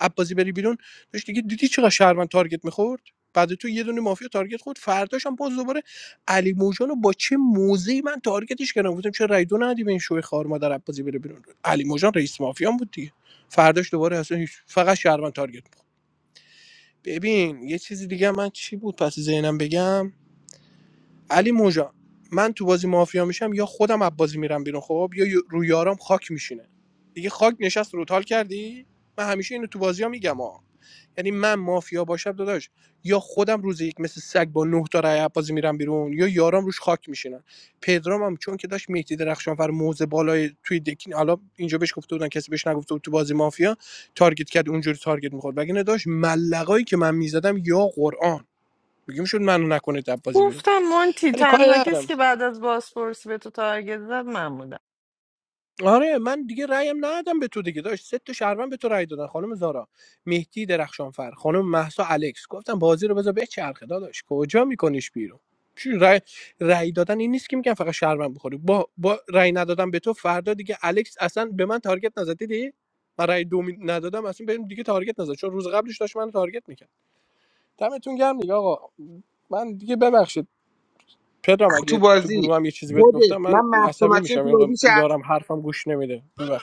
L: عباسی بری بیرون داشت دیگه دیدی چقدر شهروند تارگت میخورد بعد تو یه دونه مافیا تارگت خورد فرداش هم باز دوباره علی موجان رو با چه موزی من تارگتش کردم گفتم چرا رای دو ندی به این شوی خار مادر عباسی بره بیرون علی موجان رئیس مافیا هم بود دیگه فرداش دوباره اصلا هیچ فقط شهروند تارگت میخورد ببین یه چیزی دیگه من چی بود پس ذهنم بگم علی موجان من تو بازی مافیا میشم یا خودم از بازی میرم بیرون خب یا رویارام خاک میشینه دیگه خاک نشست رو تال کردی من همیشه اینو تو بازی ها میگم یعنی من مافیا باشم داداش یا خودم روز یک مثل سگ با نه تا رای بازی میرم بیرون یا یارام روش خاک میشینن پدرام هم چون که داشت مهدی درخشانفر موزه بالای توی دکین حالا اینجا بهش گفته بودن کسی بهش نگفته بود تو بازی مافیا تارگت کرد اونجوری تارگت میخورد وگرنه داشت ملقایی که من میزدم یا قرآن میگیم شد منو نکنه در بازی بیرون
B: گفتم مونتی
L: ولی کاری
B: تنها
L: ندارم
B: کسی که بعد از بازپرسی به تو تارگت زد من بودم
L: آره من دیگه رأیم ندادم به تو دیگه داشت سه تا شهروند به تو رأی دادن خانم زارا مهدی درخشانفر خانم مهسا الکس گفتم بازی رو بذار بچرخه داداش کجا میکنیش بیرون چی رأی, رأی دادن این نیست که میگن فقط شهروند بخوری با با رأی ندادم به تو فردا دیگه الکس اصلا به من تارگت نزد دیدی من رأی دو می- ندادم اصلا بهم دیگه تارگت نزد چون روز قبلش داشت من تارگت میکرد دمتون گرم دیگه آقا من دیگه ببخشید پدرام
M: تو
L: اگه تو
M: بازی
L: گروه هم یه چیزی بهت
M: خودت
L: گفتم
M: من
L: من
M: مهسا
L: عصبی
M: متین
L: میشم
M: رو
L: یه
M: تو
L: موقع
M: بازی
L: یارم حرفم گوش نمیده ببخشید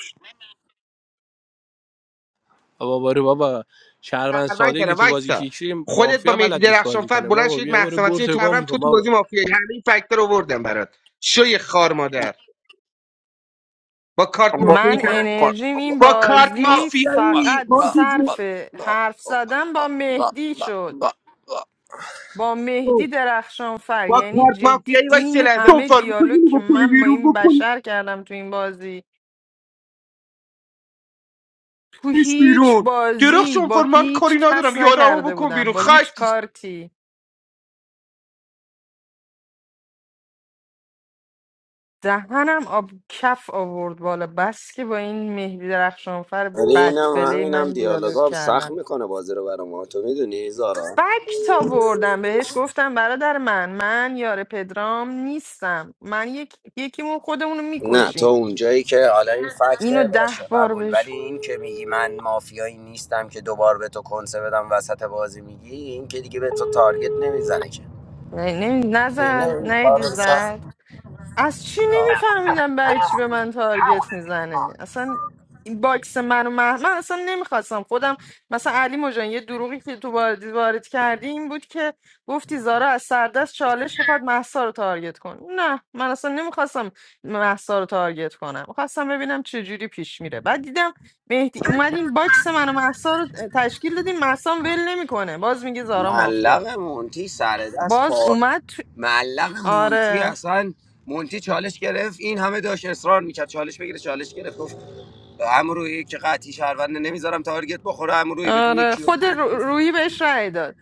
L: بابا برو بابا شهروند
M: شهروند
L: ساده که
M: کردم
L: تو بازی
M: وایسا
L: کیکشی
M: خودت با
L: مافیا
M: مهدی
L: بلد نیست بازی
M: درخشانفر
L: کنه
M: بلند
L: بابا
M: شدید
L: بیا برو
M: مهسا
L: گل
M: متین رو تو شهروند
L: تکام
M: تو
L: کن
M: تو بازی
L: بابا
M: مافیایی همه این فکتور رو آوردم برات شوی خار مادر با کارت مافیایی
B: من
M: فقط-
B: انرژیم این
M: با کارت
B: بازی
M: مافیایی
B: فقط
M: مونتی جون،
B: صرف حرف زدن با مهدی شد با مهدی درخشان فر
M: با
B: یعنی
M: کارت
B: جدی
M: مافیایی وایس
B: این
M: لحظه
B: همه
M: شانفر می‌خوای
B: دیالوگ که
M: بکنی
B: من با
M: بیرون
B: این
M: بکنیش
B: بشر کردم تو این بازی تو هیچ
M: بیرون
B: بازی با
M: درخشانفر من
B: هیچ
M: کاری ندارم
B: کس
M: یارمو
B: نکرده
M: بکن
B: بودم
M: بیرون
B: با
M: خاک
B: هیچ کارتی دهنم آب کف آورد بالا بس که با این مهدی درخشانفر
F: ولی اینم
B: بدفله
F: همینم
B: من دیالوگ
F: دیالوگا هم سخت
B: کردم
F: میکنه بازی رو برام. تو میدونی زارا
B: فکت آوردم بهش گفتم برادر من من یار پدرام نیستم من یک... یکیمون خودمون رو
F: نه تا
B: میکشیم
F: اونجایی که حالا این
B: اینو
F: فکته
B: ده
F: باشه
B: بار
F: قبول ولی
B: بهش
F: این که میگی من مافیایی نیستم که دوبار به تو کنسه بدم وسط بازی میگی این که دیگه به تو تارگت نمیزنه که
B: نه نه-
F: یعنی اینه
B: نزد
F: این کار
B: نیدی
F: سخت
B: زد از چی نمیفهمیدم برای چی به من تارگت میزنه اصلا این باکس من و مه- من اصلا نمیخواستم خودم مثلا علی مجان یه دروغی که تو وارد وارد کردی این بود که گفتی زارا از سردست چالش میخواد محسا رو تارگت کن نه من اصلا نمیخواستم محسا رو تارگت کنم خواستم ببینم چه جوری پیش میره بعد دیدم مهدی اومدین باکس من و محسا رو تشکیل دادیم محسا ول نمیکنه باز میگه زارا
F: ملق
B: مافیاست
F: مونتی سر دست
B: باز
F: پا
B: اومد تو...
F: معلق مونتی
B: آره
F: اصلا مونتی چالش گرفت این همه داشت اصرار میکرد چالش بگیره چالش گرفت امروی که قطعی شهرونده نمیذارم تارگت بخوره امروی بگو
B: آره
F: یکی
B: خود رو- روحی بهش رأی داد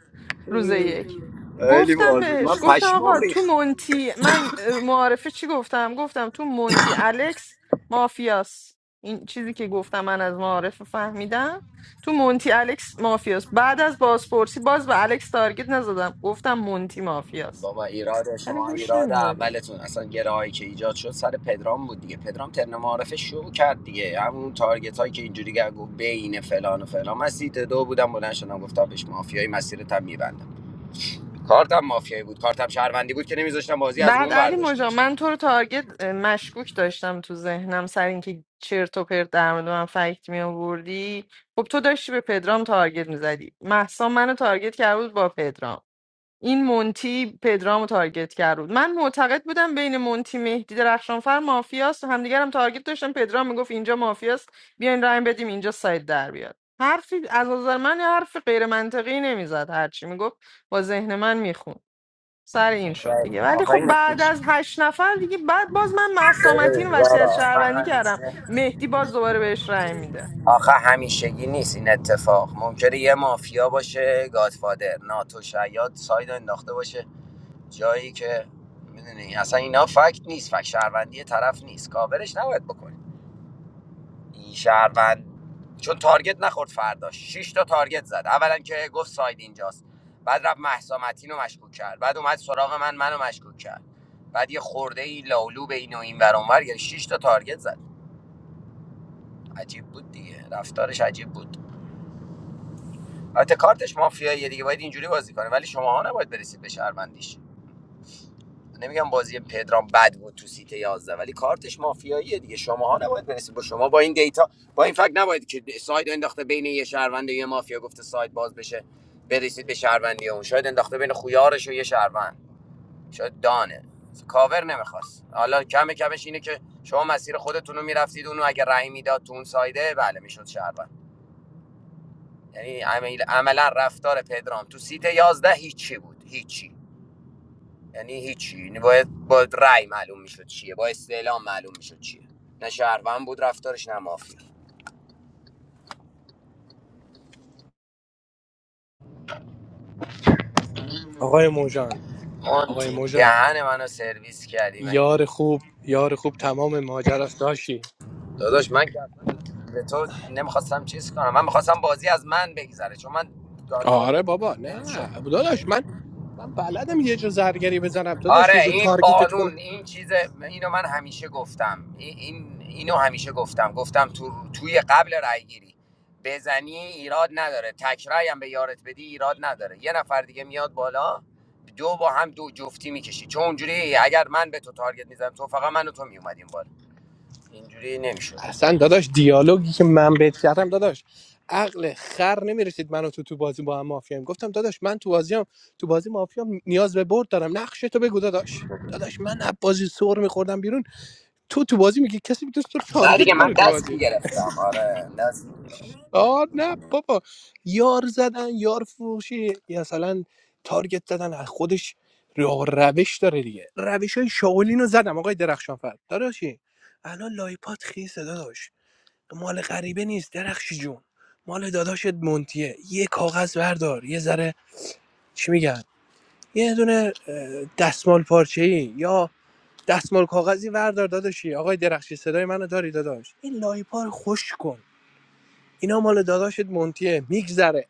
B: روز یک
F: خیلی
B: گفتم
F: باحال بود
B: بهش
F: من
B: گفتم
F: پشمام
B: آقا تو
F: ریخت
B: مونتی من معارفه چی گفتم گفتم تو مونتی الکس مافیاس این چیزی که گفتم من از معارفه فهمیدم تو مونتی الکس مافیاس بعد از بازپرسی باز به الکس تارگت نزدم گفتم مونتی مافیاس
F: بابا ایراد
B: ولی
F: شما
B: گوش
F: ایراد
B: نمیدادی
F: اولتون اصلا گرایی که ایجاد شد سر پدرام بود دیگه پدرام ترن معارفه شو کرد دیگه همون تارگت هایی که اینجوری گه بین فلان و فلان من سیت دو بودم بلند شدم گفتم بهش مافیایی مسیرتم میبندم کارتم مافیایی بود کارتم شهروندی بود که نمیذاشتم بازی از
B: بعد
F: روم
B: علی
F: ورداشته
B: مجا
F: بشه
B: من تو رو تارگت اه، مشکوک داشتم تو ذهنم سر اینکه چرت و پرت در مورد من فکت می آوردی خب تو داشتی به پدرام تارگت میزدی محسا منو تارگت کرده بود با پدرام این مونتی پدرام رو تارگت کرده بود من معتقد بودم بین مونتی مهدی درخشانفر مافیاست همدیگرم هم تارگت داشتم پدرام میگفت اینجا مافیاست بیاین رای بدیم اینجا ساید در بیاد حرفی از نظر من حرف غیر منطقی نمیزد هرچی میگفت با ذهن من میخوند سر این شد
F: آخه
B: دیگه ولی
F: آخه
B: خب
F: این
B: بعد
F: همیشه
B: از هشت نفر دیگه بعد باز من مسامتین
F: ببین،
B: وصیت
F: زارا، آخه
B: شهروندی کردم
F: همیشه
B: مهدی باز دوباره بهش رأی میده
F: آخه همیشگی نیست این اتفاق ممکنه یه مافیا باشه گادفادر ناتو شیاد ساید انداخته باشه جایی که میدونی اصلا اینا فکت نیست فکت شهروندی طرف نیست کاورش نباید بکنی این شهروند چون تارگت نخورد فرداش شش تا تارگت زد اولا که گفت ساید اینجاست بعد رفت مهسا متین رو مشکوک کرد بعد اومد سراغ من منو مشکوک کرد بعد یه خورده ای لالو به این و این ور اون ور، یعنی 6 تا تارگت زد عجیب بود دیگه رفتارش عجیب بود البته کارتش مافیاییه دیگه باید اینجوری بازی کنه ولی شماها نباید برسید به شهروندیش نمیگم بازی پدرام بد بود تو سیت 11 ولی کارتش مافیاییه دیگه شماها نباید برسید با شما با این دیتا با این فکت نباید که ساید انداخته بین یه شهروند و یه مافیا گفته ساید باز بشه برسید به شهروندی اون شاید انداخته بین خویارش و یه شهروند شاید دانه کاور نمیخواست حالا کم کمش اینه که شما مسیر خودتون رو میرفتید اونو اگه رأی میداد تو اون سایده بله میشد شهروند یعنی عمل- عملا رفتار پدرام تو سیت یازده هیچی بود هیچی یعنی هیچی یعنی باید با رأی معلوم میشد چیه با استعلام معلوم میشد چیه نه شهروند بود رفتارش نه مافیا
L: آقای موجان
F: اون
L: آقای موجان
F: دهن منو سرویس کردی من
L: یار خوب یار خوب تمام ماجراست داشتی
F: داداش من به تو نمیخواستم چیز کنم من میخواستم بازی از من بگذره چون من گادفادر
L: آره بابا
F: بودم نمیشد
L: نه داداش من من بلدم یه جا زرگری بزنم داداش
F: آره
L: یه جا
F: این
L: تارگتت کنم
F: قانون این چیز اینو من همیشه گفتم این اینو همیشه گفتم گفتم تو توی قبل رای گیری بزنی ایراد نداره تکرای هم به یارت بدی ایراد نداره یه نفر دیگه میاد بالا دو با هم دو جفتی میکشی چون اونجوری اگر من به تو تارگت میزدم تو فقط من و تو میومدیم بالا اینجوری نمیشد
L: اصلا داداش دیالوگی که من بهت کردم داداش عقل خر نمیرسید منو تو تو بازی با هم مافیام گفتم داداش من تو بازیام تو بازی مافیام نیاز به برد دارم نقش تو بگو داداش داداش من از بازی سر میخوردم بیرون تو تو بازی میگی کسی میتونست تو رو
F: نه
L: تارگت
F: دیگه
L: کنه
F: من
L: تو
F: دست
L: بازی
F: میگرفتم آره
L: آه نه بابا یار زدن یار فروشی یا مثلا تارگت زدن از خودش رو- روش داره دیگه روش های شاولین رو زدم آقای درخشانفر داداشی الان لایپات خیسه داداش مال غریبه نیست درخشی جون مال داداشت مونتیه یه کاغذ بردار یه ذره چی میگن یه دونه اه، دستمال پارچه ای یا دستمال کاغذی وردار داداشی آقای درخشی صدای منو داری داداش این لایپا رو خوش کن اینا مال داداشت مونتیه میگذره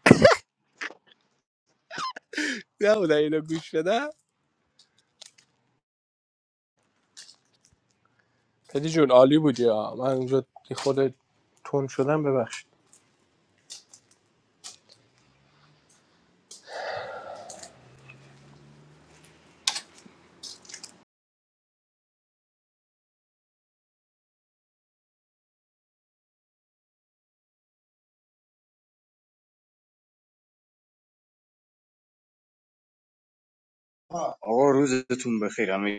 L: نبوده اینو گوش بدم پدی جون عالی بودی ها من اونجا خود تون شدم ببخش
D: آقا روزتون بخیر همه